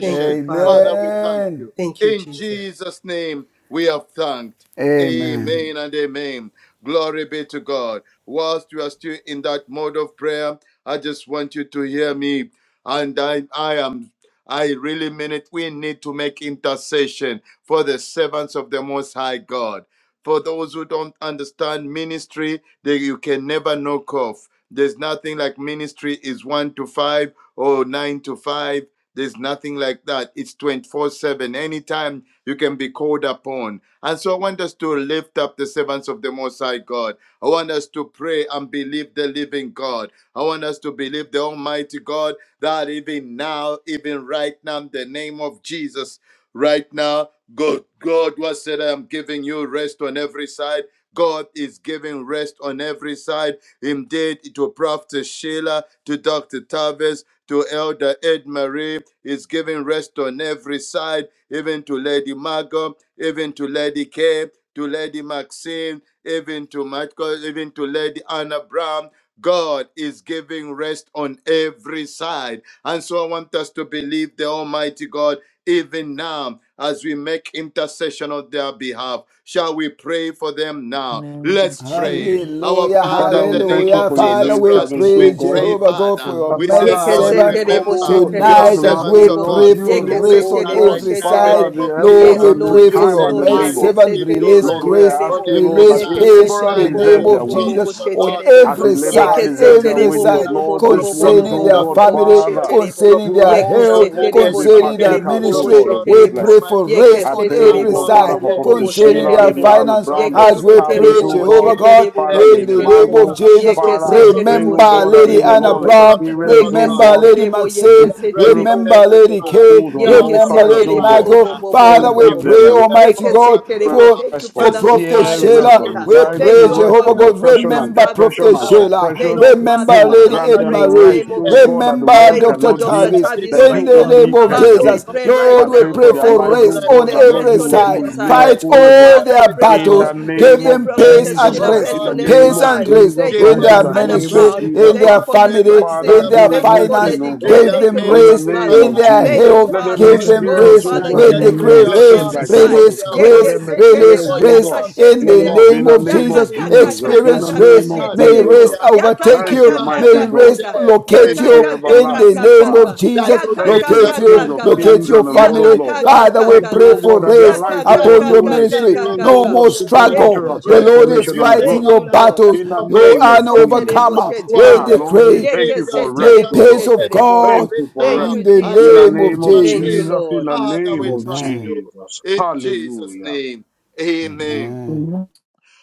[SPEAKER 2] Thank you, Father.
[SPEAKER 6] Father, we thank
[SPEAKER 5] Amen.
[SPEAKER 6] you.
[SPEAKER 2] Thank you,
[SPEAKER 6] In
[SPEAKER 2] Jesus.
[SPEAKER 6] Jesus' name, we have thanked.
[SPEAKER 5] Amen.
[SPEAKER 3] Mm.
[SPEAKER 6] Amen and amen. Glory be to God. Whilst you are still in that mode of prayer, I just want you to hear me. And I, I am, I really mean it. We need to make intercession for the servants of the Most High God. For those who don't understand ministry, they, you can never knock off. There's nothing like ministry is one to five or nine to five. There's nothing like that. It's 24 7. Anytime you can be called upon. And so I want us to lift up the servants of the Most High God. I want us to pray and believe the living God. I want us to believe the Almighty God that even now, even right now, in the name of Jesus, right now, God, God was said, I am giving you rest on every side. God is giving rest on every side. Indeed, to Prophet Sheila, to Dr. Tavis, to Elder Ed Marie, is giving rest on every side, even to Lady Margot, even to Lady Kay, to Lady Maxine, even to Michael, even to Lady Anna Brown, God is giving rest on every side. And so I want us to believe the Almighty God even now as we make intercession on their behalf. Shall we pray for them
[SPEAKER 3] In
[SPEAKER 6] now?
[SPEAKER 3] the name
[SPEAKER 6] Let's
[SPEAKER 3] of Jesus.
[SPEAKER 6] pray. Our
[SPEAKER 5] Hallelujah,
[SPEAKER 6] Father,
[SPEAKER 7] Father,
[SPEAKER 6] in
[SPEAKER 7] we
[SPEAKER 6] the
[SPEAKER 7] thank
[SPEAKER 6] name
[SPEAKER 7] you
[SPEAKER 5] hallelujah.
[SPEAKER 6] of
[SPEAKER 7] for your
[SPEAKER 5] Father,
[SPEAKER 6] Jesus
[SPEAKER 7] maid
[SPEAKER 5] we
[SPEAKER 6] Christ,
[SPEAKER 7] servant,
[SPEAKER 6] we
[SPEAKER 7] O
[SPEAKER 5] praise
[SPEAKER 3] Jesus.
[SPEAKER 7] God.
[SPEAKER 6] pray,
[SPEAKER 5] Jehovah God for
[SPEAKER 6] Father.
[SPEAKER 5] your
[SPEAKER 7] Uh,
[SPEAKER 6] We
[SPEAKER 3] Jesus.
[SPEAKER 7] Father,
[SPEAKER 5] maid
[SPEAKER 6] say,
[SPEAKER 2] Yeke
[SPEAKER 7] as
[SPEAKER 6] Lord,
[SPEAKER 2] se
[SPEAKER 7] they
[SPEAKER 5] servants.
[SPEAKER 7] come,
[SPEAKER 2] terebo,
[SPEAKER 7] oh
[SPEAKER 2] se
[SPEAKER 6] remember
[SPEAKER 7] God, to
[SPEAKER 6] your
[SPEAKER 2] terebo,
[SPEAKER 5] Tonight,
[SPEAKER 2] se
[SPEAKER 5] as
[SPEAKER 7] tabernacle
[SPEAKER 6] servants
[SPEAKER 5] we
[SPEAKER 6] of
[SPEAKER 2] terebo.
[SPEAKER 7] with
[SPEAKER 6] God.
[SPEAKER 7] us,
[SPEAKER 5] pray
[SPEAKER 7] you
[SPEAKER 5] for
[SPEAKER 2] Yeke
[SPEAKER 7] know,
[SPEAKER 2] se
[SPEAKER 5] race
[SPEAKER 6] Remember
[SPEAKER 7] oh
[SPEAKER 5] on
[SPEAKER 2] terebo,
[SPEAKER 6] right
[SPEAKER 7] God,
[SPEAKER 5] every
[SPEAKER 2] se
[SPEAKER 6] now in the
[SPEAKER 5] side,
[SPEAKER 7] Father,
[SPEAKER 6] name
[SPEAKER 2] terebo.
[SPEAKER 6] of
[SPEAKER 7] the
[SPEAKER 5] Lord,
[SPEAKER 7] effort
[SPEAKER 6] Jesus.
[SPEAKER 2] Yes,
[SPEAKER 5] we
[SPEAKER 7] and the
[SPEAKER 2] Lord.
[SPEAKER 5] pray
[SPEAKER 6] You
[SPEAKER 5] for
[SPEAKER 2] Yes,
[SPEAKER 7] time
[SPEAKER 5] your
[SPEAKER 6] said,
[SPEAKER 7] and the
[SPEAKER 2] Lord.
[SPEAKER 5] maid
[SPEAKER 6] I
[SPEAKER 2] Yeke
[SPEAKER 7] labor.
[SPEAKER 6] will
[SPEAKER 2] se
[SPEAKER 5] servant.
[SPEAKER 6] give you
[SPEAKER 5] Release
[SPEAKER 2] terebo,
[SPEAKER 7] Lord,
[SPEAKER 6] rest
[SPEAKER 2] se
[SPEAKER 7] we
[SPEAKER 5] grace,
[SPEAKER 7] are
[SPEAKER 6] on
[SPEAKER 2] terebo.
[SPEAKER 7] asking, Lord,
[SPEAKER 6] every
[SPEAKER 7] that
[SPEAKER 5] release
[SPEAKER 7] a
[SPEAKER 2] Yeke
[SPEAKER 6] side.
[SPEAKER 2] se
[SPEAKER 5] peace in
[SPEAKER 7] laborer
[SPEAKER 5] the
[SPEAKER 6] Father,
[SPEAKER 2] terebo, bo
[SPEAKER 7] deserves
[SPEAKER 5] name
[SPEAKER 6] you
[SPEAKER 2] bo
[SPEAKER 7] their
[SPEAKER 5] of
[SPEAKER 2] bo bo
[SPEAKER 5] Jesus
[SPEAKER 2] bo
[SPEAKER 6] promised,
[SPEAKER 7] wages.
[SPEAKER 6] oh
[SPEAKER 2] se
[SPEAKER 5] on
[SPEAKER 6] God,
[SPEAKER 2] terebo.
[SPEAKER 7] As
[SPEAKER 6] you
[SPEAKER 5] every
[SPEAKER 7] a
[SPEAKER 6] promised.
[SPEAKER 7] laborer
[SPEAKER 2] Yeke
[SPEAKER 5] side,
[SPEAKER 2] se
[SPEAKER 7] deserves their
[SPEAKER 5] every
[SPEAKER 2] terebo, bo
[SPEAKER 7] wages,
[SPEAKER 5] side,
[SPEAKER 2] bo
[SPEAKER 6] Sheila,
[SPEAKER 2] bo
[SPEAKER 7] Lord,
[SPEAKER 2] bo
[SPEAKER 6] you
[SPEAKER 7] this
[SPEAKER 2] bo bo bo
[SPEAKER 7] one's,
[SPEAKER 5] concerning
[SPEAKER 6] promised
[SPEAKER 2] bo
[SPEAKER 7] oh
[SPEAKER 5] their
[SPEAKER 2] bo bo
[SPEAKER 7] God,
[SPEAKER 6] Dr.
[SPEAKER 2] bo bo
[SPEAKER 5] family,
[SPEAKER 2] se
[SPEAKER 6] Carpet,
[SPEAKER 7] Father,
[SPEAKER 2] terebo.
[SPEAKER 6] you
[SPEAKER 5] concerning
[SPEAKER 7] you
[SPEAKER 5] their
[SPEAKER 6] promised
[SPEAKER 2] Yeke
[SPEAKER 7] also,
[SPEAKER 2] se
[SPEAKER 5] health,
[SPEAKER 6] Elder
[SPEAKER 7] oh
[SPEAKER 6] Ed
[SPEAKER 7] God,
[SPEAKER 2] terebo,
[SPEAKER 7] be
[SPEAKER 2] se
[SPEAKER 5] concerning
[SPEAKER 6] Marie,
[SPEAKER 5] their
[SPEAKER 2] terebo,
[SPEAKER 7] partakers,
[SPEAKER 2] bo
[SPEAKER 6] you
[SPEAKER 7] oh
[SPEAKER 2] bo
[SPEAKER 5] ministry.
[SPEAKER 7] God,
[SPEAKER 2] se
[SPEAKER 7] of this
[SPEAKER 5] We
[SPEAKER 6] promised
[SPEAKER 7] blessing.
[SPEAKER 2] terebo.
[SPEAKER 5] pray for
[SPEAKER 6] Almighty God,
[SPEAKER 2] Yeke
[SPEAKER 5] rest
[SPEAKER 7] I
[SPEAKER 5] on
[SPEAKER 6] Lady
[SPEAKER 7] pray, O
[SPEAKER 2] setere
[SPEAKER 5] every
[SPEAKER 2] bo
[SPEAKER 7] God,
[SPEAKER 6] Margot,
[SPEAKER 2] bo
[SPEAKER 7] Father,
[SPEAKER 5] side
[SPEAKER 2] bo
[SPEAKER 7] for
[SPEAKER 2] bo bo
[SPEAKER 6] Lady
[SPEAKER 7] Prophet
[SPEAKER 2] bo
[SPEAKER 5] concerning
[SPEAKER 6] Kay,
[SPEAKER 7] Sheila,
[SPEAKER 5] their
[SPEAKER 2] shetere
[SPEAKER 7] Lady
[SPEAKER 2] bo.
[SPEAKER 6] you
[SPEAKER 7] Anna
[SPEAKER 5] finance
[SPEAKER 7] Brown,
[SPEAKER 6] promised
[SPEAKER 2] Yeke
[SPEAKER 6] oh
[SPEAKER 7] Dr.
[SPEAKER 5] as
[SPEAKER 6] God,
[SPEAKER 5] we
[SPEAKER 6] Lady
[SPEAKER 2] setere
[SPEAKER 7] Tavis,
[SPEAKER 5] pray,
[SPEAKER 2] bo
[SPEAKER 7] O
[SPEAKER 2] bo
[SPEAKER 7] God,
[SPEAKER 5] Jehovah
[SPEAKER 6] Maxine,
[SPEAKER 5] God,
[SPEAKER 2] shetere bo
[SPEAKER 7] Father,
[SPEAKER 2] bo
[SPEAKER 6] Lady
[SPEAKER 5] in
[SPEAKER 7] Lady
[SPEAKER 5] the
[SPEAKER 6] Anna
[SPEAKER 2] shetere
[SPEAKER 5] name
[SPEAKER 2] bo.
[SPEAKER 5] of
[SPEAKER 7] Margot.
[SPEAKER 6] Brown,
[SPEAKER 5] Jesus.
[SPEAKER 3] Jesus.
[SPEAKER 6] you
[SPEAKER 2] Yeke
[SPEAKER 7] Father,
[SPEAKER 3] In
[SPEAKER 7] I
[SPEAKER 3] the
[SPEAKER 2] setere
[SPEAKER 7] pray,
[SPEAKER 6] promised
[SPEAKER 2] bo
[SPEAKER 7] O
[SPEAKER 6] them, oh
[SPEAKER 5] Remember
[SPEAKER 7] God, that
[SPEAKER 6] God,
[SPEAKER 7] they
[SPEAKER 2] shetere
[SPEAKER 5] Lady
[SPEAKER 2] bo
[SPEAKER 7] will
[SPEAKER 2] bo
[SPEAKER 5] Anna
[SPEAKER 6] you
[SPEAKER 7] all
[SPEAKER 2] bo bo.
[SPEAKER 5] Brown,
[SPEAKER 6] promised them,
[SPEAKER 7] experience,
[SPEAKER 6] oh
[SPEAKER 2] Yeke
[SPEAKER 7] O
[SPEAKER 5] remember
[SPEAKER 6] God,
[SPEAKER 5] Lady
[SPEAKER 6] that
[SPEAKER 2] setere bo
[SPEAKER 6] you give
[SPEAKER 7] God,
[SPEAKER 2] yeke
[SPEAKER 5] Maxine,
[SPEAKER 6] them rest
[SPEAKER 2] setere
[SPEAKER 7] miracles
[SPEAKER 6] on
[SPEAKER 2] bo bo
[SPEAKER 5] remember
[SPEAKER 6] every
[SPEAKER 2] bo bo
[SPEAKER 5] Lady
[SPEAKER 2] bo.
[SPEAKER 6] side.
[SPEAKER 5] Kay,
[SPEAKER 7] on
[SPEAKER 6] Now,
[SPEAKER 2] Yeke
[SPEAKER 7] all
[SPEAKER 5] remember
[SPEAKER 6] Abba
[SPEAKER 7] sides,
[SPEAKER 5] Lady
[SPEAKER 2] setere
[SPEAKER 7] O
[SPEAKER 2] bo
[SPEAKER 7] God.
[SPEAKER 2] bo
[SPEAKER 5] Michael.
[SPEAKER 2] bo
[SPEAKER 6] Father,
[SPEAKER 2] bo
[SPEAKER 7] You
[SPEAKER 2] bo
[SPEAKER 6] let
[SPEAKER 2] bo
[SPEAKER 5] Father,
[SPEAKER 7] will
[SPEAKER 2] bo
[SPEAKER 5] we
[SPEAKER 6] there
[SPEAKER 7] give
[SPEAKER 2] bo bo.
[SPEAKER 6] be
[SPEAKER 5] pray,
[SPEAKER 6] a
[SPEAKER 7] them
[SPEAKER 5] Almighty
[SPEAKER 2] Yeke
[SPEAKER 5] God,
[SPEAKER 6] performance, oh
[SPEAKER 2] setere bo.
[SPEAKER 6] God.
[SPEAKER 5] for
[SPEAKER 2] Thank you,
[SPEAKER 7] rest
[SPEAKER 5] for
[SPEAKER 6] You
[SPEAKER 7] from
[SPEAKER 2] Father,
[SPEAKER 6] said,
[SPEAKER 2] for
[SPEAKER 5] Prophet
[SPEAKER 6] I
[SPEAKER 7] fear,
[SPEAKER 2] Prophetess
[SPEAKER 6] will
[SPEAKER 7] rest from
[SPEAKER 6] give
[SPEAKER 5] Sheila,
[SPEAKER 2] Sheena.
[SPEAKER 5] we
[SPEAKER 6] you.
[SPEAKER 7] anxiety,
[SPEAKER 2] Thank
[SPEAKER 5] pray,
[SPEAKER 2] you, oh
[SPEAKER 6] Father,
[SPEAKER 7] rest
[SPEAKER 5] Jehovah
[SPEAKER 2] God,
[SPEAKER 7] from
[SPEAKER 6] you're
[SPEAKER 2] for
[SPEAKER 5] God,
[SPEAKER 6] not a
[SPEAKER 7] oppression
[SPEAKER 2] Prophetess
[SPEAKER 7] and
[SPEAKER 6] man
[SPEAKER 5] remember
[SPEAKER 6] that you
[SPEAKER 2] Tavis,
[SPEAKER 6] should
[SPEAKER 7] depression
[SPEAKER 2] oh
[SPEAKER 5] Prophet
[SPEAKER 7] and
[SPEAKER 6] die.
[SPEAKER 2] God.
[SPEAKER 5] Sheila,
[SPEAKER 2] Thank
[SPEAKER 7] suppression.
[SPEAKER 6] No,
[SPEAKER 2] you,
[SPEAKER 6] the
[SPEAKER 5] remember
[SPEAKER 2] Father.
[SPEAKER 7] You
[SPEAKER 6] Son
[SPEAKER 7] will
[SPEAKER 6] of
[SPEAKER 5] Lady
[SPEAKER 2] Father,
[SPEAKER 6] Man
[SPEAKER 2] we
[SPEAKER 7] grant
[SPEAKER 6] that
[SPEAKER 5] Ed
[SPEAKER 7] them
[SPEAKER 6] you
[SPEAKER 2] pray in
[SPEAKER 6] should
[SPEAKER 2] the
[SPEAKER 7] rest,
[SPEAKER 2] name
[SPEAKER 5] Marie,
[SPEAKER 2] of
[SPEAKER 7] oh
[SPEAKER 6] repent?
[SPEAKER 7] God,
[SPEAKER 2] Jesus.
[SPEAKER 7] that the
[SPEAKER 5] remember
[SPEAKER 6] Have
[SPEAKER 7] world
[SPEAKER 6] you
[SPEAKER 2] Thank you for
[SPEAKER 5] Dr.
[SPEAKER 6] not
[SPEAKER 7] cannot
[SPEAKER 2] Dr.
[SPEAKER 7] give,
[SPEAKER 5] Tavis,
[SPEAKER 6] said it,
[SPEAKER 2] Tavis,
[SPEAKER 7] that
[SPEAKER 6] O
[SPEAKER 2] my
[SPEAKER 5] in
[SPEAKER 7] you
[SPEAKER 6] God?
[SPEAKER 5] the
[SPEAKER 2] God.
[SPEAKER 5] name
[SPEAKER 7] only
[SPEAKER 5] of
[SPEAKER 6] Shall
[SPEAKER 7] can
[SPEAKER 2] Father,
[SPEAKER 6] you
[SPEAKER 2] we
[SPEAKER 7] give.
[SPEAKER 5] Jesus.
[SPEAKER 6] not
[SPEAKER 2] pray
[SPEAKER 6] make
[SPEAKER 2] right
[SPEAKER 7] I
[SPEAKER 5] Lord, we
[SPEAKER 6] it
[SPEAKER 7] pray
[SPEAKER 2] now
[SPEAKER 7] for
[SPEAKER 5] pray
[SPEAKER 7] their
[SPEAKER 6] so?
[SPEAKER 2] that,
[SPEAKER 5] for
[SPEAKER 7] lives,
[SPEAKER 2] Lord,
[SPEAKER 7] oh
[SPEAKER 2] you
[SPEAKER 5] rest
[SPEAKER 6] Right
[SPEAKER 2] give
[SPEAKER 5] on
[SPEAKER 7] God, that
[SPEAKER 2] them
[SPEAKER 6] now,
[SPEAKER 7] Lord,
[SPEAKER 2] rest
[SPEAKER 5] every
[SPEAKER 7] you
[SPEAKER 2] on
[SPEAKER 7] will
[SPEAKER 6] give
[SPEAKER 7] do
[SPEAKER 5] side.
[SPEAKER 2] every
[SPEAKER 7] a
[SPEAKER 6] them
[SPEAKER 2] side.
[SPEAKER 5] Fight
[SPEAKER 6] rest
[SPEAKER 7] miracle, oh
[SPEAKER 2] Oh,
[SPEAKER 6] on
[SPEAKER 5] all
[SPEAKER 7] God.
[SPEAKER 2] Father, I
[SPEAKER 6] every
[SPEAKER 5] their
[SPEAKER 2] pray, oh
[SPEAKER 7] In
[SPEAKER 6] side.
[SPEAKER 7] the
[SPEAKER 5] battles,
[SPEAKER 2] God, you
[SPEAKER 6] Give
[SPEAKER 5] give
[SPEAKER 7] name
[SPEAKER 6] them
[SPEAKER 2] give
[SPEAKER 7] of
[SPEAKER 5] them
[SPEAKER 3] name
[SPEAKER 6] rest,
[SPEAKER 3] of
[SPEAKER 5] peace
[SPEAKER 2] Prophetess
[SPEAKER 5] and
[SPEAKER 7] Jesus
[SPEAKER 2] Sheila
[SPEAKER 6] oh
[SPEAKER 3] Jesus.
[SPEAKER 7] Christ, in
[SPEAKER 5] rest
[SPEAKER 3] Give
[SPEAKER 2] rest
[SPEAKER 6] God,
[SPEAKER 7] the
[SPEAKER 2] on
[SPEAKER 3] them
[SPEAKER 6] in
[SPEAKER 2] every
[SPEAKER 7] name
[SPEAKER 5] peace
[SPEAKER 3] peace.
[SPEAKER 7] of
[SPEAKER 5] and
[SPEAKER 2] side.
[SPEAKER 6] family.
[SPEAKER 5] rest
[SPEAKER 7] Jesus
[SPEAKER 2] Thank
[SPEAKER 6] Give
[SPEAKER 2] you
[SPEAKER 5] in
[SPEAKER 7] Christ,
[SPEAKER 2] for
[SPEAKER 3] Give
[SPEAKER 6] them
[SPEAKER 7] in
[SPEAKER 5] their
[SPEAKER 2] Miss
[SPEAKER 7] the
[SPEAKER 3] them
[SPEAKER 2] Anna
[SPEAKER 7] name
[SPEAKER 6] rest
[SPEAKER 3] peace.
[SPEAKER 5] ministry,
[SPEAKER 7] of
[SPEAKER 2] Brown.
[SPEAKER 6] in their
[SPEAKER 7] Jesus
[SPEAKER 5] in
[SPEAKER 2] Thank you
[SPEAKER 5] their
[SPEAKER 7] Christ.
[SPEAKER 2] for Miss
[SPEAKER 6] families,
[SPEAKER 5] family,
[SPEAKER 6] in
[SPEAKER 7] Father,
[SPEAKER 5] in
[SPEAKER 2] Maxine.
[SPEAKER 6] their
[SPEAKER 5] their
[SPEAKER 7] do a
[SPEAKER 2] Thank you
[SPEAKER 7] new
[SPEAKER 2] for
[SPEAKER 7] thing,
[SPEAKER 6] finances,
[SPEAKER 5] finance.
[SPEAKER 2] Lady
[SPEAKER 7] O
[SPEAKER 6] in
[SPEAKER 2] K.
[SPEAKER 7] God,
[SPEAKER 5] Give
[SPEAKER 6] their
[SPEAKER 2] Thank you
[SPEAKER 5] them
[SPEAKER 2] for
[SPEAKER 7] in the
[SPEAKER 2] Miss
[SPEAKER 5] rest
[SPEAKER 6] ministries, oh
[SPEAKER 7] name
[SPEAKER 5] in
[SPEAKER 2] Margot.
[SPEAKER 7] of
[SPEAKER 6] God,
[SPEAKER 5] their
[SPEAKER 2] Thank
[SPEAKER 6] in
[SPEAKER 7] Jesus.
[SPEAKER 2] you,
[SPEAKER 5] health.
[SPEAKER 6] their
[SPEAKER 7] Let them
[SPEAKER 3] Give
[SPEAKER 2] Father.
[SPEAKER 5] Give
[SPEAKER 6] calling,
[SPEAKER 3] them
[SPEAKER 5] them
[SPEAKER 2] Oh,
[SPEAKER 7] experience,
[SPEAKER 6] in
[SPEAKER 5] rest.
[SPEAKER 3] peace, oh
[SPEAKER 7] O
[SPEAKER 6] their
[SPEAKER 2] Father,
[SPEAKER 3] God,
[SPEAKER 5] We
[SPEAKER 7] God,
[SPEAKER 3] in
[SPEAKER 2] give
[SPEAKER 3] the
[SPEAKER 2] them
[SPEAKER 3] name
[SPEAKER 6] destiny,
[SPEAKER 5] decree
[SPEAKER 3] of
[SPEAKER 2] rest
[SPEAKER 6] oh
[SPEAKER 2] on
[SPEAKER 7] blessings
[SPEAKER 5] rest,
[SPEAKER 6] God,
[SPEAKER 2] every
[SPEAKER 7] like
[SPEAKER 3] Jesus.
[SPEAKER 7] never
[SPEAKER 6] in
[SPEAKER 2] side.
[SPEAKER 5] release
[SPEAKER 6] their
[SPEAKER 7] before. Let
[SPEAKER 6] work
[SPEAKER 5] grace,
[SPEAKER 7] them
[SPEAKER 6] in
[SPEAKER 5] release
[SPEAKER 7] experience,
[SPEAKER 2] Yekeseterebo,
[SPEAKER 6] their
[SPEAKER 7] O
[SPEAKER 5] rest
[SPEAKER 7] God,
[SPEAKER 6] job,
[SPEAKER 5] in
[SPEAKER 6] in
[SPEAKER 7] your
[SPEAKER 5] the
[SPEAKER 6] their
[SPEAKER 7] love
[SPEAKER 2] yakasheterebo,
[SPEAKER 7] in
[SPEAKER 5] name
[SPEAKER 7] the
[SPEAKER 5] of
[SPEAKER 7] name
[SPEAKER 6] investment,
[SPEAKER 7] of
[SPEAKER 5] Jesus.
[SPEAKER 6] in their
[SPEAKER 7] Jesus, in
[SPEAKER 6] business,
[SPEAKER 7] the
[SPEAKER 5] Experience
[SPEAKER 6] oh
[SPEAKER 5] rest.
[SPEAKER 7] name of
[SPEAKER 6] God,
[SPEAKER 5] May
[SPEAKER 6] in
[SPEAKER 2] yakakakakakakakasheterebo,
[SPEAKER 7] Jesus.
[SPEAKER 5] rest
[SPEAKER 6] their health.
[SPEAKER 5] overtake
[SPEAKER 7] Thank you,
[SPEAKER 5] you.
[SPEAKER 7] mighty
[SPEAKER 6] Father,
[SPEAKER 5] May
[SPEAKER 7] God.
[SPEAKER 5] rest
[SPEAKER 2] yakakakakakakaka,
[SPEAKER 6] today
[SPEAKER 5] locate
[SPEAKER 6] we
[SPEAKER 5] locate
[SPEAKER 7] Thank
[SPEAKER 6] make
[SPEAKER 5] you
[SPEAKER 7] you,
[SPEAKER 5] in the
[SPEAKER 7] everlasting
[SPEAKER 5] name
[SPEAKER 6] intercession
[SPEAKER 5] of
[SPEAKER 2] yakakakakakakaka,
[SPEAKER 7] Father.
[SPEAKER 6] that
[SPEAKER 5] Jesus.
[SPEAKER 6] you
[SPEAKER 7] Thank
[SPEAKER 6] give
[SPEAKER 7] you, the
[SPEAKER 6] them
[SPEAKER 5] Locate
[SPEAKER 7] King
[SPEAKER 6] rest
[SPEAKER 5] you,
[SPEAKER 7] of
[SPEAKER 6] on
[SPEAKER 2] yakakakakakaka,
[SPEAKER 5] locate
[SPEAKER 7] kings
[SPEAKER 6] every
[SPEAKER 5] your
[SPEAKER 7] and the Lord
[SPEAKER 6] side.
[SPEAKER 7] of
[SPEAKER 5] family.
[SPEAKER 7] lords.
[SPEAKER 6] You are the
[SPEAKER 5] Father, we
[SPEAKER 6] God
[SPEAKER 7] Thank you,
[SPEAKER 6] that
[SPEAKER 5] pray
[SPEAKER 7] O
[SPEAKER 2] yakakakakakaka,
[SPEAKER 6] gives
[SPEAKER 7] God,
[SPEAKER 5] for
[SPEAKER 7] that their
[SPEAKER 5] rest
[SPEAKER 6] Solomon
[SPEAKER 7] lives, O
[SPEAKER 5] upon
[SPEAKER 6] rest.
[SPEAKER 7] God, they
[SPEAKER 5] your
[SPEAKER 7] will
[SPEAKER 6] Give
[SPEAKER 5] ministry.
[SPEAKER 7] experience,
[SPEAKER 6] Almighty
[SPEAKER 7] O
[SPEAKER 5] No
[SPEAKER 2] yakakakakakakaka.
[SPEAKER 7] God,
[SPEAKER 5] more
[SPEAKER 6] your
[SPEAKER 2] Thank
[SPEAKER 6] servant
[SPEAKER 2] you,
[SPEAKER 7] supernatural
[SPEAKER 5] struggle. The
[SPEAKER 6] rest.
[SPEAKER 5] Lord
[SPEAKER 2] Jesus.
[SPEAKER 5] is
[SPEAKER 7] transformation
[SPEAKER 6] You are
[SPEAKER 7] and
[SPEAKER 6] the
[SPEAKER 7] growth
[SPEAKER 5] fighting
[SPEAKER 2] Thank
[SPEAKER 6] God
[SPEAKER 5] your
[SPEAKER 2] you,
[SPEAKER 6] that
[SPEAKER 2] Lord.
[SPEAKER 6] gave
[SPEAKER 5] battles.
[SPEAKER 7] in the
[SPEAKER 5] You
[SPEAKER 6] Almighty
[SPEAKER 7] name
[SPEAKER 5] are
[SPEAKER 7] of
[SPEAKER 5] an
[SPEAKER 6] God
[SPEAKER 2] Yekeseterebo,
[SPEAKER 7] Jesus.
[SPEAKER 5] overcomer.
[SPEAKER 6] Joshua
[SPEAKER 5] We
[SPEAKER 7] Ah,
[SPEAKER 2] sheterebo,
[SPEAKER 6] rest.
[SPEAKER 7] Lord, we
[SPEAKER 5] decree.
[SPEAKER 7] thank
[SPEAKER 6] Give
[SPEAKER 7] you
[SPEAKER 6] your
[SPEAKER 7] for rest,
[SPEAKER 5] May
[SPEAKER 2] yekeseterebo,
[SPEAKER 7] oh
[SPEAKER 6] servants
[SPEAKER 5] peace
[SPEAKER 7] God.
[SPEAKER 5] of
[SPEAKER 6] rest.
[SPEAKER 2] sheterebo.
[SPEAKER 7] Thank
[SPEAKER 5] God
[SPEAKER 6] Even
[SPEAKER 7] you for
[SPEAKER 2] Thank
[SPEAKER 6] now,
[SPEAKER 7] rest.
[SPEAKER 5] in
[SPEAKER 2] you,
[SPEAKER 5] the
[SPEAKER 6] as
[SPEAKER 7] In the
[SPEAKER 6] we
[SPEAKER 2] Jesus.
[SPEAKER 5] name of
[SPEAKER 7] name of
[SPEAKER 2] Thank you,
[SPEAKER 5] Jesus.
[SPEAKER 6] intercede,
[SPEAKER 7] Jesus, in
[SPEAKER 2] Lord.
[SPEAKER 7] the
[SPEAKER 6] Father,
[SPEAKER 7] name
[SPEAKER 6] we
[SPEAKER 7] of
[SPEAKER 6] trust
[SPEAKER 5] Amen.
[SPEAKER 6] you.
[SPEAKER 7] Jesus.
[SPEAKER 6] In Jesus'
[SPEAKER 7] Hallelujah.
[SPEAKER 6] name. Amen.
[SPEAKER 5] Amen.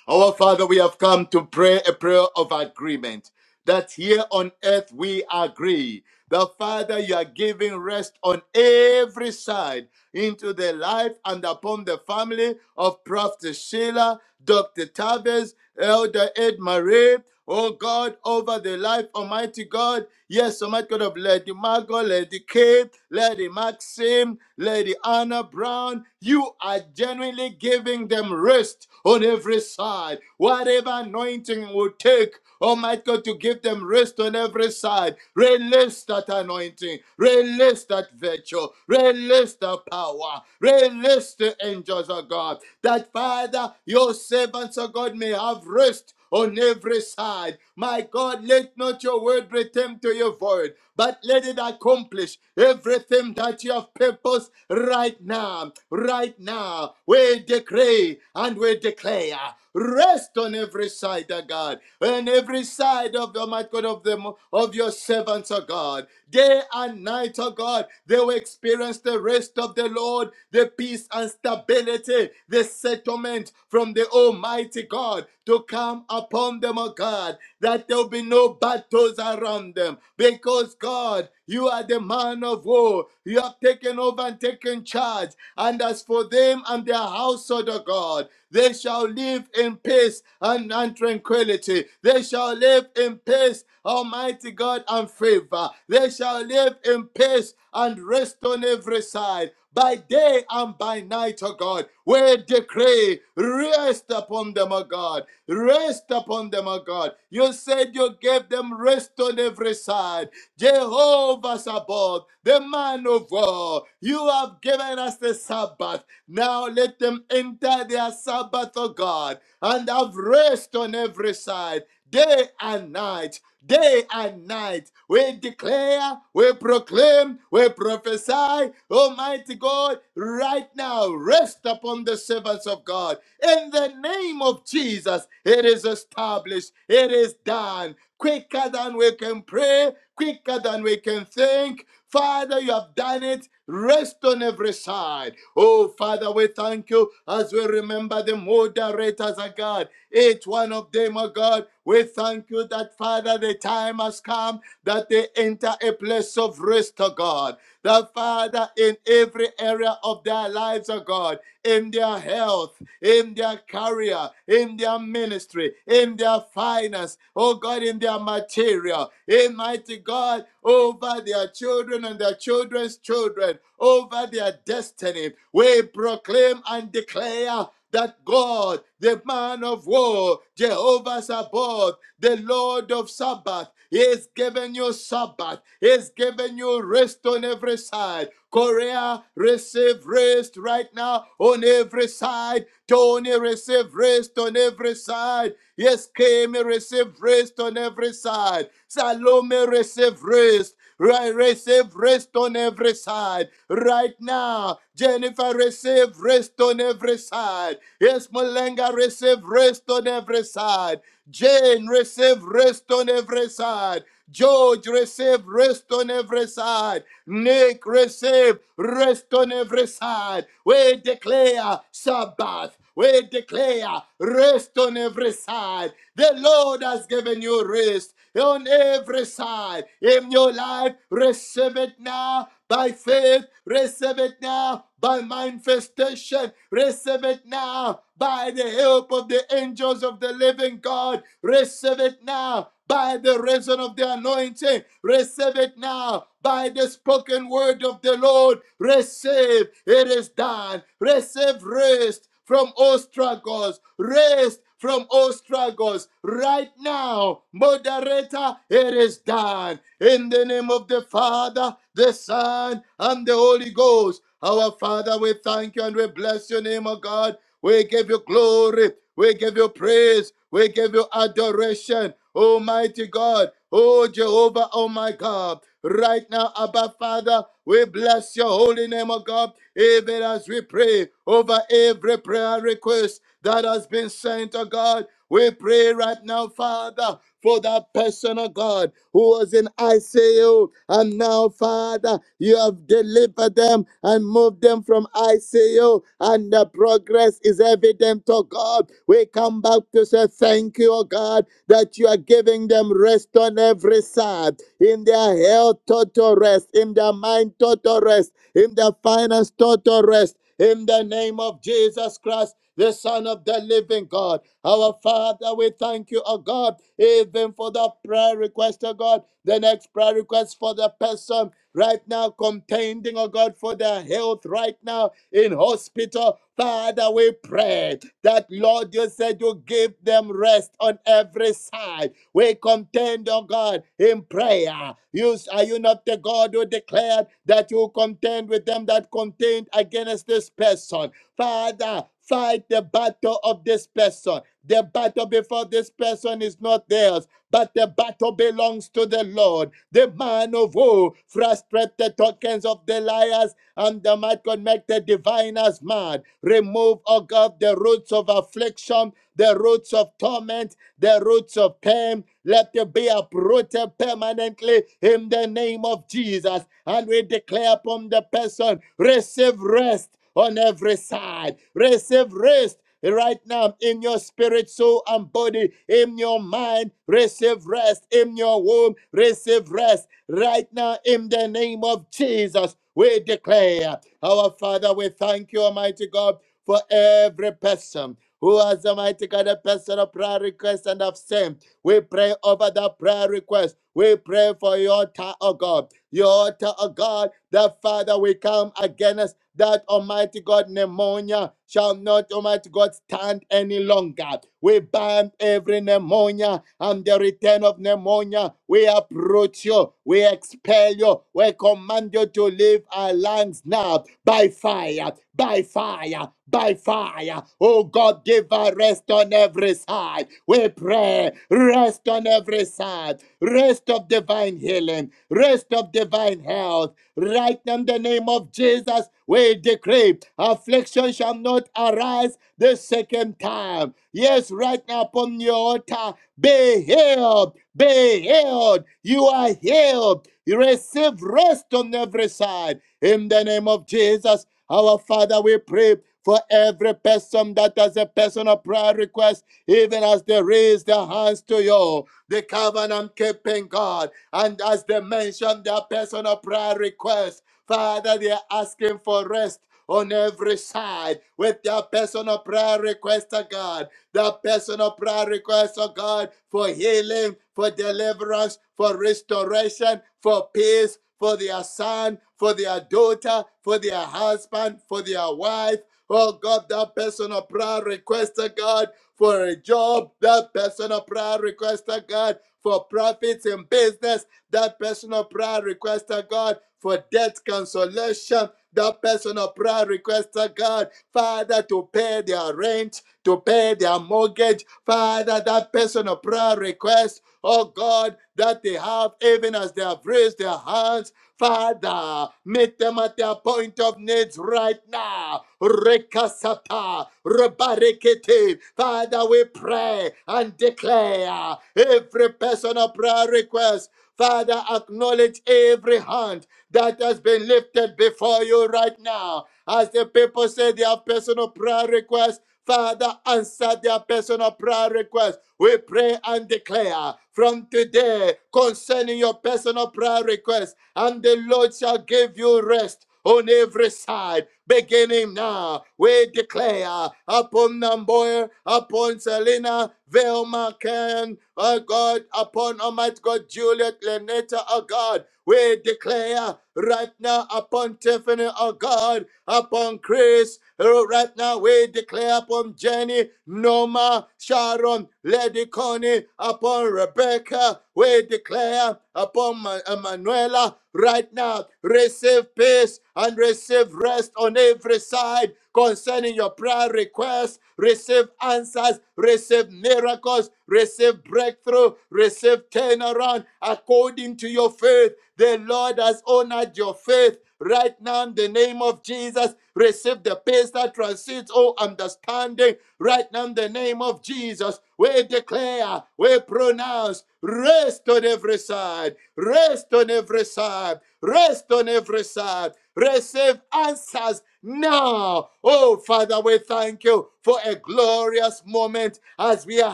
[SPEAKER 6] Our Father, we have come to pray a prayer of agreement that here on earth we agree. The Father, you are giving rest on every side into the life and upon the family of Prophet Sheila, Dr. Tavis, Elder Ed Marie. Oh God, over the life, Almighty God. Yes, Almighty God of Lady Margot, Lady Kate, Lady Maxim, Lady Anna Brown. You are genuinely giving them rest on every side. Whatever anointing will take. Almighty God, to give them rest on every side. Release that anointing. Release that virtue. Release the power. Release the angels of God. That Father, your servants of God may have rest on every side. My God, let not your word return to your void, but let it accomplish everything that you have purposed right now. Right now, we decree and we declare rest on every side, O God, on in every side of the Almighty God of them of your servants, O God. Day and night, O God, they will experience the rest of the Lord, the peace and stability, the settlement from the Almighty God to come upon them, O God, that there will be no battles around them. Because God, you are the man of war. You have taken over and taken charge. And as for them and their household, O God, they shall live in peace and, and tranquility. They shall live in peace, Almighty God, and favor. They shall live in peace and rest on every side, by day and by night, O God. We decree, rest upon them, O God. Rest upon them, O God. You said you gave them rest on every side. Jehovah Sabbath, the man of war, you have given us the Sabbath. Now let them enter their Sabbath, O God, and have rest on every side day and night, day and night. We declare, we proclaim, we prophesy, Almighty God, right now, rest upon the servants of God. In the name of Jesus, it is established, it is done. Quicker than we can pray, quicker than we can think. Father, you have done it. Rest on every side. Oh, Father, we thank you as we remember the moderators, of God. Each one of them, oh God. We thank you that, Father, the time has come that they enter a place of rest, oh God. That, Father, in every area of their lives, oh God, in their health, in their career, in their ministry, in their finance, oh God, in their material, in mighty God, over their children and their children's children, over their destiny. We proclaim and declare that God, the man of war, Jehovah Sabbath, the Lord of Sabbath, is giving you Sabbath, is giving you rest on every side. Korea, receive rest right now on every side. Tony, receive rest on every side. Yes, Kemi, receive rest on every side. Salome, receive rest. Right, receive rest on every side. Right now, Jennifer, receive rest on every side. Yes, Malenga, receive rest on every side. Jane, receive rest on every side. George, receive rest on every side. Nick, receive rest on every side. We declare Sabbath. We declare rest on every side. The Lord has given you rest on every side in your life. Receive it now by faith. Receive it now by manifestation. Receive it now by the help of the angels of the living God. Receive it now by the reason of the anointing. Receive it now by the spoken word of the Lord. Receive. It is done. Receive rest from all struggles, rest from all struggles. Right now, moderator, it is done. In the name of the Father, the Son, and the Holy Ghost. Our Father, we thank you and we bless your name, O God. We give you glory. We give you praise. We give you adoration. Almighty God, oh Jehovah, oh my God. Right now, Abba Father, we bless your holy name, oh God, even as we pray over every prayer request that has been sent, oh God. We pray right now, Father, for that person, oh God, who was in ICU. And now, Father, you have delivered them and moved them from ICU, and the progress is evident, oh God. We come back to say thank you, oh God, that you are giving them rest on every side, in their health, total rest, in their mind, total rest him that finds total rest. In the name of Jesus Christ, the Son of the living God. Our Father, we thank you, oh God, even for the prayer request, oh God. The next prayer request for the person right now contending, oh God, for their health right now in hospital. Father, we pray that, Lord, you said you give them rest on every side. We contend, oh God, in prayer. You, are you not the God who declared that you contend with them that contend against this person? Father, fight the battle of this person. The battle before this person is not theirs, but the battle belongs to the Lord. The man of war frustrate the tokens of the liars and the might God make the diviners mad. Remove, O God, the roots of affliction, the roots roots of torment, the roots of pain. Let them be uprooted permanently in the name of Jesus. And we declare upon the person, receive rest on every side. Receive rest right now in your spirit, soul, and body, in your mind, receive rest, in your womb, receive rest right now in the name of Jesus. We declare, our Father, we thank you, Almighty God, for every person who has Almighty God a personal prayer request and have sent. We pray over that prayer request. We pray for your altar, oh God. Your altar, oh God, that Father, we come against that Almighty God pneumonia shall not Almighty God stand any longer. We bind every pneumonia and the return of pneumonia. We approach you, we expel you, we command you to leave our lands now by fire, by fire fire, by fire. Oh God, give us rest on every side. We pray, rest on every side, rest of divine healing, rest of divine health. Right now, in the name of Jesus, we decree affliction shall not arise the second time. Yes, right now upon your altar, be healed, be healed. You are healed. You receive rest on every side. In the name of Jesus, our Father, we pray for every person that has a personal prayer request, even as they raise their hands to you, the covenant keeping God, and as they mention their personal prayer request, Father, they are asking for rest. On every side with their personal prayer request to God, their personal prayer request to God for healing, for deliverance, for restoration, for peace, for their son, for their daughter, for their husband, for their wife. Oh God, that personal prayer request requester God for a job, that personal prayer request requester God for profits in business, that personal prayer request requester God for debt cancellation, that personal prayer requester, God, Father, to pay their rent, to pay their mortgage, Father, that personal prayer request, oh God, that they have, even as they have raised their hands, Father, meet them at their point of needs right now. Rekasata, rebarekete. Father, we pray and declare every personal prayer request. Father, acknowledge every hand that has been lifted before you right now. As the people say their personal prayer requests, Father, answer their personal prayer requests. We pray and declare from today concerning your personal prayer requests, and the Lord shall give you rest on every side, beginning now. We declare upon Namboya, upon Selena, Velma, Ken, oh God, upon Almighty God, Juliet, Lenetta, oh God. We declare right now upon Tiffany, oh God, upon Chris, oh, right now we declare upon Jenny, Noma, Sharon, Lady Connie, upon Rebecca, we declare Hannah, upon Ma- uh, Manuela right now. Receive peace and receive rest on every side concerning your prayer requests. Receive answers, receive miracles, receive breakthrough, receive turnaround according to your faith. The Lord has honored your faith. Right now, in the name of Jesus, receive the peace that transcends all understanding. Right now, in the name of Jesus, we declare, we pronounce rest on every side, rest on every side, rest on every side. Receive answers now. Oh, Father, we thank you for a glorious moment as we are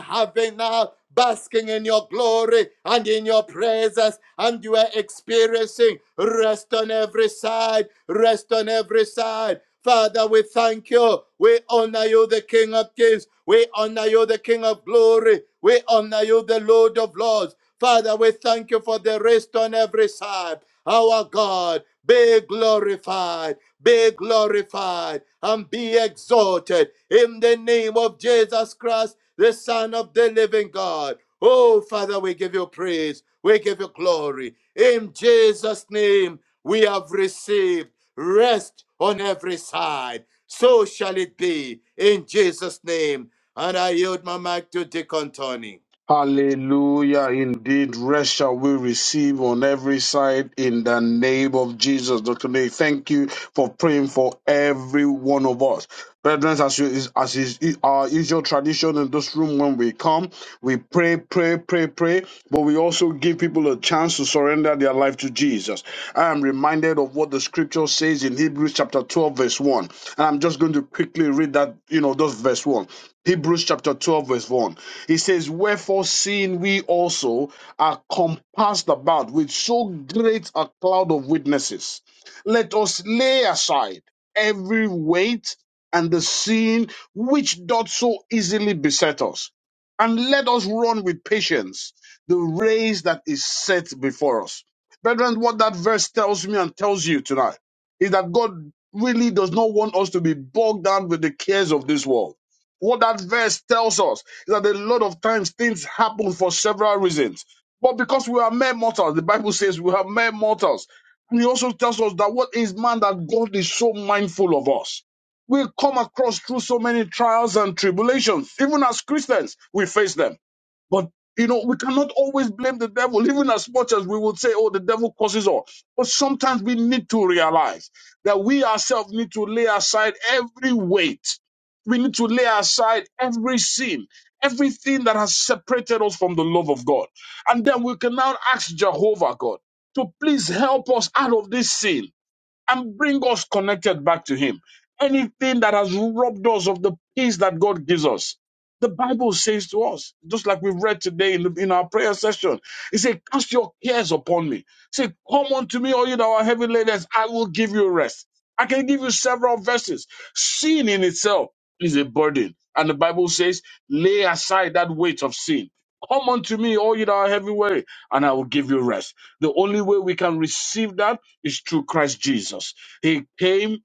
[SPEAKER 6] having now basking in your glory and in your presence, and you are experiencing rest on every side, rest on every side. Father, we thank you. We honor you, the King of Kings. We honor you, the King of Glory. We honor you, the Lord of Lords. Father, we thank you for the rest on every side. Our God, be glorified, be glorified, and be exalted in the name of Jesus Christ, the Son of the living God. Oh, Father, we give you praise, we give you glory. In Jesus' name, we have received rest on every side. So shall it be in Jesus' name. And I yield my mic to Deacon Tony.
[SPEAKER 7] Hallelujah. Indeed, rest shall we receive on every side in the name of Jesus. Dr. Nay, thank you for praying for every one of us. Brethren, as, you, as is our usual tradition in this room when we come, We pray, pray, pray, pray, but we also give people a chance to surrender their life to Jesus. I am reminded of what the scripture says in Hebrews chapter 12, verse 1. And I'm just going to quickly read that, you know, those verse 1. Hebrews chapter 12, verse 1. He says, Wherefore, seeing we also are compassed about with so great a cloud of witnesses, let us lay aside every weight and the sin which doth so easily beset us and let us run with patience the race that is set before us. Brethren, what that verse tells me and tells you tonight is that God really does not want us to be bogged down with the cares of this world. What that verse tells us is that a lot of times things happen for several reasons. But because we are mere mortals, the Bible says we are mere mortals. And he also tells us that what is man that God is so mindful of us we come across through so many trials and tribulations. Even as Christians, we face them. But you know, we cannot always blame the devil, even as much as we would say, oh, the devil causes all. But sometimes we need to realize that we ourselves need to lay aside every weight. We need to lay aside every sin, everything that has separated us from the love of God. And then we can now ask Jehovah God to please help us out of this sin and bring us connected back to Him. Anything that has robbed us of the peace that God gives us. The Bible says to us, just like we've read today in, the, in our prayer session, it says, Cast your cares upon me. Say, Come unto me, all you that are heavy laden, I will give you rest. I can give you several verses. Sin in itself is a burden. And the Bible says, Lay aside that weight of sin. Come unto me, all you that are heavy weary, and I will give you rest. The only way we can receive that is through Christ Jesus. He came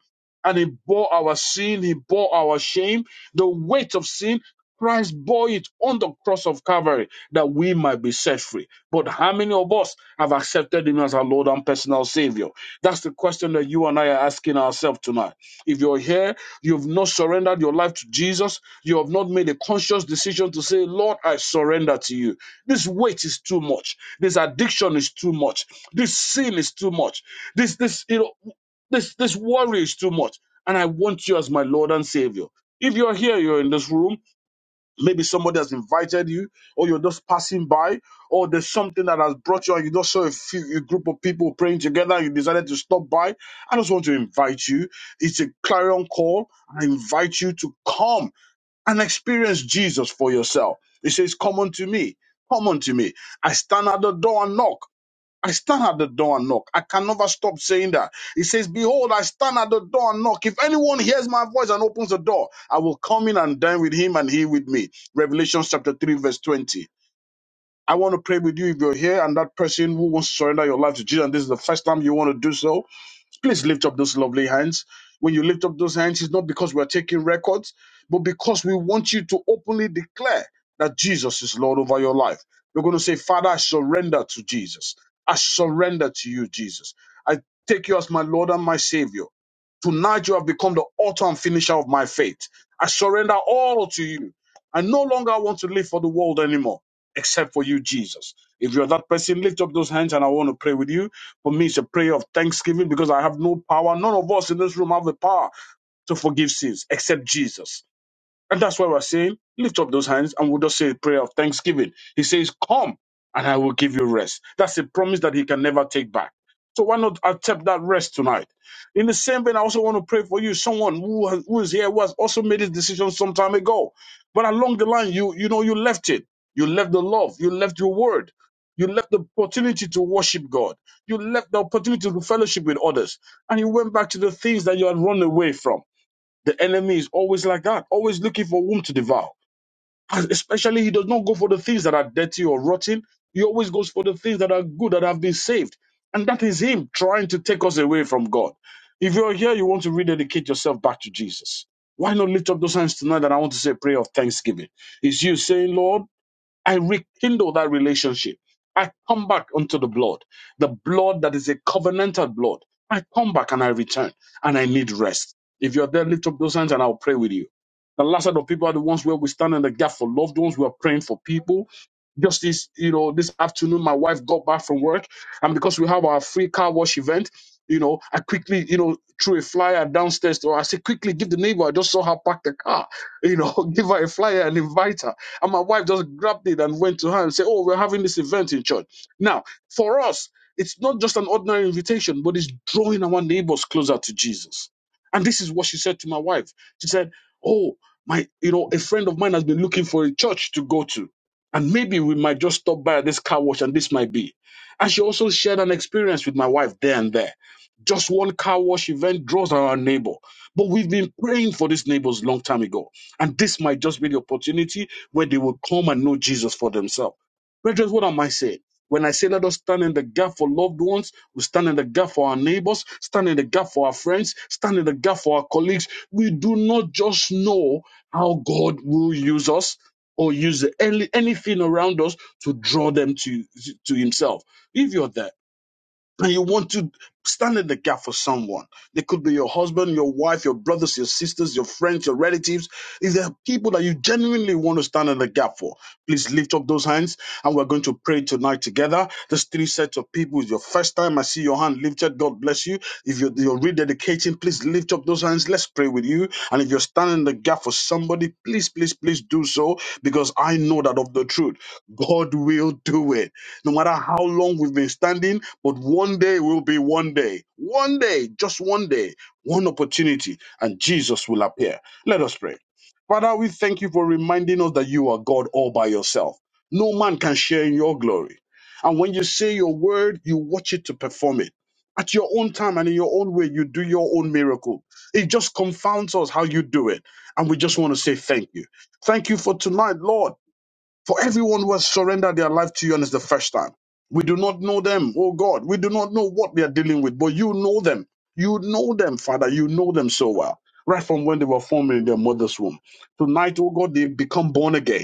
[SPEAKER 7] and he bore our sin, he bore our shame, the weight of sin. Christ bore it on the cross of Calvary that we might be set free. But how many of us have accepted him as our Lord and personal Savior? That's the question that you and I are asking ourselves tonight. If you're here, you've not surrendered your life to Jesus, you have not made a conscious decision to say, Lord, I surrender to you. This weight is too much. This addiction is too much. This sin is too much. This this you know this this worry is too much. And I want you as my Lord and Savior. If you're here, you're in this room, maybe somebody has invited you, or you're just passing by, or there's something that has brought you, and you just saw a, few, a group of people praying together, and you decided to stop by. I just want to invite you. It's a clarion call. I invite you to come and experience Jesus for yourself. It says, Come unto me. Come unto me. I stand at the door and knock. I stand at the door and knock. I can never stop saying that. He says, Behold, I stand at the door and knock. If anyone hears my voice and opens the door, I will come in and dine with him and he with me. Revelation chapter 3, verse 20. I want to pray with you if you're here and that person who wants to surrender your life to Jesus, and this is the first time you want to do so. Please lift up those lovely hands. When you lift up those hands, it's not because we're taking records, but because we want you to openly declare that Jesus is Lord over your life. We're going to say, Father, I surrender to Jesus. I surrender to you, Jesus. I take you as my Lord and my Savior. Tonight you have become the author and finisher of my faith. I surrender all to you. I no longer want to live for the world anymore, except for you, Jesus. If you're that person, lift up those hands and I want to pray with you. For me, it's a prayer of thanksgiving because I have no power. None of us in this room have the power to forgive sins except Jesus. And that's why we're saying, lift up those hands and we'll just say a prayer of thanksgiving. He says, Come and I will give you rest. That's a promise that he can never take back. So why not accept that rest tonight? In the same vein, I also want to pray for you, someone who, has, who is here who has also made his decision some time ago. But along the line, you you know you left it. You left the love, you left your word, you left the opportunity to worship God, you left the opportunity to fellowship with others, and you went back to the things that you had run away from. The enemy is always like that, always looking for whom to devour. And especially, he does not go for the things that are dirty or rotten. He always goes for the things that are good, that have been saved. And that is him trying to take us away from God. If you're here, you want to rededicate yourself back to Jesus. Why not lift up those hands tonight? And I want to say a prayer of thanksgiving. It's you saying, Lord, I rekindle that relationship. I come back unto the blood, the blood that is a covenantal blood. I come back and I return and I need rest. If you're there, lift up those hands and I'll pray with you. The last set of people are the ones where we stand in the gap for loved ones. We are praying for people. Just this, you know, this afternoon, my wife got back from work, and because we have our free car wash event, you know, I quickly, you know, threw a flyer downstairs to her. I said, quickly give the neighbor. I just saw her park the car, you know, give her a flyer and invite her and my wife just grabbed it and went to her and said, Oh, we're having this event in church. Now, for us, it's not just an ordinary invitation, but it's drawing our neighbors closer to Jesus. And this is what she said to my wife. She said, Oh, my, you know, a friend of mine has been looking for a church to go to. And maybe we might just stop by this car wash and this might be. And she also shared an experience with my wife there and there. Just one car wash event draws our neighbor. But we've been praying for these neighbors long time ago. And this might just be the opportunity where they will come and know Jesus for themselves. Brethren, what am I saying? When I say let us stand in the gap for loved ones, we stand in the gap for our neighbors, stand in the gap for our friends, stand in the gap for our colleagues. We do not just know how God will use us or use any, anything around us to draw them to, to Himself. If you're there, and you want to stand in the gap for someone. They could be your husband, your wife, your brothers, your sisters, your friends, your relatives. If there are people that you genuinely want to stand in the gap for, please lift up those hands and we're going to pray tonight together. There's three sets of people It's your first time. I see your hand lifted. God bless you. If you're, you're rededicating, please lift up those hands. Let's pray with you. And if you're standing in the gap for somebody, please, please, please do so because I know that of the truth, God will do it no matter how long we've been standing, but one day will be one day, one day, just one day, one opportunity, and Jesus will appear. Let us pray. Father, we thank you for reminding us that you are God all by yourself. No man can share in your glory. And when you say your word, you watch it to perform it. At your own time and in your own way, you do your own miracle. It just confounds us how you do it. And we just want to say thank you. Thank you for tonight, Lord for everyone who has surrendered their life to you and it's the first time. We do not know them, oh God. We do not know what they are dealing with, but you know them. You know them, Father. You know them so well. Right from when they were formed in their mother's womb. Tonight, oh God, they become born again.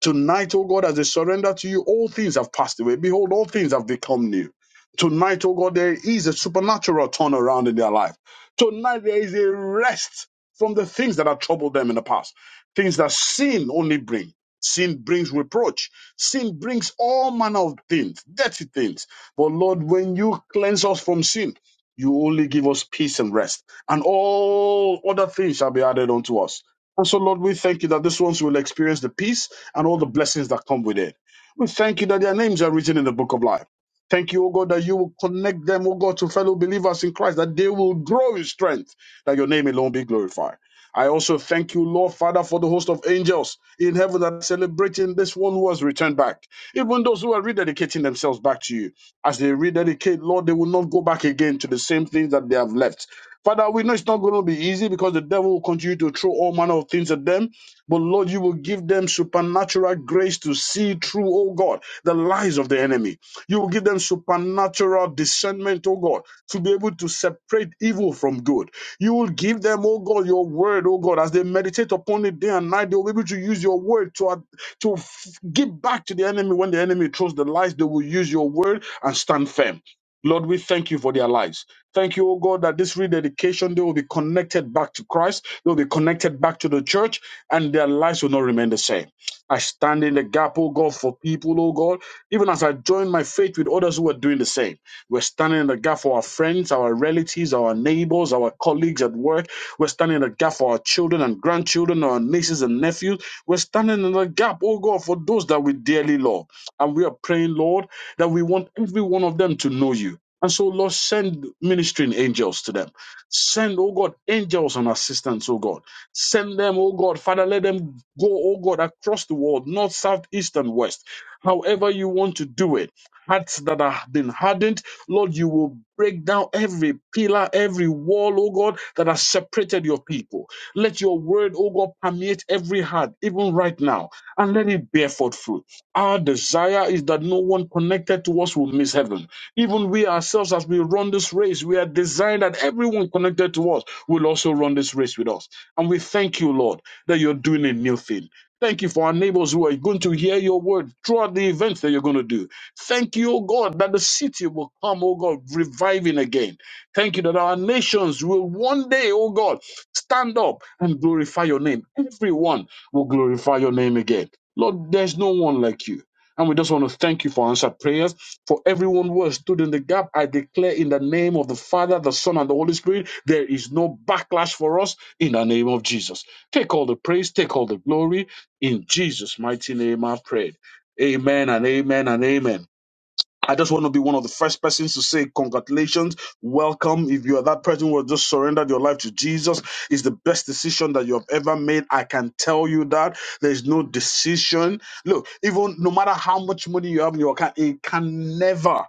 [SPEAKER 7] Tonight, O God, as they surrender to you, all things have passed away. Behold, all things have become new. Tonight, O God, there is a supernatural turnaround in their life. Tonight, there is a rest from the things that have troubled them in the past, things that sin only brings. Sin brings reproach. Sin brings all manner of things, dirty things. But Lord, when you cleanse us from sin, you only give us peace and rest, and all other things shall be added unto us. And so, Lord, we thank you that these ones will experience the peace and all the blessings that come with it. We thank you that their names are written in the book of life. Thank you, O God, that you will connect them, O God, to fellow believers in Christ, that they will grow in strength, that your name alone be glorified. I also thank you, Lord Father, for the host of angels in heaven that are celebrating this one who has returned back. Even those who are rededicating themselves back to you, as they rededicate, Lord, they will not go back again to the same things that they have left Father, we know it's not going to be easy because the devil will continue to throw all manner of things at them. But Lord, you will give them supernatural grace to see through, oh God, the lies of the enemy. You will give them supernatural discernment, oh God, to be able to separate evil from good. You will give them, oh God, your word, oh God, as they meditate upon it day and night, they will be able to use your word to, ad- to f- give back to the enemy when the enemy throws the lies. They will use your word and stand firm. Lord, we thank you for their lives. Thank you, O God, that this rededication, they will be connected back to Christ, they will be connected back to the church, and their lives will not remain the same. I stand in the gap, O God, for people, O God, even as I join my faith with others who are doing the same. We're standing in the gap for our friends, our relatives, our neighbors, our colleagues at work. We're standing in the gap for our children and grandchildren, our nieces and nephews. We're standing in the gap, O God, for those that we dearly love. And we are praying, Lord that we want every one of them to know you. And so, Lord, send ministering angels to them. Send, oh God, angels and assistants, oh God. Send them, oh God. Father, let them go, oh God, across the world, north, south, east, and west. However you want to do it. Hearts that have been hardened, Lord, you will break down every pillar, every wall, oh God, that has separated your people. Let your word, oh God, permeate every heart, even right now, and let it bear forth fruit. Our desire is that no one connected to us will miss heaven. Even we ourselves, as we run this race, we are designed that everyone connected to us will also run this race with us. And we thank you, Lord, that you're doing a new thing. Thank you for our neighbors who are going to hear your word throughout the events that you're going to do. Thank you, O God, that the city will come, O God, reviving again. Thank you that our nations will one day, O God, stand up and glorify your name. Everyone will glorify your name again. Lord, there's no one like you. And we just want to thank you for answered prayers. For everyone who has stood in the gap, I declare in the name of the Father, the Son, and the Holy Spirit, there is no backlash for us in the name of Jesus. Take all the praise, take all the glory. In Jesus' mighty name, I prayed. Amen and amen and amen. I just want to be one of the first persons to say congratulations, welcome. If you are that person who has just surrendered your life to Jesus, it's the best decision that you have ever made. I can tell you that there's no decision. Look, even no matter how much money you have in your account, it can never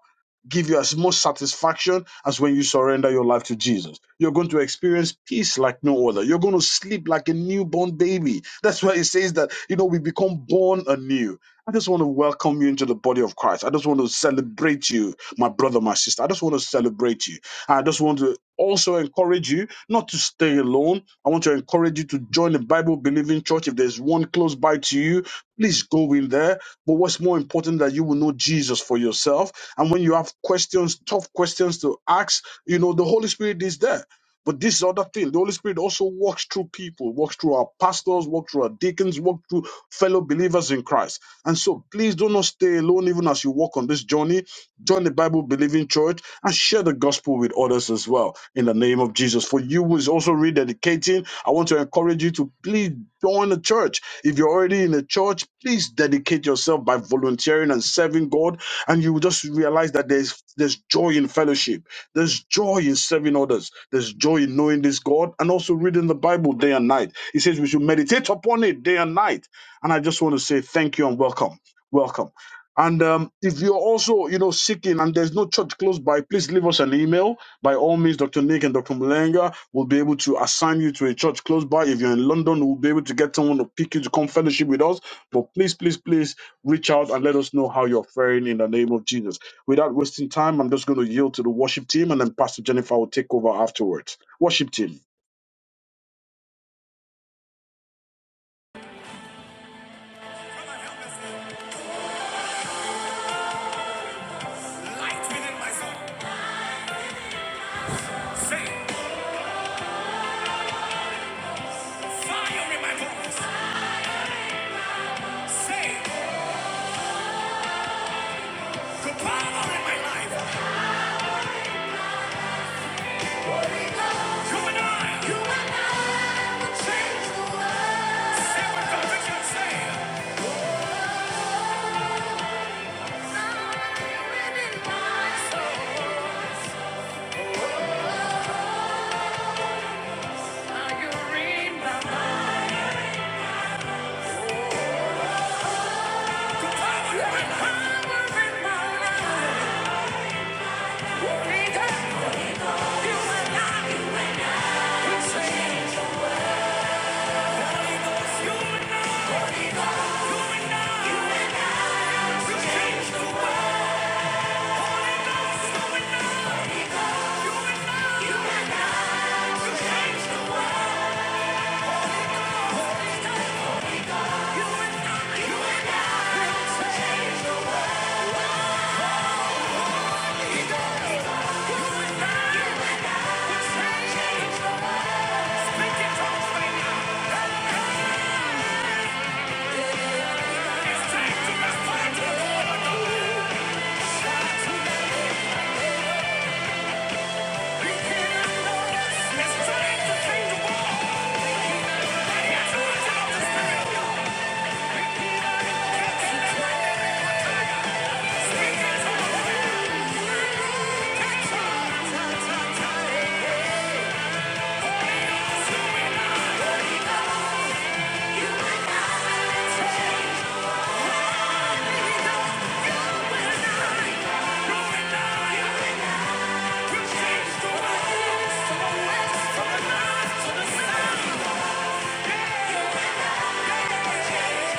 [SPEAKER 7] give you as much satisfaction as when you surrender your life to Jesus. You're going to experience peace like no other. You're going to sleep like a newborn baby. That's why it says that, you know, we become born anew I just want to welcome you into the body of Christ. I just want to celebrate you, my brother, my sister. I just want to celebrate you. I just want to also encourage you not to stay alone. I want to encourage you to join the Bible believing church. If there's one close by to you, please go in there. But what's more important that you will know Jesus for yourself. And when you have questions, tough questions to ask, you know, the Holy Spirit is there. But this other thing, the Holy Spirit also walks through people, walks through our pastors, walks through our deacons, walks through fellow believers in Christ. And so please do not stay alone even as you walk on this journey. Join the Bible believing church and share the gospel with others as well in the name of Jesus. For you who is also rededicating, I want to encourage you to please join the church. If you're already in a church, please dedicate yourself by volunteering and serving God. And you will just realize that there's there's joy in fellowship, there's joy in serving others, there's joy in knowing this God and also reading the Bible day and night. He says we should meditate upon it day and night and I just want to say thank you and welcome. Welcome. And um, if you're also, you know, seeking and there's no church close by, please leave us an email. By all means, Dr. Nick and Dr. Mulenga will be able to assign you to a church close by. If you're in London, we'll be able to get someone to pick you to come fellowship with us. But please, please, please reach out and let us know how you're faring in the name of Jesus. Without wasting time, I'm just going to yield to the worship team and then Pastor Jennifer will take over afterwards. Worship team.
[SPEAKER 1] light within my soul. Say fire in my bones. Say the power in my life. Come and I. You are my change the world. Say what conviction say. Power in my Power in my life. You are light. You are light. Change. Change the world.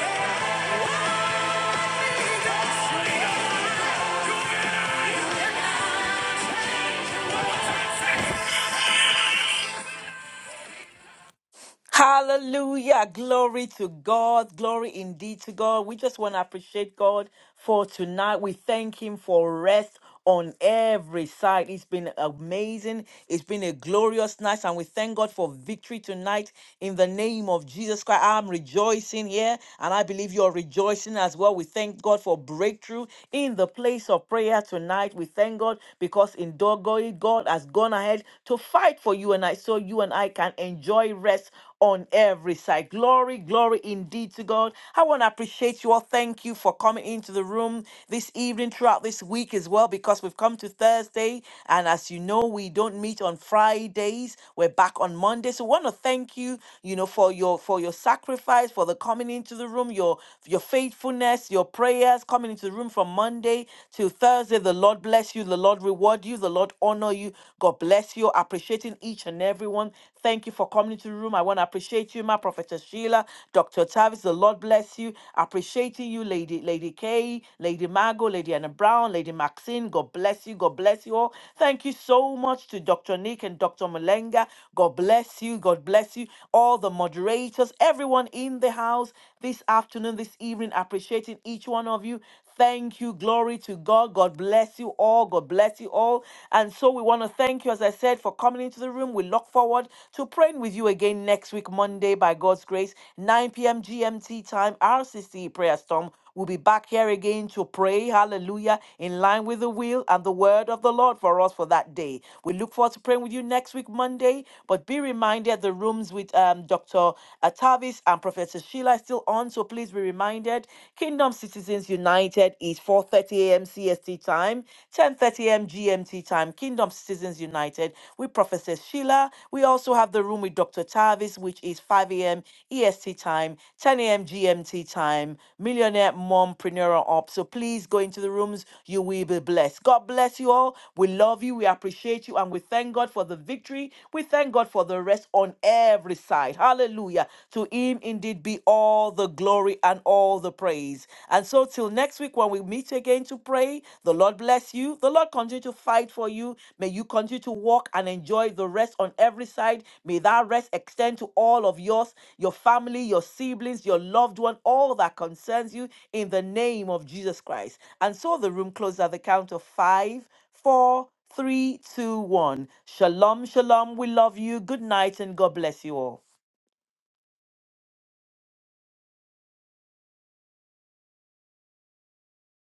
[SPEAKER 3] Hallelujah. Glory to God. Glory indeed to God. We just want to appreciate God for tonight. We thank Him for rest on every side. It's been amazing. It's been a glorious night. And we thank God for victory tonight in the name of Jesus Christ. I'm rejoicing here. And I believe you're rejoicing as well. We thank God for breakthrough in the place of prayer tonight. We thank God because in Dogoy, God has gone ahead to fight for you and I. So you and I can enjoy rest on every side. Glory, glory indeed to God. I want to appreciate you all. Thank you for coming into the room this evening, throughout this week as well, because we've come to Thursday. And as you know, we don't meet on Fridays. We're back on Monday. So want to thank you, you know, for your for your sacrifice, for the coming into the room, your your faithfulness, your prayers, coming into the room from Monday to Thursday. The Lord bless you. The Lord reward you. The Lord honor you. God bless you. Appreciate appreciating each and everyone. Thank you for coming into the room. I want to appreciate you, my prophetess Sheila, Dr. Tavis. The Lord bless you. Appreciating you, Lady Lady Kay, Lady Margot, Lady Anna Brown, Lady Maxine. God bless you. God bless you all. Thank you so much to Dr. Nick and Dr. Malenga. God bless you. God bless you. All the moderators, everyone in the house this afternoon, this evening, appreciating each one of you. Thank you. Glory to God. God bless you all. God bless you all. And so we want to thank you, as I said, for coming into the room. We look forward to praying with you again next week, Monday, by God's grace, 9 p.m. GMT time, RCC Prayer Storm. We'll be back here again to pray, hallelujah, in line with the will and the word of the Lord for us for that day. We look forward to praying with you next week, Monday. But be reminded the rooms with um, Dr. Atavis and Professor Sheila is still on, so please be reminded reminded, Kingdom Citizens United is 4:30 a.m. CST time, 10:30 a.m. GMT time. Kingdom Citizens United with Professor Sheila. We also have the room with Dr. Tavis, which is 5 a.m. EST time, 10 a.m. GMT time. Millionaire Mompreneur Up. So please go into the rooms. You will be blessed. God bless you all. We love you. We appreciate you, and we thank God for the victory. We thank God for the rest on every side. Hallelujah. To Him indeed indeed be all the glory and all the praise. And so, till next week when we meet again to pray, the Lord bless you. The Lord continue to fight for you. May you continue to walk and enjoy the rest on every side. May that rest extend to all of yours, your family, your siblings, your loved one, all that concerns you in the name of Jesus Christ. And so, the room closes at the count of five, four, three, two, one. Shalom, shalom. We love you. Good night and God bless you all.